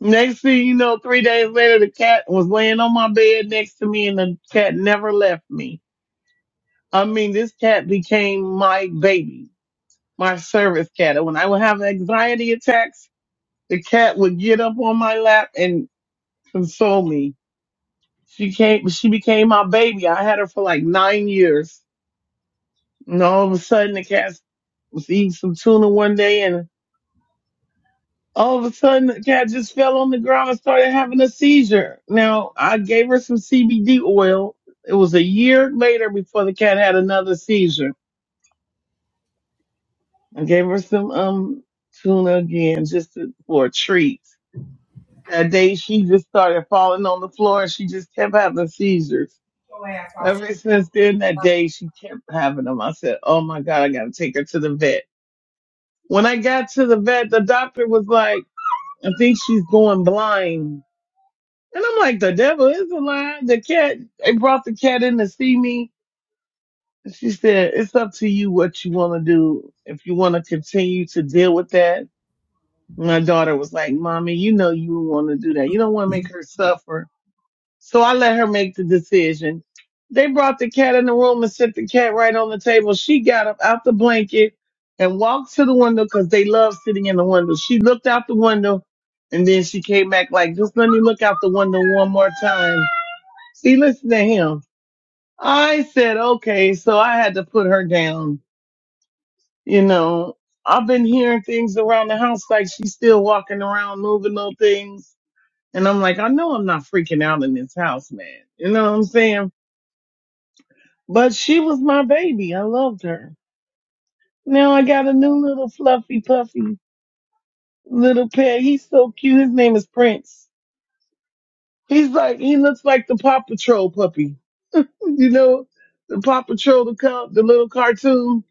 S13: Next thing you know, three days later, the cat was laying on my bed next to me and the cat never left me. I mean, this cat became my baby my service cat. And when I would have anxiety attacks, the cat would get up on my lap and console me. She came, she became my baby. I had her for like nine years. And all of a sudden the cat was eating some tuna one day and all of a sudden the cat just fell on the ground and started having a seizure. Now I gave her some CBD oil. It was a year later before the cat had another seizure. I gave her some, um, tuna again just to, for a treat That day she just started falling on the floor and she just kept having seizures. Ever since then, that day she kept having them. I said, Oh my God, I gotta take her to the vet. When I got to the vet, the doctor was like, I think she's going blind. And I'm like, the devil is alive. The cat, they brought the cat in to see me. And She said, it's up to you what you want to do. If you want to continue to deal with that. My daughter was like, mommy, you know, you want to do that. You don't want to make her suffer. So I let her make the decision. They brought the cat in the room and set the cat right on the table. She got up out the blanket and walked to the window because they love sitting in the window. She looked out the window and then she came back like, just let me look out the window one more time. See, listen to him. I said, okay. So I had to put her down. You know, I've been hearing things around the house like she's still walking around moving little things. And I'm like, I know I'm not freaking out in this house, man. You know what I'm saying? But she was my baby. I loved her. Now I got a new little fluffy puffy little pet. He's so cute. His name is Prince. He's like he looks like the Paw Patrol puppy. [laughs] You know, the Paw Patrol the co- the little cartoon.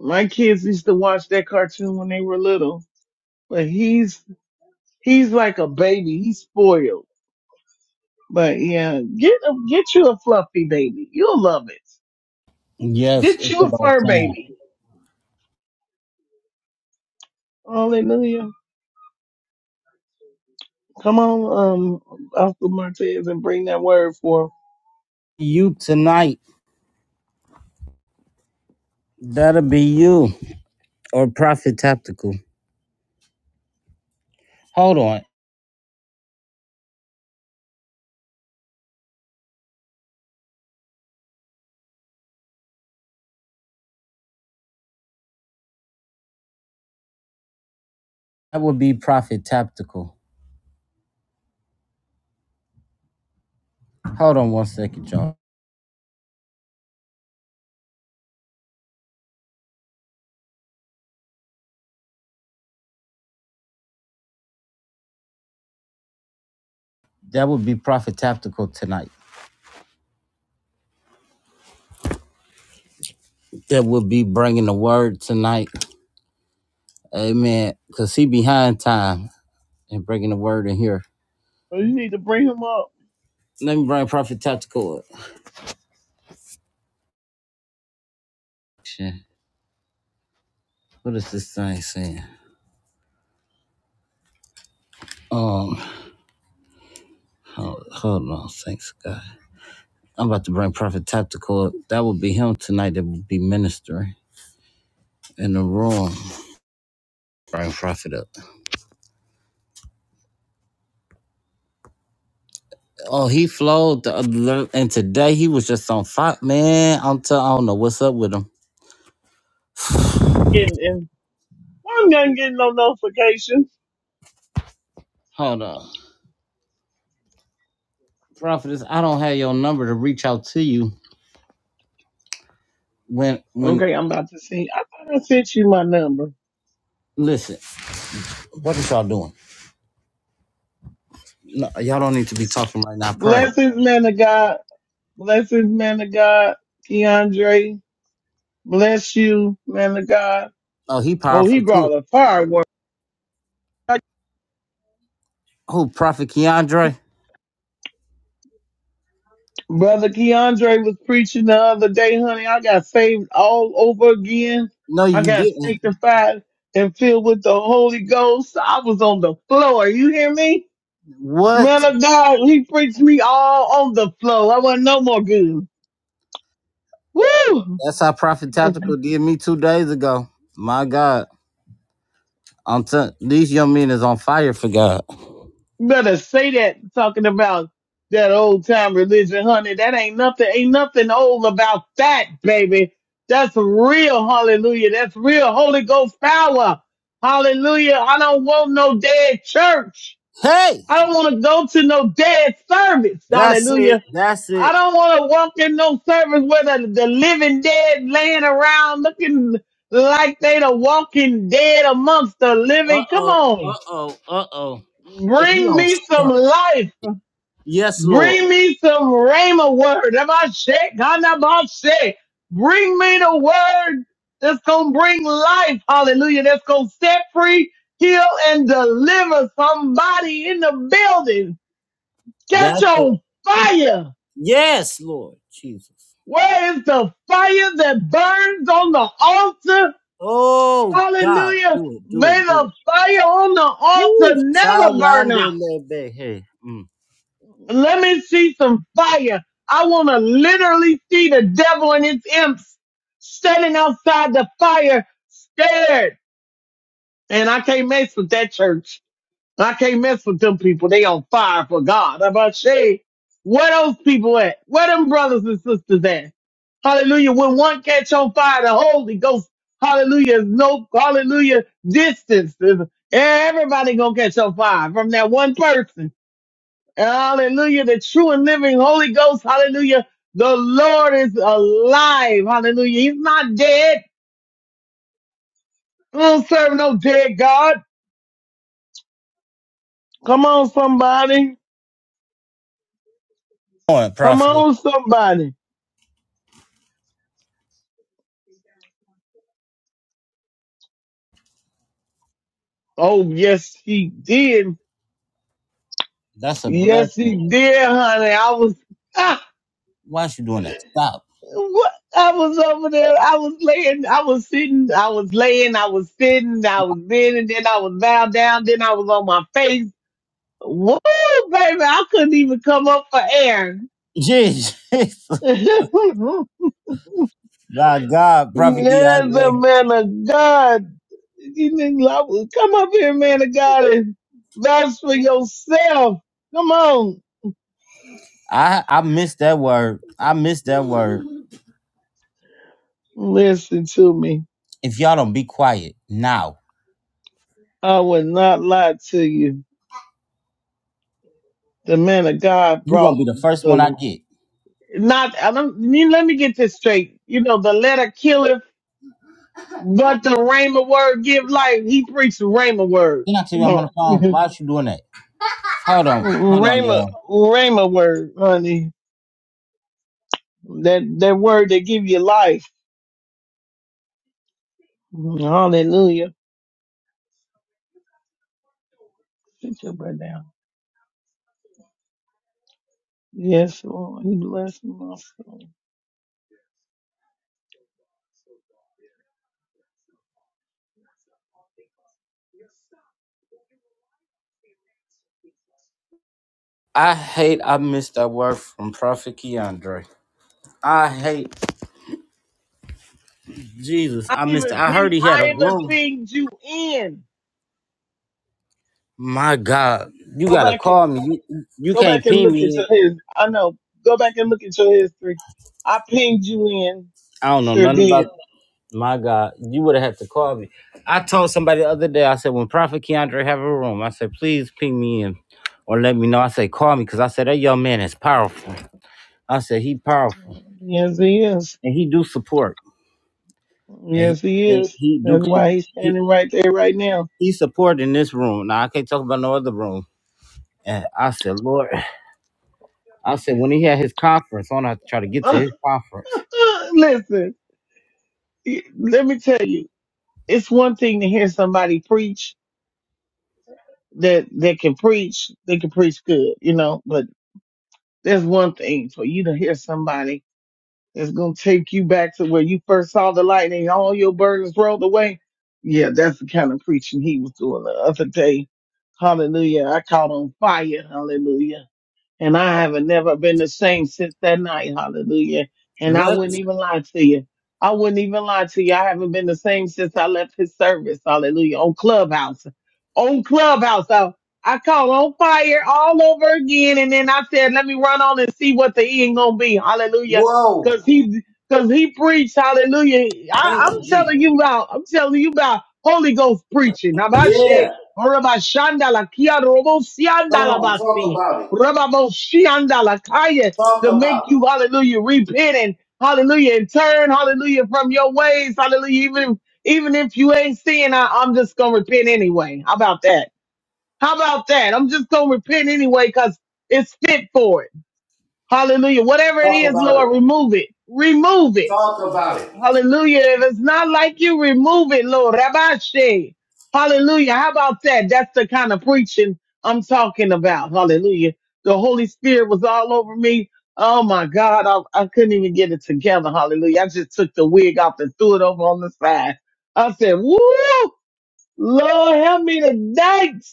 S13: My kids used to watch that cartoon when they were little. But he's he's like a baby. He's spoiled. But yeah, get a, get you a fluffy baby. You'll love it.
S1: Yes,
S13: Get
S1: it's
S13: you a
S1: about
S13: fur
S1: time.
S13: baby. Hallelujah. Come on, um, Oscar Martez, and bring that word forth.
S1: You tonight. That'll be you or Prophet Tactical. Hold on. That would be Prophet Tactical. Hold on one second, y'all. That would be Prophet Tactical tonight. That would be bringing the word tonight. Amen. Cause he behind time and bringing the word in here.
S13: Well, You need to bring him up.
S1: Let me bring Prophet Tactical. up. Shit. What is this thing saying? Um, hold, hold on, thanks God. I'm about to bring Prophet Tactical up. That would be him tonight. That would be ministering in the room. Bring Prophet up. Oh, he flowed the other, and today he was just on fire, man. I'm t- I don't know what's up with him.
S13: Getting in, why am not getting no notifications?
S1: Hold on, Prophetess. I don't have your number to reach out to you when when.
S13: Okay, I'm about to see. I thought I sent you my number.
S1: Listen, what is y'all doing? No, y'all don't need to be talking right now. Pray.
S13: Blessings, man of God. Blessings, man of God. Keandre, bless you, man of God.
S1: Oh, he
S13: Oh, he
S1: powerful too.
S13: brought a firework.
S1: Who, Prophet Keandre?
S13: Brother Keandre was preaching the other day, honey. I got saved all over again.
S1: No,
S13: I
S1: you
S13: got
S1: didn't.
S13: sanctified and filled with the Holy Ghost. I was on the floor. You hear me?
S1: What?
S13: Man of God, he preached me all on the floor. I wasn't no more good. Woo!
S1: That's how Prophet Tactical did me two days ago. My God. I'm t- these young men is on fire for God.
S13: better say that talking about that old time religion, honey. That ain't nothing, ain't nothing old about that, baby. That's real, hallelujah. That's real Holy Ghost power. Hallelujah. I don't want no dead church.
S1: Hey!
S13: I don't want to go to no dead service.
S1: That's it.
S13: Hallelujah.
S1: That's
S13: I
S1: it.
S13: don't want to walk in no service where the, the living dead laying around looking like they the walking dead amongst the living. Come
S1: Uh-oh.
S13: on.
S1: Uh-oh. Uh-oh. If you
S13: Bring
S1: don't
S13: me some
S1: stop.
S13: life.
S1: Yes, Lord.
S13: Bring me some Rhema word. Am I sick? God, am I sick? Bring me the word that's going to bring life. Hallelujah. That's going to set free, heal, and deliver somebody in the building.
S1: That's
S13: Catch
S1: it.
S13: on fire.
S1: Yes, Lord. Jesus.
S13: Where is the fire that burns on the altar?
S1: Oh God.
S13: Hallelujah.
S1: Do it. Do it.
S13: May
S1: Do it.
S13: the fire on the altar
S1: Woo!
S13: never
S1: Child
S13: burn
S1: yonder
S13: out.
S1: lebe. Hey. Mm.
S13: Let me see some fire. I want to literally see the devil and his imps standing outside the fire, scared. And I can't mess with that church. I can't mess with them people. They on fire for God. I'm about to say, where those people at? Where them brothers and sisters at? Hallelujah. When one catch on fire, the Holy Ghost, hallelujah, is no, hallelujah, distance. Everybody gonna catch on fire from that one person. Hallelujah. The true and living Holy Ghost. Hallelujah. The Lord is alive. Hallelujah. He's not dead. We don't serve no dead God. Come on, somebody.
S1: doing,
S13: Come
S1: prophet?
S13: on, somebody. Oh, yes, he did.
S1: That's a
S13: Yes, he
S1: blessing.
S13: did, honey. I was, ah,
S1: Why is you doing that? Stop.
S13: what? I was over there. I was laying. I was sitting. I was laying. I was sitting. I was bending. Then I was bowed down. Then I was on my face. Woo, baby. I couldn't even come up for air.
S1: Jesus. [laughs]
S13: [laughs] yes,
S1: My God, Prophet
S13: a
S1: Keandre.
S13: man of God. You need love- Come up here, man of God, and vouch for yourself. Come on.
S1: I, I missed that word. I missed that word.
S13: Listen to me.
S1: If y'all don't be quiet now,
S13: I would not lie to you. The man of God
S1: you're going
S13: brought
S1: to be the first one I
S13: the
S1: get.
S13: not I don't you- let me get this straight. You know, the letter killeth, but the Rhema word give life. He preached the Rhema word.
S1: Then I tell you
S13: Come
S1: I'm on
S13: on.
S1: the phone.
S13: [laughs]
S1: Why is you doing that? Hold on. Hold on,
S13: Rhema
S1: y'all.
S13: Rhema word, honey. That that word that give you life. Hallelujah. Sit your butt down. Yes, Lord. You bless my soul.
S1: I hate I missed that word from Prophet Keandre. I hate Jesus.
S13: I
S1: I missed it.
S13: even
S1: I
S13: ping
S1: heard he had a
S13: I even
S1: room.
S13: pinged you in.
S1: My God. You
S13: Go
S1: got to
S13: back and
S1: call me. You, you
S13: go
S1: can't
S13: back and
S1: pee
S13: look at your
S1: me.
S13: his I know. Go back and look at your history. I pinged you in.
S1: I don't know
S13: Sure
S1: nothing about
S13: did.
S1: My God, you would have had to call me. I told somebody the other day, I said, when Prophet Keandre have a room, I said, please ping me in or let me know. I said, call me because I said, that young man is powerful. I said, he powerful.
S13: Yes he is.
S1: And he do support. And he,
S13: Yes he
S1: and
S13: is.
S1: he do,
S13: That's
S1: su-
S13: why he's
S1: he,
S13: standing right there right now.
S1: he support in this room. Now, I can't talk about no other room. And I said, Lord, I said, when he had his conference, I'm going to have to try to get to
S13: [laughs]
S1: his conference.
S13: Listen, let me tell you, it's one thing to hear somebody preach. that that can preach, they can preach good, you know. But there's one thing for you to hear somebody that's gonna take you back to where you first saw the light and all your burdens rolled away. Yeah, that's the kind of preaching he was doing the other day. Hallelujah. I caught on fire. Hallelujah. And I haven't never been the same since that night. Hallelujah. And I
S1: What?
S13: wouldn't even lie to you. I wouldn't even lie to you. I haven't been the same since I left his service. Hallelujah. On Clubhouse. On Clubhouse. I, I caught on fire all over again. And then I said, let me run on and see what the end gonna be. Hallelujah.
S1: Whoa.
S13: Cause he cause he preached, hallelujah.
S1: Thank
S13: I, I'm
S1: you,
S13: telling
S1: Jesus.
S13: you about, I'm telling you about Holy Ghost preaching.
S1: Yeah.
S13: Abashe, orabashandala,
S1: Come on.
S13: kiarobosiandalabasi.
S1: Talk about it.
S13: Rababoshiandalakaya,
S1: Talk
S13: to make
S1: about
S13: you, hallelujah, repent and hallelujah, and turn, hallelujah, from your ways, hallelujah. Even, even if you ain't seeing, I, I'm just gonna repent anyway. How about that? How about that? I'm just gonna repent anyway because it's fit for it. Hallelujah. Whatever
S1: it.
S13: it
S1: Talk
S13: is,
S1: about it.
S13: Lord, remove it. Remove it.
S1: Talk about it.
S13: Hallelujah. If it's not like you, remove it, Lord. Rabashe. Hallelujah. How about that? That's the kind of preaching I'm talking about. Hallelujah. The Holy Spirit was all over me. Oh my God. I, I couldn't even get it together. Hallelujah. I just took the wig off and threw it over on the side. I said, woo, Lord, help me tonight.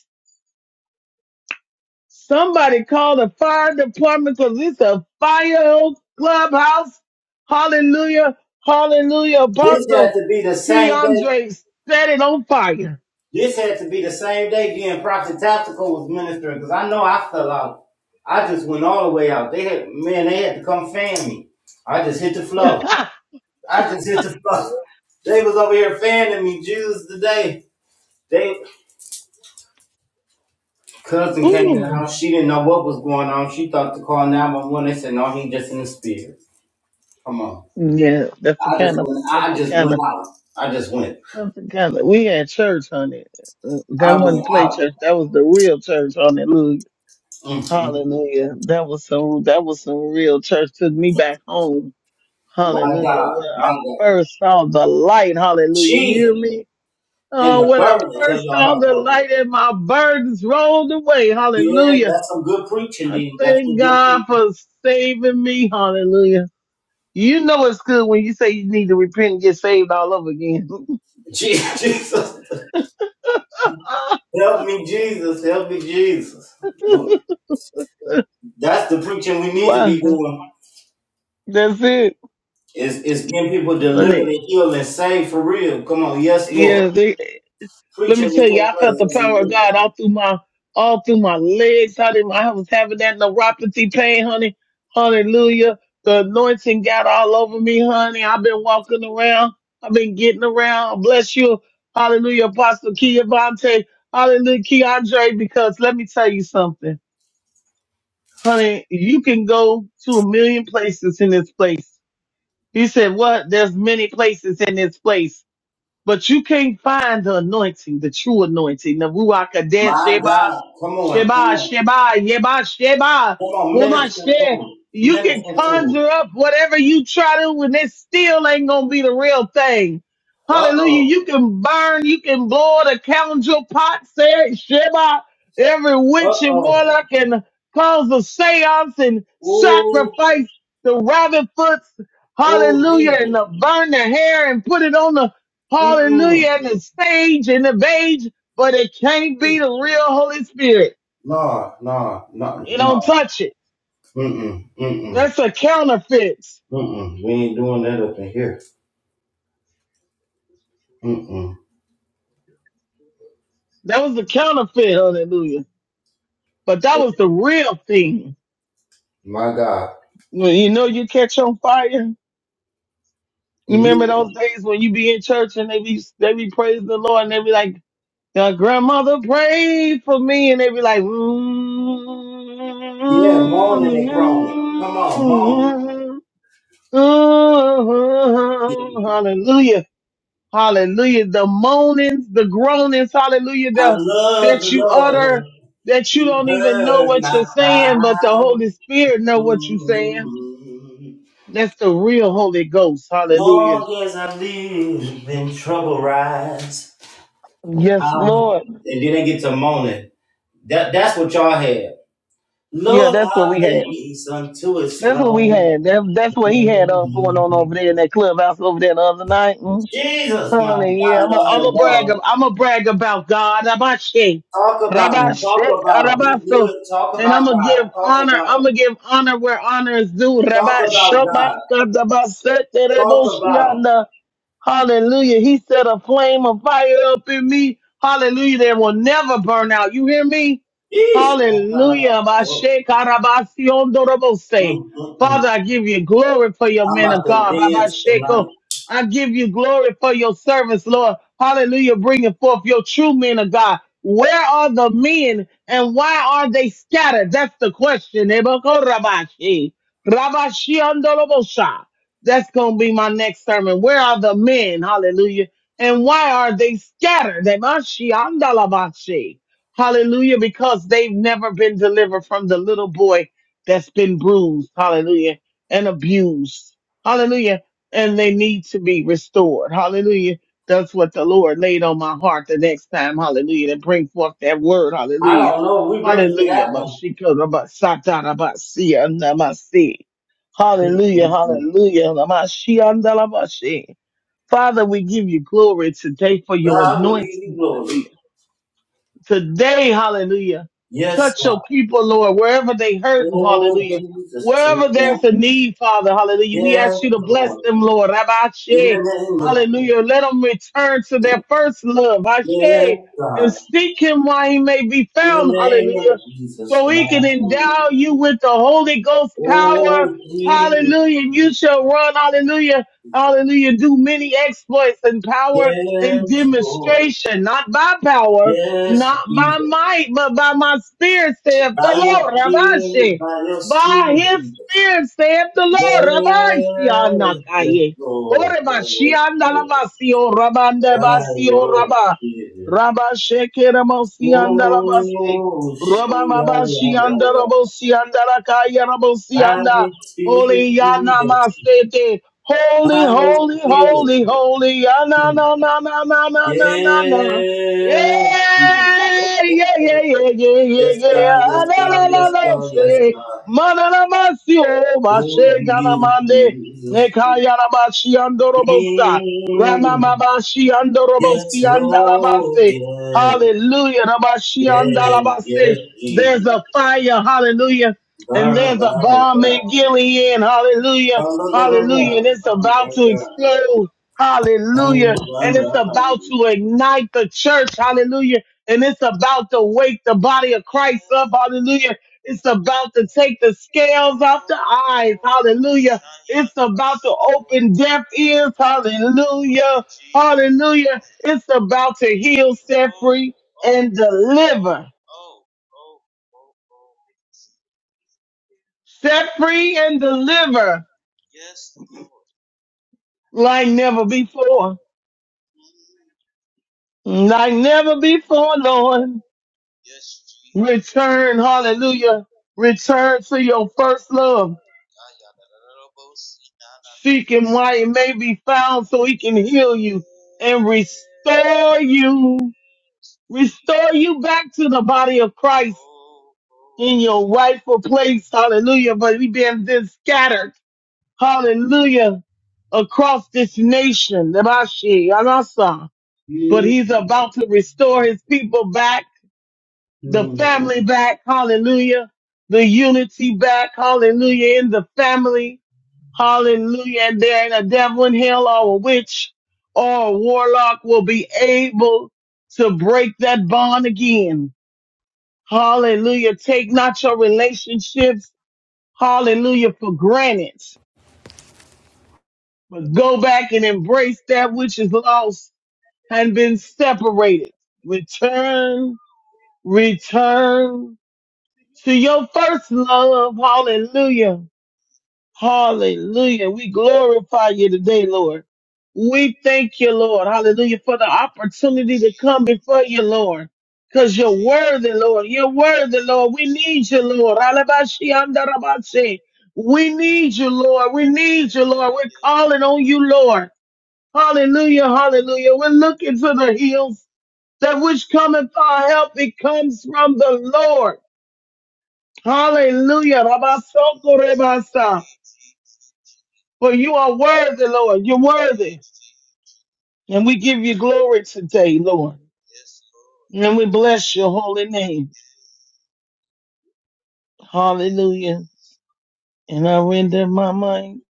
S13: Somebody call the fire department because it's a fire clubhouse. Hallelujah. Hallelujah.
S1: This had
S13: Apostle
S1: to be the same day.
S13: Keandre set it on fire.
S1: This had to be the same day then Prophet Tactical was ministering because I know I fell out. I just went all the way out. They had man, they had to come fan me. I just hit the floor.
S13: [laughs]
S1: I just hit the [laughs] floor. They was over here fanning me Jews today. They cousin came in the
S13: Ooh.
S1: house. She didn't know what was going on. She thought to call 911. They said, no, he just in the spirit. Come on.
S13: Yeah, that's the
S1: I just
S13: kind of,
S1: went
S13: that's
S1: I
S13: the
S1: just
S13: kind
S1: went
S13: of,
S1: out. I just went.
S13: that's the kind of, we had church on it. Uh,
S1: I
S13: That wasn't
S1: went
S13: play
S1: out.
S13: church. That was the real church. Hallelujah.
S1: Mm-hmm.
S13: Hallelujah. That was some, that was some real church. Took me back home.
S1: My
S13: Hallelujah.
S1: God,
S13: Where
S1: my
S13: I
S1: God.
S13: first saw the light. Hallelujah. You hear
S1: Jesus,
S13: me?
S1: and
S13: Oh,
S1: the
S13: when I
S1: burdens of
S13: first
S1: your
S13: saw
S1: heart,
S13: the
S1: Lord.
S13: light and my burdens rolled away.
S1: Yeah,
S13: Hallelujah.
S1: that's some good preaching,
S13: I
S1: Dean. That's
S13: thank
S1: some good
S13: God
S1: preaching.
S13: for saving me. Hallelujah. You know it's good when you say you need to repent and get saved all over again.
S1: Je- [laughs] Jesus,
S13: [laughs]
S1: help me, Jesus, help me, Jesus. Look, that's the preaching we need to
S13: wow.
S1: be doing.
S13: That's it.
S1: Is is getting people delivered
S13: Honey.
S1: and healed and saved for real. Come on, yes, Lord.
S13: Yeah, they, Let
S1: Preaching
S13: me
S1: is
S13: tell you,
S1: so
S13: I felt the power of
S1: place.
S13: God all through my all through my legs. Honey, I was having that neuropathy pain, honey. Hallelujah. The anointing got all over me, honey. I've been walking around. I've been getting around. Bless you. Hallelujah, Apostle Kiyavante. Hallelujah, Keandre, because let me tell you something. Honey, you can go to a million places in this place. He said, what? There's many places in this place but you can't find the anointing, the true anointing, the Ruach Kadesh,
S1: My
S13: Sheba,
S1: God, come on, come
S13: Sheba,
S1: on,
S13: Sheba, Yeba, Sheba,
S1: come on, minister to
S13: Womashe.
S1: them,
S13: You can
S1: minister to them.
S13: conjure up whatever you try to, and it still ain't gonna be the real thing.
S1: Uh
S13: Hallelujah.
S1: oh,
S13: You can burn, you can blow the council pot, say Sheba, every
S1: uh
S13: witch and
S1: oh.
S13: warlock and cause a seance and
S1: oh,
S13: sacrifice the rabbit foots,
S1: oh
S13: hallelujah,
S1: Jesus.
S13: and uh, burn the hair and put it on the
S1: Mm-mm.
S13: Hallelujah. And the stage and the beige, but it can't be the real Holy Spirit.
S1: Nah, nah, nah,
S13: It don't
S1: nah.
S13: touch it.
S1: Mm-mm, mm-mm,
S13: That's a counterfeit.
S1: mm-mm. We ain't doing that up in here. Mm-mm.
S13: That was the counterfeit. Hallelujah. But that was the real thing.
S1: My God.
S13: When you know you catch on fire.
S1: And you,
S13: Remember those days when you be in church and they be, they be praising the Lord and they be like, now, grandmother prayed for me, and they be like,
S1: yeah, moaning and groaning. Come on, moaning.
S13: Ooh, hallelujah. Hallelujah. The moanings, the groanings, hallelujah,
S1: I
S13: the,
S1: love
S13: that
S1: the
S13: you
S1: Lord.
S13: utter, that you
S1: He
S13: don't even know
S1: heard
S13: what
S1: my
S13: you're saying, but the
S1: cry.
S13: Holy Spirit know what you're saying.
S1: mm
S13: That's the real Holy Ghost. Hallelujah.
S1: Long as I live in trouble rise. I,
S13: Yes, Lord.
S1: and then they get to moaning. That, that's what y'all had.
S13: Yeah,
S1: Lord,
S13: that's what
S1: I
S13: we had.
S1: haste unto his
S13: That's what we
S1: throne.
S13: had. That, that's what he had uh, going
S1: Mhm.
S13: on over there in that clubhouse over there the other night. Mm-hmm.
S1: Jesus, my
S13: Honey, yeah,
S1: God,
S13: I'm a,
S1: Lord
S13: I'm a
S1: of
S13: brag.
S1: all.
S13: ab- I'm a brag about God. Rabashe,
S1: Talk about him. Talk
S13: Rabashe,
S1: about him. He's
S13: Rabasto,
S1: good. Talk
S13: and
S1: about
S13: I'm gonna
S1: God.
S13: give
S1: Talk
S13: honor.
S1: about him.
S13: I'm gonna give honor where honor is due.
S1: Talk about
S13: Rabashe,
S1: God. Talk about him.
S13: Hallelujah. He set a flame of fire up in me. Hallelujah. That will never burn out. You hear me?
S1: Yeesh. I'm not about
S13: Hallelujah.
S1: to go.
S13: Bashe karabasion dorobose.
S1: Mm, mm, mm.
S13: Father, I give you glory for your
S1: I'm
S13: men
S1: about
S13: of
S1: to
S13: God.
S1: dance tonight.
S13: Rabasheko. I give you glory for your service, Lord. Hallelujah. Bringing forth your true men of God. Where are the men and why are they scattered? That's the question. Eboko Rabashi. Rabashi that's going to be my next sermon. Where are the men? Hallelujah. And why are they scattered? They must she andalabashi. Hallelujah. Because they've never been delivered from the little boy that's been bruised. Hallelujah. And abused. Hallelujah. And they need to be restored. Hallelujah. That's what the Lord laid on my heart the next time. Hallelujah. To bring forth that word.
S1: I
S13: Hallelujah.
S1: don't know. We ready for
S13: Hallelujah.
S1: that one.
S13: Mashikorabasatarabasianamasi.
S1: Mm,
S13: Hallelujah,
S1: mm, mm.
S13: hallelujah. Lamashiach, andalamashi. Father, we give you glory today for your
S1: God, we give you
S13: anointing.
S1: glory.
S13: Hallelujah today, hallelujah.
S1: Yes,
S13: Touch
S1: God.
S13: your people, Lord, wherever they hurting,
S1: Oh,
S13: hallelujah.
S1: Jesus, took
S13: Wherever
S1: down.
S13: there's a need, Father, hallelujah. We
S1: Yes,
S13: ask you to bless
S1: Lord.
S13: them, Lord. Rabbi
S1: In
S13: Ashe,
S1: the name of
S13: hallelujah. Let them return to their first love, Ashe,
S1: Yes,
S13: and
S1: God.
S13: seek him while he may be
S1: In the
S13: found,
S1: name of
S13: hallelujah.
S1: Jesus,
S13: So he can
S1: God.
S13: endow you with the Holy Ghost power,
S1: Oh, Jesus.
S13: hallelujah. And you shall run, hallelujah, hallelujah. Do many exploits and power and
S1: Yes, Lord.
S13: demonstration, not by power,
S1: Yes,
S13: not by
S1: Jesus.
S13: might, but by my spirit, saith the
S1: By your
S13: Lord.
S1: spirit,
S13: Rabashi.
S1: by your
S13: By
S1: spirit,
S13: his
S1: Jesus.
S13: spirit, saith the Lord. Rabashi
S1: Yes, yes,
S13: anakaye.
S1: Lord. By
S13: Orebashi
S1: your spirit,
S13: andalabasi o rabande
S1: by
S13: basi o
S1: your
S13: raba.
S1: spirit.
S13: Rabashe keramosi andalabasi.
S1: Oh,
S13: Roba
S1: show
S13: mabashi
S1: your
S13: andalabosi andalakaya rabosi
S1: By your
S13: anda.
S1: spirit,
S13: Holy yana
S1: Jesus.
S13: mastete. Holy,
S1: By your
S13: holy,
S1: spirit,
S13: holy, holy. Yana
S1: Jesus.
S13: na na na na na na na na. Yeah,
S1: Yeah. Oh, oh,
S13: yeah,
S1: oh.
S13: yeah, yeah, yeah, yeah,
S1: Yes,
S13: yeah.
S1: God, yes,
S13: Ah, La
S1: God,
S13: la la
S1: yes,
S13: la,
S1: God, yes,
S13: say,
S1: God.
S13: mana la masi o
S1: Oh,
S13: mashe gana mande
S1: Jesus.
S13: nekaya la bashi andorobosa rama
S1: Mm.
S13: mabashi
S1: Yes,
S13: andorobosi
S1: Lord,
S13: andalabase.
S1: yes,
S13: Hallelujah, la bashi
S1: yes, yes,
S13: andalabase. There's
S1: Jesus.
S13: a fire, hallelujah, and
S1: God, God,
S13: there's a bomb
S1: God.
S13: in Gilead, hallelujah,
S1: God, God, God,
S13: hallelujah, and
S1: God,
S13: it's about to
S1: God,
S13: explode,
S1: God,
S13: hallelujah
S1: God,
S13: and
S1: God,
S13: it's
S1: God.
S13: about to ignite the church. Hallelujah. And it's about to wake the body of Christ up. Hallelujah. It's about to take the scales off the eyes. Hallelujah. It's about to open deaf ears. Hallelujah. Hallelujah. It's about to heal, set free, and deliver. Set free and deliver like never before. Like never before, Lord. Return, hallelujah. Return to your first love. Seek him while he may be found so he can heal you and restore you. Restore you back to the body of Christ in your rightful place. Hallelujah. But we've been then scattered. Hallelujah. Across this nation. Namashi, Anasa. But
S1: Jesus,
S13: he's about to restore his people back the family back, hallelujah, the unity back, hallelujah, in the family, hallelujah, and there ain't a devil in hell or a witch or a warlock will be able to break that bond again. Hallelujah. Take not your relationships, hallelujah, for granted, but go back and embrace that which is lost and been separated. Return, return, to your first love. Hallelujah. Hallelujah. We glorify you today, Lord. We thank you, Lord. Hallelujah. For the opportunity to come before you, Lord. Cause you're worthy, Lord. You're worthy, Lord. We need you, Lord. Alabashi andarabashi. We need you, Lord. We need you, Lord. We're calling on you, Lord. Hallelujah. Hallelujah. We're looking to the hills that which cometh our help. It comes from the Lord. Hallelujah. Rabasoko rebasa. For you are worthy, Lord. You're worthy. And we give you glory today, Lord. And we bless your holy name. Hallelujah. And I render my mind.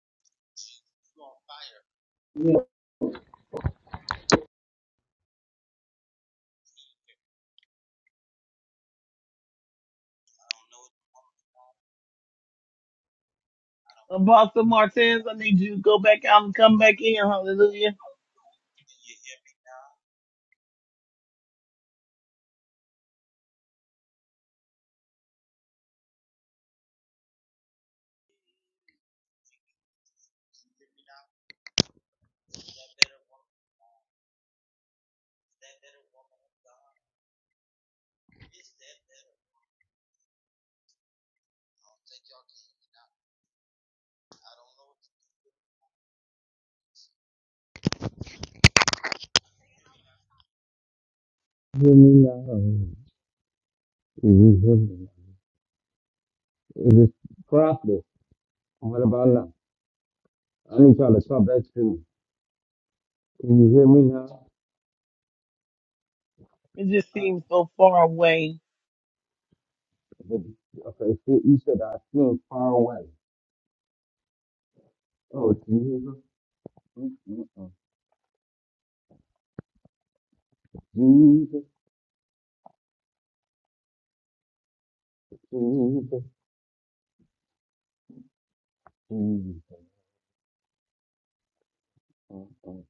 S13: Apostle Martez. I need you to go back out and come back in. Hallelujah.
S1: Hallelujah. Is it is profitable? What about now? I need y'all to talk back to me. Can you hear me now?
S13: It just seems so far away.
S1: Okay, see, you said I feel far away. Oh, Jesus. Mm-mm-mm. Jesus, Jesus, Jesus. Mm-mm.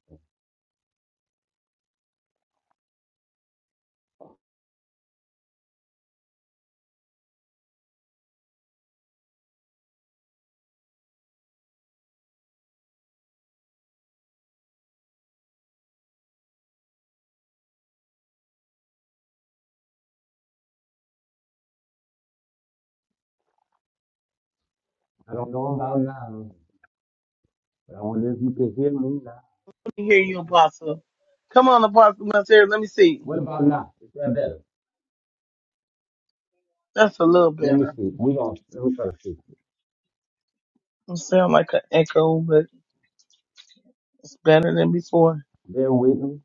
S1: I don't know about now, but I wonder if you can hear me now.
S13: Let me hear you, Apostle. Come on, Apostle Martez. Let me see.
S1: What about now? Is that better?
S13: That's a little
S1: Let me
S13: better.
S1: see. We gonna let me try to see.
S13: It sound like an echo, but it's better than before.
S1: Bear with me.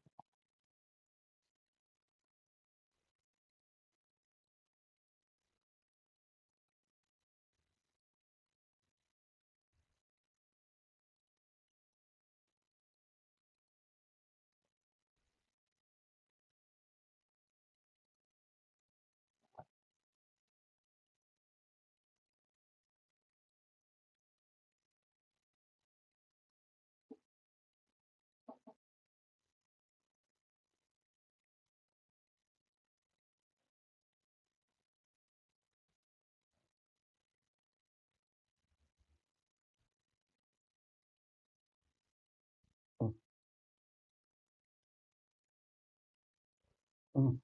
S1: Mm-mm.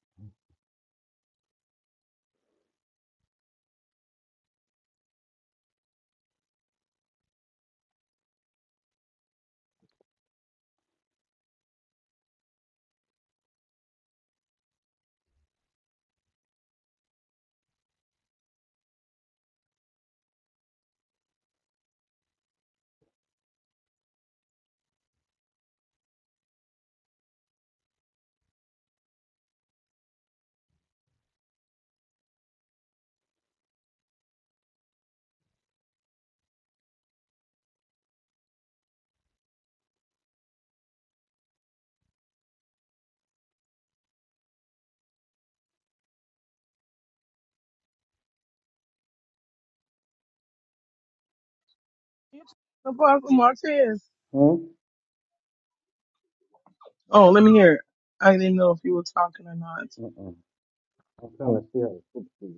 S13: Apostle Martez. Oh, let me hear. it. I didn't know if you were talking or not.
S1: Mm-mm. I'm trying to see how to fix it. to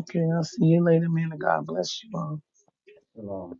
S13: Okay, I'll see you later, man. God bless you all.
S1: you.